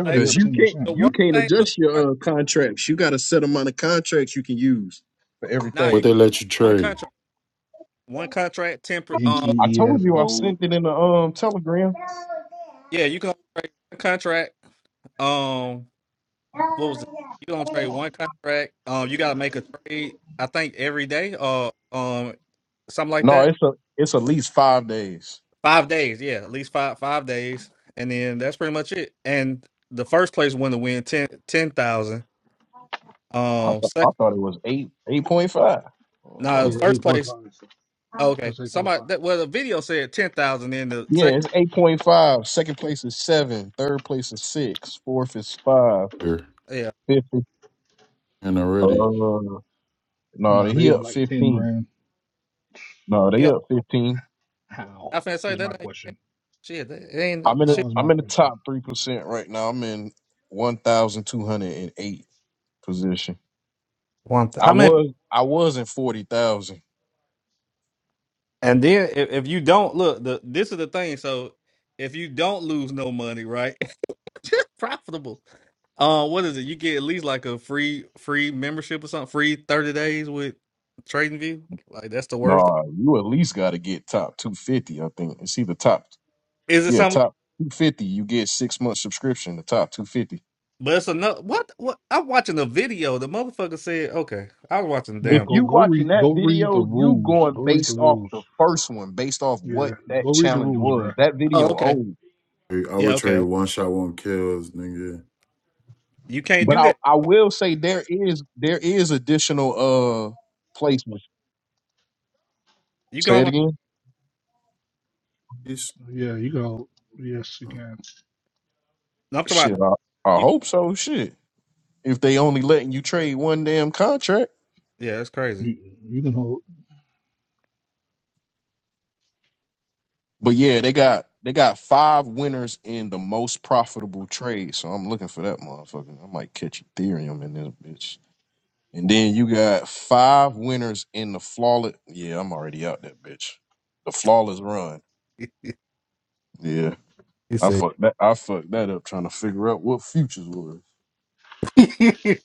S16: like
S7: Cause
S16: look,
S7: you can't
S16: the
S7: you
S16: worst
S7: can't
S16: thing. Look, the
S7: adjust
S16: worst,
S7: your uh, contracts. You got a set amount of contracts you can use for
S16: nah,
S4: But
S16: you
S7: everything.
S4: they
S16: can
S4: let you
S16: one
S4: trade
S16: contract, one contract, temper. Um,
S7: I told you I sent it in the um telegram.
S16: yeah, you can only trade one contract. Um, what was it? You can only trade one contract. Um, you gotta make a trade. I think every day. Uh, um, something like
S7: No,
S16: that.
S7: it's a it's at least five days.
S16: Five days, yeah, at least five five days, and then that's pretty much it. And the first place win the win ten ten thousand.
S7: I
S16: Um,
S7: th- I
S16: sec-
S7: thought it was eight eight point five.
S16: now the
S7: Oh.
S16: first place, oh, okay, somebody that well the video said ten thousand. In the
S7: Yeah,
S16: second,
S7: it's eight point five. Second place is seven. Third place is six. Fourth is five.
S4: here
S16: yeah,
S7: Fifth is
S4: and already.
S7: uh no, they he up fifteen. No, they
S16: yeah,
S7: up fifteen.
S16: I finna say that ain't shit. That
S7: I'm in
S16: ain't
S7: the,
S16: shit.
S7: I'm in the top three percent right now. I'm in one thousand two hundred and eight position.
S16: One, th-
S7: I
S16: how many?
S7: was I was in forty thousand.
S16: And then if, if you don't look, the this is the thing. So if you don't lose no money, right? profitable. Uh, what is it? You get at least like a free free membership or something, free thirty days with Trading View. Like that's the worst.
S7: Nah, you at least got to get top two fifty. I think it's either top
S16: Is it
S7: yeah
S16: something?
S7: top two fifty. You get six month subscription. The top two fifty.
S16: But it's another. What? What? I'm watching a video. The motherfucker said, "Okay, I was watching the
S7: If
S16: damn."
S7: you watching that video, you going based off the first one, based off what that challenge was. That
S16: Oh,
S7: video
S16: okay.
S7: old,
S4: I
S16: Yeah,
S4: would
S16: okay.
S4: trade
S16: okay.
S4: one shot, one kills, nigga.
S16: You can't
S7: but
S16: do
S7: I
S16: that.
S7: I will say there is there is additional uh placements.
S16: You can
S7: Say it
S16: only.
S7: again.
S4: He's- uh,
S16: I'm talking about
S7: Shit, I, I
S16: you.
S7: hope so. Shit, if they only letting you trade one damn contract,
S16: Yeah, that's crazy.
S7: but yeah, they got they got five winners in the most profitable trade. So I'm looking for that motherfucker. I might catch Ethereum in this bitch. And then you got five winners in the flawless. Yeah, I'm already out that bitch. The flawless run. Yeah,
S16: He
S7: I
S16: said.
S7: fucked that. I fucked that up trying to figure out what futures was.
S16: he said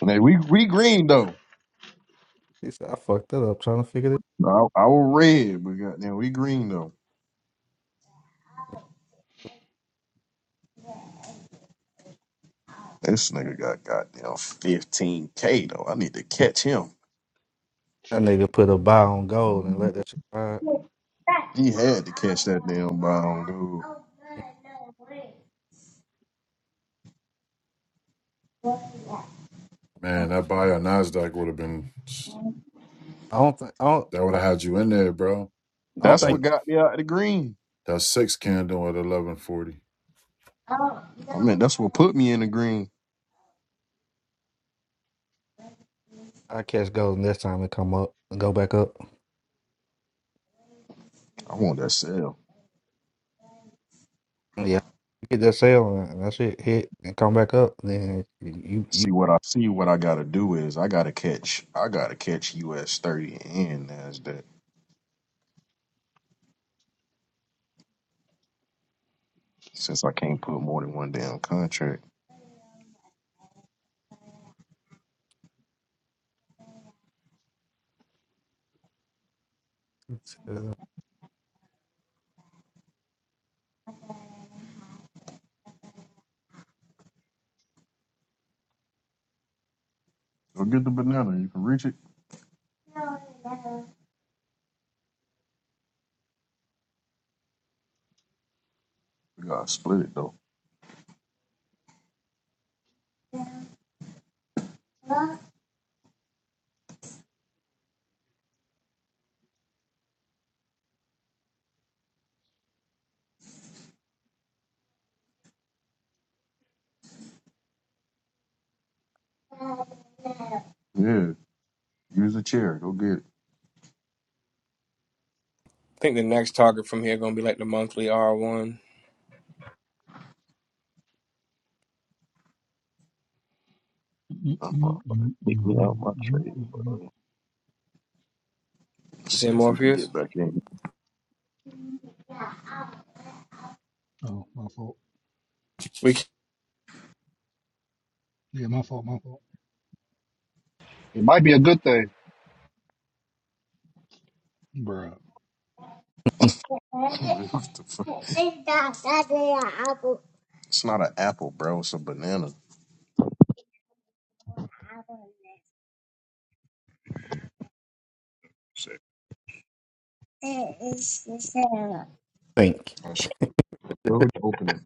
S7: Man, we we green though.
S16: I fucked that up trying to figure this.
S7: I, I was red, but goddamn, we green though. This nigga got goddamn 15K though. I need to catch him.
S16: That nigga put a buy on gold and let that shit ride.
S7: He had to catch that damn ball, dude.
S4: Man, that buy on Nasdaq would have been
S16: I don't think. I don't.
S4: that would have had you in there, bro.
S16: I don't
S7: That's
S16: think.
S7: what
S4: That
S7: got me out of the green.
S4: that six candle at eleven forty.
S7: I mean, that's what put me in the green.
S16: I catch gold next time it come up, go back up.
S7: I want that sell.
S16: Yeah, get that sale and that shit hit and come back up. Then you you
S7: See what I see. What I gotta do is I gotta catch. I gotta catch US thirty and Nasdaq since I can't put more than one damn contract.
S16: uh,
S7: Go get the banana. You can reach it. We gotta split it though. Yeah, use the chair. Go get it.
S12: I think the next target from here gonna be like the monthly R one.
S7: That motherfucker kicked me out my trade. Bro. Let's
S12: Is
S7: See
S12: it
S7: if we can
S12: Morpheus?
S7: get back in.
S12: We can't.
S9: it might be a good thing.
S7: what the fuck? It's not an apple, bro. It's a banana. Shit.
S16: think
S7: I should have you open it.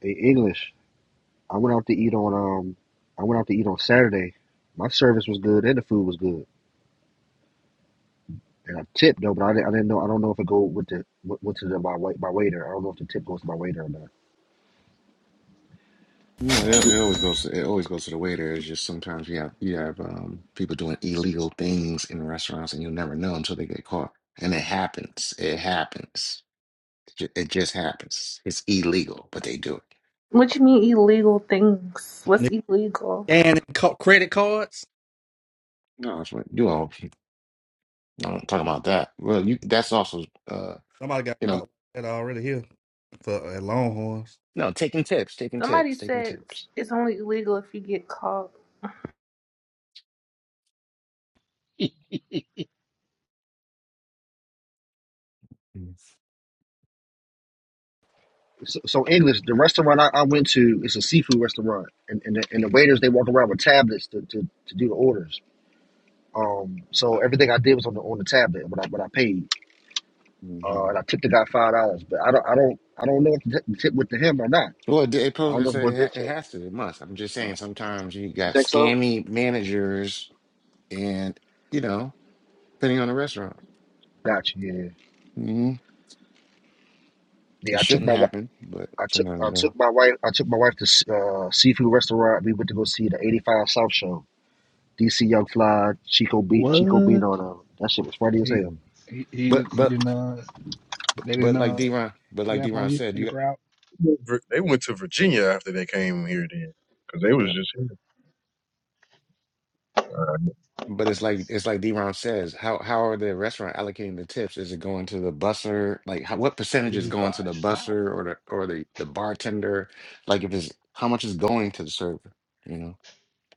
S9: Hey, English. I went out to eat on um. I went out to eat on Saturday. My service was good and the food was good. And I tipped though, but I didn't, I didn't know. I don't know if it go with the went to the, my wait my waiter. I don't know if the tip goes to my waiter or not.
S15: You
S9: But
S15: know,
S9: the food
S15: it, it always goes to, it always goes to the waiter. It's just sometimes you have you have um, people doing illegal things in restaurants, and you'll never know until they get caught. And it happens. It happens. Ju- It just happens. It's illegal, but they do it.
S14: What you mean illegal things? What's
S16: nigga
S14: illegal?
S16: scanning co- credit cards.
S15: No, that's what you all. I don't talk about that. Well, you that's also uh,
S16: Somebody got
S15: you know.
S16: caught like that already here for at Longhorns.
S15: No, taking tips, taking
S14: Somebody
S15: tips, taking
S14: said it's
S15: tips.
S14: it's only illegal if you get caught.
S9: so, so English, the restaurant I, I went to is a seafood restaurant, and and the, and the waiters they walk around with tablets to, to, to do the orders. Um, so everything I did was on the on the tablet when I when I paid,
S15: Mm-hmm.
S9: uh, and I tipped the guy five dollars. But I don't I don't I don't know if the tip tip went to him or not.
S15: Well, it, it
S9: I don't know
S15: poses,
S9: if it was
S15: it
S9: this
S15: ha- it
S9: tip.
S15: has to, it must. I'm just saying, sometimes you
S9: You
S15: got
S9: think so?
S15: scammy managers and, you know, depending on the restaurant.
S9: Gotcha. Yeah,
S15: hmm
S9: yeah.
S15: It
S9: I took
S15: shouldn't
S9: my wi-
S15: happen, but
S9: I took I
S15: sometimes it does.
S9: took my wife I took my wife to s- uh, seafood restaurant. We went to go see the eighty five South show. DC Young Fly, Chico Beat Chico Beat on uh, that shit was funny as hell.
S15: Mhm. But, but, but, but like d but like d said, you
S7: Vir- They went to Virginia after they came here then. Because they was
S15: got,
S7: just here.
S15: But it's like it's like D-Ron says, how how are the restaurant allocating the tips? Is it going to the busser? Like how, what percentage is going to the busser or the or the, the bartender? Like if it's how much is going to the server, you know?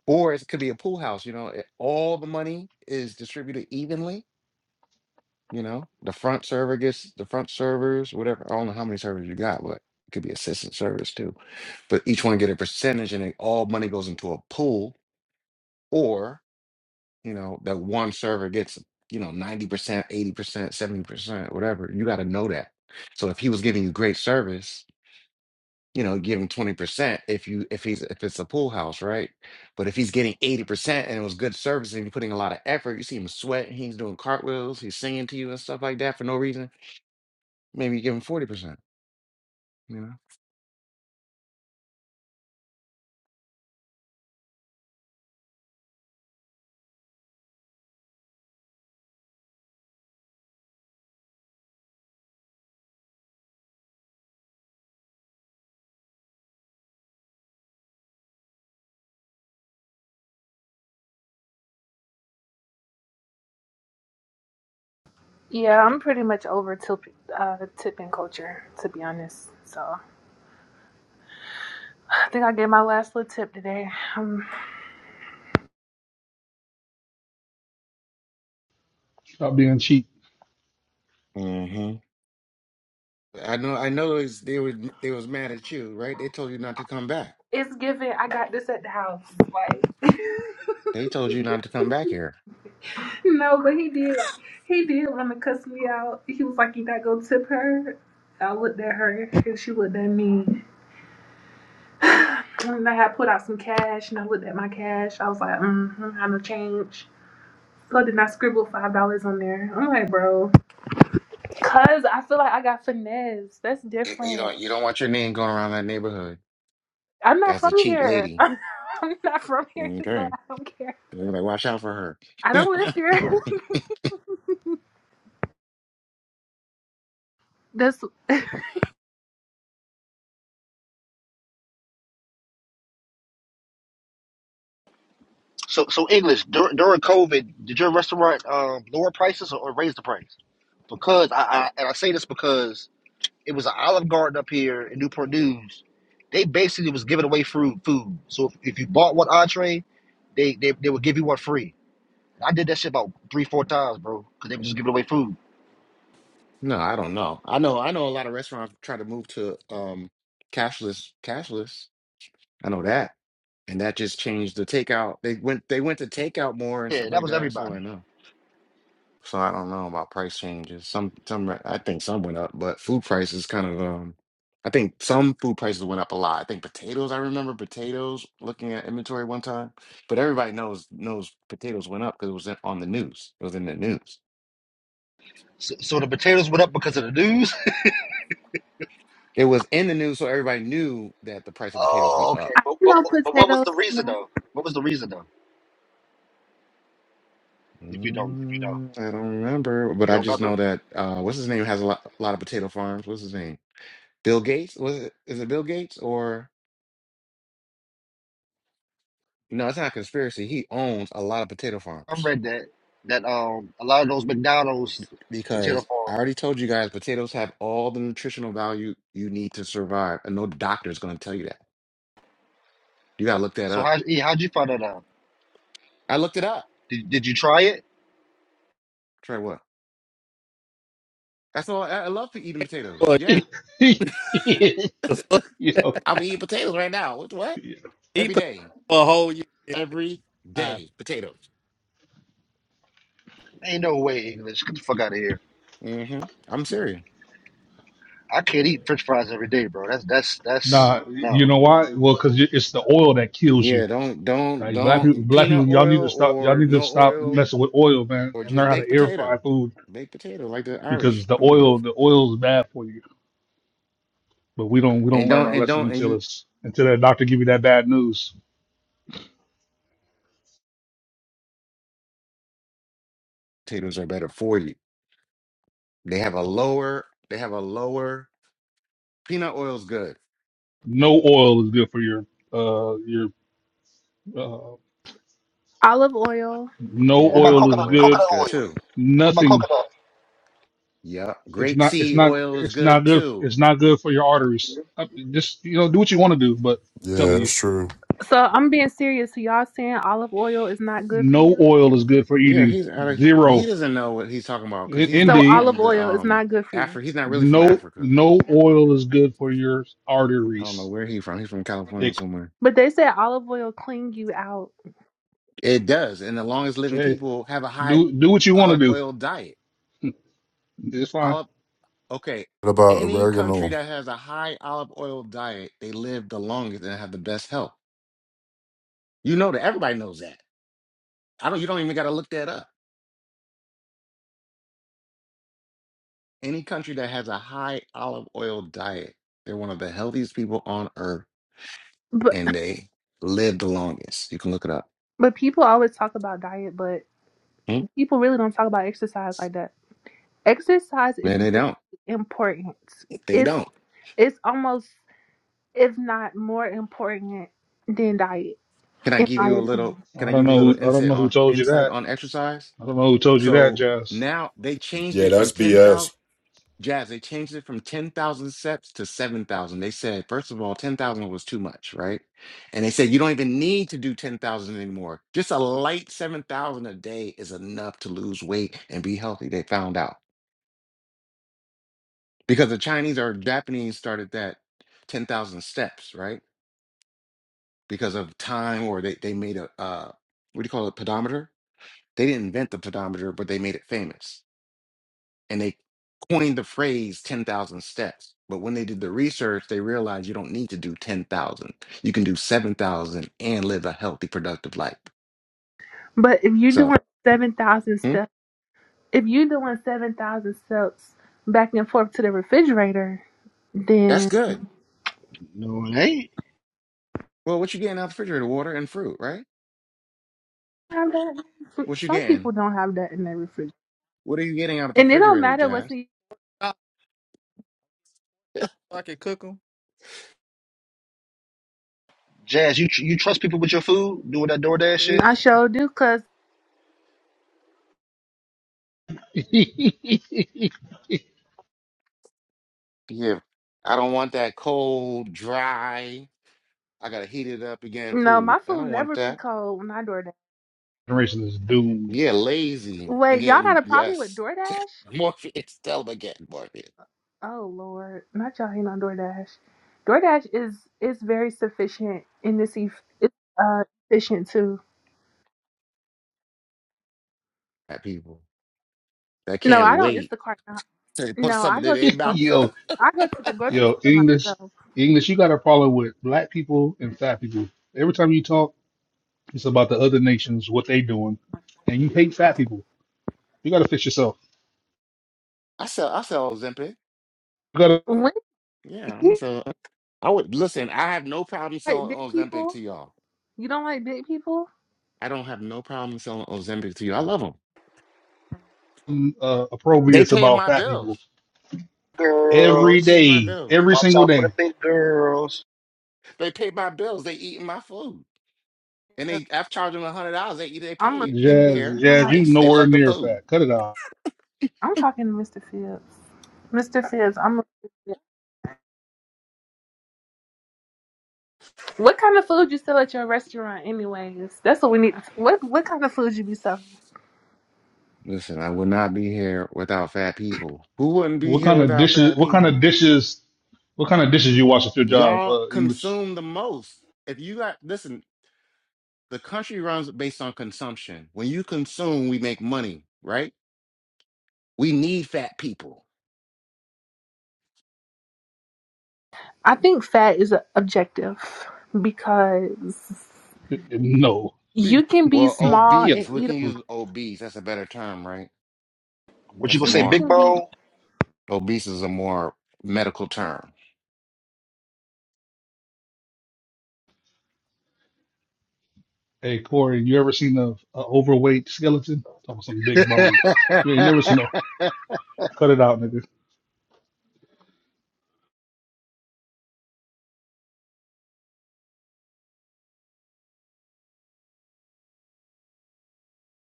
S15: Or it could be a pool house, you know, it- all the money is distributed evenly, you know? The front server gets the front servers, whatever. I don't know how many servers you got, but it could be assistant servers too. But each one get a percentage and it, all money goes into a pool you know, that one server gets, you know, 90%, 80%, 70%, whatever. You got to know that. So if he was giving you great service, you know, give him 20% if you if he's if it's a pool house, right? But if he's getting 80% and it was good service and you're putting a lot of effort, you see him sweating, he's doing cartwheels, he's singing to you and stuff like that for no reason, maybe you give him 40%, you know?
S14: Yeah, I'm pretty much over tip, uh, tipping culture, to be honest. So I think I gave my last little tip today. Um,
S15: hmm I know, I know it's, they were they was mad at you, right? They told you not to come back.
S14: It's given. I got this at the house. Like,
S15: They told you not to come back here.
S14: no, but he did. He did want to cuss me out. He was like, "You gotta go tip her." I looked at her, and she looked at me. And I had put out some cash, and I looked at my cash. I was like, "Mm-hmm, I'm a change." So then I scribbled five dollars on there. I'm like, bro, cause I feel like I got finesse. That's
S15: You, you
S14: different.
S15: don't you don't want your name going around that neighborhood.
S14: I'm not
S15: That's a
S14: from
S15: cheap
S14: here.
S15: lady.
S14: I'm not from here, so
S15: Okay.
S14: I don't care.
S15: They're like, watch out for
S14: I
S15: her.
S14: don't live here. The
S9: So, so English during, during COVID, did your restaurant um, lower prices or, or raise the price? Because I, I and I say this because it was an Olive Garden up here in Newport News. They basically was giving away food. Food. So if, if you bought one entree, they, they they would give you one free. I did that shit about three four times, bro, because they was just giving away food.
S15: No, I don't know. I know I know a lot of restaurants try to move to um cashless cashless. I know that. And that just changed the takeout. They went they went to takeout more and
S9: Yeah,
S15: stuff
S9: that
S15: like
S9: was
S15: that. That's all I
S9: everybody.
S15: know. So I don't know about price changes. Some some re- I think some went up, but food prices kind of um I think some food prices went up a lot. I think potatoes, I remember potatoes looking at inventory one time, but everybody knows knows potatoes went up because it was in, on the news. It was in the news.
S9: So, so the potatoes went up because of the news.
S15: It was in the news, so everybody knew that the price of potatoes
S9: oh,
S15: went
S9: okay.
S15: up.
S14: I
S9: But,
S14: didn't
S9: but
S14: know
S9: but but what was
S14: potatoes,
S9: the
S14: you
S9: reason
S14: know,
S9: though? What was the reason though? If you don't if you don't
S15: Mm, I don't remember, but
S9: you
S15: I
S9: don't
S15: just
S9: remember?
S15: know that uh what's his name has a lot, a lot of potato farms. What's his name? Bill Gates? Was it is it Bill Gates or No, it's not a conspiracy. He owns a lot of potato
S9: I
S15: farms
S9: read that that um a lot of those McDonald's potato
S15: because I
S9: farms.
S15: already told you guys potatoes have all the nutritional value you need to survive, and no doctor is going to tell you that. You got to look that
S9: So
S15: up.
S9: how E, how'd you find that out?
S15: I looked it up.
S9: Did, did you try it?
S15: Trey, what? That's all. I, I love to eating potatoes.
S16: Well, yeah,
S15: Yeah,
S16: the fuck
S15: I'll be eating potatoes right now. What? what?
S16: eat
S15: Every
S16: potatoes
S15: day,
S16: for a whole year.
S15: every
S16: Uh,
S15: day, potatoes.
S9: Ain't no way English. Get the fuck out of here.
S15: hmm I'm serious.
S9: I can't eat French fries every day, bro. That's that's that's no.
S15: Yeah, don't don't don't eat peanut oil or no oil or just baked potato. Baked potato like the Irish. Come on. And don't and don't and you potatoes are better for you. They have a lower they have a lower peanut oil's good.
S14: olive oil.
S9: What
S15: Yeah,
S9: about
S15: olive
S9: coconut
S15: oil's
S9: coconut
S15: good
S9: oil?
S15: too.
S9: What about coconut?
S15: Yeah, grape seed oil is good too.
S4: Yeah, that's true.
S14: So I'm being serious. So y'all saying olive oil is not good for you?
S15: Yeah, he's out of he doesn't know what he's talking about because he's
S14: So
S15: not
S14: olive
S15: from the
S14: oil is
S15: um
S14: not good for you.
S15: Afri he's not really from Africa. I don't know where he's from. He's from California or somewhere.
S14: But they say olive oil clean you out.
S15: It does, and the longest living people have a high olive oil diet. Olive okay,
S4: What about
S15: any country
S4: oregano?
S15: that has a high olive oil diet, they live the longest and have the best health. You know that everybody knows that. I don't. You don't even got to look that up. Any country that has a high olive oil diet, they're one of the healthiest people on earth,
S14: But
S15: and they live the longest. You can look it up.
S14: but people always talk about diet, but
S15: Hmm?
S14: people really don't talk about exercise like that. Exercise is
S15: No, they
S14: very
S15: don't.
S14: important.
S15: They
S14: It's
S15: don't.
S14: it's almost if not more important than diet,
S15: Can I
S14: in
S15: give
S14: my
S15: you a little?
S14: opinion.
S15: Can I give you a little insight on insight on exercise? So now they changed
S4: Yeah,
S15: it from
S4: that's
S15: 10,000.
S4: BS.
S15: Jazz, they changed it from 10,000 steps to 7,000. They said, first of all, 10,000 was too much, right? And they said, you don't even need to do 10,000 anymore. Just a light 7,000 a day is enough to lose weight and be healthy. They found out because the Chinese or Japanese started that 10,000 steps, right? Because of time, or they, they made a, uh, what do you call it, pedometer? They didn't invent the pedometer, but they made it famous and they coined the phrase 10,000 steps. But when they did the research, they realized you don't need to do 10,000. You can do 7,000 and live a healthy, productive life.
S14: But if you're
S15: So
S14: doing seven thousand
S15: hmm,
S14: steps. If you're doing seven thousand steps back and forth to the refrigerator,
S15: that's
S14: then
S15: good.
S9: No, it ain't.
S15: Well, what you getting out of the refrigerator? Water and fruit, right?
S14: have that.
S15: What you
S14: Some people
S15: getting?
S14: don't have that in their refrigerator,
S15: What are you getting out of the
S14: and it don't
S15: refrigerator,
S14: matter what's
S15: Jazz?
S14: in.
S16: stop, stop, so I can cook them.
S9: Jazz, you tr- you trust people with your food doing that DoorDash shit?
S14: I sure do, cause
S15: Yeah, I don't want that cold, dry. I gotta heat it up again.
S14: you know my
S15: Food. I
S14: food
S15: don't want
S14: never be
S15: that.
S14: cold when I DoorDash.
S15: Yeah, lazy and
S14: Wait, y'all got
S15: getting
S14: a problem with
S15: yes.
S14: DoorDash?
S15: Morpheus, tell them again, Morpheus.
S14: Oh Lord, not y'all hating on DoorDash. DoorDash is is very sufficient and it's, eff- it's uh efficient too.
S15: That people that
S14: No,
S15: can't
S14: I don't
S15: wait.
S14: Instacart. Not.
S15: They
S14: No,
S15: put
S14: no, I
S15: something in
S14: go to
S15: their
S14: the
S15: mouth.
S14: grocery. I go to the grocery store myself.
S15: I sell I sell Ozempic.
S14: When
S15: Yeah, I'm gonna sell I would listen, I have no problem
S14: like
S15: selling
S14: big
S15: Ozempic
S14: people?
S15: to y'all.
S14: You don't like big people?
S15: I don't have no problem selling Ozempic to you. I love them. They paying my bills. What do you mean? They pay
S9: Girls,
S15: my bills.
S9: watch out for the big girls.
S15: They pay my bills. They eating my food. And
S14: Uh,
S15: they I've charged them a hundred dollars. They eat they pay
S14: I'm
S15: it. They don't
S14: offended.
S15: care
S14: You
S15: the
S14: don't like.
S15: price. They love the food.
S14: I'm talking to Mr. Phillips. Mr. Phillips, I'm. Offended. What kind of food you sell at your restaurant, anyways? That's what we need. What What kind of food you be selling?
S15: Listen, I would not be here without fat people. Who wouldn't be here without fat people? Y'all consume the most. If you got listen, the country runs based on consumption. When you consume, we make money, right? We need fat people.
S14: I think fat is a- objective because you can be
S15: Well,
S14: small
S15: obese,
S14: and
S15: we
S14: eat.
S15: can
S14: a-
S15: use obese. That's a better term, right?
S9: What you
S15: That's
S9: gonna say,
S14: You
S15: more,
S9: big
S14: can be
S9: bone?
S15: obese is a more medical term.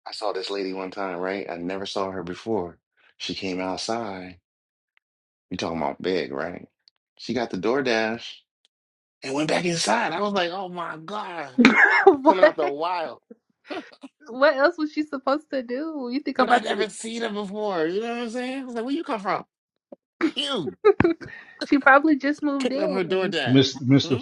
S15: I saw this lady one time, right? I never saw her before. She came outside. you talking about big, right? She got the DoorDash and went back inside. I was like, oh my God, coming out the
S14: what?
S15: wild.
S14: What else was she supposed to do? You think I'm
S15: But I
S14: about to?
S15: never seen her before. You know what I'm saying? I was like, where you come from? Ew.
S14: She probably just moved
S15: picked up her
S14: in.
S15: DoorDash. Hmm?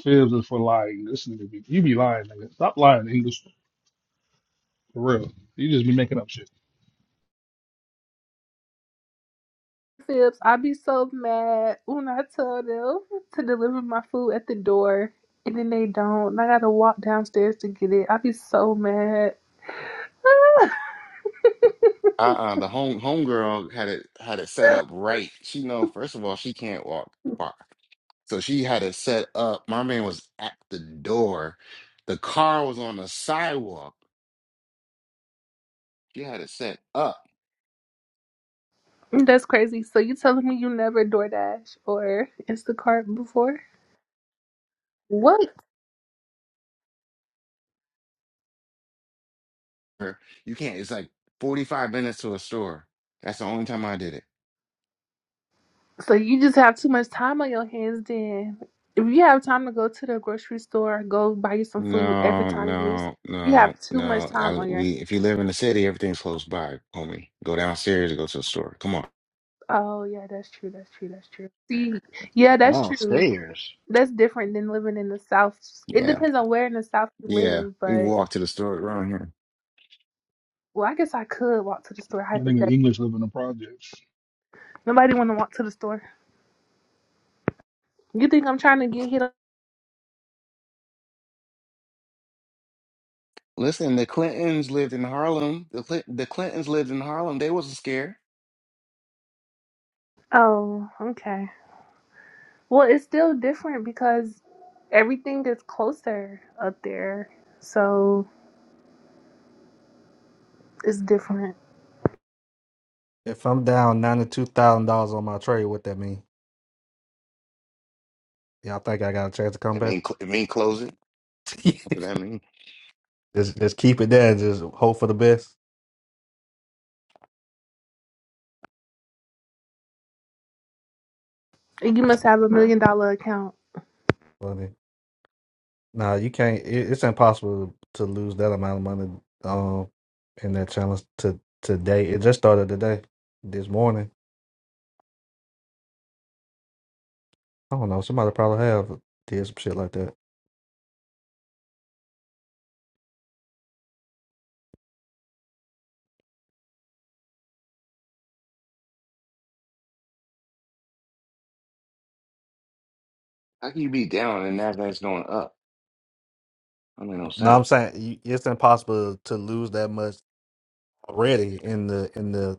S14: Phillips, I be so mad when I tell them to deliver my food at the door and then they don't. And I gotta walk downstairs to get it. I be so mad.
S15: Uh-uh, the home homegirl had it had it set up right. She know first of all she can't walk far, so she had it set up. My man was at the door. The car was on the sidewalk. She had it set up.
S14: That's crazy. So you telling me you never DoorDash or Instacart before? What?
S15: Her- You can't. It's like forty five minutes to a store. That's the only time I did it.
S14: So you just have too much time on your hands then. If you have time to go to the grocery store, go buy you some food every
S15: No,
S14: time you need
S15: no,
S14: something, you
S15: no,
S14: have too much
S15: no.
S14: time
S15: I,
S14: on your hands.
S15: we if you live in the city, everything's close by, homie. Go downstairs and go to the store. Come on.
S14: Oh yeah, that's true, that's true, that's true. See, yeah, that's true.
S9: Downstairs.
S14: That's different than living in the South. It
S15: Yeah,
S14: depends on where in the South you
S15: yeah.
S14: live,
S15: You can
S14: but
S15: walk to the store around here.
S14: well, I guess I could walk to the store hypothetically. Nobody want to walk to the store. You think I'm trying to get hit? up?
S15: Listen, the Clintons lived in Harlem. The Clin- the Clintons lived in Harlem. They wasn't scared.
S14: Oh, okay. Well, it's still different because everything is closer up there, so it's different.
S16: If I'm down ninety two thousand dollars on my trade, what that mean? Y'all think I got a chance to come
S15: I
S16: back?
S15: mean, cl- I mean, closing. That's what I mean.
S16: just just keep it there and just hope for the best.
S14: And You must have a million dollar account.
S16: Funny. No, you can't. It, it's impossible to lose that amount of money um in that challenge to today. It just started today, this morning. I don't know. Somebody probably have did some shit like that.
S15: How can you be down and Nasdaq's going up? I mean, no
S16: No,
S15: sense.
S16: I'm saying you- it's impossible to lose that much already in the in the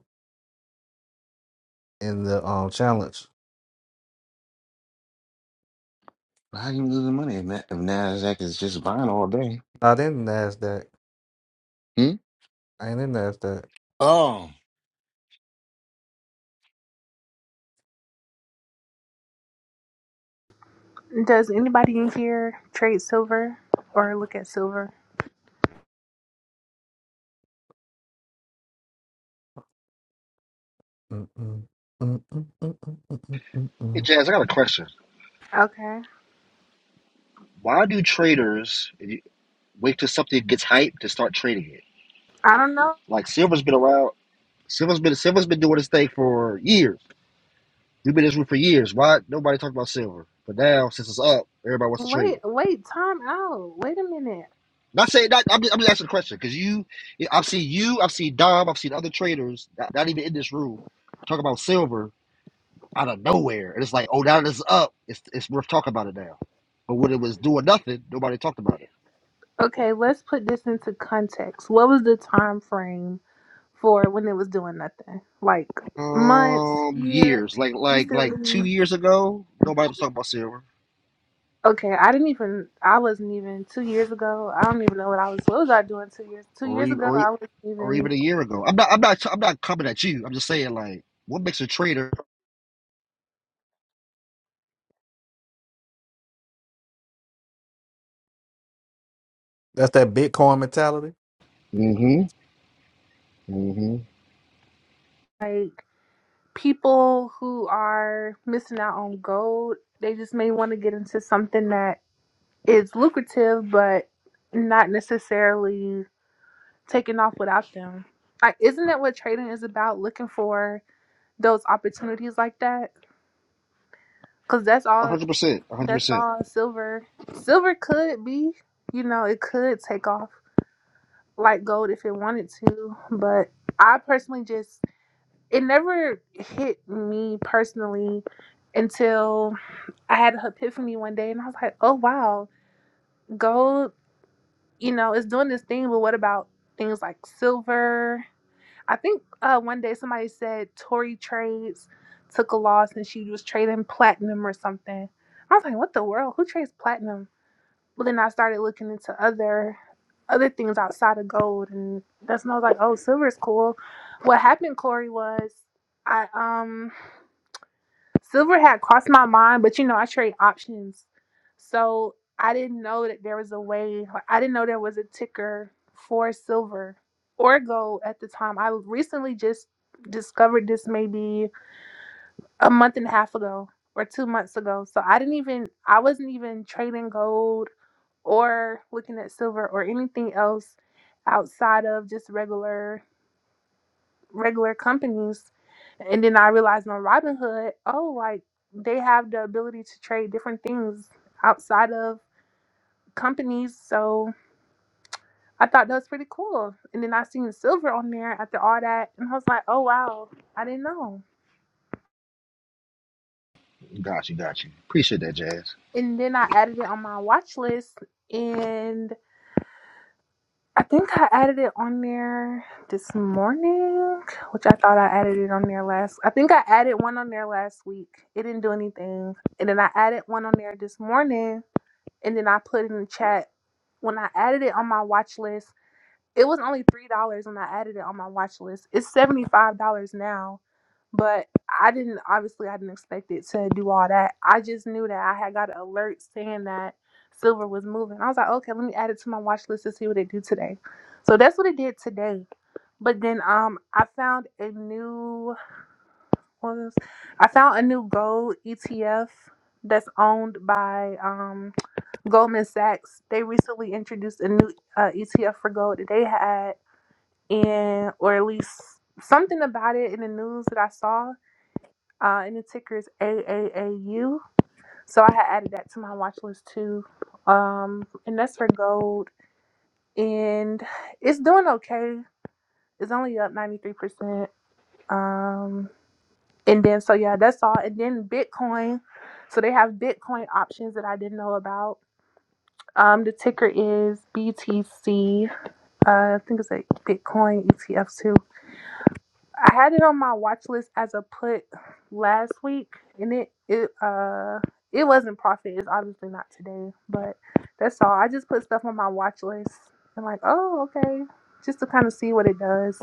S16: in the um challenge.
S15: But How you losing money if, Na- if Nasdaq is just buying all day?
S16: Not in Nasdaq.
S15: Hmm?
S16: I Ain't in Nasdaq.
S15: Oh,
S14: Does anybody in here trade silver or look at silver?
S16: Mm-mm. Mm-mm. Mm-mm.
S9: Hey,
S16: Mm-mm.
S9: Jazz, I got a question.
S14: Okay.
S9: Why do traders wait till something gets hyped to start trading it?
S14: I don't know.
S9: Like silver's been around. Silver's been silver's been doing this thing for years. We've been in this room for years. Why nobody talking about silver? But now since it's up, everybody wants to trade
S14: Wait,
S9: it.
S14: wait, time out. Wait a minute.
S9: Not saying that. I'm just, I'm just asking the question because you, I've seen you, I've seen Dom, I've seen other traders, not, not even in this room, talk about silver out of nowhere, and it's like, oh, now that it's up, it's it's worth talking about it now. But when it was doing nothing, nobody talked about it.
S14: Okay, let's put this into context. What was the time frame for when it was doing nothing? Like months,
S9: Um,
S14: year,
S9: years like like like two
S14: recently?
S9: years ago, nobody was talking about silver,
S14: Okay, I didn't even I wasn't even two years ago. I don't even know what I was what was I doing two years two
S9: or
S14: years
S9: even
S14: ago
S9: or, e-
S14: I wasn't
S9: or
S14: even
S9: even a year ago. I'm not I'm not I'm not coming at you. I'm just saying like, what makes a trader?
S16: That's that Bitcoin mentality.
S9: Mm-hmm. Mm-hmm.
S14: like people who are missing out on gold, they just may want to get into something that is lucrative but not necessarily Taking off without them. Like, isn't that what trading is about? Looking for those opportunities like that, because that's
S9: A
S14: all.
S9: hundred percent. a hundred
S14: That's
S9: percent.
S14: all silver. Silver could be, you know, it could take off like gold if it wanted to, but I personally just it never hit me personally until I had an epiphany one day, and I was like, oh wow, gold, you know, it's doing this thing, but what about things like silver? I think uh, one day somebody said Tory Trades took a loss and she was trading platinum or something. I was like, what the world? Who trades platinum? But then I started looking into other other things outside of gold, and that's when I was like, oh, silver's cool. What happened, Corey, was I um Silver had crossed my mind, but you know, I trade options. So I didn't know that there was a way, I didn't know there was a ticker for silver or gold at the time. I recently just discovered this maybe a month and a half ago or two months ago. So I didn't even, I wasn't even trading gold or looking at silver or anything else outside of just regular regular companies and then I realized on Robinhood, oh, like they have the ability to trade different things outside of companies. So I thought that was pretty cool. And then I seen the silver on there after all that, and I was like, oh wow, I didn't know.
S9: Got you. Got you. Appreciate that, Jazz.
S14: And then I added it on my watch list, and I think I added it on there this morning, which I thought I added it on there last. I think I added one on there last week. It didn't do anything. And then I added one on there this morning. And then I put in the chat when I added it on my watch list. It was only three dollars when I added it on my watch list. It's seventy five dollars now, but I didn't obviously I didn't expect it to do all that. I just knew that I had got an alert saying that silver was moving. I was like, okay, let me add it to my watch list to see what it do today. So that's what it did today. But then um I found a new what was I found a new gold ETF that's owned by um Goldman Sachs. They recently introduced a new uh, ETF for gold. They had and or at least something about it in the news that I saw. Uh, and the ticker is AAAU. So I had added that to my watch list too. Um, and that's for gold. And it's doing okay. It's only up 93%. Um, and then, so yeah, that's all. And then Bitcoin. So they have Bitcoin options that I didn't know about. Um, the ticker is BTC. Uh, I think it's a Bitcoin ETF too. I had it on my watch list as a put last week, and it it uh it wasn't profit. It's obviously not today, but that's all. I just put stuff on my watch list and like, oh okay, just to kind of see what it does.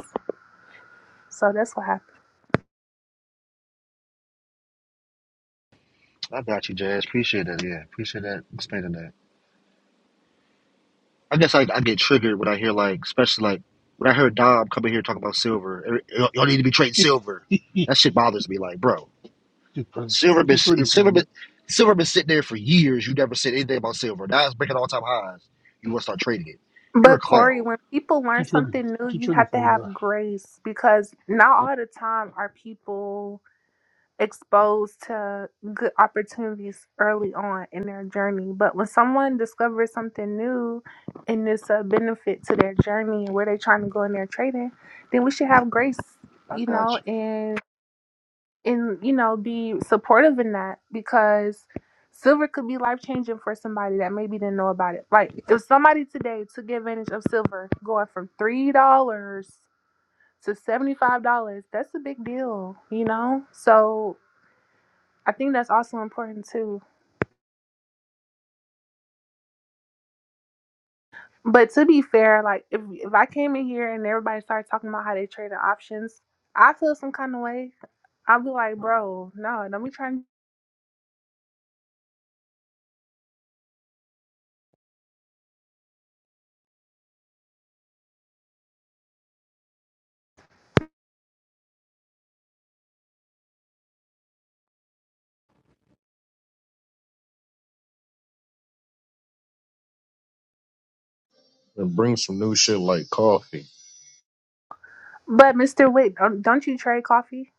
S14: So that's what happened.
S9: I got you, Jazz. Appreciate that. Yeah. Appreciate that. Explaining that. I guess I I get triggered when I hear like, especially like when I heard Dom coming here talking about silver. Y'all y'all need to be trading silver. That shit bothers me. Like, bro. Silver been si, Silver been Silver been sitting there for years. You never said anything about Silver. Now it's breaking all time highs. You want to start trading it? You're a
S14: But Corey,
S9: clown.
S14: when people learn something new, you have to have grace because not all the time are people exposed to good opportunities early on in their journey. But when someone discovers something new and it's a benefit to their journey and where they're trying to go in their trading, then we should have grace,
S9: I
S14: you
S9: got
S14: know,
S9: you.
S14: and and you know, be supportive in that because silver could be life changing for somebody that maybe didn't know about it. Like if somebody today took advantage of silver going from three dollars to $75 that's a big deal you know so I think that's also important too. But to be fair, like if if I came in here and everybody started talking about how they traded options, I feel some kind of way. I'd be like, bro, no, don't be trying.
S7: And bring some new shit like coffee.
S14: But Mister Wick, don't, don't you trade coffee?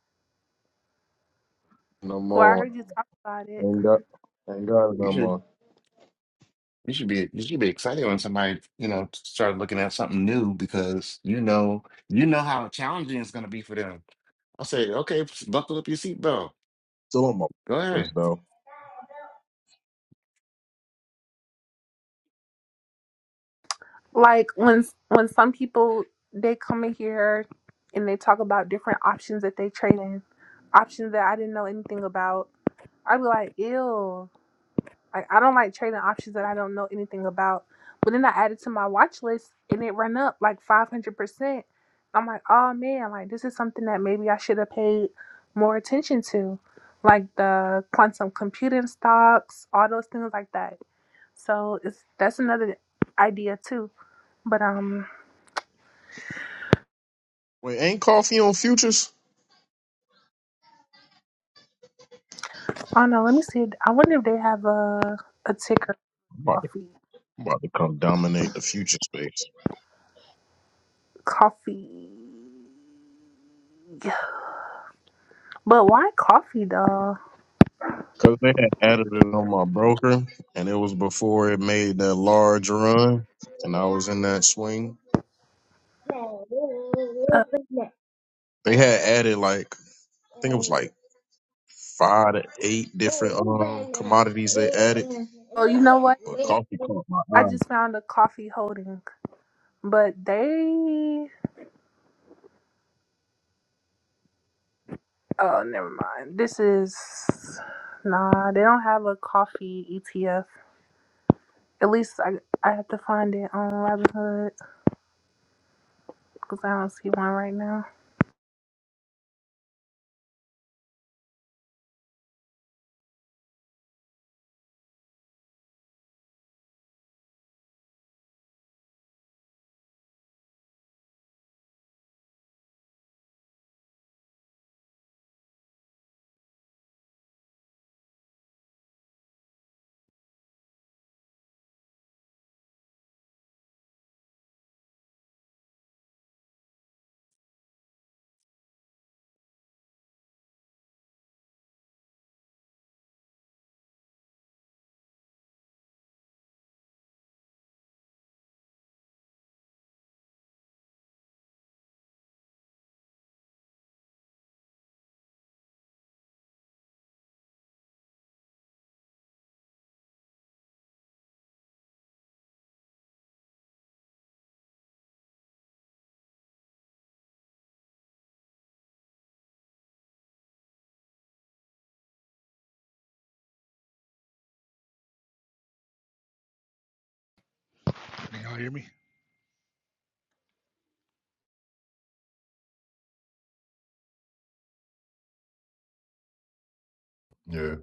S7: No
S14: Well, I
S7: more.
S14: heard you talk about it.
S7: Ain't got, ain't got it
S15: you
S7: no
S15: should
S7: more.
S15: you should be you should be excited when somebody you know started looking at something new because you know you know how challenging it's going to be for them. I say, okay, buckle up your seatbelt.
S7: Still on my
S15: Go
S7: list,
S15: ahead.
S7: though.
S14: Like when when some people they come in here and they talk about different options that they trade in, options that I didn't know anything about. I'd be like, ew. Like I don't like trading options that I don't know anything about. But then I added to my watch list and it ran up like five hundred percent. I'm like, oh man, like this is something that maybe I should have paid more attention to. Like the quantum computing stocks, all those things like that. So it's that's another idea too. But um
S7: Wait, ain't coffee on futures?
S14: I don't know, let me see. I wonder if they have a a ticker
S7: I'm about
S14: coffee.
S7: I'm about to come dominate the future space.
S14: Coffee. But why coffee though?
S7: Cause they had added it on my broker, and it was before it made that large run, and I was in that swing.
S14: Uh,
S7: They had added like I think it was like five to eight different um commodities they added,
S14: oh, you know what?
S7: but coffee caught my
S14: I
S7: eye.
S14: just found a coffee holding, but they. Oh, never mind. This is nah. They don't have a coffee ETF. At least I I have to find it on Robinhood because I don't see one right now.
S4: Yeah.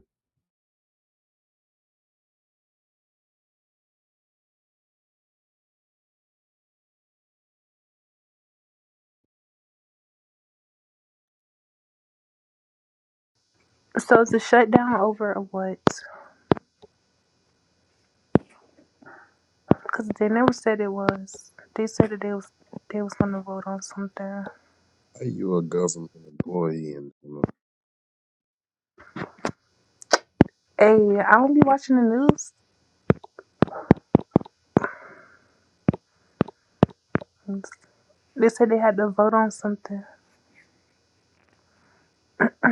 S14: So is the shutdown over or what? Because they never said it was. They said that they was they was gonna vote on something.
S7: Are you a government employee?
S14: Hey, I don't be watching the news. They said they had to vote on something.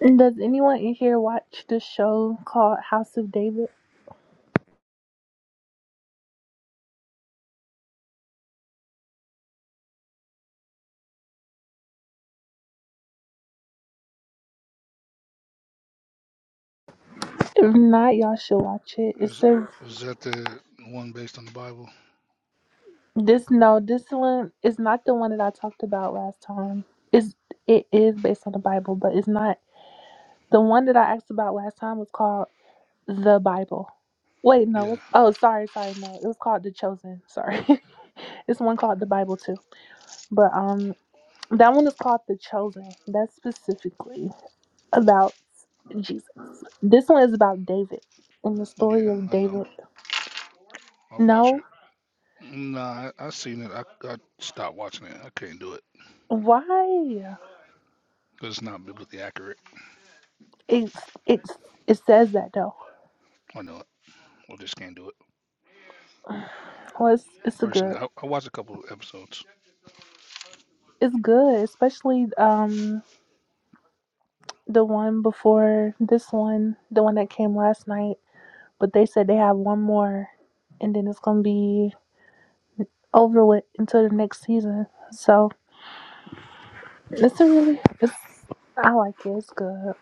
S14: Does anyone in here watch the show called House of David? If not, y'all should watch it. It's a this no, this one is not the one that I talked about last time. It's it is based on the Bible, but it's not the one that I asked about last time was called The Bible. Wait, no, it's, oh sorry, sorry, no. It was called The Chosen. Sorry. it's one called The Bible too. But um that one is called The Chosen. That's specifically about Jesus. This one is about David and the story of David. No. Why? It's it's it says that though. Well, it's it's a good. It's good, especially um the one before this one, the one that came last night. But they said they have one more, and then it's gonna be over with until the next season. So it's a really it's. I like it. It's good.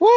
S5: Woo!